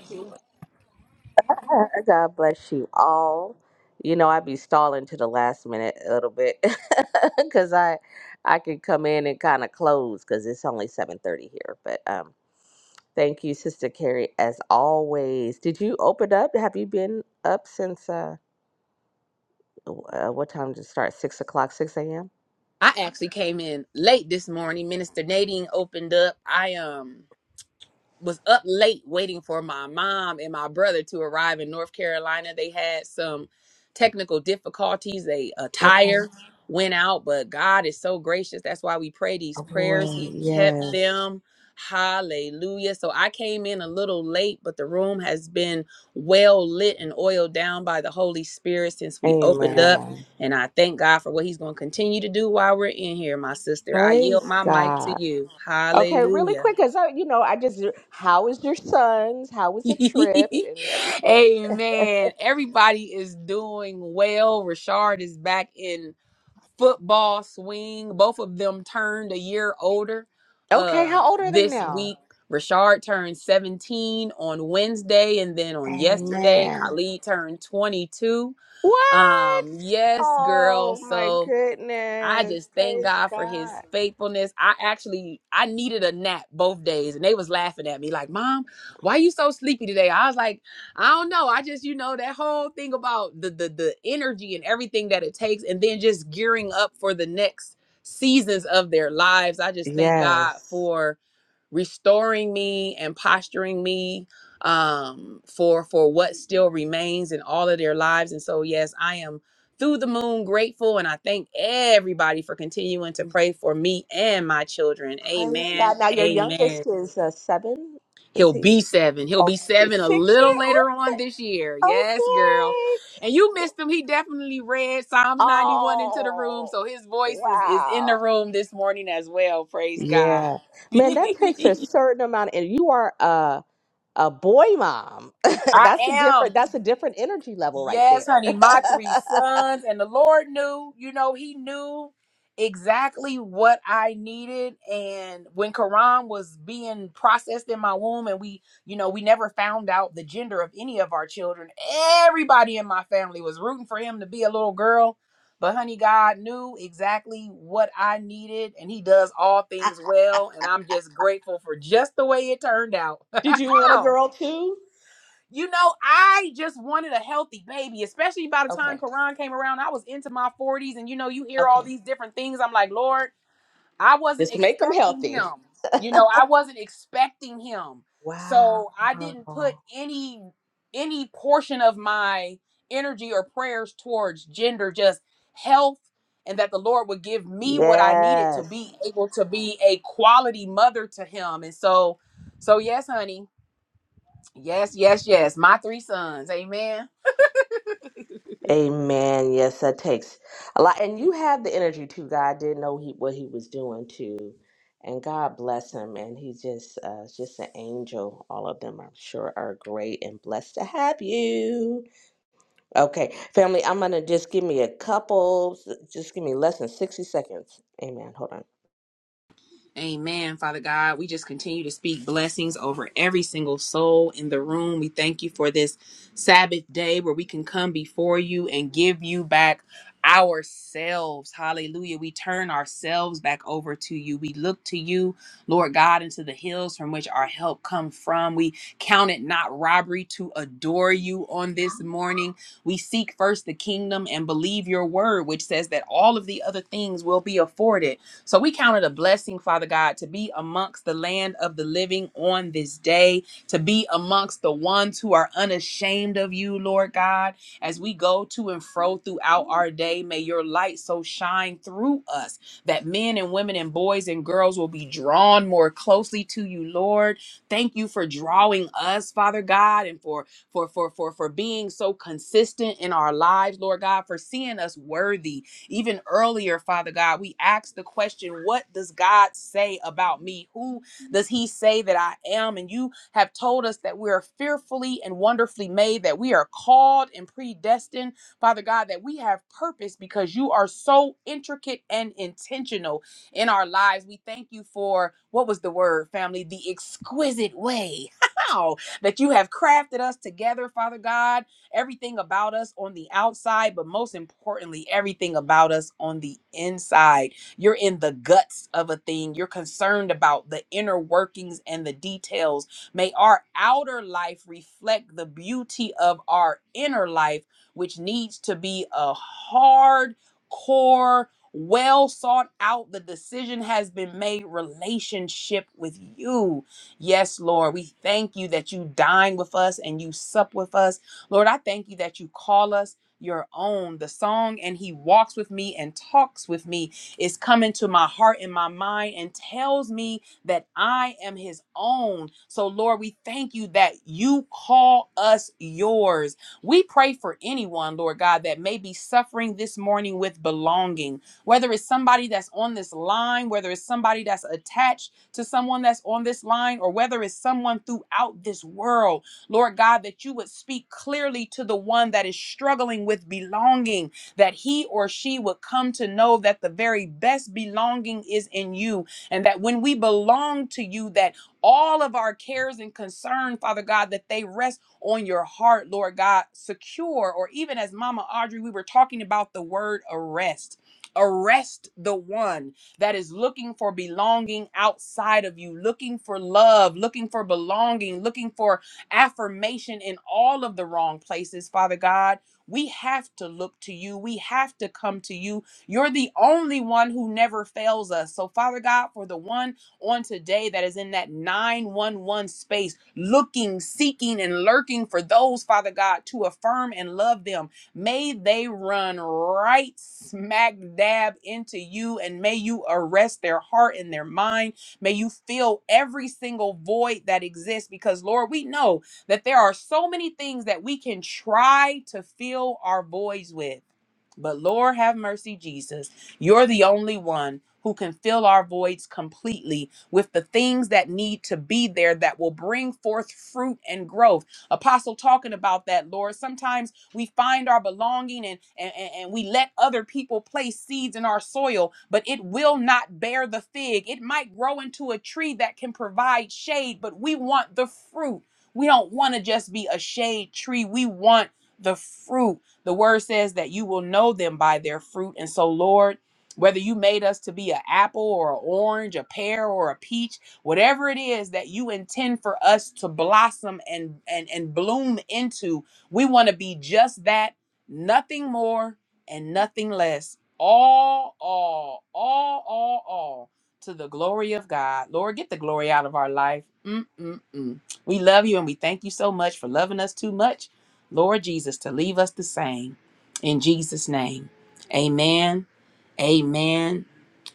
I: God God bless you all. You know, I be stalling to the last minute a little bit (laughs) because I I can come in and kind of close because it's only seven thirty here. But um, thank you, Sister Carrie, as always. Did you open up? Have you been up since uh, w- uh what time did it start? Six o'clock, six a.m.
F: I actually came in late this morning. Minister Nadine opened up. I um. was up late waiting for my mom and my brother to arrive in North Carolina. They had some technical difficulties. They a
I: Okay.
F: tire went out, but God is so gracious. That's why we pray
I: Oh
F: these prayers.
I: boy,
F: He kept
I: yes.
F: them. Hallelujah. So I came in a little late, but the room has been well lit and oiled down by the Holy Spirit since we opened up.
I: Amen.
F: And I thank God for what He's going to continue to do while we're in here, my sister. I yield
I: Praise
F: my mic
I: God.
F: to you.
I: Okay, really
F: Hallelujah.
I: quick, because I, you know, I just, uh, how is your sons? How was the trip and
F: (laughs)
I: everything?
F: Amen. Everybody is doing well. Rashard is back in football swing. Both of them turned a year older
I: Okay,
F: uh
I: how old are they
F: this
I: now?
F: week. Rashard turned 17 on Wednesday and then on yesterday
I: Amen.
F: Khalid turned 22.
I: What?
F: Um yes, girl.
I: Oh my
F: So I
I: goodness.
F: just thank
I: Praise
F: God for
I: God.
F: his faithfulness. I actually I needed a nap both days and they was laughing at me like, "Mom, why you so sleepy today?" I was like, "I don't know. I just, you know, that whole thing about the the the energy and everything that it takes and then just gearing up for the next seasons of their lives. I just thank God
I: Yes.
F: for restoring me and posturing me um, for for what still remains in all of their lives. And so, yes, I am through the moon grateful, and I thank everybody for continuing to pray for me and my children.
I: Praise God.
F: Amen.
I: Now, your
F: Amen.
I: youngest is uh, seven.
F: He'll
I: Is he?
F: be seven. He'll
I: Oh,
F: be
I: he's six,
F: seven a
I: six
F: little
I: years?
F: later on
I: Okay.
F: this year. Yes, girl.
I: Okay.
F: And you missed him. He definitely read Psalms 91 into the room.
I: Oh,
F: So his voice is, is in the
I: wow.
F: room this morning as well. Praise God.
I: Yeah. Man, that takes a
F: (laughs)
I: certain amount and you are a a boy mom. (laughs)
F: I
I: that's a different
F: am.
I: that's a different energy level right
F: Yes,
I: there.
F: honey. My three sons. And the Lord knew, you know, He knew exactly what I needed. And when Quran was being processed in my womb, and we, you know, we never found out the gender of any of our children, everybody in my family was rooting for him to be a little girl. But honey, God knew exactly what I needed, and He does all things well. And I'm just grateful for just the way it turned out.
I: (laughs) Did you want a
F: (laughs)
I: girl too?
F: you know, I just wanted a healthy baby, especially by the time
I: Okay.
F: Quran came around. I was into my 40s, and you know, you hear
I: Okay.
F: all these different things. I'm like, Lord, I wasn't
I: Just make them
F: expecting
I: healthy.
F: him. You know, I wasn't expecting him.
I: Wow.
F: So I didn't put any any portion of my energy or prayers towards gender, just health, and that the Lord would give me what I needed to
I: Yes.
F: be able to be a quality mother to him. And so, so yes, honey. Yes, yes, yes. My three sons. Amen.
I: Amen. Yes, that takes a lot. And you have the energy too. God did know he, what he was doing too. And God bless him. And he's just uh, just an angel. All of them, I'm sure, are great and blessed to have you. Okay, family, I'm going to just give me a couple, just give me less than 60 seconds. Amen. Hold on.
F: Amen, Father God. We just continue to speak blessings over every single soul in the room. We thank you for this Sabbath day where we can come before you and give you back ourselves. Hallelujah. We turn ourselves back over to you. We look to you, Lord God, into the hills from which our help come from. We count it not robbery to adore you on this morning. We seek first the kingdom and believe your word, which says that all of the other things will be afforded. So we count it a blessing, Father God, to be amongst the land of the living on this day, to be amongst the ones who are unashamed of you, Lord God. As we go to and fro throughout our day, may your light so shine through us that men and women and boys and girls will be drawn more closely to you, Lord. Thank you for drawing us, Father God, and for for for for for being so consistent in our lives, Lord God, for seeing us worthy even earlier, Father God, we asked the question, What does God say about me? Who does He say that I am? And you have told us that we are fearfully and wonderfully made, that we are called and predestined, Father God, that we have purpose because you are so intricate and intentional in our lives. We thank you for what was the word, family? The exquisite way. (laughs) that you have crafted us together, Father God everything about us on the outside, but most importantly, everything about us on the inside. You're in the guts of a thing, you're concerned about the inner workings and the details. May our outer life reflect the beauty of our inner life, which needs to be a hard core. Well sought out, the decision has been made relationship with you. Yes, Lord, we thank you that you dine with us and you sup with us Lord, I thank you that you call us your own. The song, and he walks with me and talks with me, is coming to my heart and my mind and tells me that I am his own. So, Lord, we thank you that you call us yours. We pray for anyone, Lord God, that may be suffering this morning with belonging, whether it's somebody that's on this line, whether it's somebody that's attached to someone that's on this line, or whether it's someone throughout this world. Lord God, that you would speak clearly to the one that is struggling with belonging, that he or she would come to know that the very best belonging is in you, and that when we belong to you, that all of our cares and concern, Father God, that they rest on your heart, Lord God, secure, or even as Mama Audrey, we were talking about the word arrest. Arrest the one that is looking for belonging outside of you, looking for love, looking for belonging, looking for affirmation in all of the wrong places, Father God. We have to look to you. We have to come to you. You're the only one who never fails us. So, Father God, for the one on today that is in that 911 space, looking, seeking, and lurking for those, Father God, to affirm and love them, may they run right smack dab into you and may you arrest their heart and their mind. May you fill every single void that exists because, Lord, we know that there are so many things that we can try to fill our voids with. But Lord have mercy, Jesus, you're the only one who can fill our voids completely with the things that need to be there that will bring forth fruit and growth. Apostle talking about that, Lord. Sometimes we find our belonging and, and, and and we let other people place seeds in our soil, but it will not bear the fig. It might grow into a tree that can provide shade, but we want the fruit. We don't want to just be a shade tree. We want the fruit. The word says that you will know them by their fruit. And so, Lord, whether you made us to be an apple or an orange, a pear or a peach, whatever it is that you intend for us to blossom and and, and bloom into, we want to be just that, nothing more and nothing less. All, all, all, all, all to the glory of God. Lord, get the glory out of our life. Mm-mm-mm. We love you and we thank you so much for loving us too much, Lord Jesus, to leave us the same. In Jesus' name, amen, amen,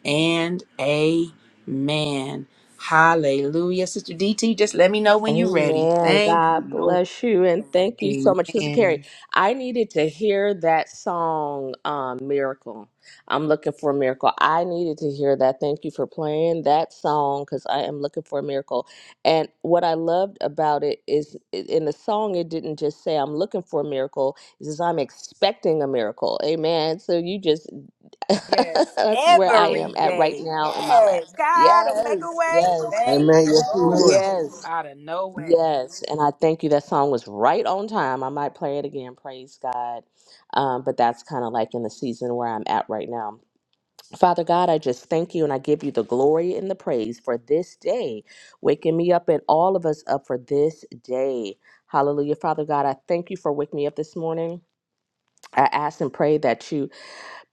F: and amen. Hallelujah. Sister DT, just let me know when you're ready.
I: Amen.
F: Thank you,
I: God
F: Lord.
I: bless you. And thank you so much, Sister Carrie.
F: Amen.
I: I needed to hear that song, um, Miracle. I'm looking for a miracle. I needed to hear that. Thank you for playing that song because I am looking for a miracle. And what I loved about it is i- in the song, it didn't just say, I'm looking for a miracle. It says, I'm expecting a miracle. Amen. So you just, (laughs)
F: Yes,
I: that's where I am
F: every
I: at right
F: day.
I: now in my life.
F: Yes, God will make a
I: Yes,
F: way.
I: yes,
F: Thank
D: Amen.
F: you,
D: Yes, you
F: Lord.
D: will.
I: yes.
F: Out of no way.
I: Yes, and I thank you. That song was right on time. I might play it again. Praise God. Um, but that's kind of like in the season where I'm at right now. Father God, I just thank you and I give you the glory and the praise for this day, waking me up and all of us up for this day. Hallelujah. Father God, I thank you for waking me up this morning. I ask and pray that you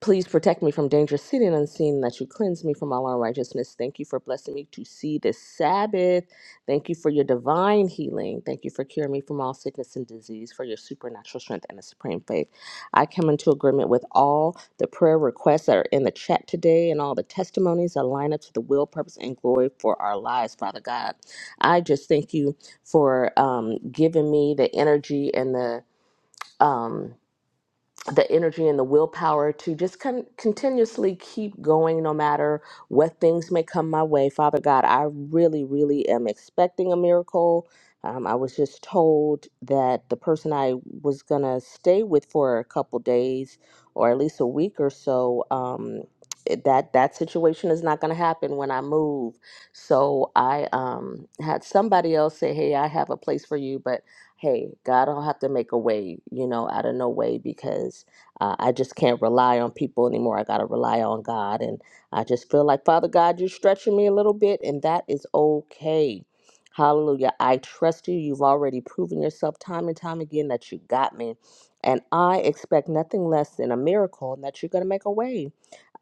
I: Please protect me from danger seen and unseen, that you cleanse me from all unrighteousness. Thank you for blessing me to see this Sabbath. Thank you for your divine healing. Thank you for curing me from all sickness and disease, for your supernatural strength and the supreme faith. I come into agreement with all the prayer requests that are in the chat today and all the testimonies that line up to the will, purpose, and glory for our lives, Father God. I just thank you for um, giving me the energy and the. Um, the energy and the willpower to just con- continuously keep going no matter what things may come my way. Father God, I really, really am expecting a miracle. Um, I was just told that the person I was going to stay with for a couple days or at least a week or so. Um, it- that that situation is not going to happen when I move. So I um, had somebody else say, "Hey, I have a place for you," but hey, God, I'll have to make a way, you know, out of no way because uh, I just can't rely on people anymore. I got to rely on God. And I just feel like, Father God, you're stretching me a little bit, and that is okay. Hallelujah. I trust you. You've already proven yourself time and time again that you got me. And I expect nothing less than a miracle and that you're going to make a way.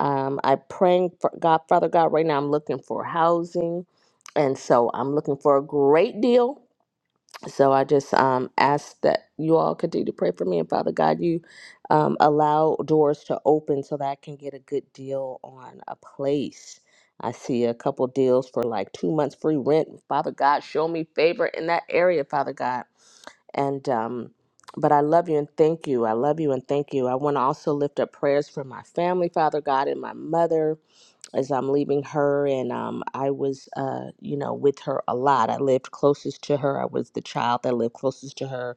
I: Um, I'm praying for God, Father God, right now. I'm looking for housing. And so I'm looking for a great deal so I just um, ask that you all continue to pray for me. And Father God, you um, allow doors to open so that I can get a good deal on a place. I see a couple deals for like two months free rent. Father God, show me favor in that area, Father God. And, um, but I love you and thank you. I love you and thank you. I want to also lift up prayers for my family, Father God, and my mother as I'm leaving her, and um, I was, uh, you know, with her a lot. I lived closest to her. I was the child that lived closest to her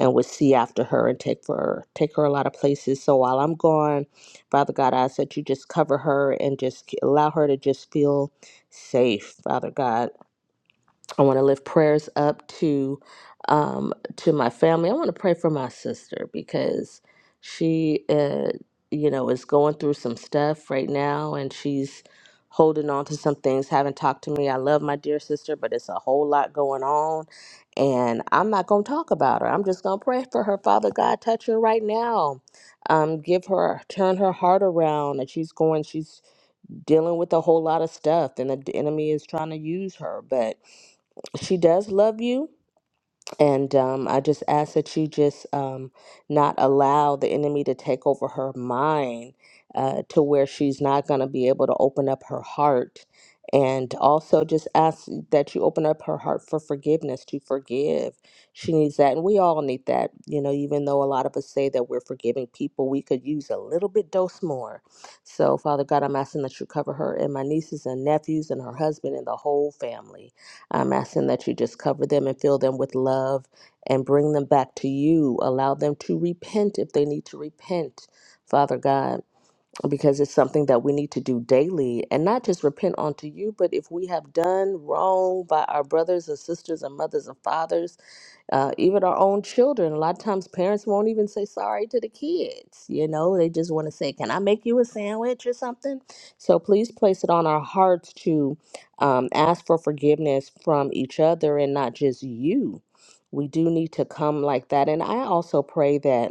I: and would see after her and take for her, take her a lot of places. So while I'm gone, Father God, I ask that you just cover her and just allow her to just feel safe, Father God I want to lift prayers up to um, to my family. I want to pray for my sister because she, uh, you know, is going through some stuff right now, and she's holding on to some things. Haven't talked to me. I love my dear sister, but it's a whole lot going on, and I'm not gonna talk about her. I'm just gonna pray for her. Father God, touch her right now. Um, give her, turn her heart around. That she's going. She's dealing with a whole lot of stuff and the enemy is trying to use her but she does love you and um, I just ask that you just um, not allow the enemy to take over her mind uh, to where she's not going to be able to open up her heart. And also just ask that you open up her heart for forgiveness, to forgive. She needs that. And we all need that. You know, even though a lot of us say that we're forgiving people, we could use a little bit dose more. So, Father God, I'm asking that you cover her and my nieces and nephews and her husband and the whole family. I'm asking that you just cover them and fill them with love and bring them back to you. Allow them to repent if they need to repent, Father God, because it's something that we need to do daily and not just repent unto you, but if we have done wrong by our brothers and sisters and mothers and fathers uh, even our own children. A lot of times, parents won't even say sorry to the kids. You know, they just want to say, "Can I make you a sandwich or something?" So please place it on our hearts to um, ask for forgiveness from each other and not just you. We do need to come like that. And I also pray that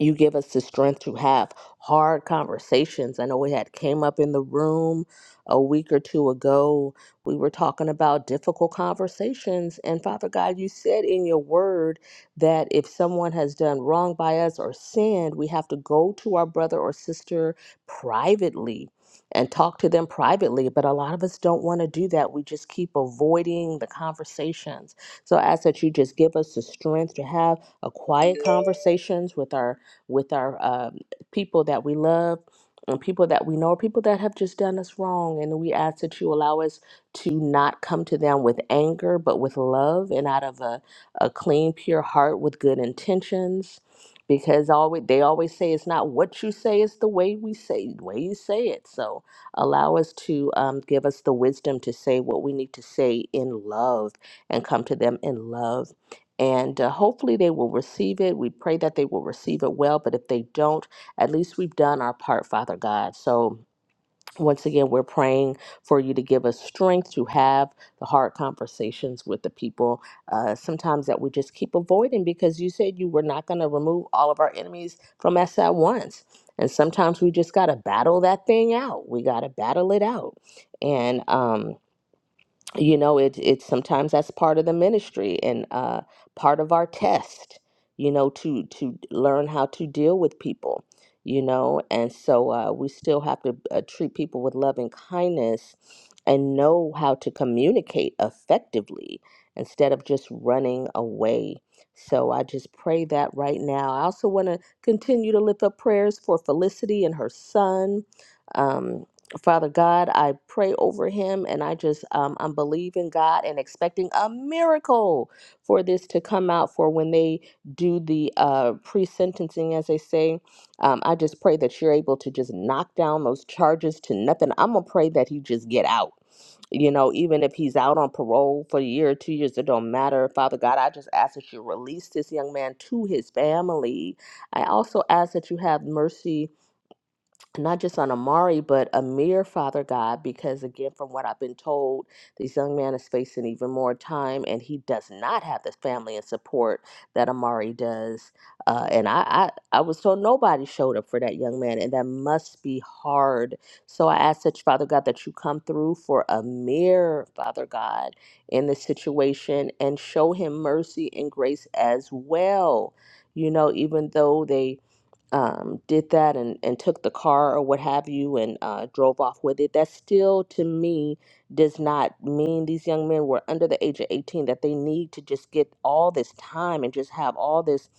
I: you give us the strength to have hard conversations. I know we had came up in the room a week or two ago. We were talking about difficult conversations. And Father God, you said in your word that if someone has done wrong by us or sinned, we have to go to our brother or sister privately and talk to them privately. But a lot of us don't want to do that. We just keep avoiding the conversations. So I ask that you just give us the strength to have a quiet conversations with our with our um people that we love and people that we know, or people that have just done us wrong. And we ask that you allow us to not come to them with anger, but with love and out of a, a clean, pure heart with good intentions. Because always they always say it's not what you say, it's the way we say the way you say it. So allow us to um, give us the wisdom to say what we need to say in love and come to them in love and uh, hopefully they will receive it. We pray that they will receive it well, but if they don't, at least we've done our part, Father God. So, once again, we're praying for you to give us strength to have the hard conversations with the people uh, sometimes that we just keep avoiding because you said you were not going to remove all of our enemies from us at once. And sometimes we just got to battle that thing out. We got to battle it out. And, um, you know it it's sometimes that's part of the ministry and uh part of our test you know to to learn how to deal with people you know and so uh we still have to uh, treat people with love and kindness and know how to communicate effectively instead of just running away so i just pray that right now i also want to continue to lift up prayers for felicity and her son um, Father God, I pray over him and I just, um, I'm believing God and expecting a miracle for this to come out for when they do the uh, pre sentencing, as they say. Um, I just pray that you're able to just knock down those charges to nothing. I'm going to pray that he just get out. You know, even if he's out on parole for a year or two years, it don't matter. Father God, I just ask that you release this young man to his family. I also ask that you have mercy not just on Amari, but Amir, Father God, because again, from what I've been told, this young man is facing even more time, and he does not have the family and support that Amari does. Uh, and I, I, I was told nobody showed up for that young man, and that must be hard. So I ask that, Father God, that you come through for Amir, Father God, in this situation and show him mercy and grace as well. You know, even though they um, did that and, and took the car or what have you and uh, drove off with it, that still to me does not mean these young men were under the age of 18, that they need to just get all this time and just have all this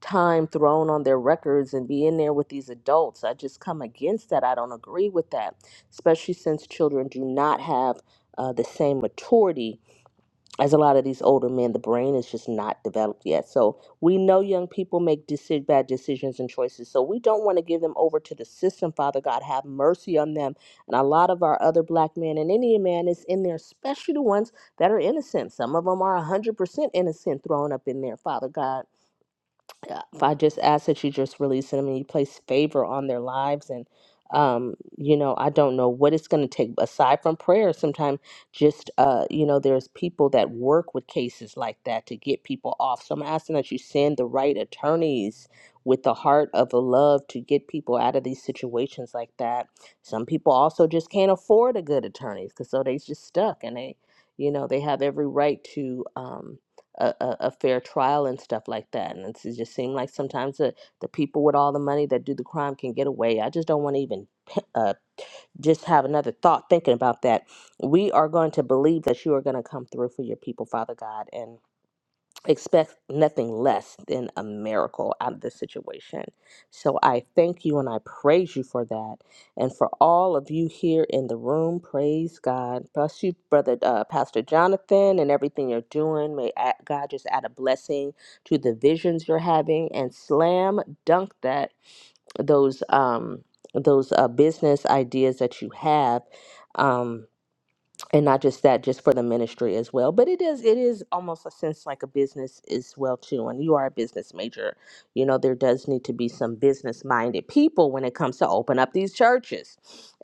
I: time thrown on their records and be in there with these adults. I just come against that. I don't agree with that, especially since children do not have uh, the same maturity as a lot of these older men, the brain is just not developed yet. So we know young people make deci- bad decisions and choices. So we don't want to give them over to the system. Father God, have mercy on them. And a lot of our other black men and Indian man is in there, especially the ones that are innocent. Some of them are 100% innocent thrown up in there, Father God uh, if I just ask that you just release them and you place favor on their lives and um you know I don't know what it's going to take aside from prayer sometimes just uh you know there's people that work with cases like that to get people off so I'm asking that you send the right attorneys with the heart of a love to get people out of these situations like that some people also just can't afford a good attorney because so they just stuck and they you know they have every right to um a, a, a fair trial and stuff like that. And it's- it just seemed like sometimes the, the people with all the money that do the crime can get away. I just don't want to even uh, just have another thought thinking about that. We are going to believe that you are going to come through for your people, Father God. and expect nothing less than a miracle out of this situation. So I thank you and I praise you for that. And for all of you here in the room, praise God. Bless you, brother uh, Pastor Jonathan, and everything you're doing. May a- God just add a blessing to the visions you're having and slam dunk that those um those uh, business ideas that you have. Um, and not just that just for the ministry as well but it is it is almost a sense like a business as well too and you are a business major you know there does need to be some business minded people when it comes to open up these churches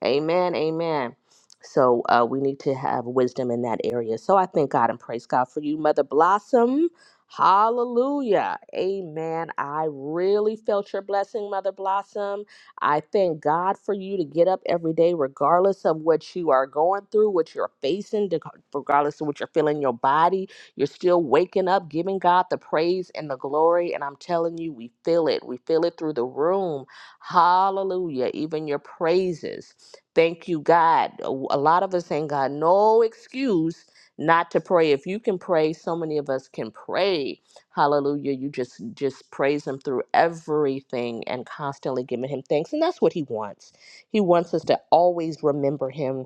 I: amen amen so uh, we need to have wisdom in that area so i thank god and praise god for you mother blossom hallelujah amen i really felt your blessing mother blossom I thank God for you to get up every day, regardless of what you are going through, what you're facing, de- regardless of what you're feeling in your body. You're still waking up, giving God the praise and the glory. And I'm telling you, we feel it. We feel it through the room. Hallelujah. Even your praises. Thank you, God. A a lot of us ain't got no excuse not to pray. If you can pray, so many of us can pray Hallelujah. You just just praise him through everything and constantly giving him thanks. And that's what he wants. He wants us to always remember him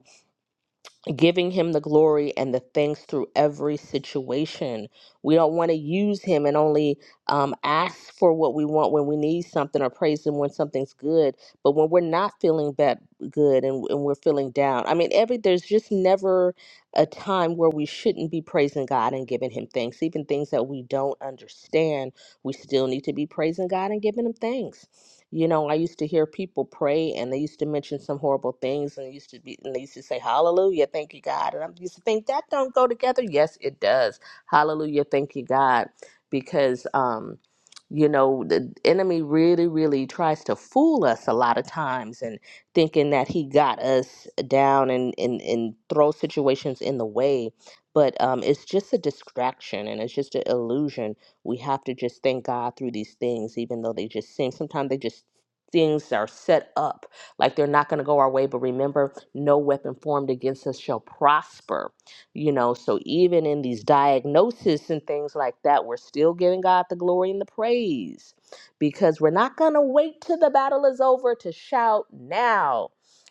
I: giving him the glory and the thanks through every situation. We don't want to use him and only um, ask for what we want when we need something or praise him when something's good. But when we're not feeling that good and, and we're feeling down, I mean, every there's just never a time where we shouldn't be praising God and giving him thanks. Even things that we don't understand, we still need to be praising God and giving him thanks. You know, I used to hear people pray and they used to mention some horrible things and they used to be and they used to say, Hallelujah, thank you, God. And I used to think that don't go together. Yes, it does. Hallelujah, thank you, God. Because um, you know, the enemy really, really tries to fool us a lot of times and thinking that he got us down and and, and throw situations in the way. But um, it's just a distraction and it's just an illusion we have to just thank God through these things, even though they just seem sometimes they just things are set up like they're not going to go our way. But remember, no weapon formed against us shall prosper. You know, so even in these diagnoses and things like that, we're still giving God the glory and the praise because we're not going to wait till the battle is over to shout now.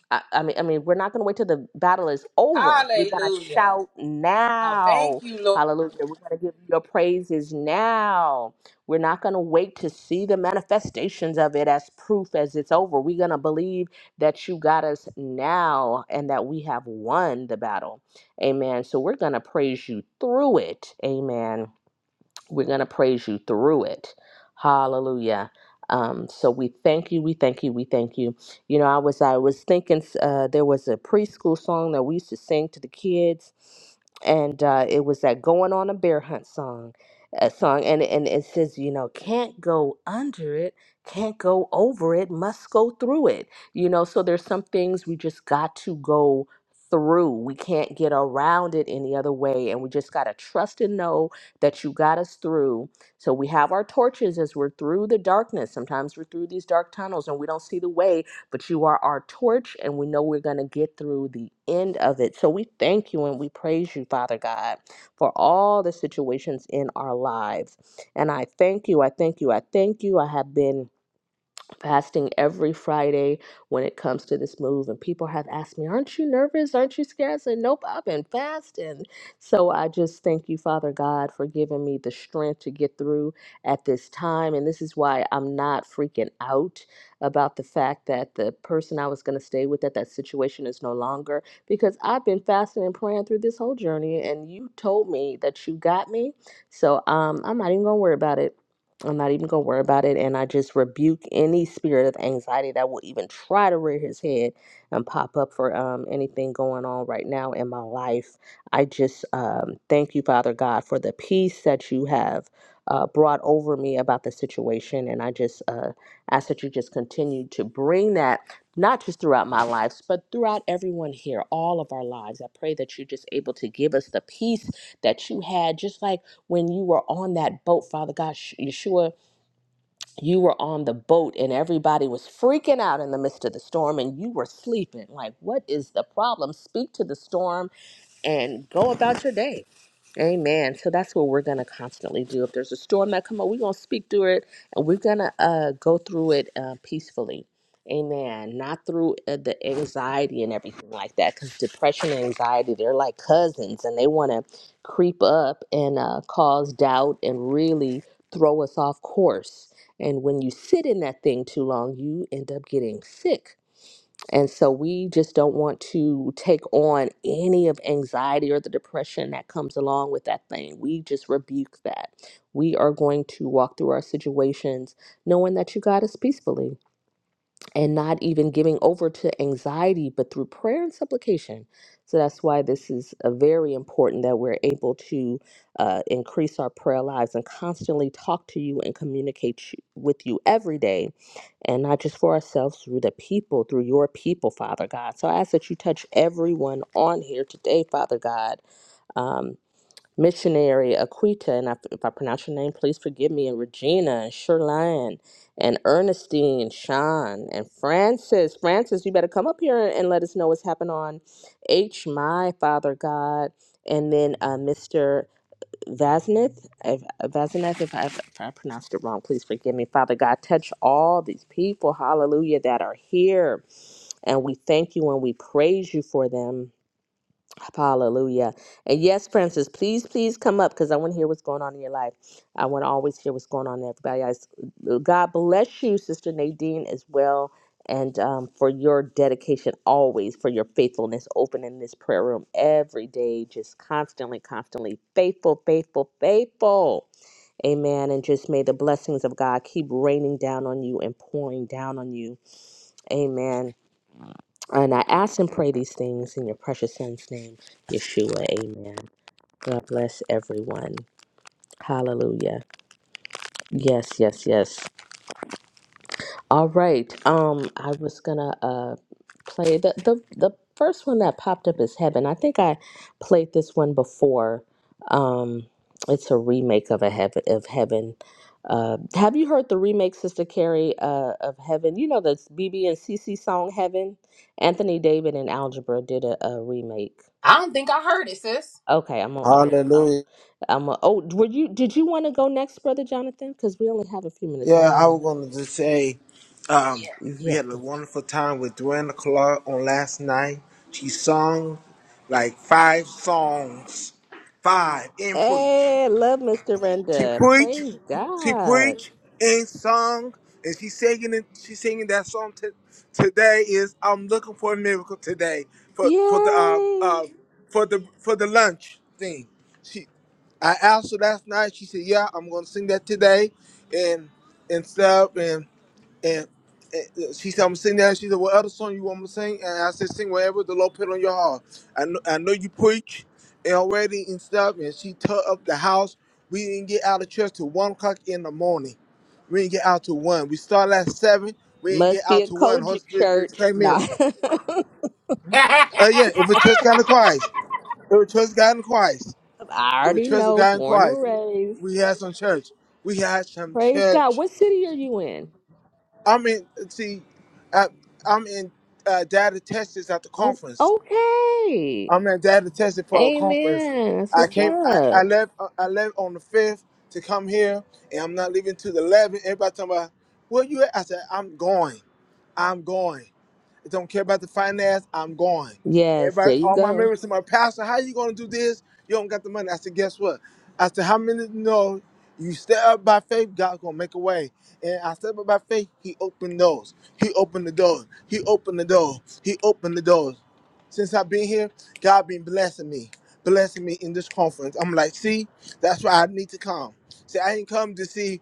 I: I, I mean, I mean, we're not going to wait till the battle is over. We're going to shout now Hallelujah. We're going to give you your praises now. We're not going to wait to see the manifestations of it as proof as it's over. We're going to believe that you got us now and that we have won the battle. Amen. So we're going to praise you through it. Amen. We're going to praise you through it. Hallelujah. Um, so we thank you, we thank you, we thank you. You know, I was I was thinking uh, there was a preschool song that we used to sing to the kids, and uh, it was that "Going on a Bear Hunt" song, uh, song, and and it says, you know, can't go under it, can't go over it, must go through it. You know, so there's some things we just got to go through. We can't get around it any other way, and we just gotta trust and know that you got us through. So we have our torches as we're through the darkness. Sometimes we're through these dark tunnels and we don't see the way, but you are our torch, and we know we're going to get through the end of it. So we thank you and we praise you, Father God, for all the situations in our lives. And I thank you. I thank you. I thank you. I have been fasting every Friday when it comes to this move. And people have asked me, Aren't you nervous? Aren't you scared? I said, Nope, I've been fasting. So I just thank you, Father God, for giving me the strength to get through at this time. And this is why I'm not freaking out about the fact that the person I was going to stay with at that situation is no longer because I've been fasting and praying through this whole journey. And you told me that you got me. So um, I'm not even going to worry about it. I'm not even going to worry about it. And I just rebuke any spirit of anxiety that will even try to rear his head and pop up for um, anything going on right now in my life. I just um, thank you, Father God, for the peace that you have uh, brought over me about the situation. And I just uh, ask that you just continue to bring that. Not just throughout my lives, but throughout everyone here, all of our lives. I pray that you're just able to give us the peace that you had, just like when you were on that boat, Father God, Sh- Yeshua, you were on the boat and everybody was freaking out in the midst of the storm and you were sleeping. Like, what is the problem? Speak to the storm and go about your day. Amen. So that's what we're gonna constantly do. If there's a storm that come up, we're gonna speak through it, and we're gonna uh, go through it uh, peacefully. Amen. Not through uh, the anxiety and everything like that, because depression and anxiety they're like cousins, and they want to creep up and uh, cause doubt and really throw us off course. And when you sit in that thing too long, you end up getting sick and so we just don't want to take on any of anxiety or the depression that comes along with that thing. We just rebuke that. We are going to walk through our situations knowing that you got us peacefully and not even giving over to anxiety, but through prayer and supplication. So that's why this is uh very important that we're able to uh, increase our prayer lives and constantly talk to you and communicate you, with you every day, and not just for ourselves, through the people, through your people, Father God. So I ask that you touch everyone on here today, Father God. Um, missionary Aquita, and I, if I pronounce your name, please forgive me, and Regina, and Sherline, and Ernestine, Sean, and Francis. Francis, you better come up here and let us know what's happened on H, my Father God, and then uh, Mr. Vazneth, if, uh, Vazneth, if I, if I pronounced it wrong, please forgive me. Father God, touch all these people, hallelujah, that are here, and we thank you and we praise you for them. Hallelujah. And yes, Princess, please, please come up because I want to hear what's going on in your life. I want to always hear what's going on in everybody else. God bless you, Sister Nadine, as well, and um, for your dedication always, for your faithfulness, opening this prayer room every day, just constantly, constantly faithful, faithful, faithful. Amen. And just may the blessings of God keep raining down on you and pouring down on you. Amen. And I ask and pray these things in your precious son's name, Yeshua. Amen. God bless everyone. Hallelujah. Yes, yes, yes. All right. Um, I was gonna uh play the the the first one that popped up is Heaven. I think I played this one before. Um, it's a remake of a heaven of Heaven. Uh, have you heard the remake, Sister Carrie, uh, of Heaven? You know the BB and CC song Heaven. Anthony David and Algebra did a, a remake
F: I don't think I heard it, sis.
I: Okay, I'm gonna, i I'm a, I'm,
D: Hallelujah.
I: I'm gonna. oh, were you, did you want to go next, Brother Jonathan? Because we only have a few minutes. I
D: Yeah,
I: don't
D: I
I: want
D: was going to just
I: to,
D: say um, we
I: yeah.
D: had a wonderful time with Dwayne Clark on last night. She sung like five songs, five in preach.
I: Hey, love Mr.
D: She
I: Renda.
D: preach,
I: Praise
D: she
I: God.
D: preach and sung, and she singing it. She singing that song t- today. Is I'm looking for a miracle today for for the um
I: Yay.
D: uh, for the for the lunch thing. She, I asked her last night. She said, "Yeah, I'm gonna sing that today," and and stuff. And, and uh, she said, I'm sitting there. She said, What other song you want me to sing? And I said, Sing whatever the Lord put on your heart. I know, I know you preach and already and stuff. And she tore up the house. We didn't get out of church till one o'clock in the morning. We didn't get out till one. We started at seven. We didn't get
I: Must be
D: out
I: a
D: till one. Holy
I: Kojic
D: Spirit just
I: church.
D: came
I: Nah.
D: in.
I: (laughs)
F: (laughs)
D: Uh, yeah, if we trust God in Christ, if we trust God in Christ,
I: I
D: if we
I: already
D: trust
I: know,
D: God in
I: born and
D: Christ,
I: raised.
D: we had some church. We had some
I: Praise God.
D: church
I: What city are you in?
D: I'm in. See, I, I'm in uh, data testers at the
I: Oh,
D: conference.
I: okay.
D: I'm in data testing for a conference.
I: Amen. That's
D: I
I: what's
D: came. I, I
I: up.
D: left. uh, I left on the fifth to come here, and I'm not leaving till the eleventh. Everybody talking about where you at? I said I'm going. I'm going. I don't care about the finance. I'm going.
I: Yes, there
D: Everybody,
I: you
D: all my
I: go.
D: members to my pastor, how you gonna do this? You don't got the money. I said, guess what? I said, how many know you step up by faith, God's gonna make a way. And I step up by faith, he opened doors. He opened the door. He opened the door. He opened the doors. Since I've been here, God been blessing me, blessing me in this conference. I'm like, see, that's why I need to come. See, I didn't come to see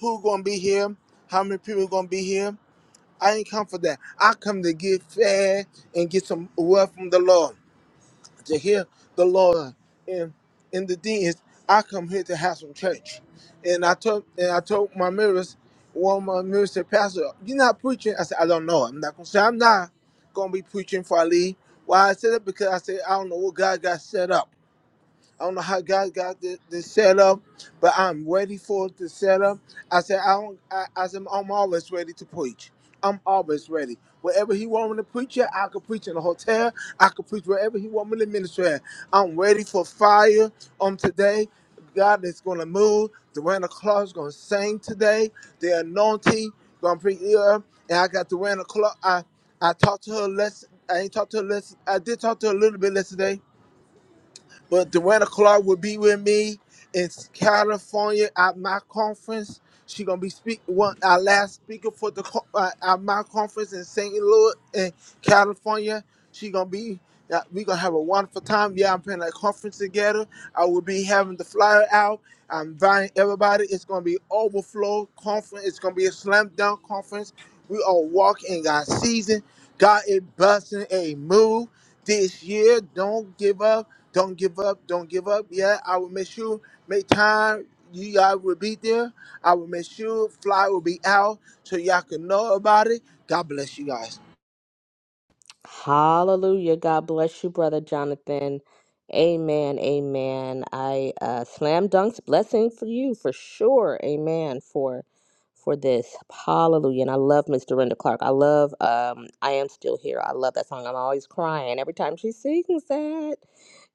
D: who gonna be here, how many people gonna be here. I ain't come for that. I come to get fed and get some word from the Lord, to hear the Lord. And and the thing is, I come here to have some church. And I told and I told my mirrors, one of my mirrors said, Pastor, you're not preaching. I said, I don't know. I'm not gonna say I'm not gonna be preaching for Ali. Why I said that because I said I don't know what God got set up. I don't know how God got this, this set up, but I'm ready for the setup. I said, I don't, I, I said, I'm always ready to preach. I'm always ready. Wherever he want me to preach at, I could preach in a hotel. I could preach wherever he want me to minister at. I'm ready for fire on today. God is going to move. Dwayne Clark is going to sing today. The anointing going to preach here. And I got Dwayne Clark. I, I talked to her less. I ain't talked to her less. I did talk to her a little bit yesterday but Joanna Clark will be with me in California at my conference. She gonna be speak one our last speaker for the co- uh, at my conference in St. Louis in California. She gonna be. yeah, We gonna have a wonderful time. Yeah, I'm putting a conference together. I will be having the flyer out. I'm inviting everybody. It's gonna be overflow conference. It's gonna be a slam dunk conference. We all walk in God's season. God is busting a move this year. Don't give up. Don't give up. Don't give up. Yeah, I will make sure make time. You guys will be there. I will make sure fly will be out so y'all can know about it. God bless you guys.
I: Hallelujah. God bless you, Brother Jonathan. Amen. Amen. I uh slam dunks blessing for you for sure. Amen. For for this. Hallelujah. And I love Miss Dorinda Clark. I love um I am still here. I love that song. I'm always crying every time she sings that.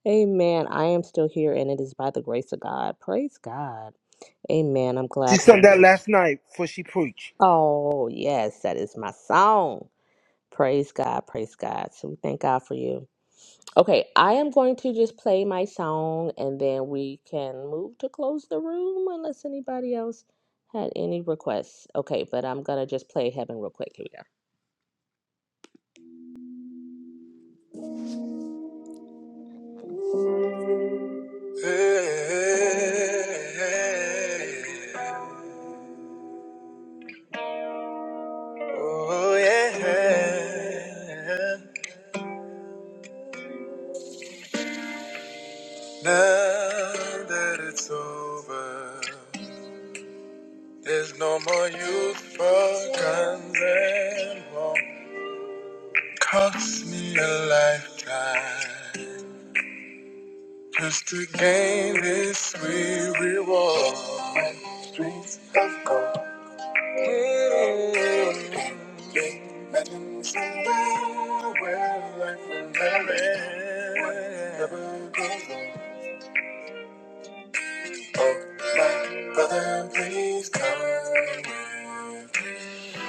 I: Amen. I am still here and it is by the grace of God. Praise God. Amen. I'm
D: She
I: glad for
D: sung that
I: you.
D: last night before she preached.
I: Oh yes, that is my song. Praise God. Praise God. So we thank God for you. Okay, I am going to just play my song and then we can move to close the room unless anybody else had any requests. Okay, but I'm gonna just play Heaven real quick. Here we go. Oh, yeah. Now that it's over, there's no more use for guns and war. Cost me a lifetime. Just to gain this sweet reward. Streets of gold. Mm. Imagine somewhere where life will never end. Never goes wrong. Oh, my brother, please come with me.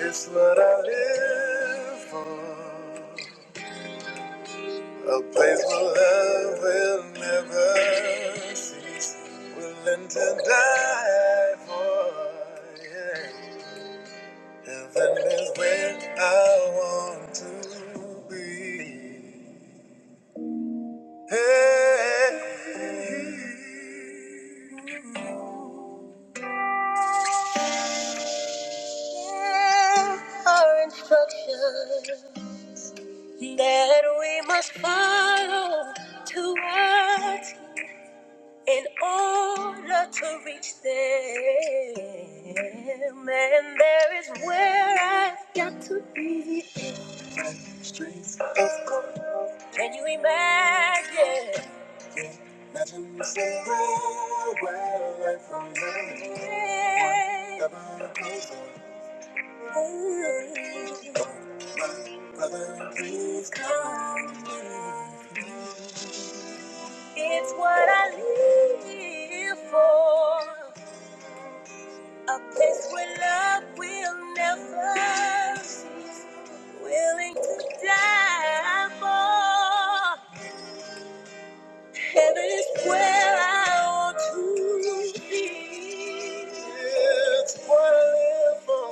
I: It's what I live for. A place where love will never cease. Willing to die for. Yeah. Heaven is where I want to be. Hey. There are instructions that we must follow to in order to reach them. And there is where I streets of gold. Can you imagine? Yeah, Imagine saying, where life from here. Yeah. Never closer. Ooh. My brother, please come. It's what I live for. A place where love will never cease. Willing to die for. Heaven is where I want to be. It's forever.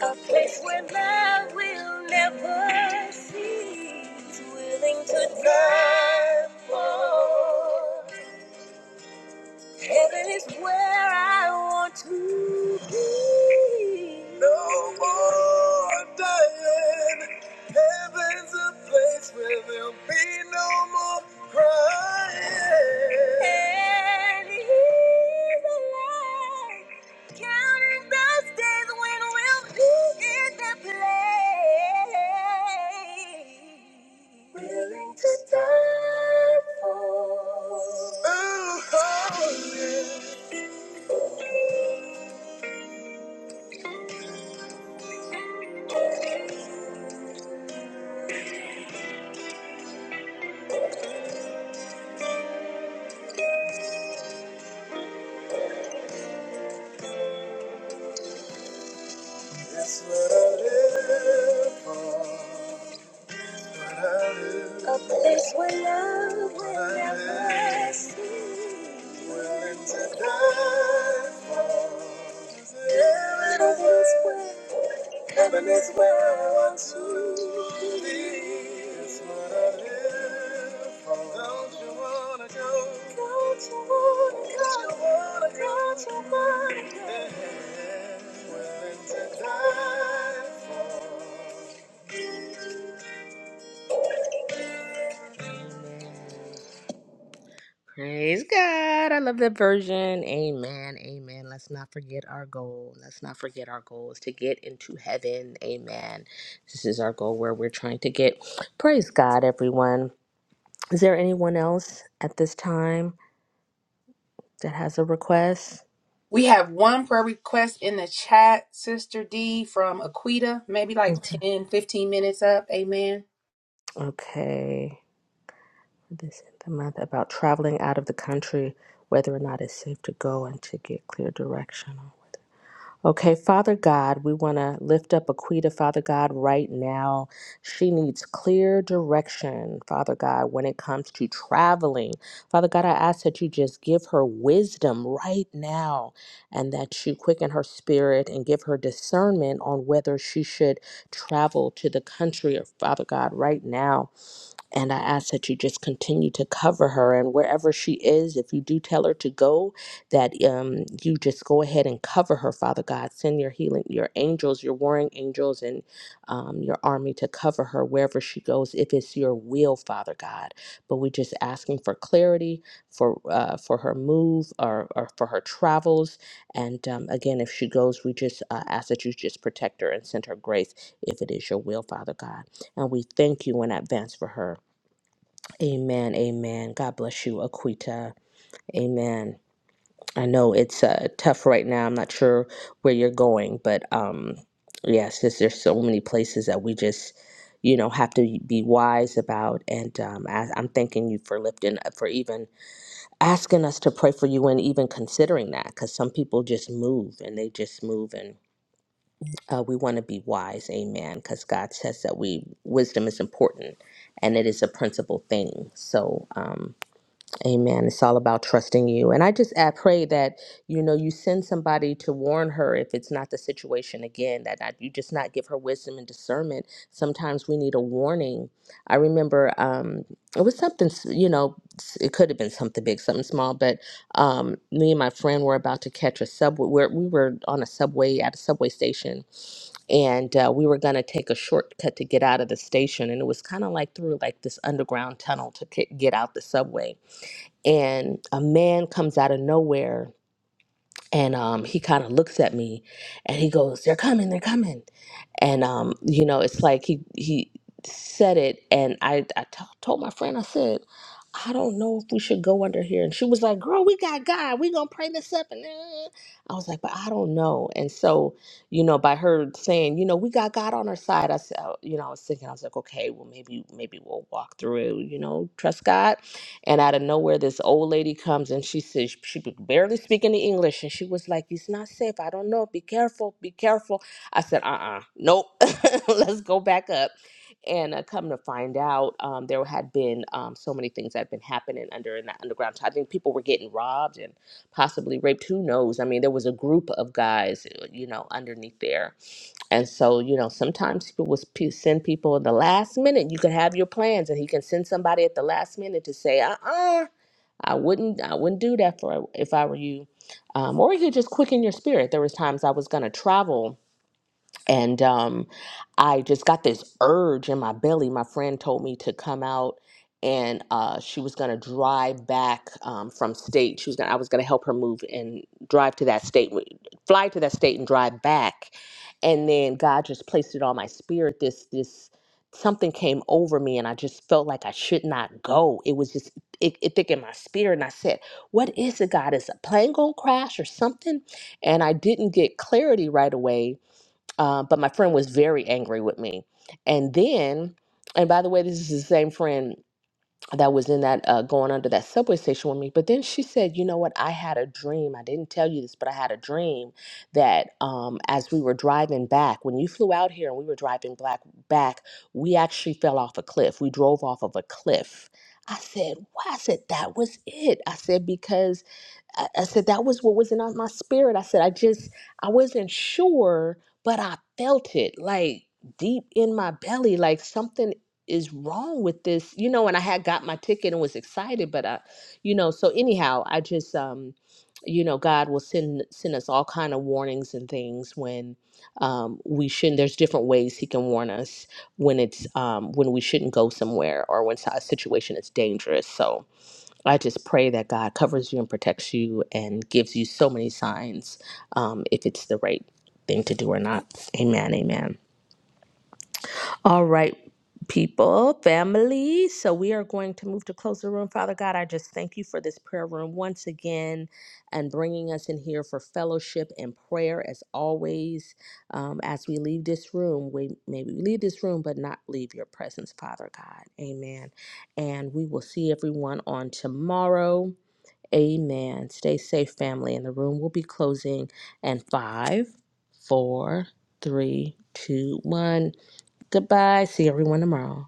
I: A place where love will never cease. Willing to die for. Heaven is where I want to be. No more dying. Heaven's a place where there'll be no more crying. And he's alive. Counting those days when we'll be in the place. Willing to die for. Oh, oh, yeah. That's what I live for. What I live for. A place where love will never live willing to die for. Heaven is where, I want to be. It's what I live for. Don't you wanna go? Don't you wanna go? Don't you wanna go? Don't you wanna go? Yeah. Willing to die for. Praise God. I love that version. Amen. Amen. Let's not forget our goal. Let's not forget our goal is to get into heaven. Amen. This is our goal where we're trying to get. Praise God, everyone. Is there anyone else at this time that has a request?
F: We have one prayer request in the chat, Sister D from Aquita, maybe like
I: Okay.
F: 10, 15 minutes up. Amen.
I: Okay. This is the month about traveling out of the country, whether or not it's safe to go and to get clear direction. Okay, Father God, we want to lift up Aquita, Father God, right now. She needs clear direction, Father God, when it comes to traveling. Father God, I ask that you just give her wisdom right now and that you quicken her spirit and give her discernment on whether she should travel to the country of Father God right now. And I ask that you just continue to cover her and wherever she is, if you do tell her to go, that um, you just go ahead and cover her, Father God. Send your healing, your angels, your warring angels, and um, your army to cover her wherever she goes, if it's your will, Father God. But we're just asking for clarity for uh, for her move or, or for her travels. And um, again, if she goes, we just uh, ask that you just protect her and send her grace if it is your will, Father God. And we thank you in advance for her. Amen. Amen. God bless you, Aquita. Amen. I know it's uh, tough right now. I'm not sure where you're going, but um, yes, just, there's so many places that we just, you know, have to be wise about. And um, I, I'm thanking you for lifting, for even asking us to pray for you and even considering that, because some people just move and they just move, and uh, we want to be wise. Amen. Because God says that we wisdom is important, and it is a principal thing. So. Um, Amen. It's all about trusting you. And I just I pray that, you know, you send somebody to warn her if it's not the situation again, that not, you just not give her wisdom and discernment. Sometimes we need a warning. I remember um, it was something, s- you know, s- it could have been something big, something small, but um, me and my friend were about to catch a subway. We're, we were on a subway at a subway station and uh, we were going to take a shortcut to get out of the station. And it was kind of like through like this underground tunnel to ki- get out the subway and a man comes out of nowhere and um, he kind of looks at me and he goes they're coming they're coming and um, you know it's like he he said it and i I t- told my friend i said i don't know if we should go under here and she was like girl we got god we gonna pray this up and uh." i was like but i don't know and so you know by her saying you know we got god on our side i said uh, you know i was thinking i was like okay well maybe maybe we'll walk through it you know trust god and out of nowhere, this old lady comes and she says she could barely speak any English, and she was like, "It's not safe. I don't know. Be careful. Be careful." I said, "Uh, uh nope. (laughs) Let's go back up." And uh, come to find out, um, there had been um, so many things that had been happening under in that underground. I think people were getting robbed and possibly raped. Who knows? I mean, there was a group of guys, uh, you know, underneath there and so, you know, sometimes people will sp- send people in the last minute. You could have your plans, and he can send somebody at the last minute to say, "Uh, uh I wouldn't, I wouldn't do that for if I were you," um, or he could just quicken your spirit. There was times I was going to travel and um, I just got this urge in my belly. My friend told me to come out, and uh, she was gonna drive back um, from state. She was going I was gonna help her move and drive to that state, w- fly to that state and drive back. And then God just placed it on my spirit. This this something came over me, and I just felt like I should not go. It was just it, it thick in my spirit, and I said, "What is it, God? Is a plane gonna crash or something?" And I didn't get clarity right away uh, but my friend was very angry with me. And then, and by the way, this is the same friend that was in that uh, going under that subway station with me. But then she said, "You know what? I had a dream. I didn't tell you this, but I had a dream that um, as we were driving back, when you flew out here and we were driving back, back, we actually fell off a cliff. We drove off of a cliff." I said, "Why?" I said, "That was it." I said because I, I said that was what was in my spirit. I said I just I wasn't sure, but I felt it like deep in my belly, like something is wrong with this, you know. And I had got my ticket and was excited, but I, you know. So anyhow, I just um, you know, God will send send us all kind of warnings and things when um we shouldn't there's different ways he can warn us when it's um when we shouldn't go somewhere or when si, a situation is dangerous so I just pray that God covers you and protects you and gives you so many signs um, if it's the right thing to do or not. Amen. Amen. All right, people, family. So we are going to move to close the room. Father God, I just thank you for this prayer room once again and bringing us in here for fellowship and prayer as always. Um, as we leave this room, we maybe we leave this room, but not leave your presence, Father God. Amen. And we will see everyone on tomorrow. Amen. Stay safe, family. And the room will be closing in five, four, three, two, one. Goodbye. See everyone tomorrow.